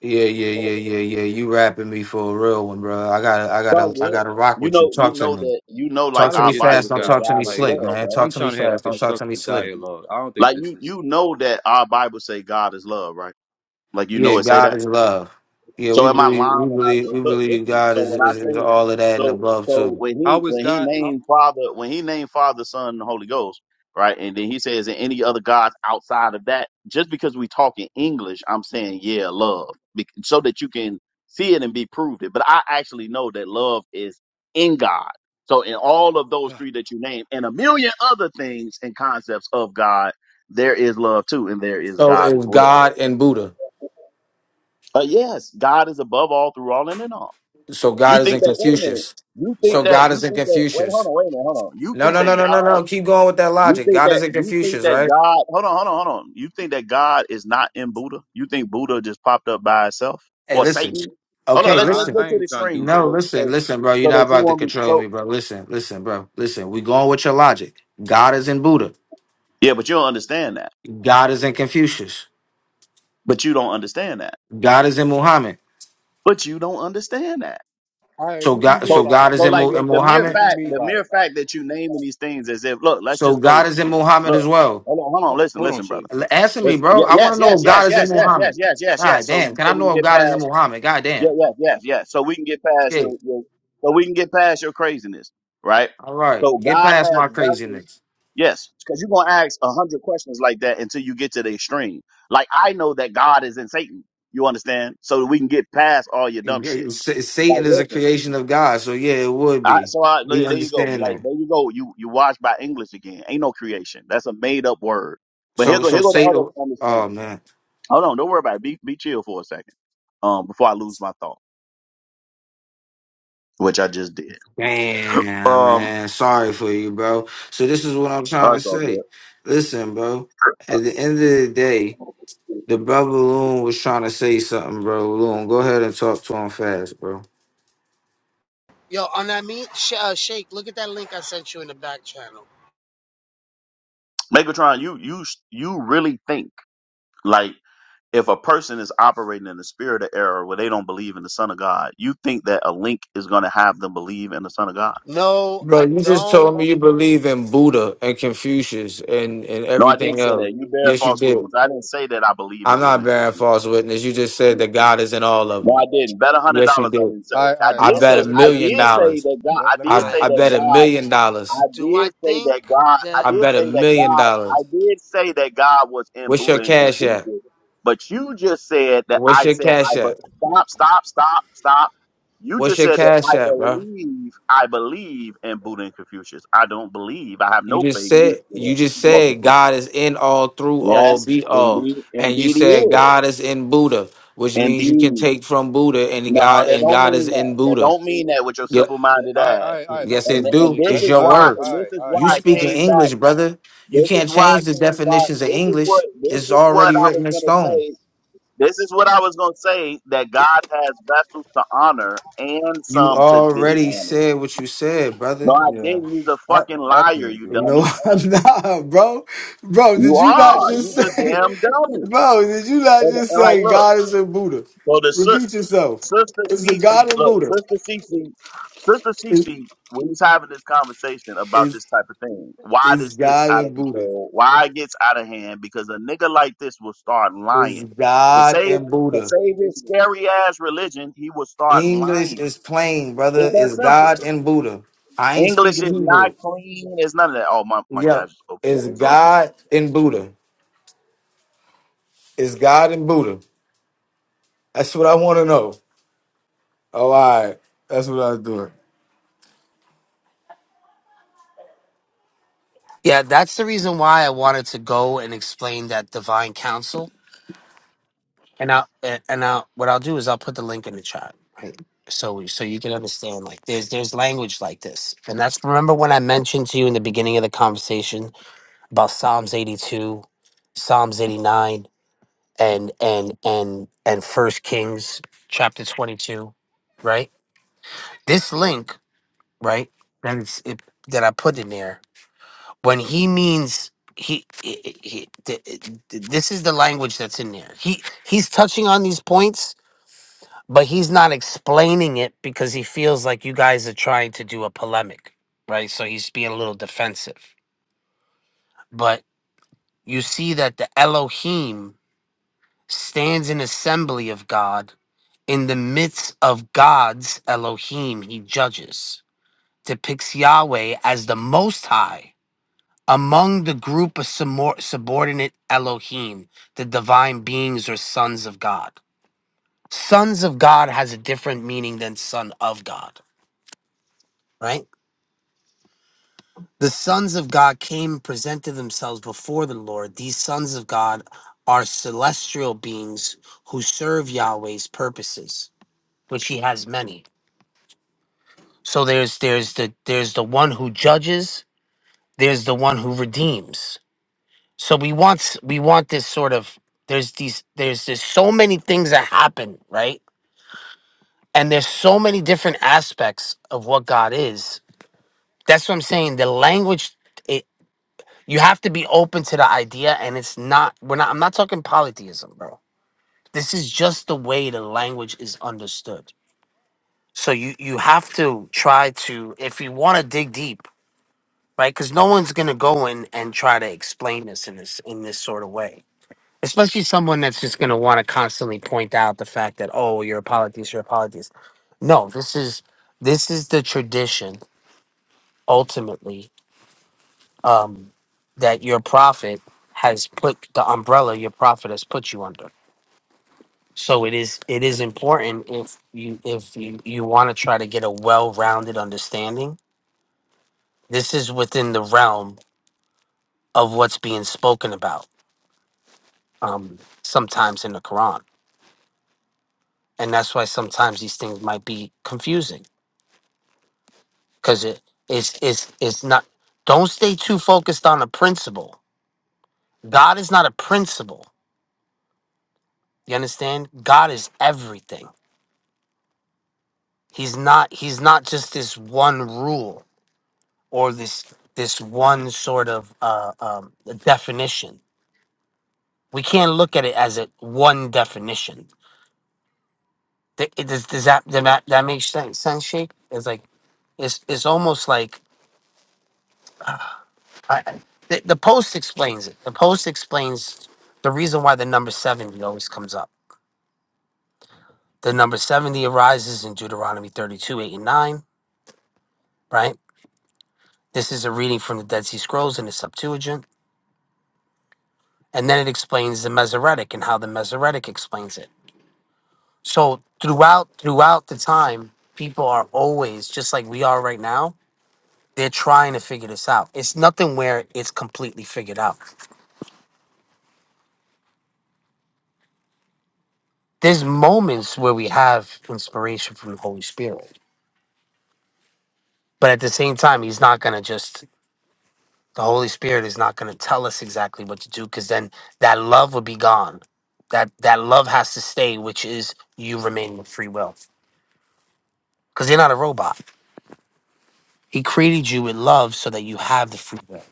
Speaker 2: Yeah, yeah, yeah,
Speaker 10: It's
Speaker 2: yeah, yeah. You rapping me for a real one, bro. I gotta, I
Speaker 10: all
Speaker 2: gotta, I
Speaker 10: good.
Speaker 2: gotta rock
Speaker 10: You
Speaker 2: with you.
Speaker 10: know, you
Speaker 2: Talk to
Speaker 10: know
Speaker 2: me.
Speaker 10: that you know,
Speaker 1: I
Speaker 2: Talk
Speaker 10: like
Speaker 2: to
Speaker 1: don't
Speaker 10: our
Speaker 2: me
Speaker 1: get
Speaker 10: Bible
Speaker 2: fast.
Speaker 1: this
Speaker 2: Don't
Speaker 10: say,
Speaker 2: talk
Speaker 1: guy.
Speaker 2: to me
Speaker 10: God is
Speaker 1: Like
Speaker 2: slick,
Speaker 1: I-
Speaker 10: love,
Speaker 2: man.
Speaker 10: right?
Speaker 2: Talk
Speaker 1: I'm
Speaker 2: to me
Speaker 1: trying to have a
Speaker 2: fast. Don't talk to me
Speaker 1: constructive
Speaker 2: slick.
Speaker 1: dialogue. I don't think
Speaker 10: Like
Speaker 1: this
Speaker 10: you,
Speaker 1: is
Speaker 10: you know that our Bible say God is love, right? Like you
Speaker 2: Yeah,
Speaker 10: know it say
Speaker 2: God
Speaker 10: that.
Speaker 2: is love. Yeah,
Speaker 10: So
Speaker 2: we
Speaker 10: am I
Speaker 2: believe,
Speaker 10: lying
Speaker 2: we
Speaker 10: when I
Speaker 2: believe, we
Speaker 10: look,
Speaker 2: believe
Speaker 10: listen?
Speaker 2: God
Speaker 10: So
Speaker 2: is,
Speaker 10: when I
Speaker 2: is, is
Speaker 10: say
Speaker 2: all of that and
Speaker 10: so
Speaker 2: above
Speaker 10: so
Speaker 2: too.
Speaker 10: when he
Speaker 1: how is
Speaker 10: when he
Speaker 1: God how
Speaker 10: named Father when he named Father Son and Holy Ghost right and then he says and any other gods outside of that just because we talk in English I'm saying yeah love bec- so that you can see it and be proved it but I actually know that love is in God so in all of those three that you named and a million other things and concepts of God there is love too and there is
Speaker 2: So
Speaker 10: God as
Speaker 2: is
Speaker 10: well.
Speaker 2: God and Buddha.
Speaker 10: But yes, God is above all, through all, and in all.
Speaker 2: So
Speaker 10: You
Speaker 2: God
Speaker 10: think
Speaker 2: isn't
Speaker 10: that? Wait a minute.
Speaker 2: Confucius.
Speaker 10: You
Speaker 2: So
Speaker 10: think
Speaker 1: what?
Speaker 10: that?
Speaker 2: God
Speaker 10: You
Speaker 2: isn't
Speaker 10: think that? Wait, hold
Speaker 2: Confucius.
Speaker 10: on. Wait a minute. Hold on. You
Speaker 2: No,
Speaker 10: think
Speaker 2: no, no,
Speaker 10: that
Speaker 2: no, no,
Speaker 10: God?
Speaker 2: no. Keep going with that
Speaker 10: You
Speaker 2: logic.
Speaker 10: think
Speaker 2: God
Speaker 10: that?
Speaker 2: isn't
Speaker 10: You think
Speaker 2: Confucius,
Speaker 10: that
Speaker 2: right?
Speaker 10: God? Hold on. Hold on. Hold on. You think that God is not in Buddha? You think Buddha just popped up by itself
Speaker 2: Hey,
Speaker 10: or
Speaker 2: listen.
Speaker 10: Satan? Hold on.
Speaker 1: Bruh,
Speaker 2: Okay,
Speaker 10: Let's
Speaker 1: I,
Speaker 10: let's
Speaker 2: listen.
Speaker 10: go
Speaker 1: I
Speaker 10: to the
Speaker 1: ain't trying to
Speaker 10: extreme
Speaker 1: do.
Speaker 10: so
Speaker 2: No,
Speaker 10: that
Speaker 2: listen,
Speaker 10: so
Speaker 2: listen, bro. You're
Speaker 10: so
Speaker 2: not
Speaker 10: that you
Speaker 2: about to
Speaker 10: won't be
Speaker 2: control
Speaker 10: so.
Speaker 2: me, bro. Listen, listen, bro. Listen, we going with your logic. God is in Buddha.
Speaker 10: Yeah, but you don't understand that.
Speaker 2: God is in Confucius.
Speaker 10: But you don't understand that.
Speaker 2: God is in Muhammad.
Speaker 10: But you don't understand that.
Speaker 1: All right,
Speaker 2: So
Speaker 1: what do you
Speaker 2: God,
Speaker 1: mean
Speaker 2: so
Speaker 10: So
Speaker 1: by it?
Speaker 2: God
Speaker 10: so
Speaker 2: is
Speaker 1: What do
Speaker 2: in,
Speaker 1: you
Speaker 10: like
Speaker 2: Mu-
Speaker 1: mean
Speaker 10: the,
Speaker 2: in
Speaker 10: the
Speaker 1: by it?
Speaker 10: mere
Speaker 1: What
Speaker 2: Muhammad.
Speaker 1: do you
Speaker 10: fact
Speaker 1: mean
Speaker 10: the
Speaker 1: by
Speaker 10: mere
Speaker 1: it?
Speaker 10: fact that you naming these things as if look let's
Speaker 2: So
Speaker 10: just go
Speaker 2: God is in Muhammad
Speaker 10: look
Speaker 2: as well.
Speaker 10: hold on hold on
Speaker 1: Ho-
Speaker 10: listen
Speaker 1: Hold on,
Speaker 10: listen brother.
Speaker 1: shit.
Speaker 2: L- Answer me,
Speaker 10: Let's,
Speaker 2: bro.
Speaker 10: ye-
Speaker 2: I want
Speaker 10: yes,
Speaker 2: to know
Speaker 10: yes,
Speaker 2: if
Speaker 10: yes,
Speaker 2: God is in
Speaker 10: yes, yes, yes,
Speaker 2: Muhammad.
Speaker 10: yes, yes, yes.
Speaker 2: God
Speaker 10: So,
Speaker 2: damn. Can I
Speaker 10: so we can
Speaker 2: know if
Speaker 10: get
Speaker 2: God is in
Speaker 10: past.
Speaker 2: Muhammad? God
Speaker 10: Yeah,
Speaker 2: damn.
Speaker 10: yes, yes, yes. So we can get past your,
Speaker 2: Shit.
Speaker 10: your. So we can get past your craziness, right?
Speaker 2: All right.
Speaker 10: So
Speaker 2: Get
Speaker 10: God
Speaker 2: past
Speaker 10: has
Speaker 2: my
Speaker 10: vessels.
Speaker 2: craziness.
Speaker 10: Yes, because you're gonna ask a hundred questions like that until you get to the extreme. Like I know that God is in Satan. You understand? So that we can get past all your dumb shit.
Speaker 2: S-
Speaker 10: Like,
Speaker 2: Satan is a
Speaker 10: listen.
Speaker 2: creation of God. So yeah, it would
Speaker 10: I,
Speaker 2: be.
Speaker 10: so I,
Speaker 2: We
Speaker 10: there you go.
Speaker 2: understand
Speaker 10: Like
Speaker 2: that.
Speaker 10: there you go. You you watch by English again. Ain't no creation. That's a made up word. But here
Speaker 2: So
Speaker 10: go
Speaker 2: so
Speaker 10: here go the other
Speaker 2: Satan.
Speaker 10: understanding.
Speaker 2: Oh man.
Speaker 10: Hold on, don't worry about it. Be be chill for a second. Um, before I lose my thought, which I just did.
Speaker 2: Damn
Speaker 10: Um,
Speaker 2: man. Sorry for you, bro. So this is what I'm trying
Speaker 10: Oh,
Speaker 2: to
Speaker 10: it's all
Speaker 2: say.
Speaker 10: good.
Speaker 2: Listen, bro. At the end of the day, The brother Loon was trying to say something, bro. Loon, go ahead and talk to him fast, bro.
Speaker 10: Megatron, you you you really think like if a person is operating in the spirit of error where they don't believe in the Son of God, you think that a link is going to have them believe in the Son of God?
Speaker 2: Bro, you just told me you believe in Buddha and Confucius and, and
Speaker 10: No, I
Speaker 2: everything
Speaker 10: didn't say
Speaker 2: else.
Speaker 10: that. You bear
Speaker 2: Yes, you
Speaker 10: false
Speaker 2: did.
Speaker 10: witness. I didn't say that I believe in
Speaker 2: I'm
Speaker 10: Buddha
Speaker 2: not
Speaker 10: and
Speaker 2: bearing
Speaker 10: Confucius.
Speaker 2: false witness. You just said that God is in all of
Speaker 10: No,
Speaker 2: them.
Speaker 10: I didn't. Bet a hundred
Speaker 2: Yes, you
Speaker 10: dollars I
Speaker 2: did.
Speaker 10: didn't say.
Speaker 1: All right,
Speaker 10: I
Speaker 1: all right,
Speaker 2: I
Speaker 10: did
Speaker 1: all
Speaker 2: bet a
Speaker 10: say
Speaker 1: right. Let me
Speaker 10: I
Speaker 1: ask
Speaker 2: million
Speaker 1: him.
Speaker 10: did say
Speaker 2: dollars.
Speaker 10: that God. I
Speaker 1: Let, let me.
Speaker 2: I,
Speaker 10: did
Speaker 1: a-
Speaker 10: say
Speaker 2: I
Speaker 10: that
Speaker 2: bet a
Speaker 1: Oh,
Speaker 10: God.
Speaker 1: man.
Speaker 2: million
Speaker 10: I
Speaker 2: dollars.
Speaker 10: did say that God, I
Speaker 2: I
Speaker 10: did
Speaker 2: bet a
Speaker 10: say that
Speaker 2: million
Speaker 10: God, I
Speaker 2: dollars.
Speaker 10: did say that God was in
Speaker 2: What's
Speaker 10: Buddha
Speaker 2: your
Speaker 10: and
Speaker 2: cash app?
Speaker 10: Confucius, but you just said that
Speaker 2: What's
Speaker 10: I
Speaker 2: your
Speaker 10: said I
Speaker 2: cash
Speaker 10: but
Speaker 2: app?
Speaker 10: stop, stop, stop, stop. You
Speaker 2: What's
Speaker 10: just
Speaker 2: your
Speaker 10: said that
Speaker 2: cash
Speaker 10: I
Speaker 2: app, bro?
Speaker 10: believe, I believe in Buddha and Confucius. I don't believe. I have
Speaker 2: You
Speaker 10: no
Speaker 2: just
Speaker 10: faith in
Speaker 2: said
Speaker 10: Buddha
Speaker 2: you just
Speaker 10: or
Speaker 2: said
Speaker 10: Confucius.
Speaker 2: God is in all, through all,
Speaker 10: Yes,
Speaker 2: be all,
Speaker 10: indeed,
Speaker 2: and you
Speaker 10: indeed he
Speaker 2: said
Speaker 10: is.
Speaker 2: God is in Buddha, which means you can
Speaker 10: Indeed.
Speaker 2: take from Buddha and
Speaker 10: No,
Speaker 2: God
Speaker 10: that
Speaker 2: and
Speaker 10: don't
Speaker 2: God
Speaker 10: mean
Speaker 2: is
Speaker 10: that.
Speaker 2: in
Speaker 10: That
Speaker 2: Buddha.
Speaker 10: don't mean that with your
Speaker 2: Yep.
Speaker 10: simple minded
Speaker 1: all right, all
Speaker 10: ass.
Speaker 1: right, all right. Let's
Speaker 2: Yes,
Speaker 10: And,
Speaker 2: it
Speaker 1: ask him,
Speaker 10: and
Speaker 2: do.
Speaker 1: Sheik.
Speaker 10: this
Speaker 2: It's
Speaker 1: Let's.
Speaker 10: is
Speaker 2: your
Speaker 1: All
Speaker 10: why,
Speaker 1: right,
Speaker 10: and
Speaker 2: words.
Speaker 1: all
Speaker 10: this
Speaker 1: right,
Speaker 10: is
Speaker 1: all right.
Speaker 2: You
Speaker 10: why it
Speaker 1: Let's
Speaker 2: speak in
Speaker 1: ask
Speaker 10: came
Speaker 1: him.
Speaker 10: back.
Speaker 2: English, brother. You
Speaker 10: This is
Speaker 2: can't
Speaker 10: why I
Speaker 2: change the
Speaker 10: came back.
Speaker 2: definitions of
Speaker 10: This is what
Speaker 2: English.
Speaker 10: this
Speaker 2: It's
Speaker 10: is what
Speaker 2: already
Speaker 10: I was
Speaker 2: written in
Speaker 10: gonna
Speaker 2: stone.
Speaker 10: say. This is what I was gonna say that
Speaker 2: It-
Speaker 10: God has vessels to honor and
Speaker 2: You
Speaker 10: some to
Speaker 2: already
Speaker 10: dishonor.
Speaker 2: said what you said,
Speaker 10: No,
Speaker 2: brother.
Speaker 10: I
Speaker 1: Yeah,
Speaker 10: didn't. You's a
Speaker 1: I
Speaker 10: fucking
Speaker 1: I
Speaker 10: liar,
Speaker 1: can't
Speaker 10: you
Speaker 1: do
Speaker 2: No,
Speaker 10: dummy.
Speaker 1: it.
Speaker 2: I'm not, bro. Bro,
Speaker 10: You
Speaker 2: did you not
Speaker 10: are.
Speaker 2: just
Speaker 10: You's a
Speaker 2: say,
Speaker 10: damn dummy.
Speaker 2: bro, did you not
Speaker 10: And,
Speaker 2: just
Speaker 10: and like,
Speaker 2: say
Speaker 10: look.
Speaker 2: God is a Buddha?
Speaker 10: So the so
Speaker 2: Repeat yourself.
Speaker 10: Sister
Speaker 2: Is it God
Speaker 10: Cece,
Speaker 2: and
Speaker 10: look,
Speaker 2: Buddha?
Speaker 10: Sister Cece, Sister
Speaker 2: Is
Speaker 10: Cece, we was having this conversation about
Speaker 2: is
Speaker 10: this type of thing. Why
Speaker 2: is
Speaker 10: this gets
Speaker 2: God
Speaker 10: out of
Speaker 2: and Buddha?
Speaker 10: control, why it gets out of hand, because a nigga like this will start
Speaker 2: Is
Speaker 10: lying. To
Speaker 2: God
Speaker 10: save
Speaker 2: and
Speaker 10: to
Speaker 2: Buddha?
Speaker 10: save his scary ass religion, he will start
Speaker 2: English
Speaker 10: lying.
Speaker 2: is plain,
Speaker 10: It's
Speaker 2: brother. Is
Speaker 10: that simple.
Speaker 2: God and Buddha? I ain't
Speaker 10: English
Speaker 2: speaking
Speaker 10: is not
Speaker 2: Hebrew.
Speaker 10: clean, it's none of that. Oh my my God
Speaker 2: Yep.
Speaker 10: just opened up
Speaker 2: Is
Speaker 10: his room.
Speaker 2: God and Buddha? Is God and Buddha? That's what I want to know. Oh, all right. That's what I was doing.
Speaker 8: Yeah, that's the reason why I wanted to go and explain that divine counsel And I'll and and I'll what I'll do is I'll put the link in the chat, right? So we- so you can understand like there's there's language like this, and that's remember when I mentioned to you in the beginning of the conversation about Psalms eighty two, Psalms eighty nine, and and and and First Kings chapter twenty two, right? This link, right? That is it, that I put in there when he means. He, he, he, th- th- this is the language that's in there. He he's touching on these points but he's not explaining it because he feels like you guys are trying to do a polemic, right? So he's being a little defensive. But you see that the Elohim stands in assembly of God. In the midst of God's Elohim, he judges, depicts Yahweh as the Most High among the group of subor- subordinate Elohim, the divine beings or sons of God. Sons of God has a different meaning than son of God, right? The sons of God came and presented themselves before the Lord. These sons of God are celestial beings who serve Yahweh's purposes, which he has many. So there's there's the there's the one who judges, there's the one who redeems. So we want s- we want this sort of there's these there's there's so many things that happen, right? And there's so many different aspects of what God is. That's what I'm saying. The language You have to be open to the idea, and it's not. We're not. I'm not talking polytheism, bro. This is just the way the language is understood. So you you have to try to, if you want to dig deep, right? Because no one's gonna go in and try to explain this in this in this sort of way. Especially someone that's just gonna want to constantly point out the fact that oh, you're a polytheist, you're a polytheist. No, this is this is the tradition ultimately um, that your prophet has put the umbrella your prophet has put you under. So it is it is important if you if you, you want to try to get a well rounded understanding. This is within the realm of what's being spoken about um, sometimes in the Quran, and that's why sometimes these things might be confusing because it is it's it's not. Don't stay too focused on a principle. God is not a principle. You understand? God is everything. He's not he's not just this one rule or this this one sort of uh, um, definition. We can't look at it as a one definition. Th- it- Does, does that, does that that makes sense? Sense, Sheikh? It's like it's it's almost like I, I- the, the post explains it. The post explains the reason why the number seventy always comes up. The number seventy arises in Deuteronomy thirty-two, eight and nine. Right. This is a reading from the Dead Sea Scrolls in the Septuagint and then it explains the Masoretic and how the Masoretic explains it. So throughout throughout the time, people are always just like we are right now. They're trying to figure this out. It's nothing where it's completely figured out. There's moments where we have inspiration from the Holy Spirit, but at the same time, He's not gonna just. The Holy Spirit is not gonna tell us exactly what to do because then that love would be gone. That that love has to stay, which is you remaining with free will because you're not a robot He created you with love so that you have the free will.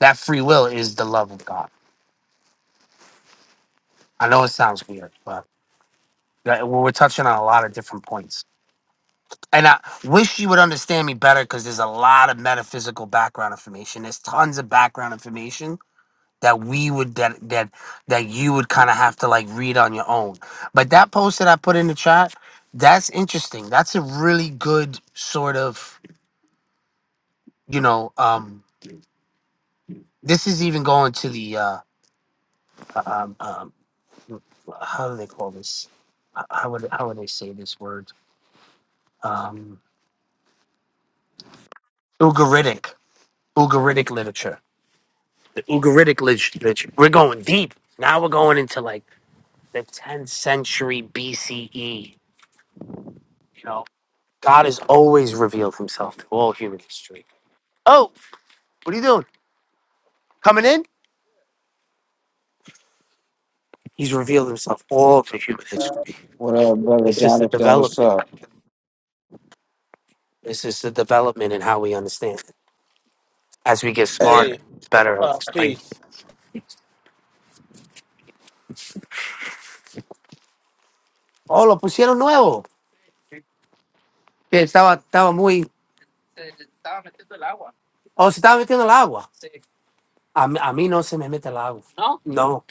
Speaker 8: That free will is the love of God. I know it sounds weird, but that- well, we're touching on a lot of different points. And I wish you would understand me better because there's a lot of metaphysical background information. There's tons of background information that we would that that that you would kind of have to like read on your own. But that post that I put in the chat, that's interesting. That's a really good sort of you know. um This is even going to the uh, um, um, how do they call this? H- How would how would they say this word? Um, Ugaritic, Ugaritic literature. The Ugaritic lit- literature. We're going deep. Now we're going into like the 10th century BCE. You know, God has always revealed Himself to all human history. Oh, what are you doing? Coming in? He's revealed Himself all to human history.
Speaker 2: What up, brother
Speaker 8: It's just the
Speaker 2: Jonathan? What's
Speaker 8: development.
Speaker 2: up?
Speaker 8: It's just the development in how we understand it. as we get smarter,
Speaker 11: Hey,
Speaker 8: better. at
Speaker 11: uh,
Speaker 8: explaining.
Speaker 11: peace.
Speaker 8: Oh, lo pusieron nuevo. Estaba, estaba muy. O se estaba metiendo el agua. A, mí- a mí no se me mete el agua. No. No.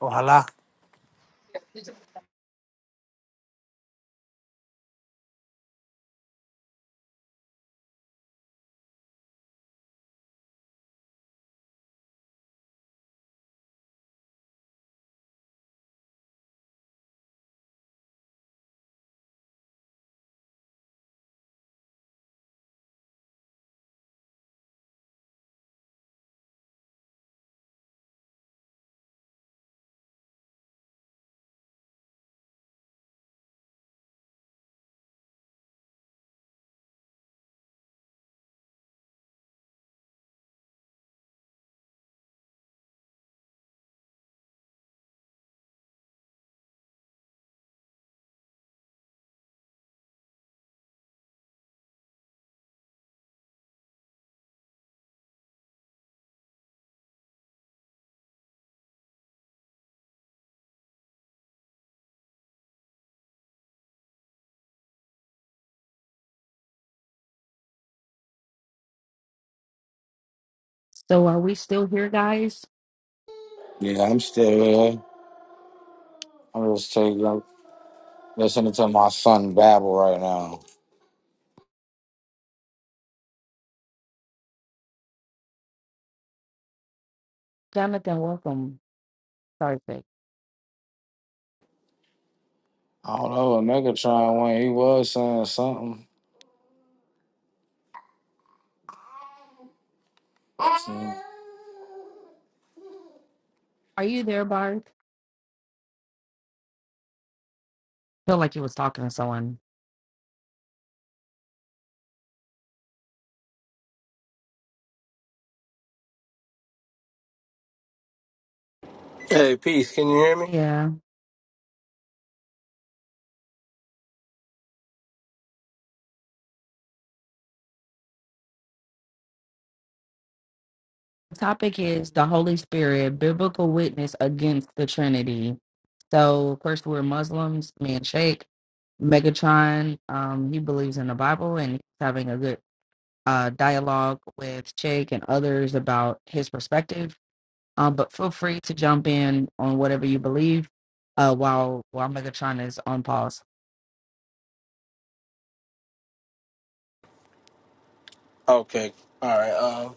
Speaker 8: Ojalá.
Speaker 3: So are we still here, guys?
Speaker 2: Yeah, I'm still here. I'm just taking up listening to my son babble right now.
Speaker 3: Jonathan, welcome. Sorry,
Speaker 2: I don't know Although Megatron when he was saying something.
Speaker 3: Are you there, Bark? I feel like you was talking to someone.
Speaker 11: Hey, peace. Can you hear me?
Speaker 3: Yeah. The topic is the Holy Spirit, biblical witness against the Trinity. So, of course, we're Muslims. Me and Sheikh Megatron, um, he believes in the Bible and he's having a good uh, dialogue with Sheikh and others about his perspective. Um, but feel free to jump in on whatever you believe uh, while while Megatron is on pause.
Speaker 11: Okay. All right. Um.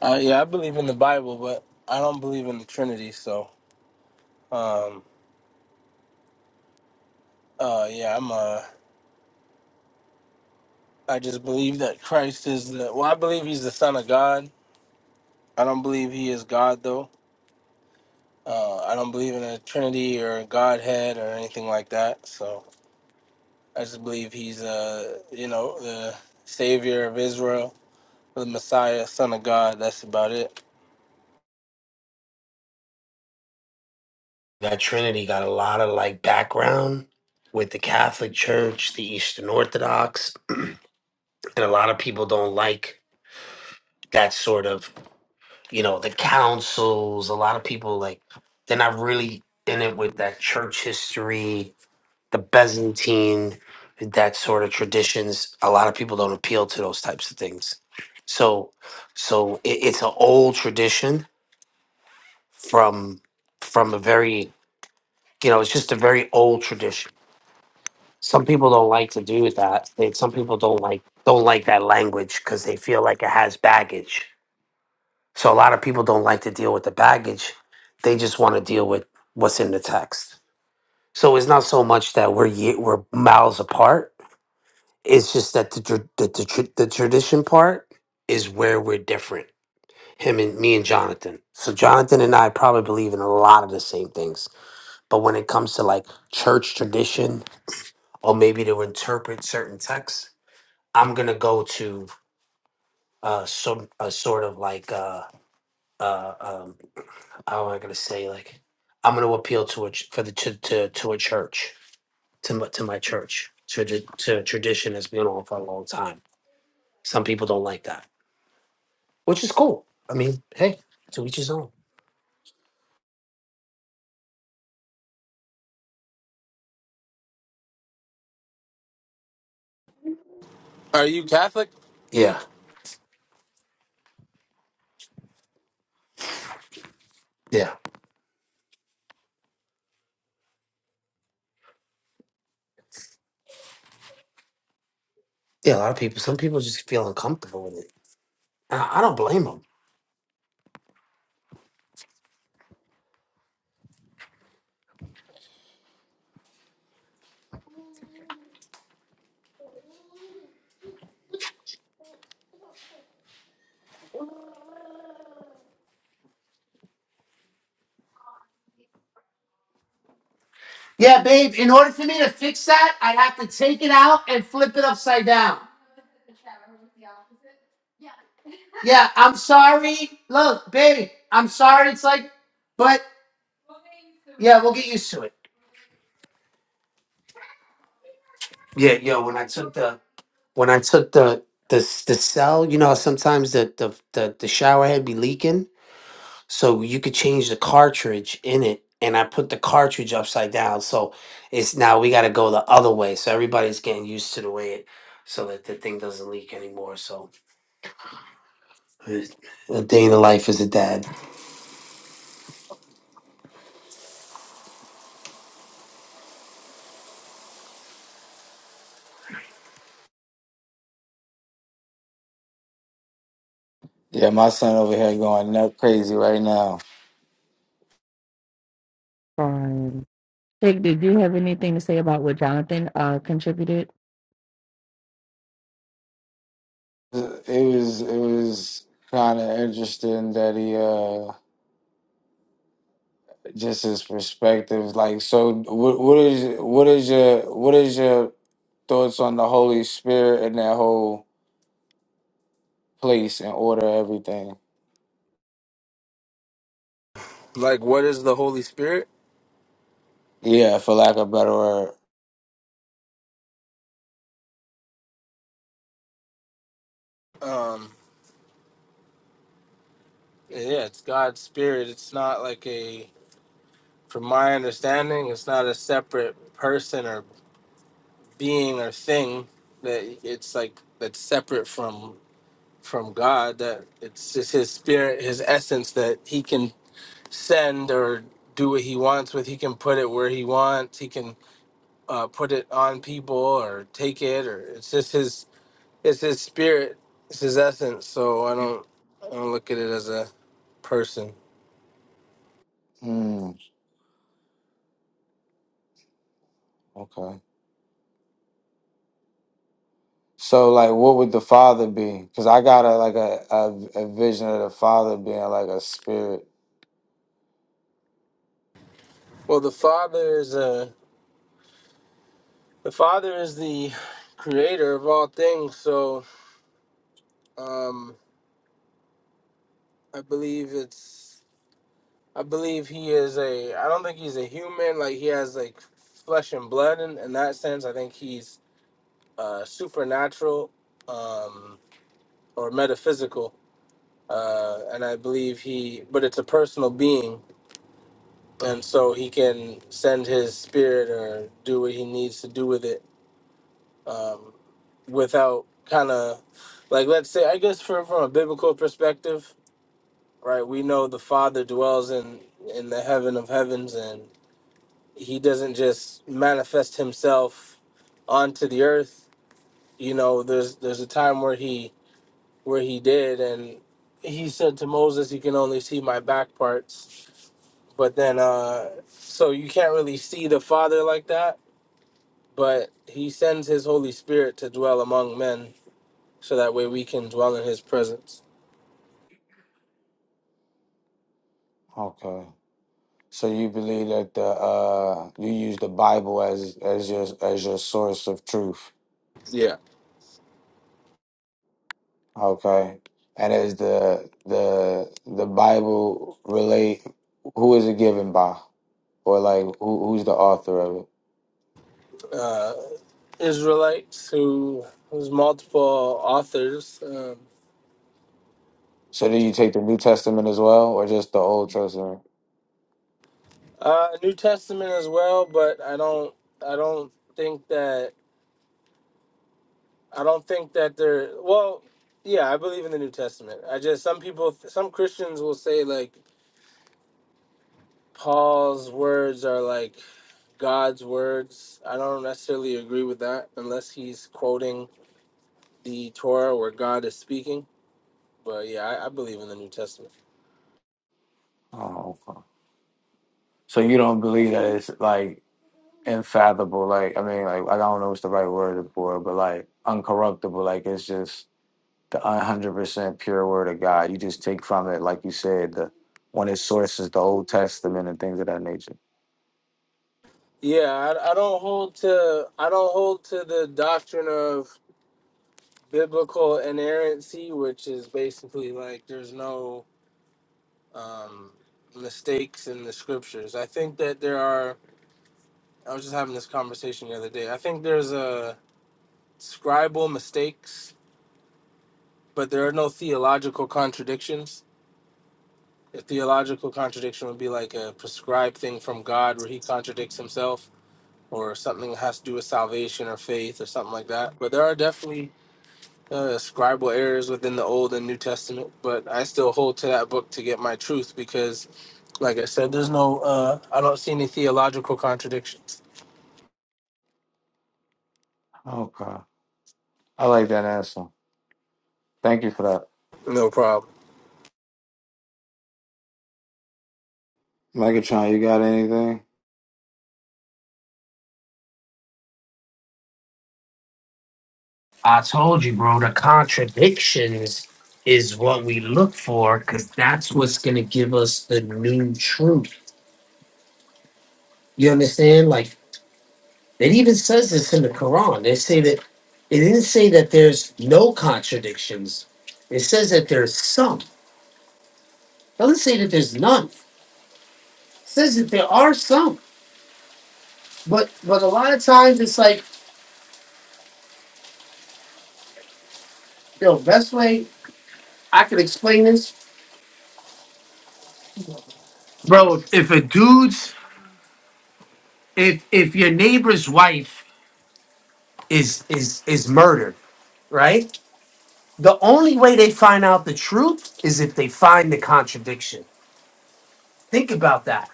Speaker 11: Uh, yeah, I believe in the Bible, but I don't believe in the Trinity. So, um. Uh. Yeah. I'm. Uh. I just believe that Christ is the. Well, I believe he's the Son of God. I don't believe he is God though. Uh. I don't believe in a Trinity or a Godhead or anything like that. So I just believe he's uh. You know the Savior of Israel, the Messiah, Son of God. That's about it.
Speaker 8: That Trinity got a lot of like background with the Catholic Church, the Eastern Orthodox, and a lot of people don't like that sort of, you know, the councils. A lot of people like they're not really in it with that church history, the Byzantine, that sort of traditions. A lot of people don't appeal to those types of things. So, so it, it's an old tradition from from a very you know it's just a very old tradition some people don't like to do that they, some people don't like don't like that language because they feel like it has baggage so a lot of people don't like to deal with the baggage they just want to deal with what's in the text so it's not so much that we're ye- we're miles apart it's just that the tr- the, the, tr- the tradition part is where we're different him and me and jonathan so jonathan and i probably believe in a lot of the same things But when it comes to like church tradition or maybe to interpret certain texts, I'm gonna go to uh some a sort of like uh uh um how am I gonna say like I'm gonna appeal to a ch- for the to to, to a church to my, to my church to the- to tradition that's been on for a long time. Some people don't like that, which is cool. I mean, hey, to each his own.
Speaker 11: Are you Catholic?
Speaker 8: Yeah, yeah, yeah. A lot of people. Some people just feel uncomfortable with it. And I I don't blame them. Yeah, babe, in order for me to fix that, I have to take it out and flip it upside down. Yeah, I'm sorry. Look, babe, I'm sorry. It's like, but uh, we'll get used to it. Yeah, yo, when I took the when I took the the the cell, you know, sometimes the the the, the shower head be leaking, so you could change the cartridge in it. And I put the cartridge upside down, so it's now we got to go the other way. So everybody's getting used to the way it, so that the thing doesn't leak anymore. So A day in the life as a dad.
Speaker 2: Yeah, my son over here going nut crazy right now.
Speaker 3: Fine. Sheikh, did you have anything to say about what Jonathan uh, contributed?
Speaker 2: It was it was kind of interesting that he uh just his perspectives. Like, so what what is what is your what is your thoughts on the Holy Spirit and that whole place and order everything?
Speaker 11: Like, what is the Holy Spirit?
Speaker 2: Yeah, for lack of a better word.
Speaker 11: Um, yeah, it's God's spirit. It's not like a, from my understanding, it's not a separate person or being or thing that it's like that's separate from from God. That it's just His spirit, His essence that He can send or do what He wants with. He can put it where He wants. He can uh, put it on people or take it or it's just His. It's His spirit. It's His essence. So I don't I don't look at it as a person.
Speaker 2: Hmm. okay. So like, what would the father be? Because I got a like a, a a vision of the father being like a spirit.
Speaker 11: Well, the Father is uh, the Father is the creator of all things. So um, I believe it's I believe he is a. I don't think he's a human. Like he has like flesh and blood in, in that sense. I think he's uh, supernatural um, or metaphysical. Uh, and I believe he, but it's a personal being, and so he can send his spirit or do what he needs to do with it. Um, without kind of like let's say i guess from, from a biblical perspective right we know the father dwells in in the heaven of heavens and he doesn't just manifest himself onto the earth you know there's there's a time where he where he did and he said to moses you can only see my back parts but then uh so you can't really see the father like that but he sends his holy spirit to dwell among men so that way we can dwell in his presence
Speaker 2: Okay. So you believe that the uh you use the Bible as as your as your source of truth.
Speaker 11: yeah,
Speaker 2: Okay. And is the the the Bible relate who is it given by? or like who who's the author of it?
Speaker 11: uh, Israelites who there's multiple authors. Um,
Speaker 2: So do you take the New Testament as well, or just the Old Testament?
Speaker 11: uh, New Testament as well, but I don't I don't think that I don't think that they're well. Yeah, I believe in the New Testament. I just some people some Christians will say like Paul's words are like God's words. I don't necessarily agree with that unless he's quoting the Torah where God is speaking. But yeah, I, I believe in the New Testament.
Speaker 2: Oh, okay. so you don't believe that it's like infathomable? Like I mean, like I don't know what's the right word for it, but like uncorruptible. Like it's just the one hundred percent pure word of God. You just take from it, like you said, the one its source is the Old Testament and things of that nature.
Speaker 11: Yeah, I, I don't hold to I don't hold to the doctrine of biblical inerrancy, which is basically like there's no um, mistakes in the scriptures. I think that there are. I was just having this conversation the other day. I think there's a scribal mistakes, but there are no theological contradictions. A theological contradiction would be like a prescribed thing from God where he contradicts himself or something that has to do with salvation or faith or something like that. But there are definitely uh, scribal errors within the Old and New Testament, but I still hold to that book to get my truth because, like I said, there's no, uh, I don't see any theological contradictions.
Speaker 2: Okay, I like that answer. Thank you for that,
Speaker 11: No problem.
Speaker 2: Megatron. You got anything?
Speaker 8: I told you, bro, the contradictions is what we look for because that's what's going to give us the new truth. You understand? Like, it even says this in the Quran. They say that it didn't say that there's no contradictions, it says that there's some. It doesn't say that there's none. It says that there are some. But, but a lot of times it's like, yo, best way I could explain this, bro, if a dude's, if, if your neighbor is is is murdered, right? The only way they find out the truth is if they find it. Think about that.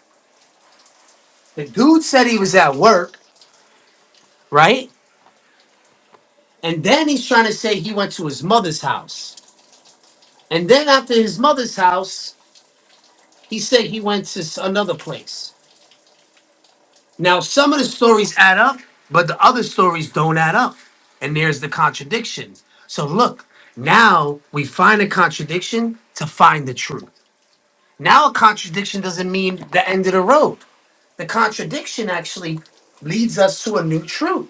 Speaker 8: The dude said he was at work, right? And then he's trying to say he went to his mother's house. And then after his mother's house, he said he went to s- another place. Now some of the stories add up, but the other stories don't add up. And there's the contradiction. So look, now we find a contradiction to find the truth. Now a contradiction doesn't mean the end of the road. the contradiction actually leads through.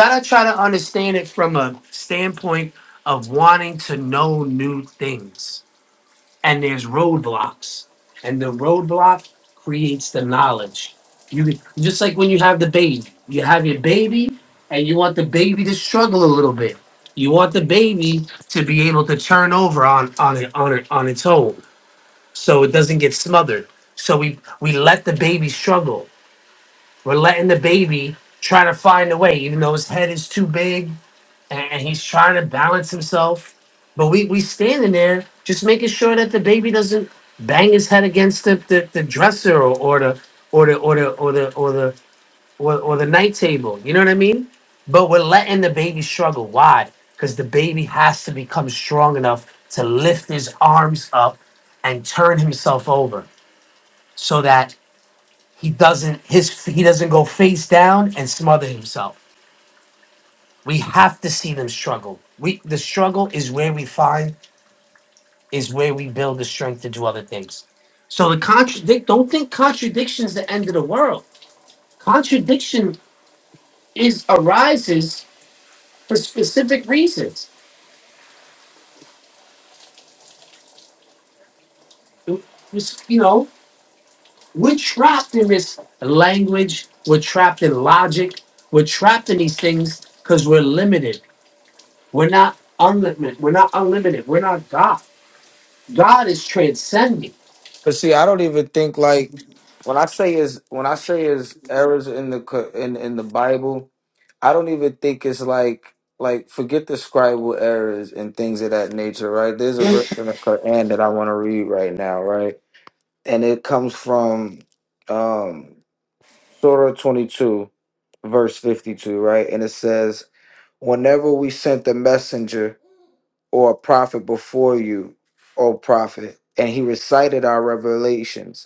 Speaker 8: Gotta try to understand it from a standpoint of wanting to know new things. And there's roadblocks. And the roadblock creates the knowledge. You just like when you have the baby. You have your baby and you want the baby to struggle a little bit. You want the baby to be able to turn over on on it on it on its own so it doesn't get smothered. So we we let the baby struggle We're letting the baby try to find a way, even though his head is too big and, and he's trying to balance himself. But we we standing there just making sure that the baby doesn't bang his head against the, the, the dresser or, or the or the or the or the or the or, or the night table. You know what I mean? But we're letting the baby struggle. Why? Because the baby has to become strong enough to lift his arms up and turn himself over so that he doesn't his he doesn't go face down and smother himself. We have to see them struggle. We the struggle is where we find is where we build the strength to do other things. So the contradict don't think contradiction is the end of the world. Contradiction is arises for specific reasons. It's- You know, we're trapped in this language. We're trapped in logic. We're trapped in these things because we're limited. We're not unlimited. We're not unlimited. We're not God. God is transcending.
Speaker 2: But see, I don't even think like when I say is when I say is errors in the co- in in the Bible, I don't even think it's like like forget the scribal errors and things of that nature, right? There's a verse
Speaker 8: Bro,
Speaker 2: in the Quran that I want to read right now, right? And it comes from um Surah 22, verse 52, right? And it says, "Whenever we sent a messenger or a prophet before you, O prophet, and he recited our revelations."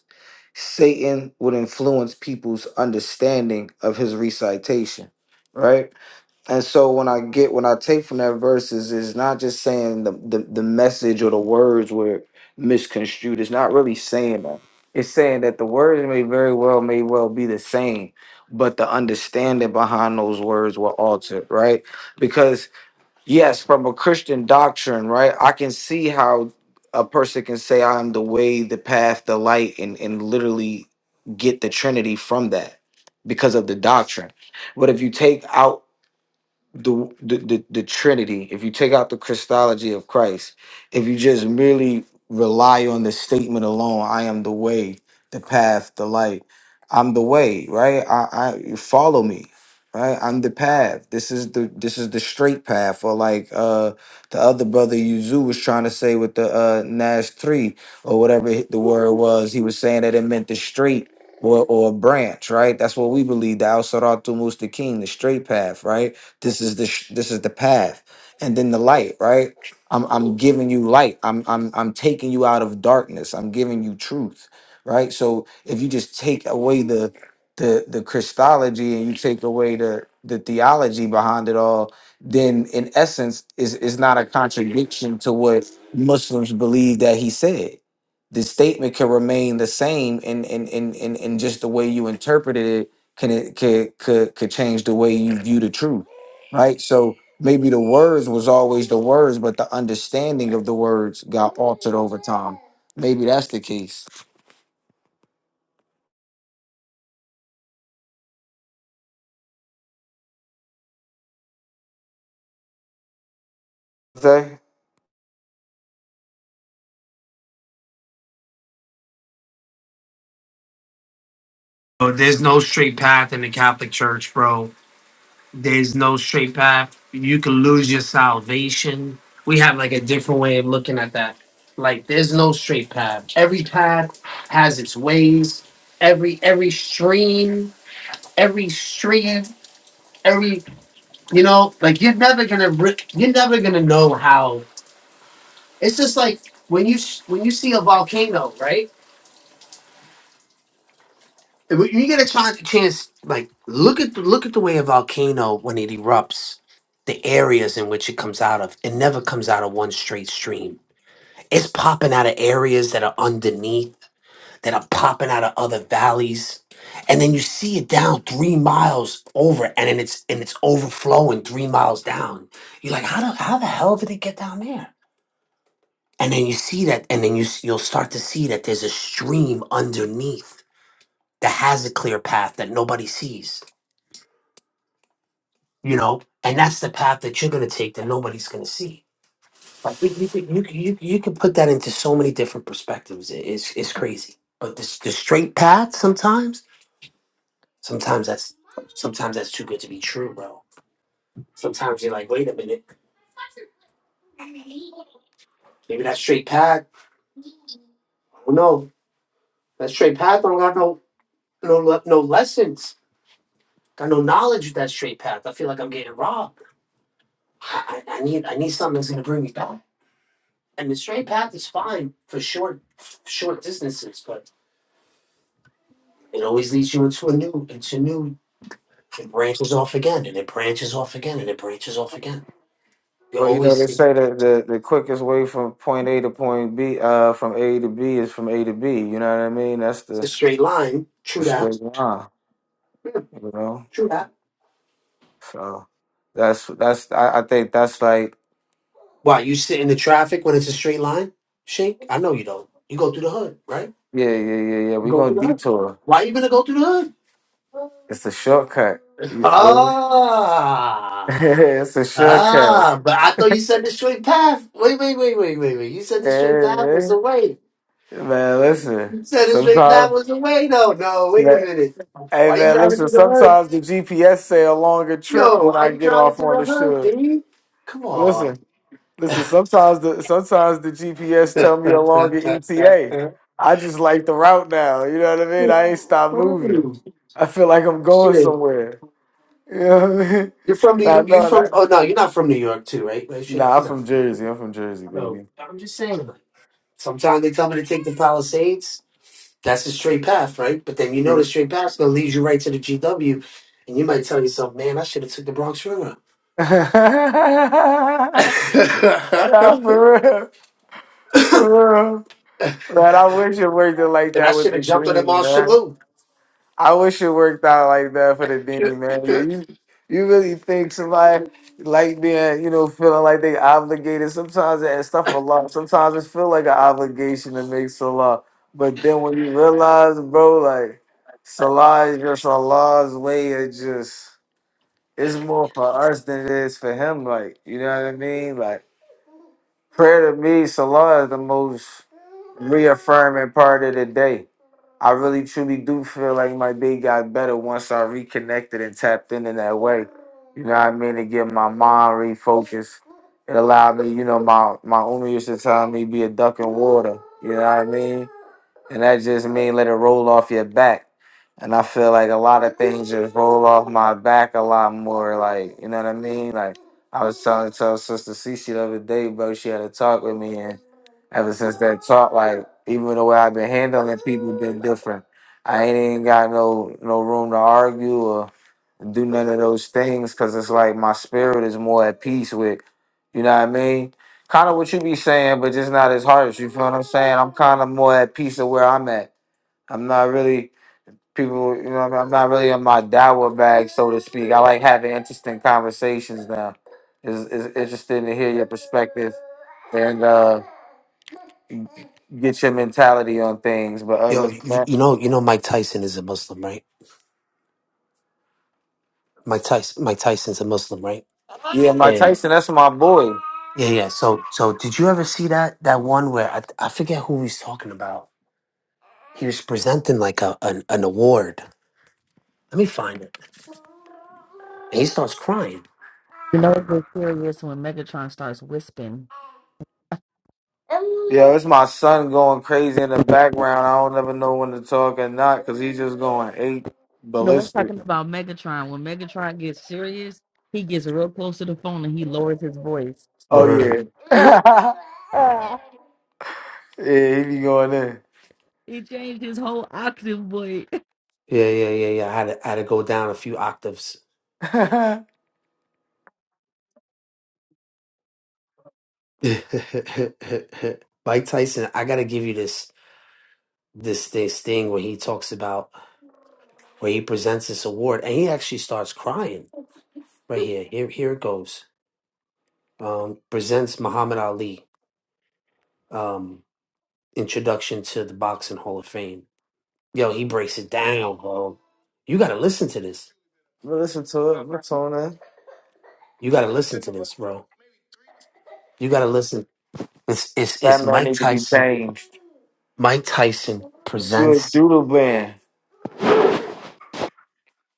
Speaker 2: Satan would influence people's understanding of his recitation, right? And so when I get when I take from that verses, is it's not just saying the, the the message or the words were misconstrued. It's not really saying that. It's saying that the words may very well may well be the same, but the understanding behind those words were altered, right? Because Yes, from a Christian doctrine, right? I can see how a person can say, I am the way, the path, the light, and, and literally get the Trinity from that because of the doctrine. But if you take out the, the the the Trinity, if you take out the Christology of Christ, if you just merely rely on the statement alone, I am the way, the path, the light. I'm the way, right? I, I follow me, right? I'm the path. This is the this is the straight path. Or like uh the other brother Yuzu was trying to say with the uh Nash three or whatever hi- the word was, he was saying that it meant the straight or or branch, right? That's what we believe, the Al Saratu Mustaqim, the straight path, right? This is the sh- this is the path, and then the light. Right? I'm I'm giving you light. I'm I'm I'm taking you out of darkness. I'm giving you truth. Right? So if you just take away the the the Christology and you take away the the theology behind it all, then in essence, is is not a contradiction to what Muslims believe that he said the statement can remain the same and and and and, and just the way you interpreted it can it could could could change the way you view the truth right? So maybe the words was always the words, but the understanding of the words got altered over time. Maybe that's the case. Say,
Speaker 8: there's no straight path in the Catholic Church, bro. There's no straight path. You can lose your salvation. We have like a different way of looking at that. Like there's no straight path. Every path has its ways. Every every stream, every stream, every you know, like you're never gonna re- you're never gonna know how. It's just like when you s- when you see a volcano, right? When you get a chance, chance, like look at the, look at the way a volcano when it erupts, the areas in which it comes out of. It never comes out of one straight stream. It's popping out of areas that are underneath, that are popping out of other valleys, and then you see it down three miles over, and then it's and it's overflowing three miles down. You're like, how the how the hell did it get down there? And then you see that, and then you s- you'll start to see that there's a stream underneath that has a clear path that nobody sees you know, and that's the path that you're going to take that nobody's going to see. Like you, you, could- you, could- you, you can put that into so many different perspectives. It- It's, it's crazy. But the, the straight path sometimes, sometimes that's sometimes that's too good to be true, bro. Sometimes you're like, wait a minute, maybe that straight path. Oh no, that straight path don't got no no le- no lessons. Got no knowledge of that straight path. I feel like I'm getting robbed. I, I I need I need something that's gonna bring me back. And the straight path is fine for short short distances, but It always leads you into a new, into new. It branches off again, and it branches off again, and it branches off again. You
Speaker 2: Well, you know, they
Speaker 8: always it's
Speaker 2: say that the, the quickest way from point A to point B, uh, from A to B is from A to B. You know what I mean? That's the,
Speaker 8: a straight line.
Speaker 2: the
Speaker 8: True that.
Speaker 2: straight line, you know?
Speaker 8: True that.
Speaker 2: So that's, that's, I, I think that's like,
Speaker 8: Why you sit in the traffic when it's a straight line? Shake. I know you don't. You go through the hood, right?
Speaker 2: yeah, yeah, yeah, yeah.
Speaker 8: You
Speaker 2: we
Speaker 8: go through
Speaker 2: going
Speaker 8: the
Speaker 2: to
Speaker 8: hood.
Speaker 2: detour.
Speaker 8: Why you gonna go through the hood?
Speaker 2: It's a shortcut. You feel me?
Speaker 8: Ah,
Speaker 2: it's a shortcut.
Speaker 8: ah. But I thought you said the straight path. Wait, wait, wait, wait, wait, wait. You said the straight path was
Speaker 2: Yeah,
Speaker 8: the way.
Speaker 2: Man, listen.
Speaker 8: You said the straight path
Speaker 2: Sometimes,
Speaker 8: was the way. No, no. Wait a
Speaker 2: man,
Speaker 8: minute.
Speaker 2: hey
Speaker 8: Why you
Speaker 2: man,
Speaker 8: driving
Speaker 2: listen.
Speaker 8: through the hood?
Speaker 2: Sometimes the GPS say a longer trip
Speaker 8: Yo,
Speaker 2: when
Speaker 8: why
Speaker 2: I
Speaker 8: you
Speaker 2: get
Speaker 8: driving
Speaker 2: off
Speaker 8: through
Speaker 2: on
Speaker 8: the
Speaker 2: the
Speaker 8: hood,
Speaker 2: should.
Speaker 8: dude? Come on.
Speaker 2: Listen, listen. Sometimes the sometimes the GPS tell me a longer ETA. I just like the route now. You know what I mean? I ain't stop moving.
Speaker 8: Mm,
Speaker 2: I feel like I'm going
Speaker 8: Shit.
Speaker 2: somewhere. You know what I mean?
Speaker 8: You're from
Speaker 2: Nah,
Speaker 8: New you
Speaker 2: no,
Speaker 8: from
Speaker 2: that.
Speaker 8: oh no, you're not from New York too, right? Right, Shake?
Speaker 2: Nah, I'm
Speaker 8: You're not
Speaker 2: from
Speaker 8: from
Speaker 2: Jersey. I'm from Jersey,
Speaker 8: No.
Speaker 2: baby.
Speaker 8: I'm just saying like sometimes they tell me to take the Palisades. That's the straight path, right? But then you know the straight path's gonna lead you right to the GW and you might tell yourself, Man, I should have took the Bronx River.
Speaker 2: nah, for real, for real. Man, I wish it worked out like
Speaker 8: And I
Speaker 2: that with
Speaker 8: should
Speaker 2: the
Speaker 8: have jumped on the
Speaker 2: dean,
Speaker 8: Marshall
Speaker 2: man.
Speaker 8: Loop.
Speaker 2: I wish it worked out like that for the dean, man. Yeah, you you really think somebody like being, you know, feeling like they obligated. Sometimes that stuff a lot. Sometimes it feel like an obligation to make Salah. But then when you realize, bro, like Salah is just Allah's way of just it's more for us than it is for him. Like, you know what I mean? Like prayer to me, Salah is the most reaffirming part of the day. I really truly do feel like my day got better once I reconnected and tapped in in that way. You know what I mean? To get my mind refocused. It allowed me, you know, my my owner used to tell me be a duck in water. You know what I mean? and that just mean let it roll off your back. And I feel like a lot of things just roll off my back a lot more. Like you know what I mean? Like I was telling to sister Cece the other day, bro. She had a talk with me, and ever since that talk, like even the way I've been handling people been different. I ain't even got no no room to argue or do none of those things because it's like my spirit is more at peace with. You know what I mean? kind of what you be saying, but just not as harsh. You feel what I'm saying? I'm kind of more at peace of where I'm at. I'm not really people. You know, what I mean? I'm not really in my dawa bag, so to speak. I like having interesting conversations now. It's, it's interesting to hear your perspective and uh, get your mentality on things. But
Speaker 8: Yo,
Speaker 2: other than
Speaker 8: you,
Speaker 2: that,
Speaker 8: you know you know Mike Tyson is a Muslim, right? Mike Tyson. Mike Tyson's a Muslim, right?
Speaker 2: yeah, Mike
Speaker 8: And
Speaker 2: Tyson, that's my boy.
Speaker 8: yeah, yeah. So, so did you ever see that that one where I, I forget who he's talking about? He was presenting like a an, an award. Let me find it. And he starts crying.
Speaker 3: You know it gets serious when Megatron starts whispering.
Speaker 2: Yeah, it's my son going crazy in the background. I don't ever know when to talk or not because he's just going eight
Speaker 3: No, I'm
Speaker 2: ballistic.
Speaker 3: talking about Megatron. When Megatron gets serious, he gets real close to the phone and he lowers his voice.
Speaker 2: Oh
Speaker 8: Word.
Speaker 2: yeah. Yeah, he be going in.
Speaker 3: he changed his whole octave voice.
Speaker 8: Yeah, yeah, yeah, yeah. I had to, I had to go down a few octaves.
Speaker 2: but
Speaker 8: Mike Tyson. I got to give you this this this thing where he talks about where he presents this award and he actually starts crying right here. Here here it goes. Um, presents Muhammad Ali. Um Introduction to the Boxing Hall of Fame. Yo, he breaks it down, bro. You gotta listen to this.
Speaker 2: listen to it. What's on it?
Speaker 8: You gotta listen to this, bro. You gotta listen. It's it's
Speaker 2: That
Speaker 8: it's
Speaker 2: man
Speaker 8: Mike
Speaker 2: need to be
Speaker 8: Tyson.
Speaker 2: changed.
Speaker 8: Mike Tyson
Speaker 2: You a
Speaker 8: presents.
Speaker 2: doodle band,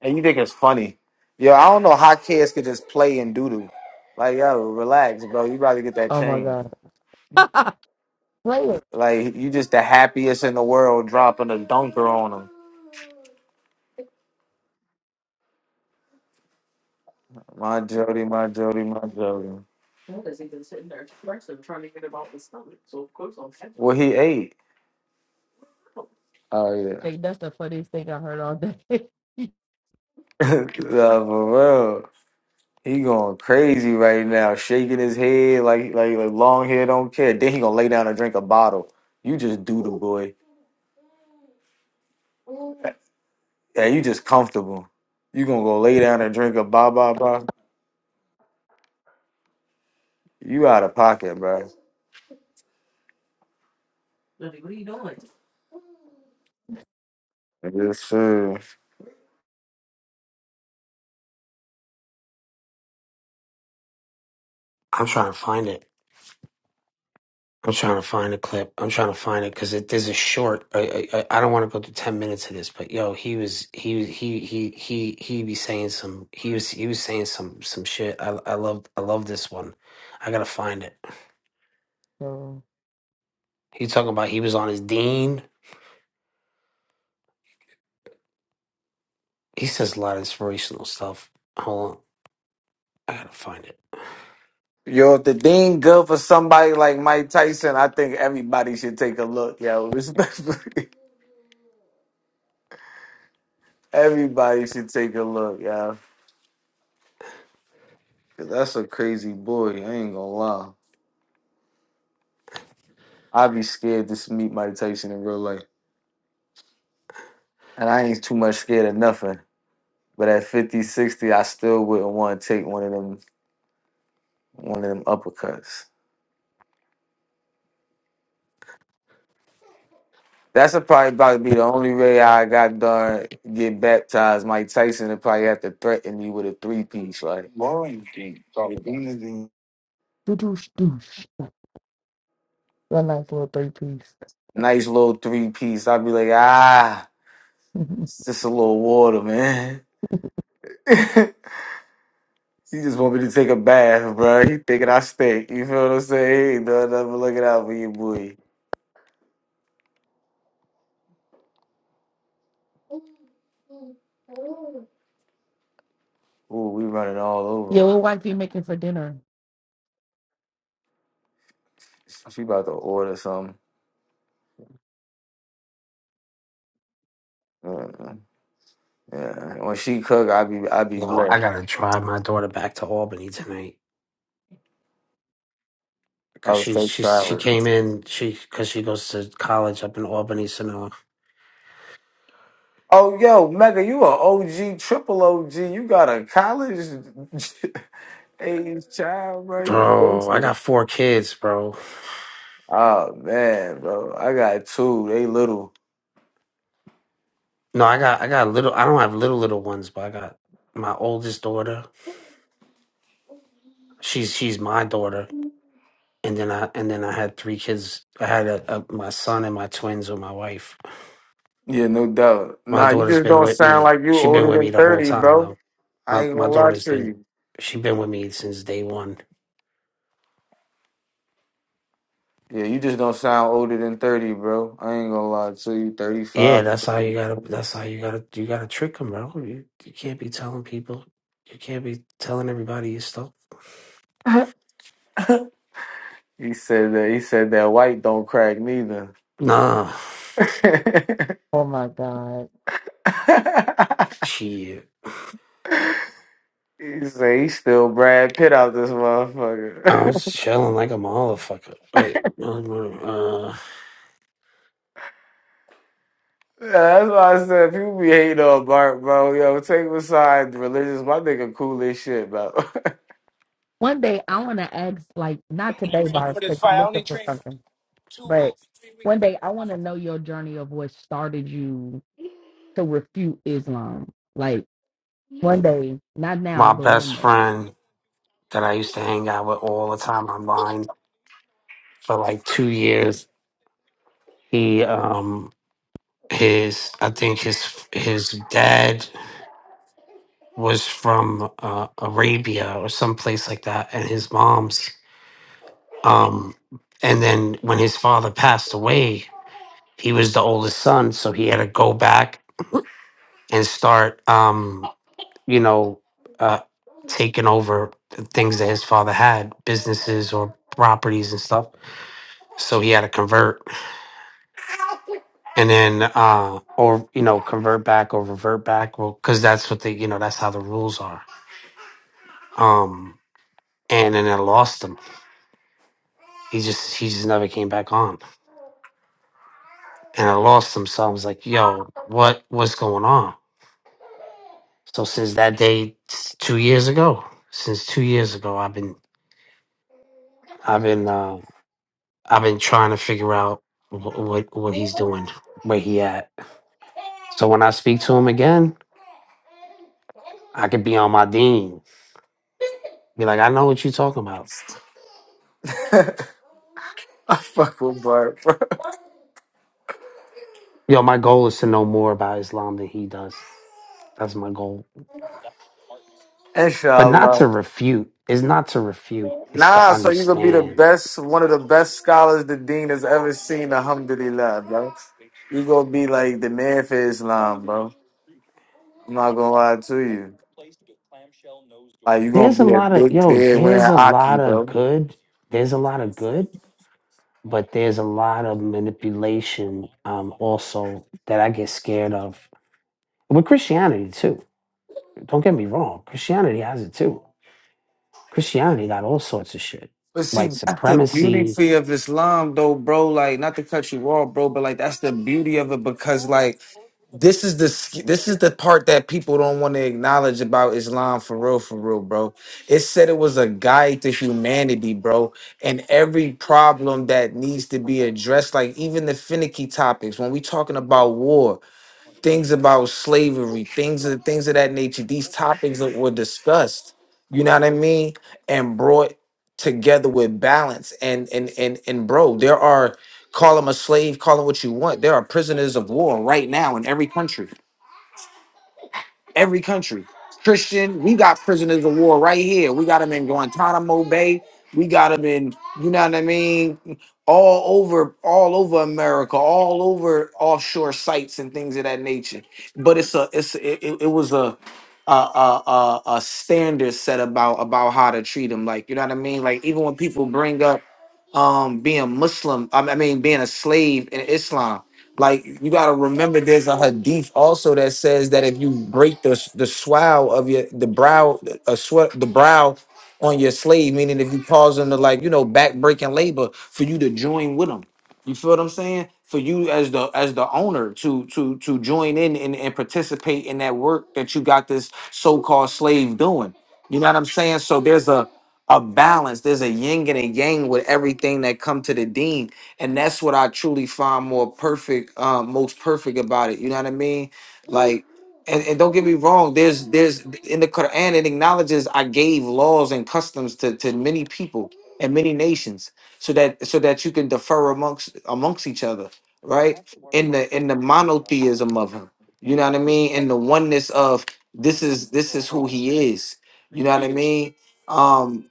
Speaker 2: and you think it's funny. Yo, I don't know how kids could just play and doodle. Like, yo, relax, bro. You about get that
Speaker 3: Oh my
Speaker 2: change.
Speaker 3: god. Play it.
Speaker 2: Like, you just the happiest in the world dropping a dunker on him. My Jody, my Jody, my Jody. What he ate. Oh, yeah.
Speaker 3: Like, that's the funniest thing I heard all day.
Speaker 2: nah, for real. He going crazy right now, shaking his head like like like long hair don't care. Then he gonna lay down and drink a bottle. You just do the boy. Yeah, you just comfortable. You gonna go lay down and drink a ba ba ba. You out of pocket, bro. Yes, sir.
Speaker 8: I'm trying to find it. I'm trying to find a clip. I'm trying to find it because it there's a short. I I, I don't want to go through ten minutes of this, but yo, he was he was he he he he be saying some he was he was saying some some shit. I I love I love this one. I gotta find it.
Speaker 3: so
Speaker 8: He talking about he was on his dean. He says a lot of inspirational stuff. Hold on, I gotta find it.
Speaker 2: Yo, if the thing good for somebody like Mike Tyson, I think everybody should take a look, yo. Respectfully, everybody should take a look, yo. Cause that's a crazy boy. I ain't gonna lie. I'd be scared to meet Mike Tyson in real life. And I ain't too much scared of nothing. But at 50, 60, I still wouldn't want to take one of them one of them uppercuts. That's a- probably about to be the only way I got done get baptized. Mike Tyson would probably have to threaten me with a three piece, like
Speaker 3: doosh doosh. That nice little three piece.
Speaker 2: nice little three piece. I'd be like, ah, it's just a little water, man. he just want me to take a bath, bro. He thinking I stink. You feel what I'm saying? He ain't done nothing but looking out for you, boy. Ooh, we running all over.
Speaker 3: yeah,
Speaker 2: him.
Speaker 3: what wife you making for dinner?
Speaker 2: She about to order something. Mm. Yeah. When she cook, I be I be
Speaker 8: No, I
Speaker 2: blessed.
Speaker 8: gotta drive my daughter back to Albany tonight
Speaker 2: I
Speaker 8: because
Speaker 2: was
Speaker 8: she
Speaker 2: so
Speaker 8: she she
Speaker 2: proud.
Speaker 8: came in she because she goes to college up in Albany. So now,
Speaker 2: Oh yo, Mega, you a OG, triple OG. You got a college age child, bro. You
Speaker 8: bro, I
Speaker 2: gangster.
Speaker 8: got four kids, bro.
Speaker 2: Oh man, bro. I got two. They little.
Speaker 8: No, I got I got little. I don't have little little ones, but I got my oldest daughter. She's she's my daughter, and then I and then I had three kids. I had a, a, my son and my twins with my wife.
Speaker 2: Yeah, no doubt.
Speaker 8: My
Speaker 2: Nah, you
Speaker 8: daughter's
Speaker 2: just
Speaker 8: been
Speaker 2: don't
Speaker 8: with
Speaker 2: sound
Speaker 8: me.
Speaker 2: like you
Speaker 8: She's been
Speaker 2: older
Speaker 8: with me
Speaker 2: than
Speaker 8: the whole
Speaker 2: thirty,
Speaker 8: time
Speaker 2: bro.
Speaker 8: though.
Speaker 2: I
Speaker 8: My
Speaker 2: ain't
Speaker 8: my
Speaker 2: gonna lie
Speaker 8: daughter's
Speaker 2: to
Speaker 8: been
Speaker 2: you.
Speaker 8: she been with me since day one.
Speaker 2: Yeah, you just don't sound older than thirty, bro. I ain't gonna lie to you. Thirty
Speaker 8: Yeah,
Speaker 2: five.
Speaker 8: that's how you gotta. That's how you gotta. You gotta trick them, bro. You you can't be telling people. You can't be telling everybody your stuff.
Speaker 2: He said that. He said that white don't crack neither.
Speaker 8: Nah,
Speaker 3: Oh my god.
Speaker 8: shit.
Speaker 2: he say he still Brad Pitt out this
Speaker 8: I
Speaker 2: motherfucker.
Speaker 8: was chilling like a motherfucker. Wait, no, no, uh,
Speaker 2: Yeah, That's why I said people be hating on Bart, bro. Yo, take him aside religious. My nigga cool as shit, bro.
Speaker 3: One day I wanna ask like not today, Bar, because you you're looking for something. But one day I want to know your journey of what started you to refute Islam. Like one day, not now,
Speaker 8: my
Speaker 3: but one
Speaker 8: best
Speaker 3: day.
Speaker 8: friend that I used to hang out with all the time online for like two years. He um his I think his his dad was from uh, Arabia or someplace like that, and his mom's. Um, and then when his father passed away, he was the oldest son, so he had to go back and start, um, you know, uh, taking over the things that his father had, businesses or properties and stuff. So he had to convert, and then, uh, or you know, convert back or revert back, well, because that's what the you know that's how the rules are. Um, and then I lost him he just he just never came back on and i lost him so i was like yo what what's going on so since that day s- two years ago since two years ago i've been i've been uh i've been trying to figure out wh- what what he's doing where he at so when i speak to him again i could be on my dean be like i know what you're talking about
Speaker 2: I fuck with Bart, bro.
Speaker 8: yo my goal is to know more about islam than he does that's my goal but not to
Speaker 2: Inshallah.
Speaker 8: refute it's not to refute it's to
Speaker 2: Nah, so you gonna be the
Speaker 8: understand
Speaker 2: best, one of the best scholars the dean has ever seen. Alhamdulillah, bro. You gonna be like the man for Islam, bro. I'm not gonna lie to you. Like you gonna
Speaker 8: There's a
Speaker 2: be a
Speaker 8: lot of
Speaker 2: big
Speaker 8: yo,
Speaker 2: beard
Speaker 8: there's
Speaker 2: wearing
Speaker 8: a
Speaker 2: Aki,
Speaker 8: lot of
Speaker 2: bro.
Speaker 8: good. There's a lot of good, but there's a lot of manipulation um also that I get scared of. With Christianity too. Don't get me wrong. Christianity has it too. Christianity got all sorts of shit.
Speaker 2: But
Speaker 8: White
Speaker 2: see, that's the beauty
Speaker 8: supremacy.
Speaker 2: fee of Islam, though, bro. Like, not to cut you off, bro, but like that's the beauty of it because, like, this is the sk- this is the part that people don't want to acknowledge about Islam, for real, for real, bro. It said it was a guide to humanity, bro, and every problem that needs to be addressed, like even the finicky topics when we talking about war things about slavery, things of things of that nature. These topics that were discussed, you know what I mean, and brought together with balance. And and and and bro, there are call them a slave, call them what you want. There are prisoners of war right now in every country every country. Christian, we got prisoners of war right here. We got them in Guantanamo Bay. We got them in, you know what I mean, all over, all over America, all over offshore sites and things of that nature. But it's a, it's it, it it was a, a, a, a, a standard set about about how to treat them. Like you know what I mean. Like even when people bring up um being Muslim, I mean I mean, being a slave in Islam, like you gotta remember, there's a hadith also that says that if you break the the swow of your the brow a sweat the brow on your slave, meaning if you cause them to like you know back breaking labor for you to join with them. You feel what I'm saying? For you as the as the owner to to to join in and, and participate in that work that you got this so called slave doing. You know what I'm saying? So there's a a balance. There's a yin and a yang with everything that come to the dean and that's what I truly find more perfect, um, most perfect about it. You know what I mean? Like, and, and don't get me wrong. There's there's in the Quran it acknowledges I gave laws and customs to to many people and many nations, so that so that you can defer amongst amongst each other, right? In the in the monotheism of him, you know what I mean? In the oneness of this is this is who he is. You know what I mean? Um,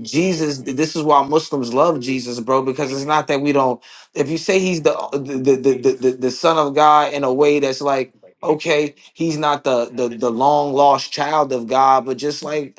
Speaker 2: Jesus, this is why Muslims love Jesus, bro, because it's not that we don't. If you say he's the the the the, the, the son of God in a way that's like, okay, he's not the, the the long lost child of God, but just like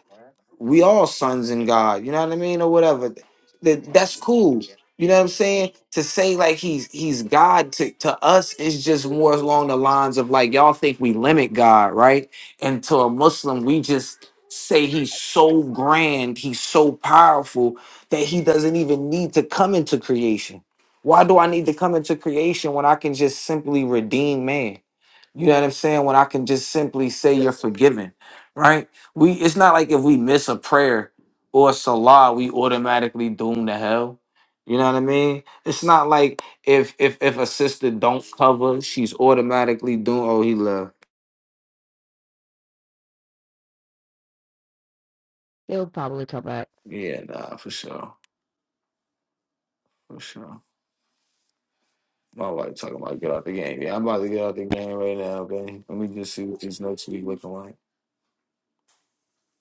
Speaker 2: we all sons in God, you know what I mean, or whatever. That that's cool. You know what I'm saying? To say like he's he's God to, to us is just more along the lines of like y'all think we limit God, right? And to a Muslim, we just say he's so grand, he's so powerful that he doesn't even need to come into creation. Why do I need to come into creation when I can just simply redeem man? You know what I'm saying? When I can just simply say you're forgiven, right? We it's not like if we miss a prayer or salah, we automatically doomed to hell. You know what I mean? It's not like if if if a sister don't cover, she's automatically doomed. Oh, he left.
Speaker 3: It'll probably come back.
Speaker 2: Yeah, nah, for sure, for sure. My wife talking about get out the game. Yeah, I'm about to get out the game right now, okay? Let me just see what this next week looking like.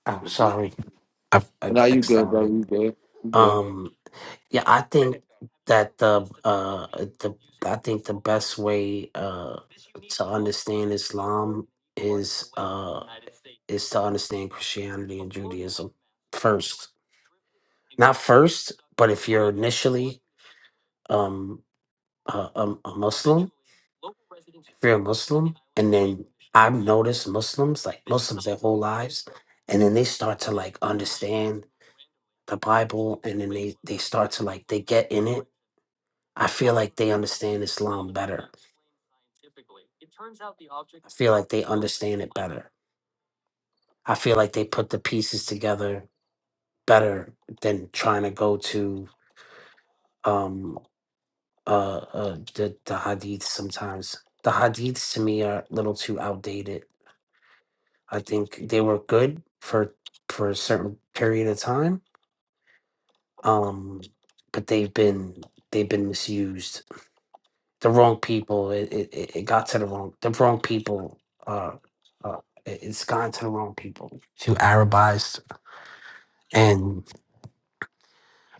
Speaker 8: Oh, sorry. I, I,
Speaker 2: Nah, you good, bro? You good? You good?
Speaker 8: Um, yeah, I think that the uh the I think the best way uh to understand Islam is uh is to understand Christianity and Judaism first. Not first, but if you're initially um a, a, a Muslim, if you're a Muslim, and then I've noticed Muslims, like Muslims their whole lives, and then they start to like understand the Bible and then they, they start to like they get in it I feel like they understand Islam better. I feel like they understand it better. I feel like they put the pieces together better than trying to go to um uh, uh the, the hadiths sometimes. The hadiths to me are a little too outdated. I think they were good for for a certain period of time. Um but they've been they've been misused the wrong people. It it, it it got to the wrong the wrong people. Uh, uh, it- it's gone to the wrong people. Too Arabized, and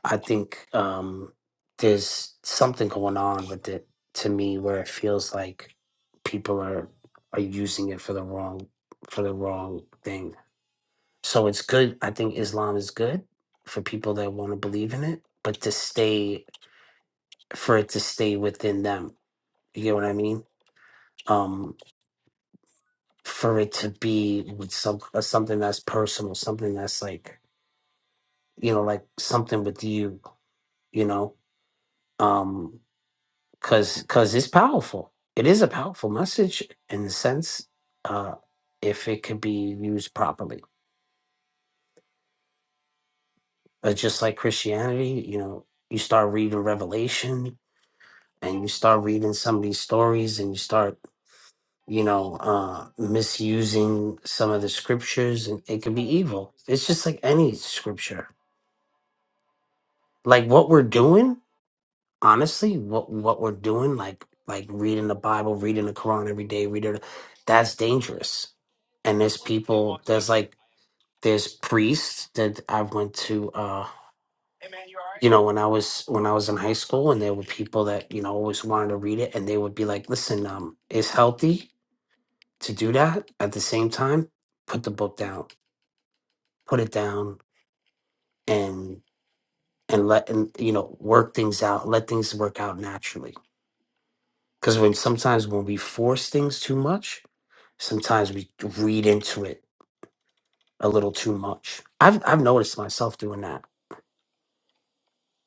Speaker 8: I think um, there's something going on with it to me where it feels like people are are using it for the wrong for the wrong thing. So it's good. I think Islam is good for people that want to believe in it, but to stay for it to stay within them. You get what I mean? Um, for it to be with some uh, something that's personal, something that's like you know, like something with you, you know, um, cause cause it's powerful. It is a powerful message in the sense, uh, if it could be used properly. Uh, just like Christianity, you know, you start reading Revelation and you start reading some of these stories and you start, you know, uh, misusing some of the scriptures and it could be evil. It's just like any scripture like what we're doing honestly what what we're doing like like reading the bible reading the quran every day reading the- that's dangerous and there's people there's like there's priests that i went to uh you know when i was when i was in high school and there were people that you know always wanted to read it and they would be like listen um it's healthy to do that at the same time put the book down put it down and and let and you know work things out let things work out naturally Because when sometimes when we force things too much, sometimes we read into it a little too much. I've I've noticed myself doing that.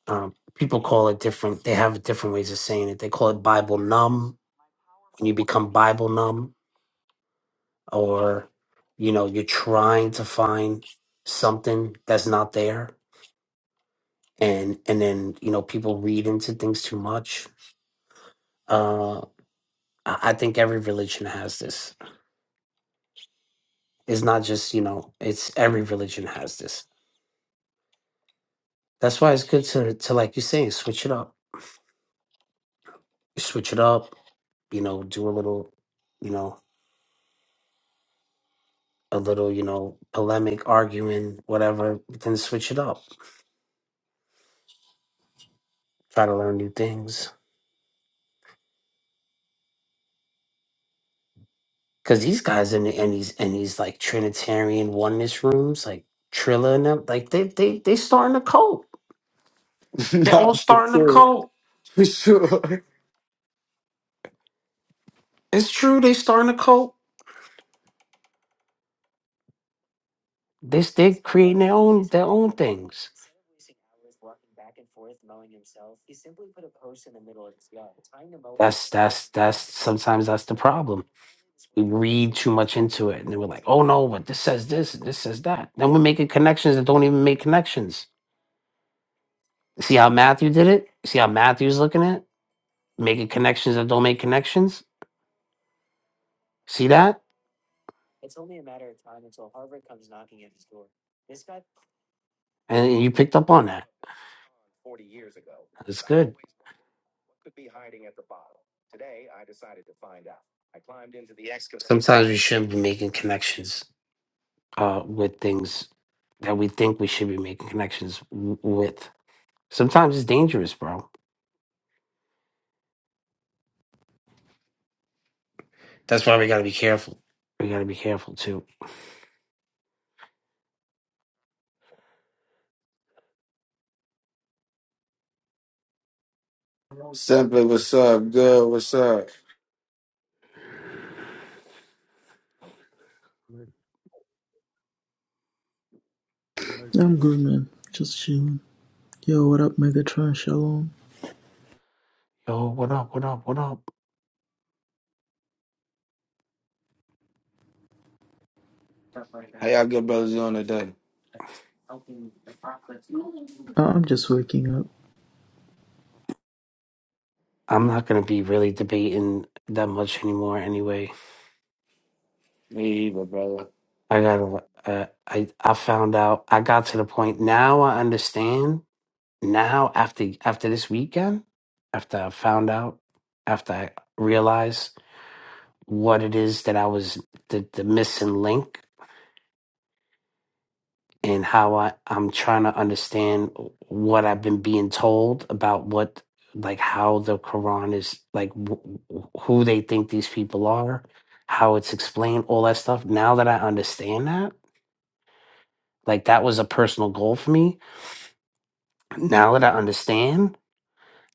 Speaker 8: Um, people call it different. They have different ways of saying it. They call it Bible numb when you become Bible numb, or you know you're trying to find something that's not there, and and then you know people read into things too much. Uh, I I think every religion has this. It's not just you know. It's every religion has this That's why it's good to to like you're saying, switch it up. Switch it up, you know, do a little, you know, a little, you know, polemic, arguing, whatever, but then switch it up. Try to learn new things. Cause these guys in the and these and these like Trinitarian oneness rooms, like Trilla and them, like they they they starting a cult. They're
Speaker 2: nah,
Speaker 8: all
Speaker 2: for
Speaker 8: starting a
Speaker 2: sure,
Speaker 8: cult.
Speaker 2: for sure.
Speaker 8: It's true, they starting a cult. They they creating their own their own things. That's that's that's sometimes that's the problem. read too much into it and they were like oh no but this says this and this says that then we're making connections that don't even make connections see how matthew did it see how matthew's looking at it? making connections that don't make connections see that and you picked up on that should be making connections uh, with things that we think we should be making connections w- with sometimes it's dangerous bro that's why we got to be careful we got to be careful too
Speaker 2: Simply, what's up? Good, what's up?
Speaker 12: I'm good, man. Just chilling. Yo, what up, Megatron? Shalom.
Speaker 8: yo what up what up what up
Speaker 2: How y'all good brothers doing today?
Speaker 12: I- I'm just waking up.
Speaker 8: i'm not going to be really debating that much anymore anyway
Speaker 2: Me either, brother.
Speaker 8: I got. Uh, I I found out. I got to the point now. I understand now after after this weekend, after I found out, after I realized what it is that I was the the missing link and how I I'm trying to understand what I've been being told about what like how the Quran is like w- who they think these people are, how it's explained, all that stuff. Now that I understand that, like that was a personal goal for me now that I understand,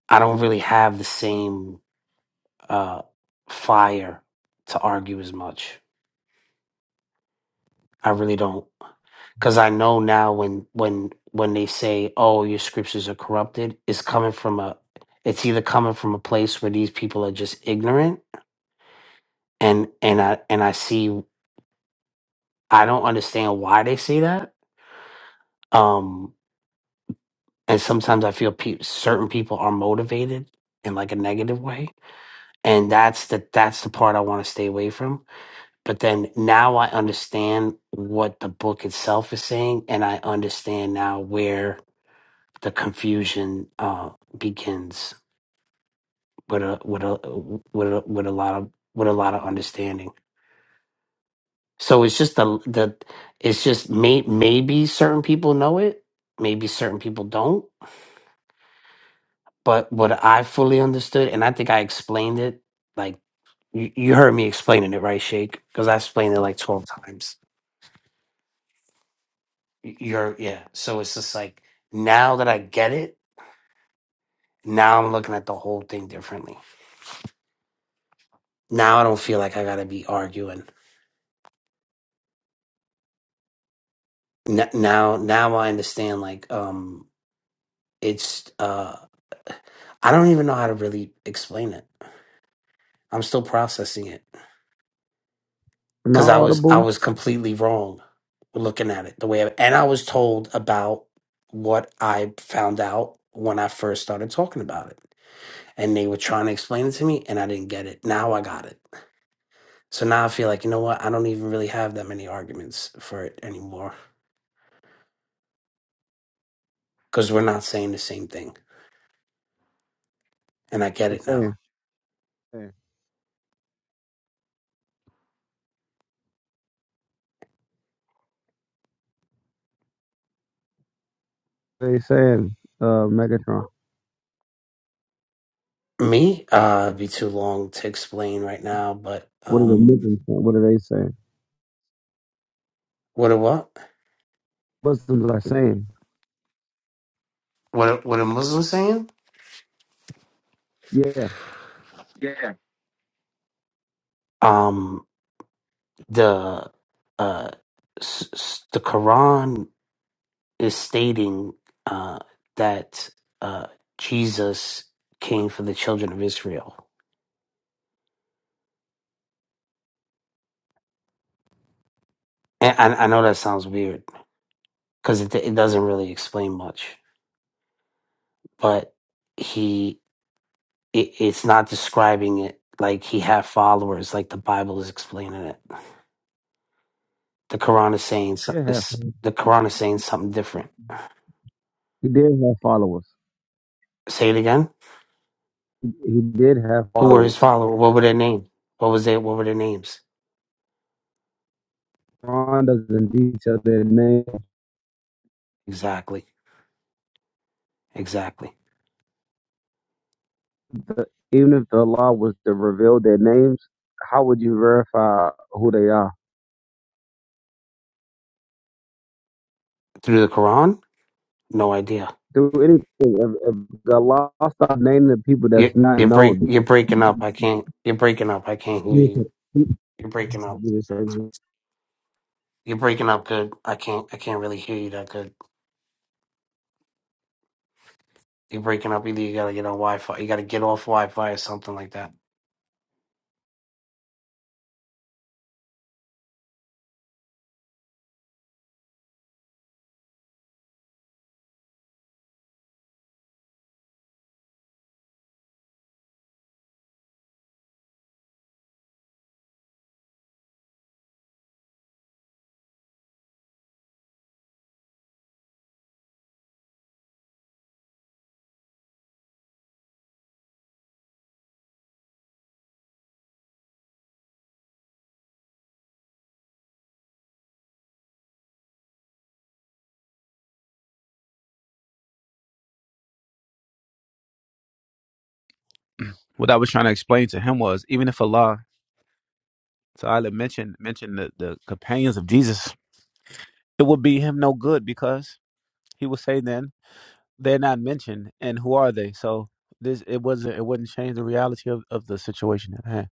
Speaker 8: I don't really have the same uh, fire to argue as much. I really don't, because I know now when when when they say, "Oh, your scriptures are corrupted," it's coming from a, it's either coming from a place where these people are just ignorant, and and I and I see I don't understand why they say that. Um, and sometimes I feel pe- certain people are motivated in like a negative way, and that's the that's the part I want to stay away from but then now I understand what the book itself is saying, and I understand now where the confusion uh, begins with a with a with a, with a lot of with a lot of understanding. So it's just the the it's just may, maybe certain people know it, maybe certain people don't. But what I fully understood, and I think I explained it like you, you heard me explaining it, right, Shake? Because I explained it like twelve times Y- You're yeah. So it's just like now that I get it, now I'm looking at the whole thing differently. Now I don't feel like I gotta be arguing. N- now now I understand like um it's uh I don't even know how to really explain it. I'm still processing it
Speaker 13: Am I
Speaker 8: because I was I
Speaker 13: audible?
Speaker 8: was completely wrong looking at it the way I, and I was told about what I found out when I first started talking about it, and they were trying to explain it to me, and I didn't get it. Now I got it. So now I feel like, you know what? I don't even really have that many arguments for it anymore because we're not saying the same thing. And I get
Speaker 13: They
Speaker 8: it
Speaker 13: saying,
Speaker 8: now.
Speaker 13: they saying, uh, Megatron.
Speaker 8: Me, uh, it'd be too long to explain right now, but
Speaker 13: What are they?
Speaker 8: um,
Speaker 13: Muslims What are they saying?
Speaker 8: what a what?
Speaker 13: Muslims are saying,
Speaker 8: What a, what a Muslim saying?
Speaker 13: yeah,
Speaker 8: Um, the uh, s- s- the Quran is stating uh, that uh, Jesus came for the children of Israel. And I, I know that sounds weird because it, it doesn't really explain much but he it, it's not describing it like he had followers like the bible is explaining it the quran is saying
Speaker 13: he
Speaker 8: so-
Speaker 13: did have,
Speaker 8: this the quran is saying something different
Speaker 13: he did have followers.
Speaker 8: say it again
Speaker 13: He did have
Speaker 8: who were his
Speaker 13: followers.
Speaker 8: followers what were their name what was they? what were their names
Speaker 13: Quran doesn't detail their name.
Speaker 8: exactly exactly
Speaker 13: But Even if the law was to reveal their names, how would you verify who they are?
Speaker 8: through the quran no idea
Speaker 13: Do anything. If, if the law stopped naming the people that's
Speaker 8: you,
Speaker 13: not
Speaker 8: you're break
Speaker 13: known,
Speaker 8: you're breaking up i can't you're breaking up i can't hear you you're breaking up You're breaking up good. I can't I can't really hear you that good. You're breaking up either you gotta get on Wi Fi you gotta get off Wi Fi or something like that.
Speaker 14: What I was trying to explain to him was even if Allah Ta'ala mentioned mentioned the, the companions of Jesus, it would be him no good because he would say then they're not mentioned and who are they? So this it wasn't it wouldn't change the reality of, of the situation at hand.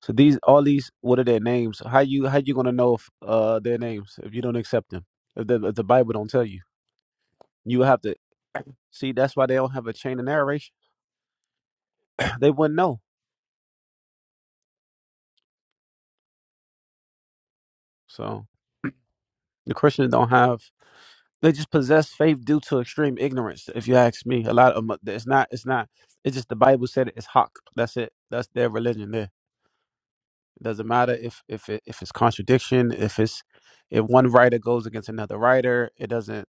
Speaker 14: So these all these what are their names? How you how you gonna know if uh their names if you don't accept them? If the if the Bible don't tell you. You have to see that's why they don't have a chain of narration. they wouldn't know. So the Christians don't have They just possess faith due to extreme ignorance. If you ask me, a lot of them, it's not. It's not. It's just the Bible said it, it's hawk. That's it. That's their religion. There. It doesn't matter if if it, if it's contradiction. If it's if one writer goes against another writer, it doesn't.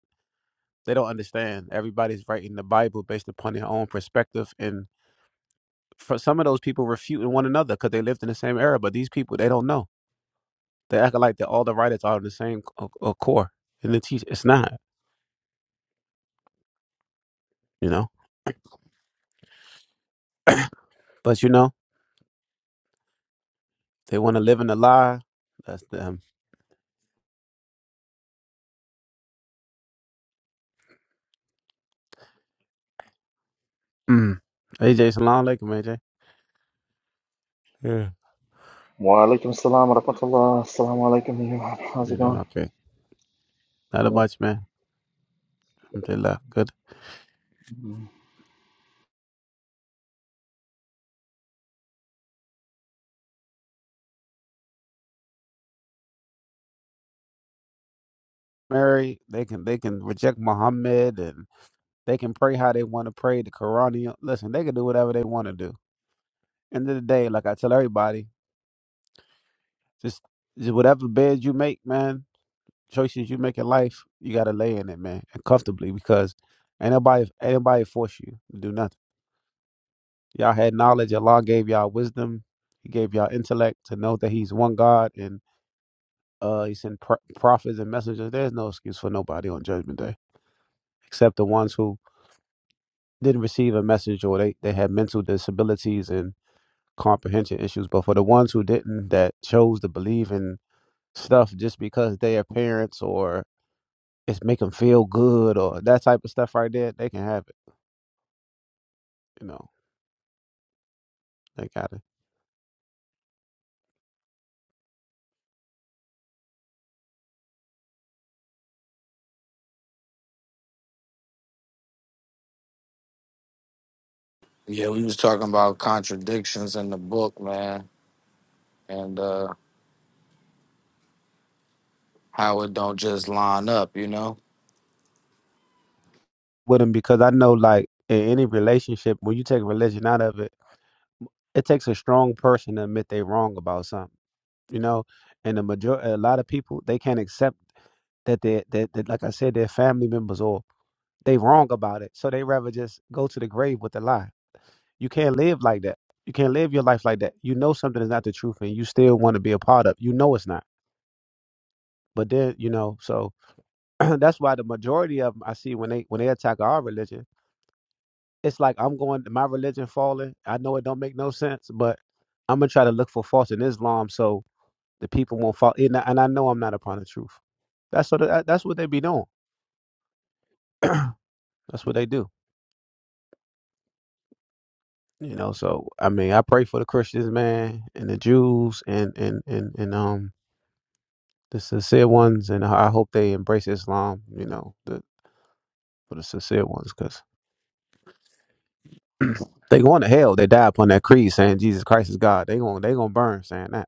Speaker 14: They don't understand. Everybody's writing the Bible based upon their own perspective, and for some of those people refuting one another because they lived in the same era. But these people, they don't know. They act like that all the writers are the same uh, uh, core, and the teach. It's not. You know. But you know. They want to live in a lie. That's them. Mm. Hey, Jason Long, like AJ. Yeah.
Speaker 7: Wa alaikum salam wa rahmatullah. Assalamu alaikum, Iman. How's it
Speaker 14: You're doing
Speaker 7: going?
Speaker 14: okay. Not a
Speaker 7: Yeah.
Speaker 14: much, man. Alhamdulillah. Good. Mary, they can they can reject Muhammad and they can pray how they want to pray. The Quran, you know, listen, they can do whatever they want to do. End of the day, like I tell everybody, just, just whatever bed you make, man, choices you make in life, you gotta lay in it, man, and comfortably because ain't nobody ain't nobody force you to do nothing. Y'all had knowledge. Allah gave y'all wisdom. He gave y'all intellect to know that He's one God, and uh, He sent pro- prophets and messengers. There's no excuse for nobody on Judgment Day except the ones who didn't receive a message or they, they had mental disabilities and comprehension issues. But for the ones who didn't, that chose to believe in stuff just because their parents or it's make them feel good or that type of stuff right there, they can have it. You know, they got it
Speaker 2: Yeah, we was talking about contradictions in the book, man, and uh how it don't just line up, you know?
Speaker 14: with them because I know like in any relationship when you take religion out of it it takes a strong person to admit they wrong about something, you know. And the major, a lot of people, they can't accept that they that, that like I said, their family members or they wrong about it, so they rather just go to the grave with a lie. You can't live like that. You can't live your life like that. You know something is not the truth, and you still want to be a part of. You know it's not. But then you know, so that's why the majority of them I see when they when they attack our religion, it's like I'm going my religion falling. I know it don't make no sense, but I'm gonna try to look for faults in Islam. So The people won't follow. And I, and I know I'm not upon the truth. That's what that- that's what they be doing. that's what they do. You know. So I mean, I pray for the Christians, man, and the Jews, and and and and um the sincere ones, and I hope they embrace Islam. You know, the, for the sincere ones, because they going to hell. They die upon that creed saying Jesus Christ is God. They going they gonna burn saying that.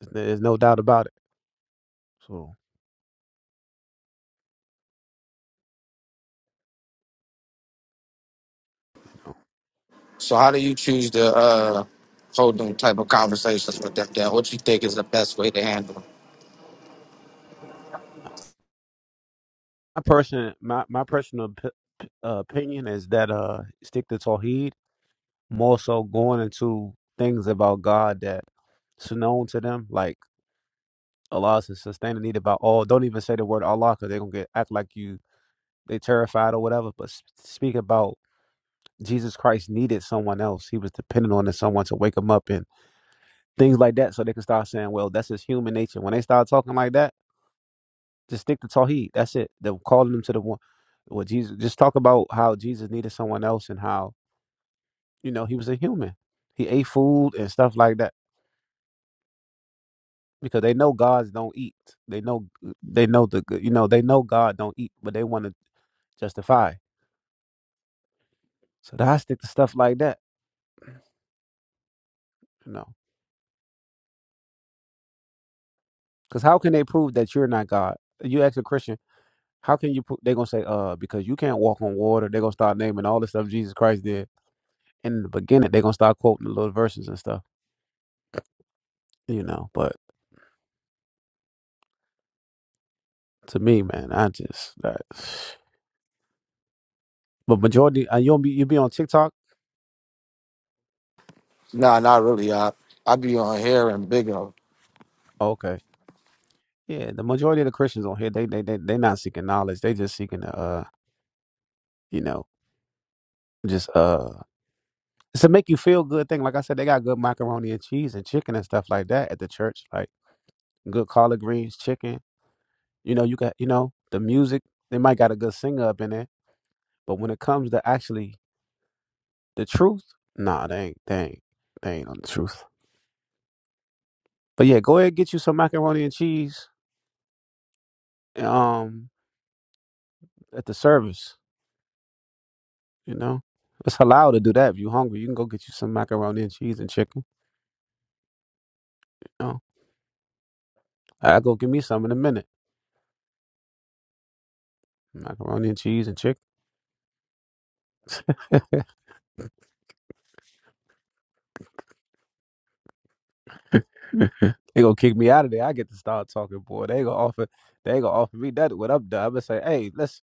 Speaker 14: There's no doubt about it. So you know,
Speaker 2: So how do you choose to uh hold them type of conversations with them then? What you think is the best way to handle them?
Speaker 14: my personal my my personal p- p- uh, opinion is that uh stick to Tawheed more so going into things about God that's known to them. Like Allah says, sustain the need about all. Don't even say the word Allah because they're gonna get act like you they terrified or whatever. But s- speak about Jesus Christ needed someone else. He was dependent on someone to wake him up and things like that, so they can start saying, "Well, that's his human nature." When they start talking like that, just stick to Tawheed. That's it. They're calling them to the one. Well, Jesus, just talk about how Jesus needed someone else and how you know he was a human. He ate food and stuff like that. because they know gods don't eat. They know they know the good- you know they know God don't eat, but they want to justify. So I stick to stuff like that, you know. Because how can they prove that you're not God? You ask a Christian, how can you? Pro-? They're gonna say, uh, because you can't walk on water. They're gonna start naming all the stuff Jesus Christ did in the beginning. They're gonna start quoting the little verses and stuff, you know. But to me, man, I just that. But majority, uh, you'll be you'll be on TikTok.
Speaker 2: Nah, not really, I I be on here and bigger.
Speaker 14: okay, yeah, the majority of the Christians on here, they they they they not seeking knowledge. They just seeking to uh you know Just uh, it's a make you feel good thing. Like I said, they got good macaroni and cheese and chicken and stuff like that at the church. Like good collard greens, chicken. You know, you got you know the music. They might got a good singer up in there, but when it comes to actually the truth, nah, they ain't they ain't they ain't on the truth. But yeah, go ahead and get you some macaroni and cheese. Um, at the service, you know. It's allowed to do that. If you hungry, you can go get you some macaroni and cheese and chicken. You know, I go give me some in a minute. Macaroni and cheese and chicken. They gonna kick me out of there. I get to start talking, boy. They gonna offer. They gonna offer me that when I'm done. I'm gonna say, hey, let's.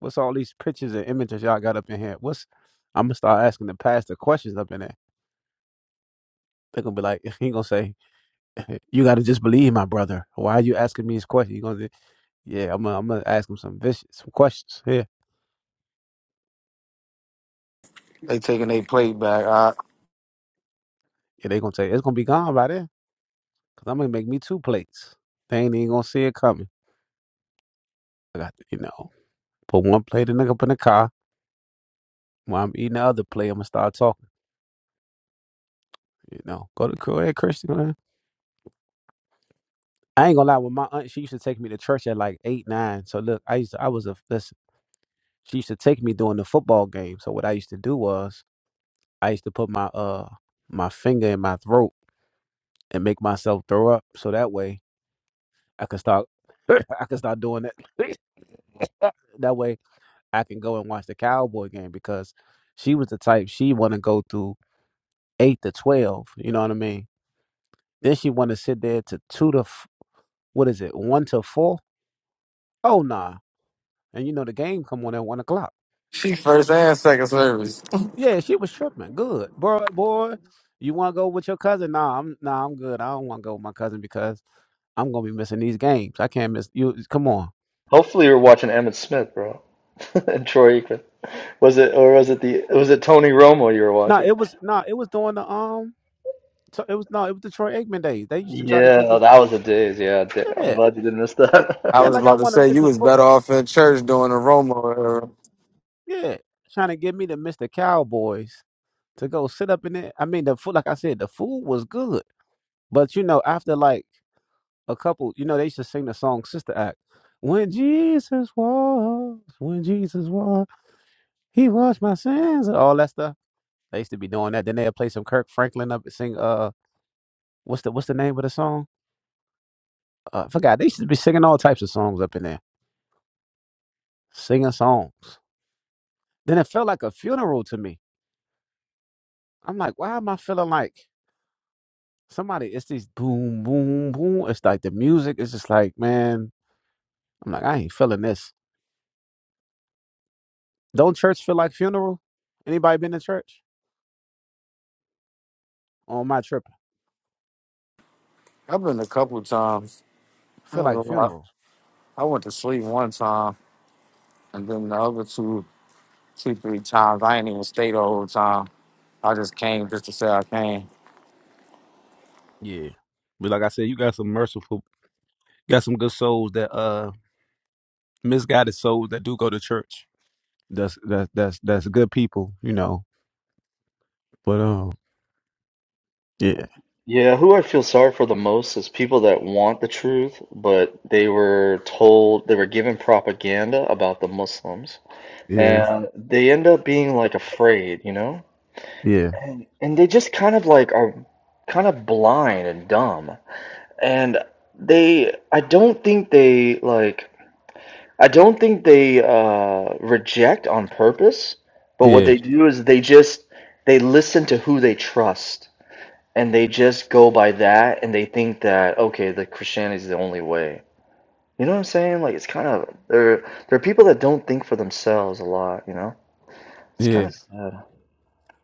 Speaker 14: What's all these pictures and images y'all got up in here? What's? I'm gonna start asking the pastor questions up in there. They're gonna be like, he gonna say, you gotta just believe my brother. Why are you asking me these questions? You gonna, say, yeah, I'm gonna, I'm gonna ask him some vicious, some questions. here.
Speaker 2: They taking their plate back. I,
Speaker 14: yeah. They gonna say it's gonna be gone by then, cause I'm gonna make me two plates. They ain't even gonna see it coming. I got, to, you know, put one plate in the, up in the car. While I'm eating the other plate, I'm gonna start talking. You know, go to go ahead, Christian. Go ahead. I ain't gonna lie. When my aunt, she used to take me to church at like eight, nine. So look, I used to, I was a listen. She used to take me during the football game. So what I used to do was I used to put my uh my finger in my throat and make myself throw up. So that way I could start I could start doing that. that way I can go and watch the Cowboy game because she was the type she want to go through eight to twelve. You know what I mean? Then she want to sit there to two to f- what is it one to four? Oh nah. And you know the game come on at one o'clock.
Speaker 2: she first and second service.
Speaker 14: Yeah, she was tripping. Good. Boy, boy, you wanna go with your cousin? Nah, I'm nah, I'm good. I don't wanna go with my cousin because I'm gonna be missing these games. I can't miss you come on.
Speaker 7: Hopefully, you're watching Emmett Smith, bro, and Troy Aikman. Was it, or was it the, was it Tony Romo you were
Speaker 14: nah,
Speaker 7: watching?
Speaker 14: it was nah, it was during the um so it was no, it was the Troy Aikman days. They used to try to
Speaker 7: Yeah,
Speaker 14: get
Speaker 7: oh,
Speaker 14: me
Speaker 7: that was the days. Yeah, da- I'm
Speaker 14: Yeah.
Speaker 7: glad you didn't miss
Speaker 2: I
Speaker 14: Yeah,
Speaker 2: was
Speaker 7: that.
Speaker 14: like I
Speaker 2: about to
Speaker 14: wanna
Speaker 2: say
Speaker 14: miss
Speaker 2: you
Speaker 14: the
Speaker 2: was better
Speaker 14: football.
Speaker 2: off in church doing a Romo era.
Speaker 14: Yeah. Trying to get me to miss the Cowboys to go sit up in it. I mean the food like I said, the food was good. But you know, after like a couple, you know, they used to sing the song Sister Act. When Jesus walks, when Jesus walks, he washed my sins and all that stuff. They used to be doing that. Then they'd play some Kirk Franklin up and sing uh what's the what's the name of the song? Uh, I forgot. They used to be singing all types of songs up in there. Singing songs. Then it felt like a funeral to me. I'm like, why am I feeling like somebody it's these boom, boom, boom. It's like the music It's just like, man, I'm like, I ain't feeling this. Don't church feel like funeral? Anybody been to church? On my trip.
Speaker 2: I've been a couple times.
Speaker 14: I
Speaker 2: I,
Speaker 14: feel like
Speaker 2: don't know, I
Speaker 14: funeral.
Speaker 2: I went to sleep one time, and then the other two, two, three times, I ain't even stayed the whole time. I just came just to say I came.
Speaker 14: Yeah. But like I said, you got some merciful, you got some good souls that uh misguided souls that do go to church. That's that's that's that's good people, you know. But um, yeah,
Speaker 7: Yeah, who I feel sorry for the most is people that want the truth, but they were told, they were given propaganda about the Muslims,
Speaker 14: yeah,
Speaker 7: and they end up being like afraid, you know?
Speaker 14: yeah,
Speaker 7: And and they just kind of like are kind of blind and dumb. And they, I don't think they like I don't think they uh, reject on purpose, but what
Speaker 14: yeah,
Speaker 7: they do is they just they listen to who they trust, and they just go by that, and they think that okay, the Christianity is the only way. You know what I'm saying? Like it's kind of there. There are people that don't think for themselves a lot. You know, it's kind
Speaker 14: yeah.
Speaker 7: of sad.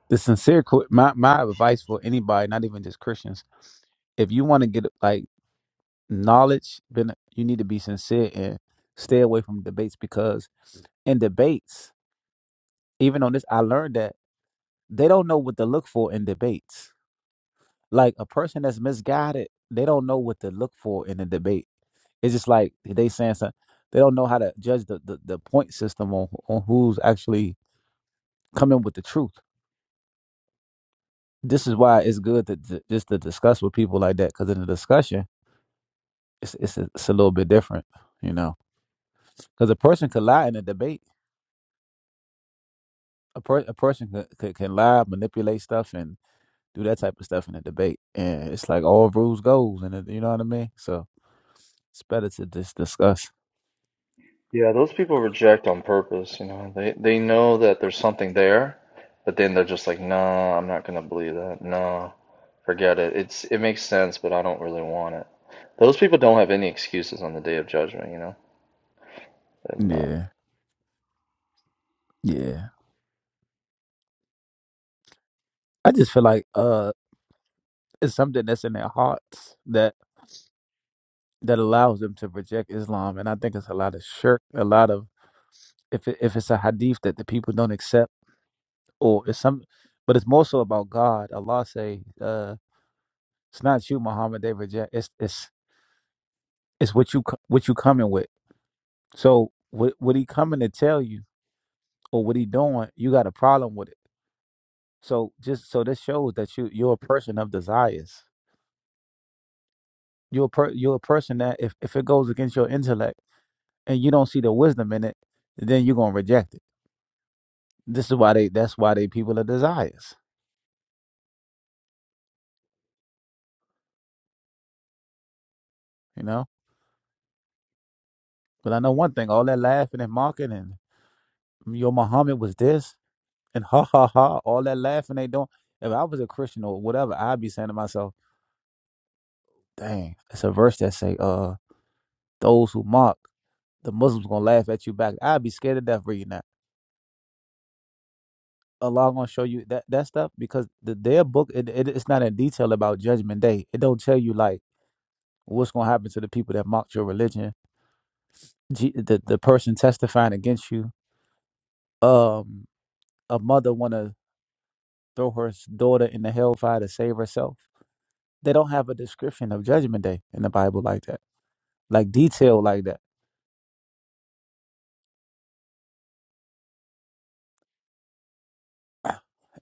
Speaker 14: The sincere qu- my my advice for anybody, not even just Christians, if you want to get like knowledge, then you need to be sincere and stay away from debates because in debates, even on this, I learned that they don't know what to look for in debates. Like a person that's misguided, they don't know what to look for in a debate. It's just like they saying something. They don't know how to judge the, the, the point system on on who's actually coming with the truth. This is why it's good to, to just to discuss with people like that because in the discussion, it's it's a, it's a little bit different, you know. Because a person could lie in a debate. A, per, a person could, could can lie, manipulate stuff, and do that type of stuff in a debate. And it's like all rules goes, and it, you know what I mean. So it's better to just discuss.
Speaker 7: Yeah, those people reject on purpose, you know. They they know that there's something there, but then they're just like, "Nah, I'm not gonna believe that. Nah, forget it. It's it makes sense, but I don't really want it." Those people don't have any excuses on the day of judgment, you know. They're
Speaker 14: Yeah, yeah. I just feel like uh, it's something that's in their hearts that that allows them to reject Islam, and I think it's a lot of shirk, a lot of if it, if it's a hadith that the people don't accept, or it's some, but it's more so about God. Allah say, uh, it's not you, Muhammad. They reject. It's it's it's what you co- what you coming with. So what what he coming to tell you, or what he doing, you got a problem with it. So just so this shows that you you're a person of desires. You're a per, you're a person that if if it goes against your intellect and you don't see the wisdom in it, then you're gonna reject it. This is why they that's why they people are desires, you know? But I know one thing, all that laughing and mocking and "Mm, your Muhammad was this and ha ha ha, all that laughing they don't if I was a Christian or whatever, I'd be saying to myself, Dang, it's a verse that say, uh, those who mock, the Muslims gonna laugh at you back. I'd be scared to death reading that. Allah gonna show you that, that stuff because the their book it, it, it's not in detail about judgment day. It don't tell you like what's gonna happen to the people that mocked your religion G- the the person testifying against you, um, a mother want to throw her s- daughter in the hellfire to save herself. They don't have a description of Judgment Day in the Bible like that, like detail like that.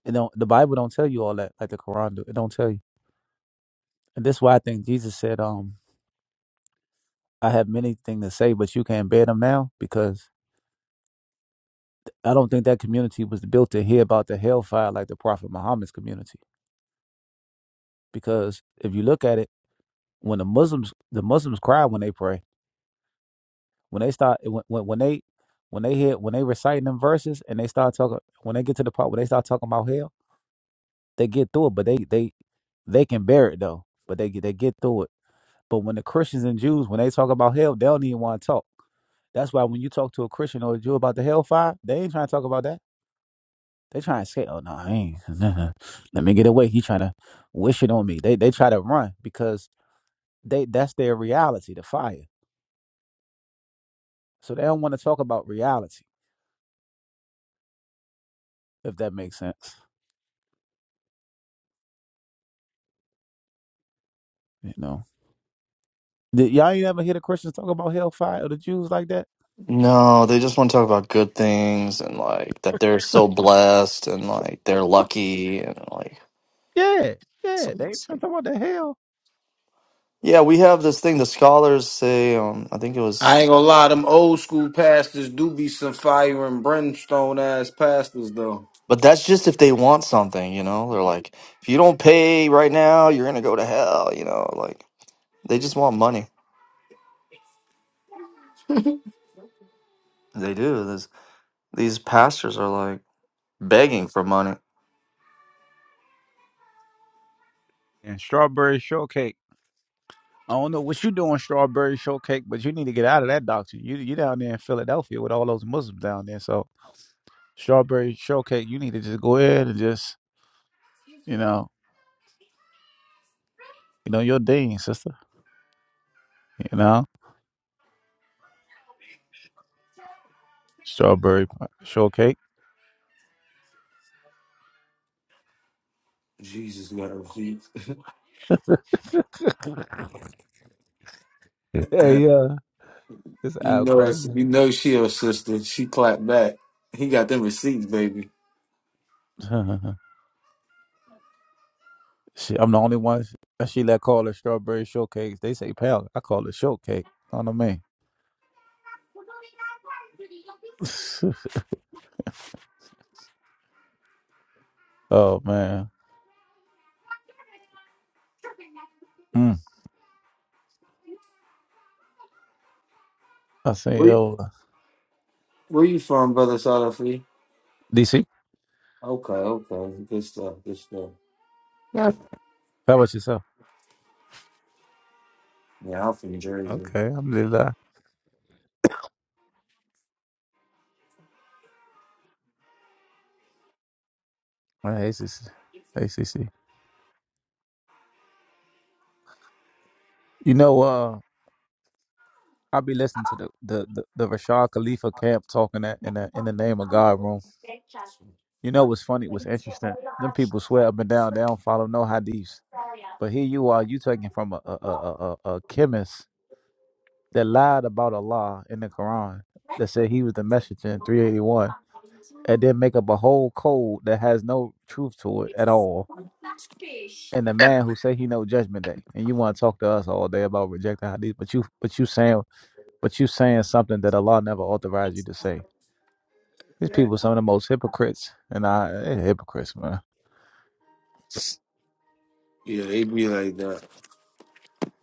Speaker 14: You know, the Bible don't tell you all that, like the Quran do. It don't tell you, and that's why I think Jesus said, "Um, I have many things to say, but you can't bear them now," because I don't think that community was built to hear about the hellfire like the Prophet Muhammad's community. Because if you look at it, when the Muslims the Muslims cry when they pray When they start when when, when they when they hear when they reciting them verses and they start talking when they get to the part where they start talking about hell, they get through it, but they they they can bear it though. But they get they get through it. But when the Christians and Jews when they talk about hell, they don't even want to talk. That's why when you talk to a Christian or a Jew about the hellfire, they ain't trying to talk about that. They trying to say, "Oh no, I ain't. Let me get away." He trying to wish it on me. They they try to run because they that's their reality, the fire. So they don't want to talk about reality, if that makes sense. You know. Did y'all ain't ever hear the Christians talk about hellfire or the Jews like that?
Speaker 7: No, they just want to talk about good things and like that they're so blessed and like they're lucky and like
Speaker 14: Yeah, yeah,
Speaker 7: some-
Speaker 14: they ain't trying to talk about the hell
Speaker 7: yeah, we have this thing the scholars say um I think it was
Speaker 2: I ain't gonna lie, them old school pastors do be some fire and brimstone ass pastors though.
Speaker 7: But that's just if they want something, you know? They're like, if you don't pay right now, you're going to go to hell, you know? Like, they just want money. They do. This, these pastors are like begging for money.
Speaker 14: and strawberry shortcake. I don't know what you doing, strawberry shortcake, but you need to get out of that doctrine. You you down there in Philadelphia with all those Muslims down there, so strawberry shortcake, you need to just go ahead and just you know you know your dean sister, you know strawberry shortcake.
Speaker 2: Jesus got receipts.
Speaker 14: Yeah, yeah. It's
Speaker 2: you
Speaker 14: out
Speaker 2: know us.
Speaker 14: crazy.
Speaker 2: You know she a sister. She clapped back. He got them receipts, baby.
Speaker 14: Shit, I'm the only one she let call it strawberry shortcake. They say pal, I call it shortcake. Know what I mean? oh man, mm. I say
Speaker 2: Where, you-
Speaker 14: yo,
Speaker 2: where you from, brother Salafi?
Speaker 14: DC,
Speaker 2: Okay, okay, good stuff, good stuff.
Speaker 14: how about yourself?
Speaker 2: Yeah, I'm from Jersey.
Speaker 14: Okay, I'm Lila. Hey, CC. Hey, CC. You know, uh, I be listening to the the the, the Rashad Khalifa camp talking that in the in the name of God room. You know what's funny? What's interesting? Them people swear up and down they don't follow no hadiths. But here you are, you taking from a a, a, a a chemist that lied about Allah in the Quran that said he was the messenger in 381 and then make up a whole code that has no truth to it at all. And the man who said he know judgment day and you want to talk to us all day about rejecting hadith, but you but you saying but you saying something that Allah never authorized you to say. These people are some of the most hypocrites and I eh, hypocrites, man.
Speaker 2: Yeah, they be like that.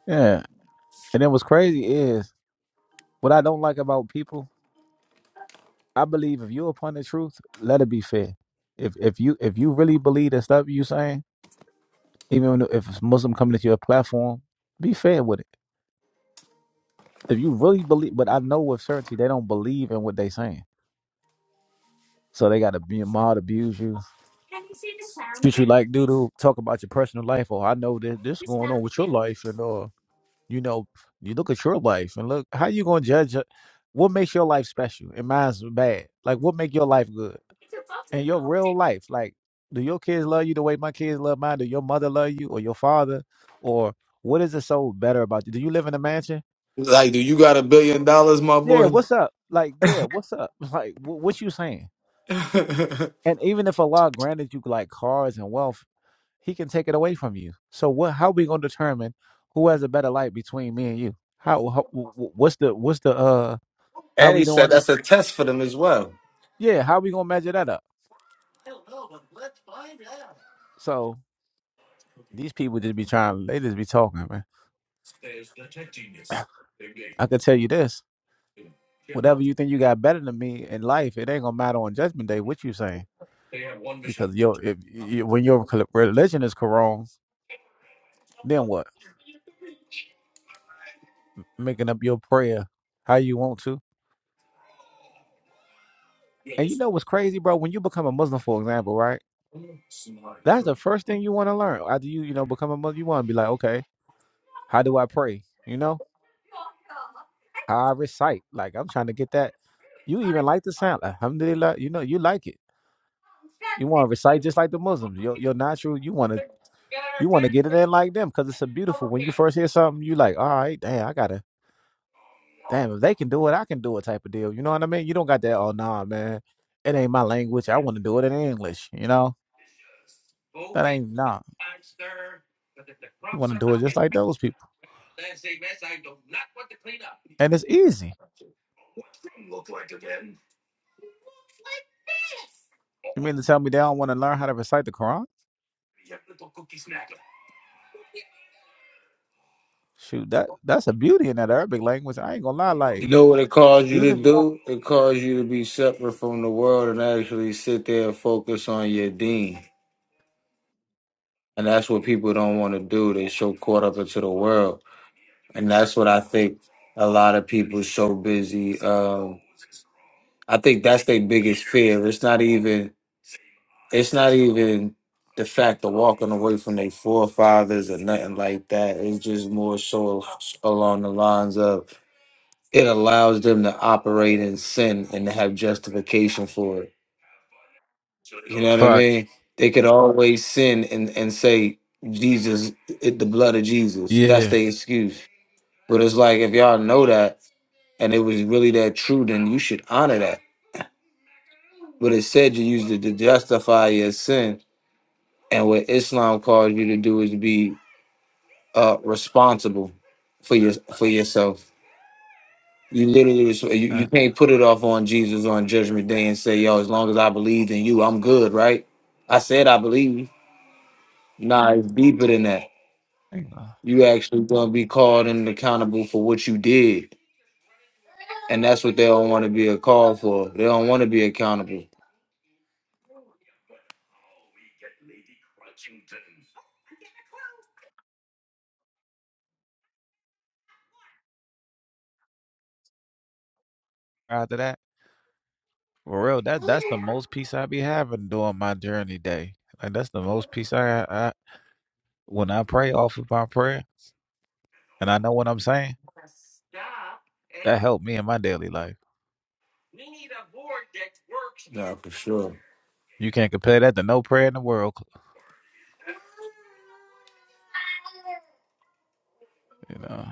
Speaker 14: Yeah. And then what's crazy is what I don't like about people, I believe if you're upon the truth, let it be fair. If if you if you really believe the stuff you saying, Even if it's Muslim coming to your platform, be fair with it. If you really believe, but I know with certainty they don't believe in what they saying. So they got to be mild, abuse you, treat you like doodle, talk about your personal life. Oh, I know that this going on with your life, and uh, you know, you look at your life and look how you gonna judge it? what makes your life special and mine's bad. Like what make your life good and your real life. Like, do your kids love you the way my kids love mine? Do your mother love you or your father or what is it so better about you? Do you live in a mansion?
Speaker 2: Like, do you got a billion dollars, my
Speaker 14: yeah,
Speaker 2: boy?
Speaker 14: what's up? Like, yeah, what's up? Like, wh- what you saying? And even if Allah granted you like cars and wealth, He can take it away from you. So what? How we gonna determine who has a better life between me and you? How? how wh- wh- what's the? What's the? Uh, how
Speaker 2: and
Speaker 14: we
Speaker 2: he said
Speaker 14: doing that?
Speaker 2: that's a tough.
Speaker 14: Yeah, how we gonna measure that up? So these people just be trying. They just be talking, man. I could tell you this: whatever you think you got better than me in life, it ain't gonna matter on Judgment Day. What you saying? Because yo, if, y when your cl- religion is Quran, then what? making up your prayer how you want to. And you know what's crazy, bro? When you become a Muslim, for example, right? That's the first thing you want to learn. After you, you know, become a Muslim, you want to be like, okay, how do I pray? You know, how I recite. Like I'm trying to get that. You even like the sound, Alhamdulillah. You know, you like it. You want to recite just like the Muslims. Your your natural. You want to you want to get it in like them because it's so beautiful. When you first hear something, you like, all right, damn, I gotta damn, if they can do it, I can do it type of deal. You know what I mean? You don't got that, oh nah, man. It ain't my language. I want to do it in English, you know? That ain't nah. You wanna do it just like those people. And it's easy. You mean to tell me they don't want to learn how to recite the Quran? Shoot, that that's a beauty in that Arabic language. I ain't gonna lie,
Speaker 2: You
Speaker 14: like
Speaker 2: know what it caused you to
Speaker 14: even if you don't
Speaker 2: do? It caused you to be separate from the world and actually sit there and focus on your dean. And that's what people don't want to do. They so caught up into the world. And that's what I think a lot of people so busy. Um, I think that's their biggest fear. It's not even it's not even the fact of walking away from their forefathers or nothing like that. It's just more so along the lines of it allows them to operate in sin and to have justification for it. You know what I
Speaker 14: Fact.
Speaker 2: mean? They could always sin and, and say, Jesus, it, the blood of Jesus. That's
Speaker 14: Yeah.
Speaker 2: their excuse. But it's like, if y'all know that and it was really that true, then you should honor that. But it said you used it to justify your sin. And what Islam calls you to do is be uh responsible for your for yourself. You literally res- you,
Speaker 14: Uh,
Speaker 2: you can't put it off on Jesus on judgment day and say, yo, as long as I believed in you, I'm good, right? I said I believe. Nah, it's deeper than that.
Speaker 14: I ain't gonna lie
Speaker 2: You actually gonna be called and accountable for what you did. And that's what they don't want to be called for. They don't want to be accountable.
Speaker 14: after that, for real, that that's the most peace I be having during my journey day. Like that's the most peace I, have. When I pray off of my prayer and I know what I'm saying, that helped me in my daily life. You can't compare that to no prayer in the world. You know.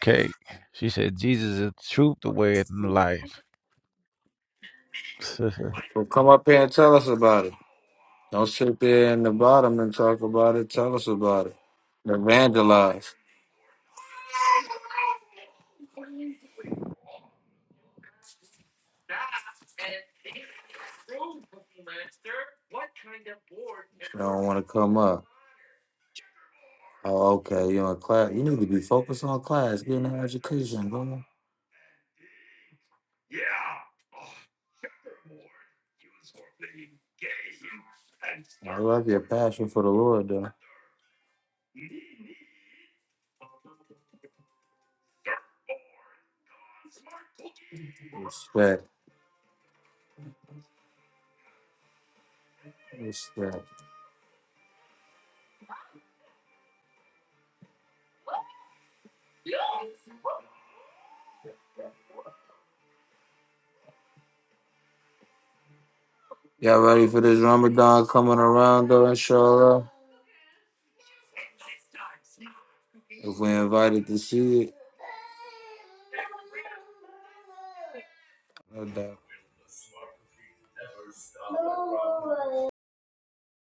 Speaker 14: Okay. She said, Jesus is the truth, the way, and the life.
Speaker 2: So come up here and tell us about it. Don't sit there in the bottom and talk about it. Tell us about it. Evangelize. They don't want to come up. Oh, okay. You know, class. You need to be focused on class, getting an education, bro. I love your passion for the Lord, though. Respect, respect. Y'all ready for this Ramadan coming around, though, inshallah? If we're invited to see it, no doubt.